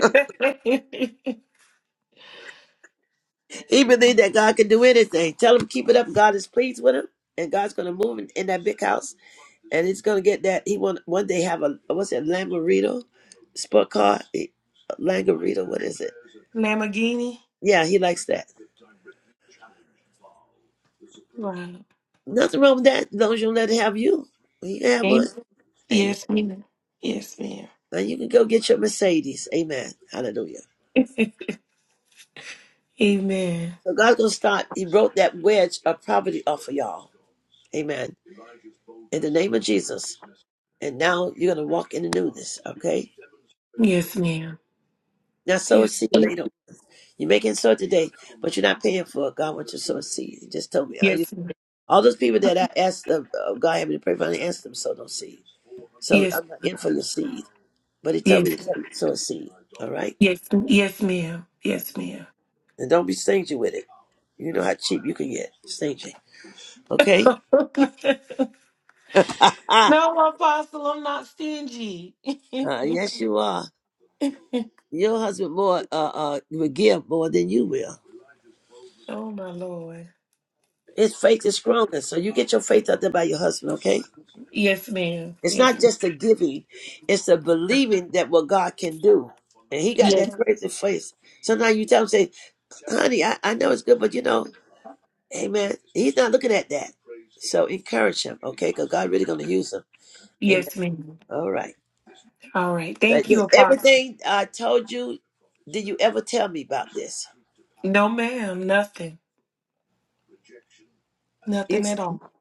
B: he believe that God can do anything. Tell him keep it up. God is pleased with him, and God's gonna move in, in that big house, and he's gonna get that. He want one day have a what's it, Lamborghini, sport car, Eh, Lamborghini. What is it?
F: Lamborghini.
B: Yeah, he likes that.
F: Wow.
B: Nothing wrong with that. As long as you don't let it have you, you can have one.
F: Amen.
B: Amen.
F: Yes, ma'am. Yes, ma'am.
B: And you can go get your Mercedes. Amen. Hallelujah.
F: Amen.
B: So God's gonna start. He wrote that wedge of poverty off of y'all. Amen. In the name of Jesus. and now you're gonna walk in the newness. Okay.
F: Yes, ma'am.
B: Now sow a
F: Yes.
B: seed later. You're making sow today, but you're not paying for it. God wants you to sow a seed. He just told me. Are you,
F: Yes. ma'am.
B: all those people that I asked uh, uh, God had me to pray for, I didn't ask them to sow no seed. So
F: Yes.
B: I'm not in for your seed. But he told
F: Yes.
B: me to tell you to sow a seed. All right.
F: Yes. Yes, ma'am. Yes, ma'am.
B: And don't be stingy with it. You know how cheap you can get. Stingy. Okay? uh,
F: no, Apostle, I'm not stingy.
B: yes, you are. Your husband more uh, uh will give more than you will.
F: oh my Lord.
B: His faith is stronger. So you get your faith out there by your husband, okay?
F: Yes, ma'am.
B: It's
F: Yes.
B: not
F: ma'am.
B: just a giving, it's a believing that what God can do. And he got
F: Yes.
B: that crazy face. Sometimes you tell him, say, honey, I, I know it's good, but you know, amen. He's not looking at that. So encourage him, okay? Because God really going to use him. Amen.
F: Yes, ma'am.
B: All right.
F: All right.
B: Like,
F: Thank you, Apostle.
B: Everything I told you, did you ever tell me about this?
F: No, ma'am, nothing.
B: You-
F: Nothing at all.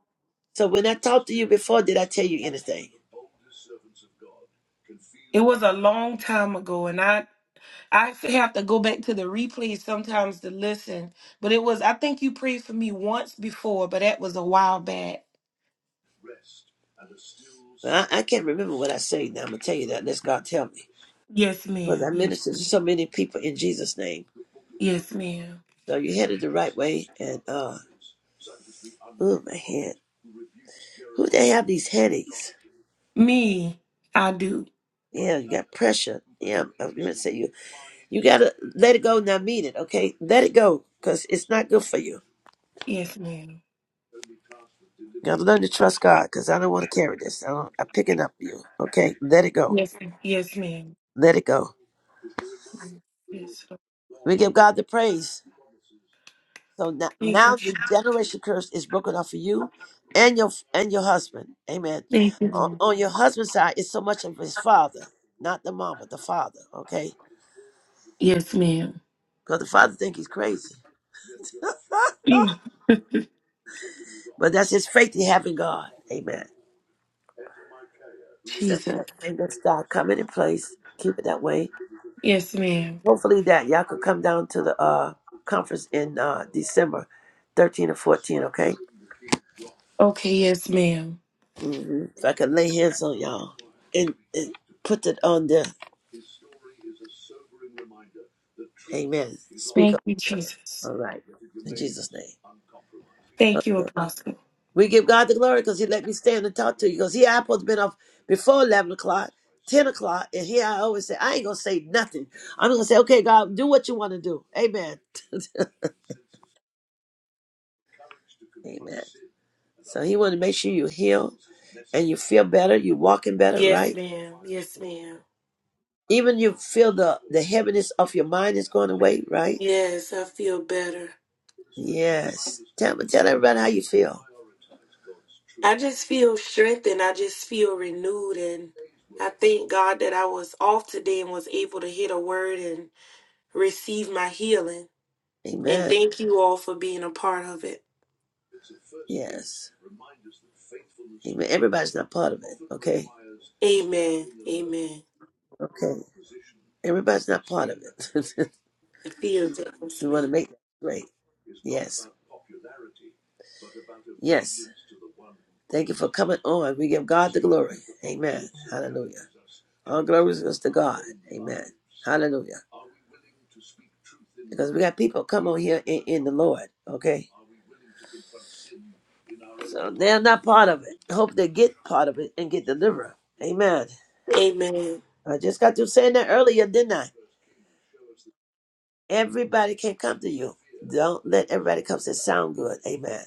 B: So when I talked to you before, did I tell you anything?
F: It was a long time ago, and I I have to go back to the replays sometimes to listen. But it was I think you prayed for me once before, but that was a while back.
B: Well, I, I can't remember what I say now. I'm going to tell you that. Let us God tell me.
F: Yes,
B: Because I
F: ma'am. Yes,
B: minister to so many people in Jesus' name.
F: yes, ma'am.
B: So you headed the right way and uh ooh my head. Who they have these headaches?
F: Me, I do.
B: Yeah, you got pressure. Yeah, I'm gonna say you you gotta let it go, and not mean it, okay? Let it go, cause it's not good for you.
F: Yes, ma'am.
B: You gotta learn to trust God, cause I don't wanna carry this. I don't, I'm picking up you, okay? Let it go.
F: Yes, ma'am. yes, ma'am.
B: Let it go.
F: Yes. Lord.
B: We give God the praise. So now,
F: Thank you.
B: now
F: Je-
B: the generation curse is broken off of you and your and your husband. Amen.
F: Thank you,
B: On,
F: Lord.
B: on your husband's side, it's so much of his father, not the mama, the father, okay?
F: Yes, ma'am.
B: Because the father think he's crazy.
F: Mm.
B: but that's his faith he have in God. Amen. So
F: Jesus.
B: and that's God coming in place. Keep it that way.
F: Yes, ma'am.
B: Hopefully that y'all could come down to the uh conference in uh December 13 or 14, okay?
F: Okay. Yes, ma'am.
B: hmm If I could lay hands on y'all and, and put it on there. Amen. Speak
F: Thank
B: up.
F: you, Jesus.
B: All right. In Jesus' name.
F: Thank you, Apostle.
B: We give God the glory because He let me stand and talk to you. Because here I supposed to been off before eleven o'clock, ten o'clock, and here I always say I ain't gonna say nothing. I'm gonna say, okay, God, do what you want to do. Amen. Amen. So He want to make sure you heal and you feel better. You walking better,
F: Yes,
B: right?
F: ma'am. Yes, ma'am.
B: Even you feel the the heaviness of your mind is going away, right?
F: Yes, I feel better.
B: Yes. Tell tell everybody how you feel.
F: I just feel strengthened. I just feel renewed. And I thank God that I was off today and was able to hit a word and receive my healing. And
B: Amen.
F: thank you all for being a part of it.
B: Yes. Even everybody's not part of it. Okay.
F: Amen. Amen.
B: Okay. Everybody's not part of it.
F: It feels it, yes,
B: you want to
F: ma'am.
B: make that great. Yes. Yes. Thank you for coming on. We give God the glory. Amen. Hallelujah. All glory is to God. Amen. Hallelujah. Because we got people come on here in, in the Lord. Okay. So they're not part of it. Hope they get part of it and get delivered. Amen.
F: Amen.
B: I just got through saying that earlier, didn't I? Everybody can't come to you. Don't let everybody come to sound good. Amen.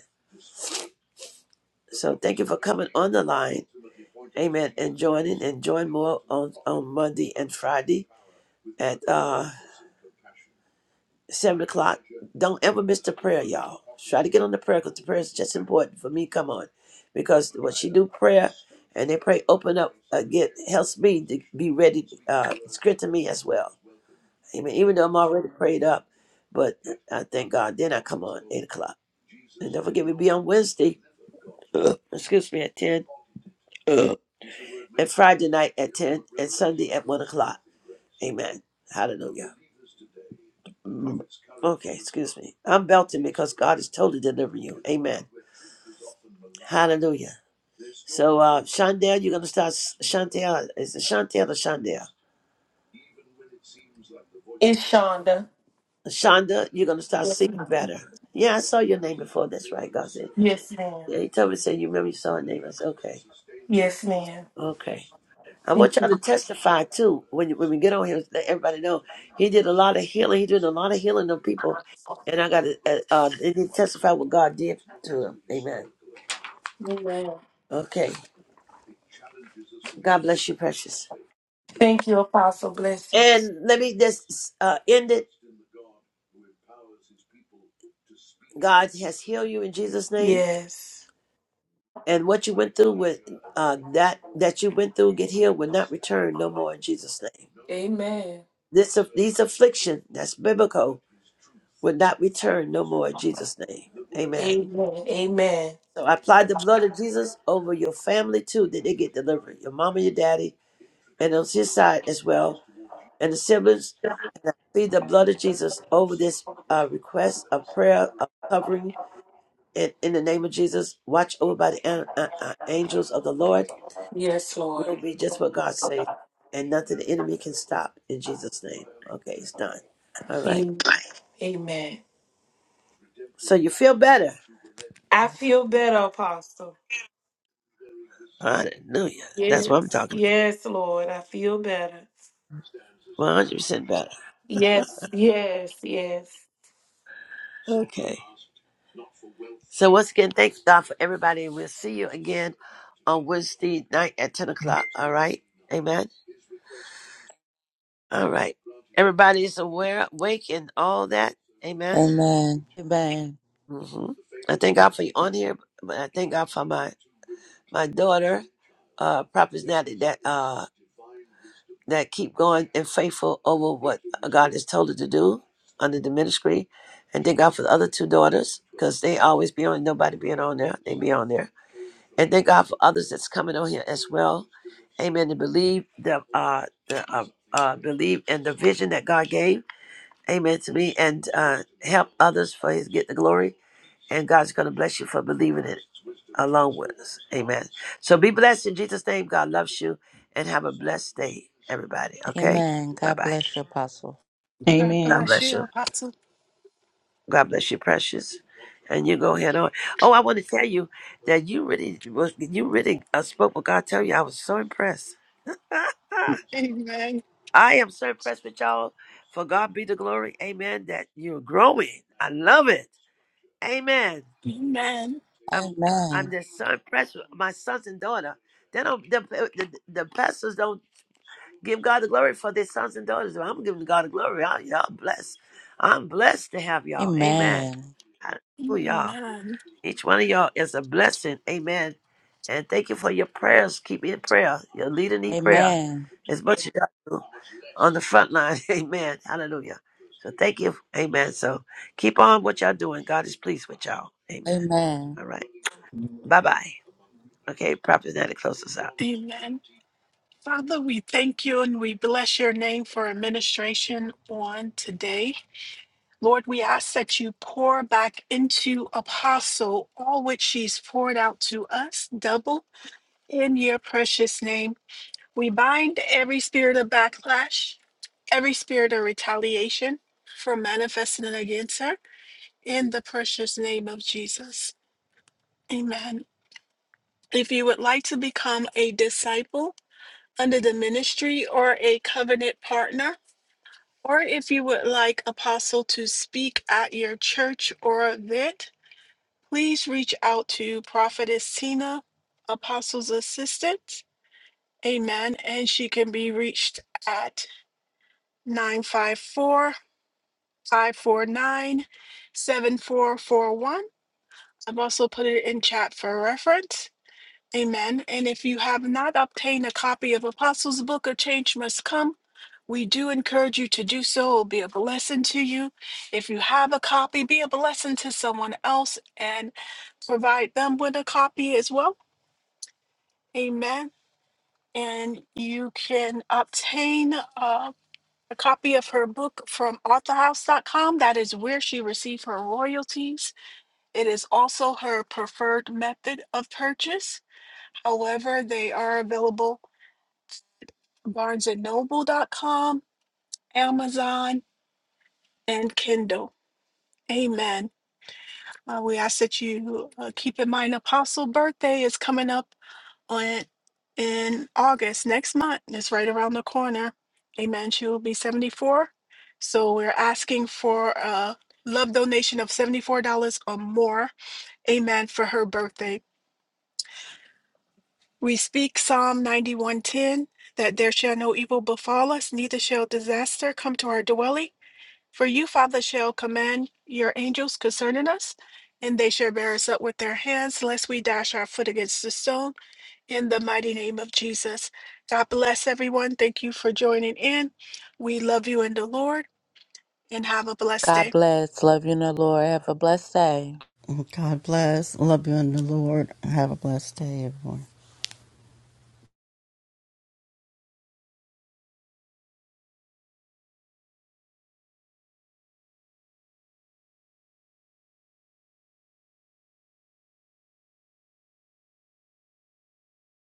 B: So thank you for coming on the line. Amen. And joining and join more on, on Monday and Friday at uh seven o'clock. Don't ever miss the prayer, y'all. Try to get on the prayer because the prayer is just important for me. Come on, because when she do prayer and they pray, open up, uh, get helps me to be ready, uh, strengthen me as well. Amen. Even though I'm already prayed up, but I thank God. Then I come on eight o'clock, and don't forget we be on Wednesday. excuse me at ten, and Friday night at ten, and Sunday at one o'clock. Amen. Hallelujah. Okay, excuse me. I'm belting because God is totally delivering you. Amen. Hallelujah. So, uh, Shondell, you're going to start, s- Chantel, is it Chantel or Shondell?
F: It's Shonda.
B: Shonda, you're going to start
F: Yes,
B: sleeping
F: ma'am.
B: better. Yeah, I saw your name before. That's right, God said.
F: Yes, ma'am.
B: Yeah, he told me, said, you remember you saw her name. I said, okay.
F: Yes, ma'am.
B: Okay. I want
F: Thank
B: y'all
F: you.
B: to testify too when when we get on here. Let everybody know he did a lot of healing. He did a lot of healing on people, and I got to uh, uh, they need to testify what God did to him. Amen.
F: Amen.
B: Okay. God bless you, precious.
F: Thank you, Apostle. Blessings.
B: And let me just uh, end it. God has healed you in Jesus' name.
F: Yes.
B: And what you went through with uh, that that you went through get healed will not return no more in Jesus' name.
F: Amen.
B: This aff- these affliction that's biblical will not return no more in Jesus' name. Amen.
F: Amen. Amen.
B: So I applied the blood of Jesus over your family too, that they get delivered. Your mama, your daddy, and on his side as well, and the siblings. And I plead the blood of Jesus over this uh, request of prayer of covering And in the name of Jesus, watch over by the an- uh, uh, angels of the Lord.
F: Yes, Lord.
B: Will be just what God says, and nothing the enemy can stop. In Jesus' name. Okay, it's done. All right.
F: Amen. Amen.
B: So you feel better.
F: I feel better, Apostle.
B: Hallelujah. That's what I'm
F: Yes.
B: talking
F: Yes, Lord. I feel better.
B: about. 100% better.
F: Yes. Yes. Yes.
B: Okay. So once again, thanks God for everybody, and we'll see you again on Wednesday night at 10 o'clock. All right. Amen. All right. Everybody's aware, awake, and all that. Amen.
C: Amen. Amen.
B: hmm I thank God for you on here, but I thank God for my my daughter, uh, Prophet Natty, that uh that keep going and faithful over what God has told her to do under the ministry, and thank God for the other two daughters because they always be on nobody being on there, they be on there, and thank God for others that's coming on here as well, Amen. To believe the uh the uh, uh believe in the vision that God gave, Amen to me, and uh help others for His get the glory and God's going to bless you for believing it along with us. Amen. So be blessed in Jesus' name. God loves you, and have a blessed day, everybody. Okay.
C: Amen.
B: Bye
C: God
B: bye.
C: bless you, Apostle.
A: God
H: Amen.
B: God
A: bless
B: bless
A: you,
B: you.
A: Apostle.
B: God bless you, precious. And you go ahead on. Oh, I want to tell you that you really, was- you really uh, spoke what God tell you. I was so impressed.
A: Amen.
B: I am so impressed with y'all. For God be the glory. Amen. That you're growing. I love it. Amen.
A: Amen.
B: I'm I'm
C: Amen.
B: the son pastor, my sons and daughter. They don't the, the the pastors don't give God the glory for their sons and daughters. I'm giving God the glory. I, y'all blessed. I'm blessed to have y'all. Amen.
C: Amen.
B: Hallelujah. Y'all.
A: Amen.
B: Each one of y'all is a blessing. Amen. And thank you for your prayers. Keep me in prayer. Your leader need prayer
C: Amen.
B: as much as I do on the front line. Amen. Hallelujah. So thank you. Amen. So keep on what y'all doing. God is pleased with y'all. Amen.
C: Amen.
B: All right. Bye bye. Okay, Prophet Nana, close us out.
A: Amen. Father, we thank you and we bless your name for administration on today. Lord, we ask that you pour back into Apostle all which she's poured out to us, double in your precious name. We bind every spirit of backlash, every spirit of retaliation from manifesting against her in the precious name of Jesus. Amen. If you would like to become a disciple, under the ministry or a covenant partner, or if you would like Apostle to speak at your church or event, please reach out to Prophetess Tina, Apostle's assistant. Amen. And she can be reached at nine five four five four nine seven four four one. I've also put it in chat for reference. Amen. And if you have not obtained a copy of Apostles' Book, A Change Must Come, we do encourage you to do so. It will be a blessing to you. If you have a copy, be a blessing to someone else and provide them with a copy as well. Amen. And you can obtain uh, a copy of her book from authorhouse.com. That is where she received her royalties. It is also her preferred method of purchase. However, they are available barnesandnoble.com, Amazon, and Kindle. Amen. Uh, we ask that you uh, keep in mind Apostle birthday is coming up on in August next month. It's right around the corner. Amen. She will be 74. So we're asking for a love donation of $74 or more. Amen. For her birthday. We speak Psalm 91:10 that there shall no evil befall us, neither shall disaster come to our dwelling. For you, Father, shall command your angels concerning us, and they shall bear us up with their hands, lest we dash our foot against the stone, in the mighty name of Jesus. God bless everyone. Thank you for joining in. We love you in the Lord, and have a blessed
C: God
A: day.
C: bless. Love you in the Lord. Have a blessed day.
D: God bless. Love you in the Lord. Have a blessed day, everyone.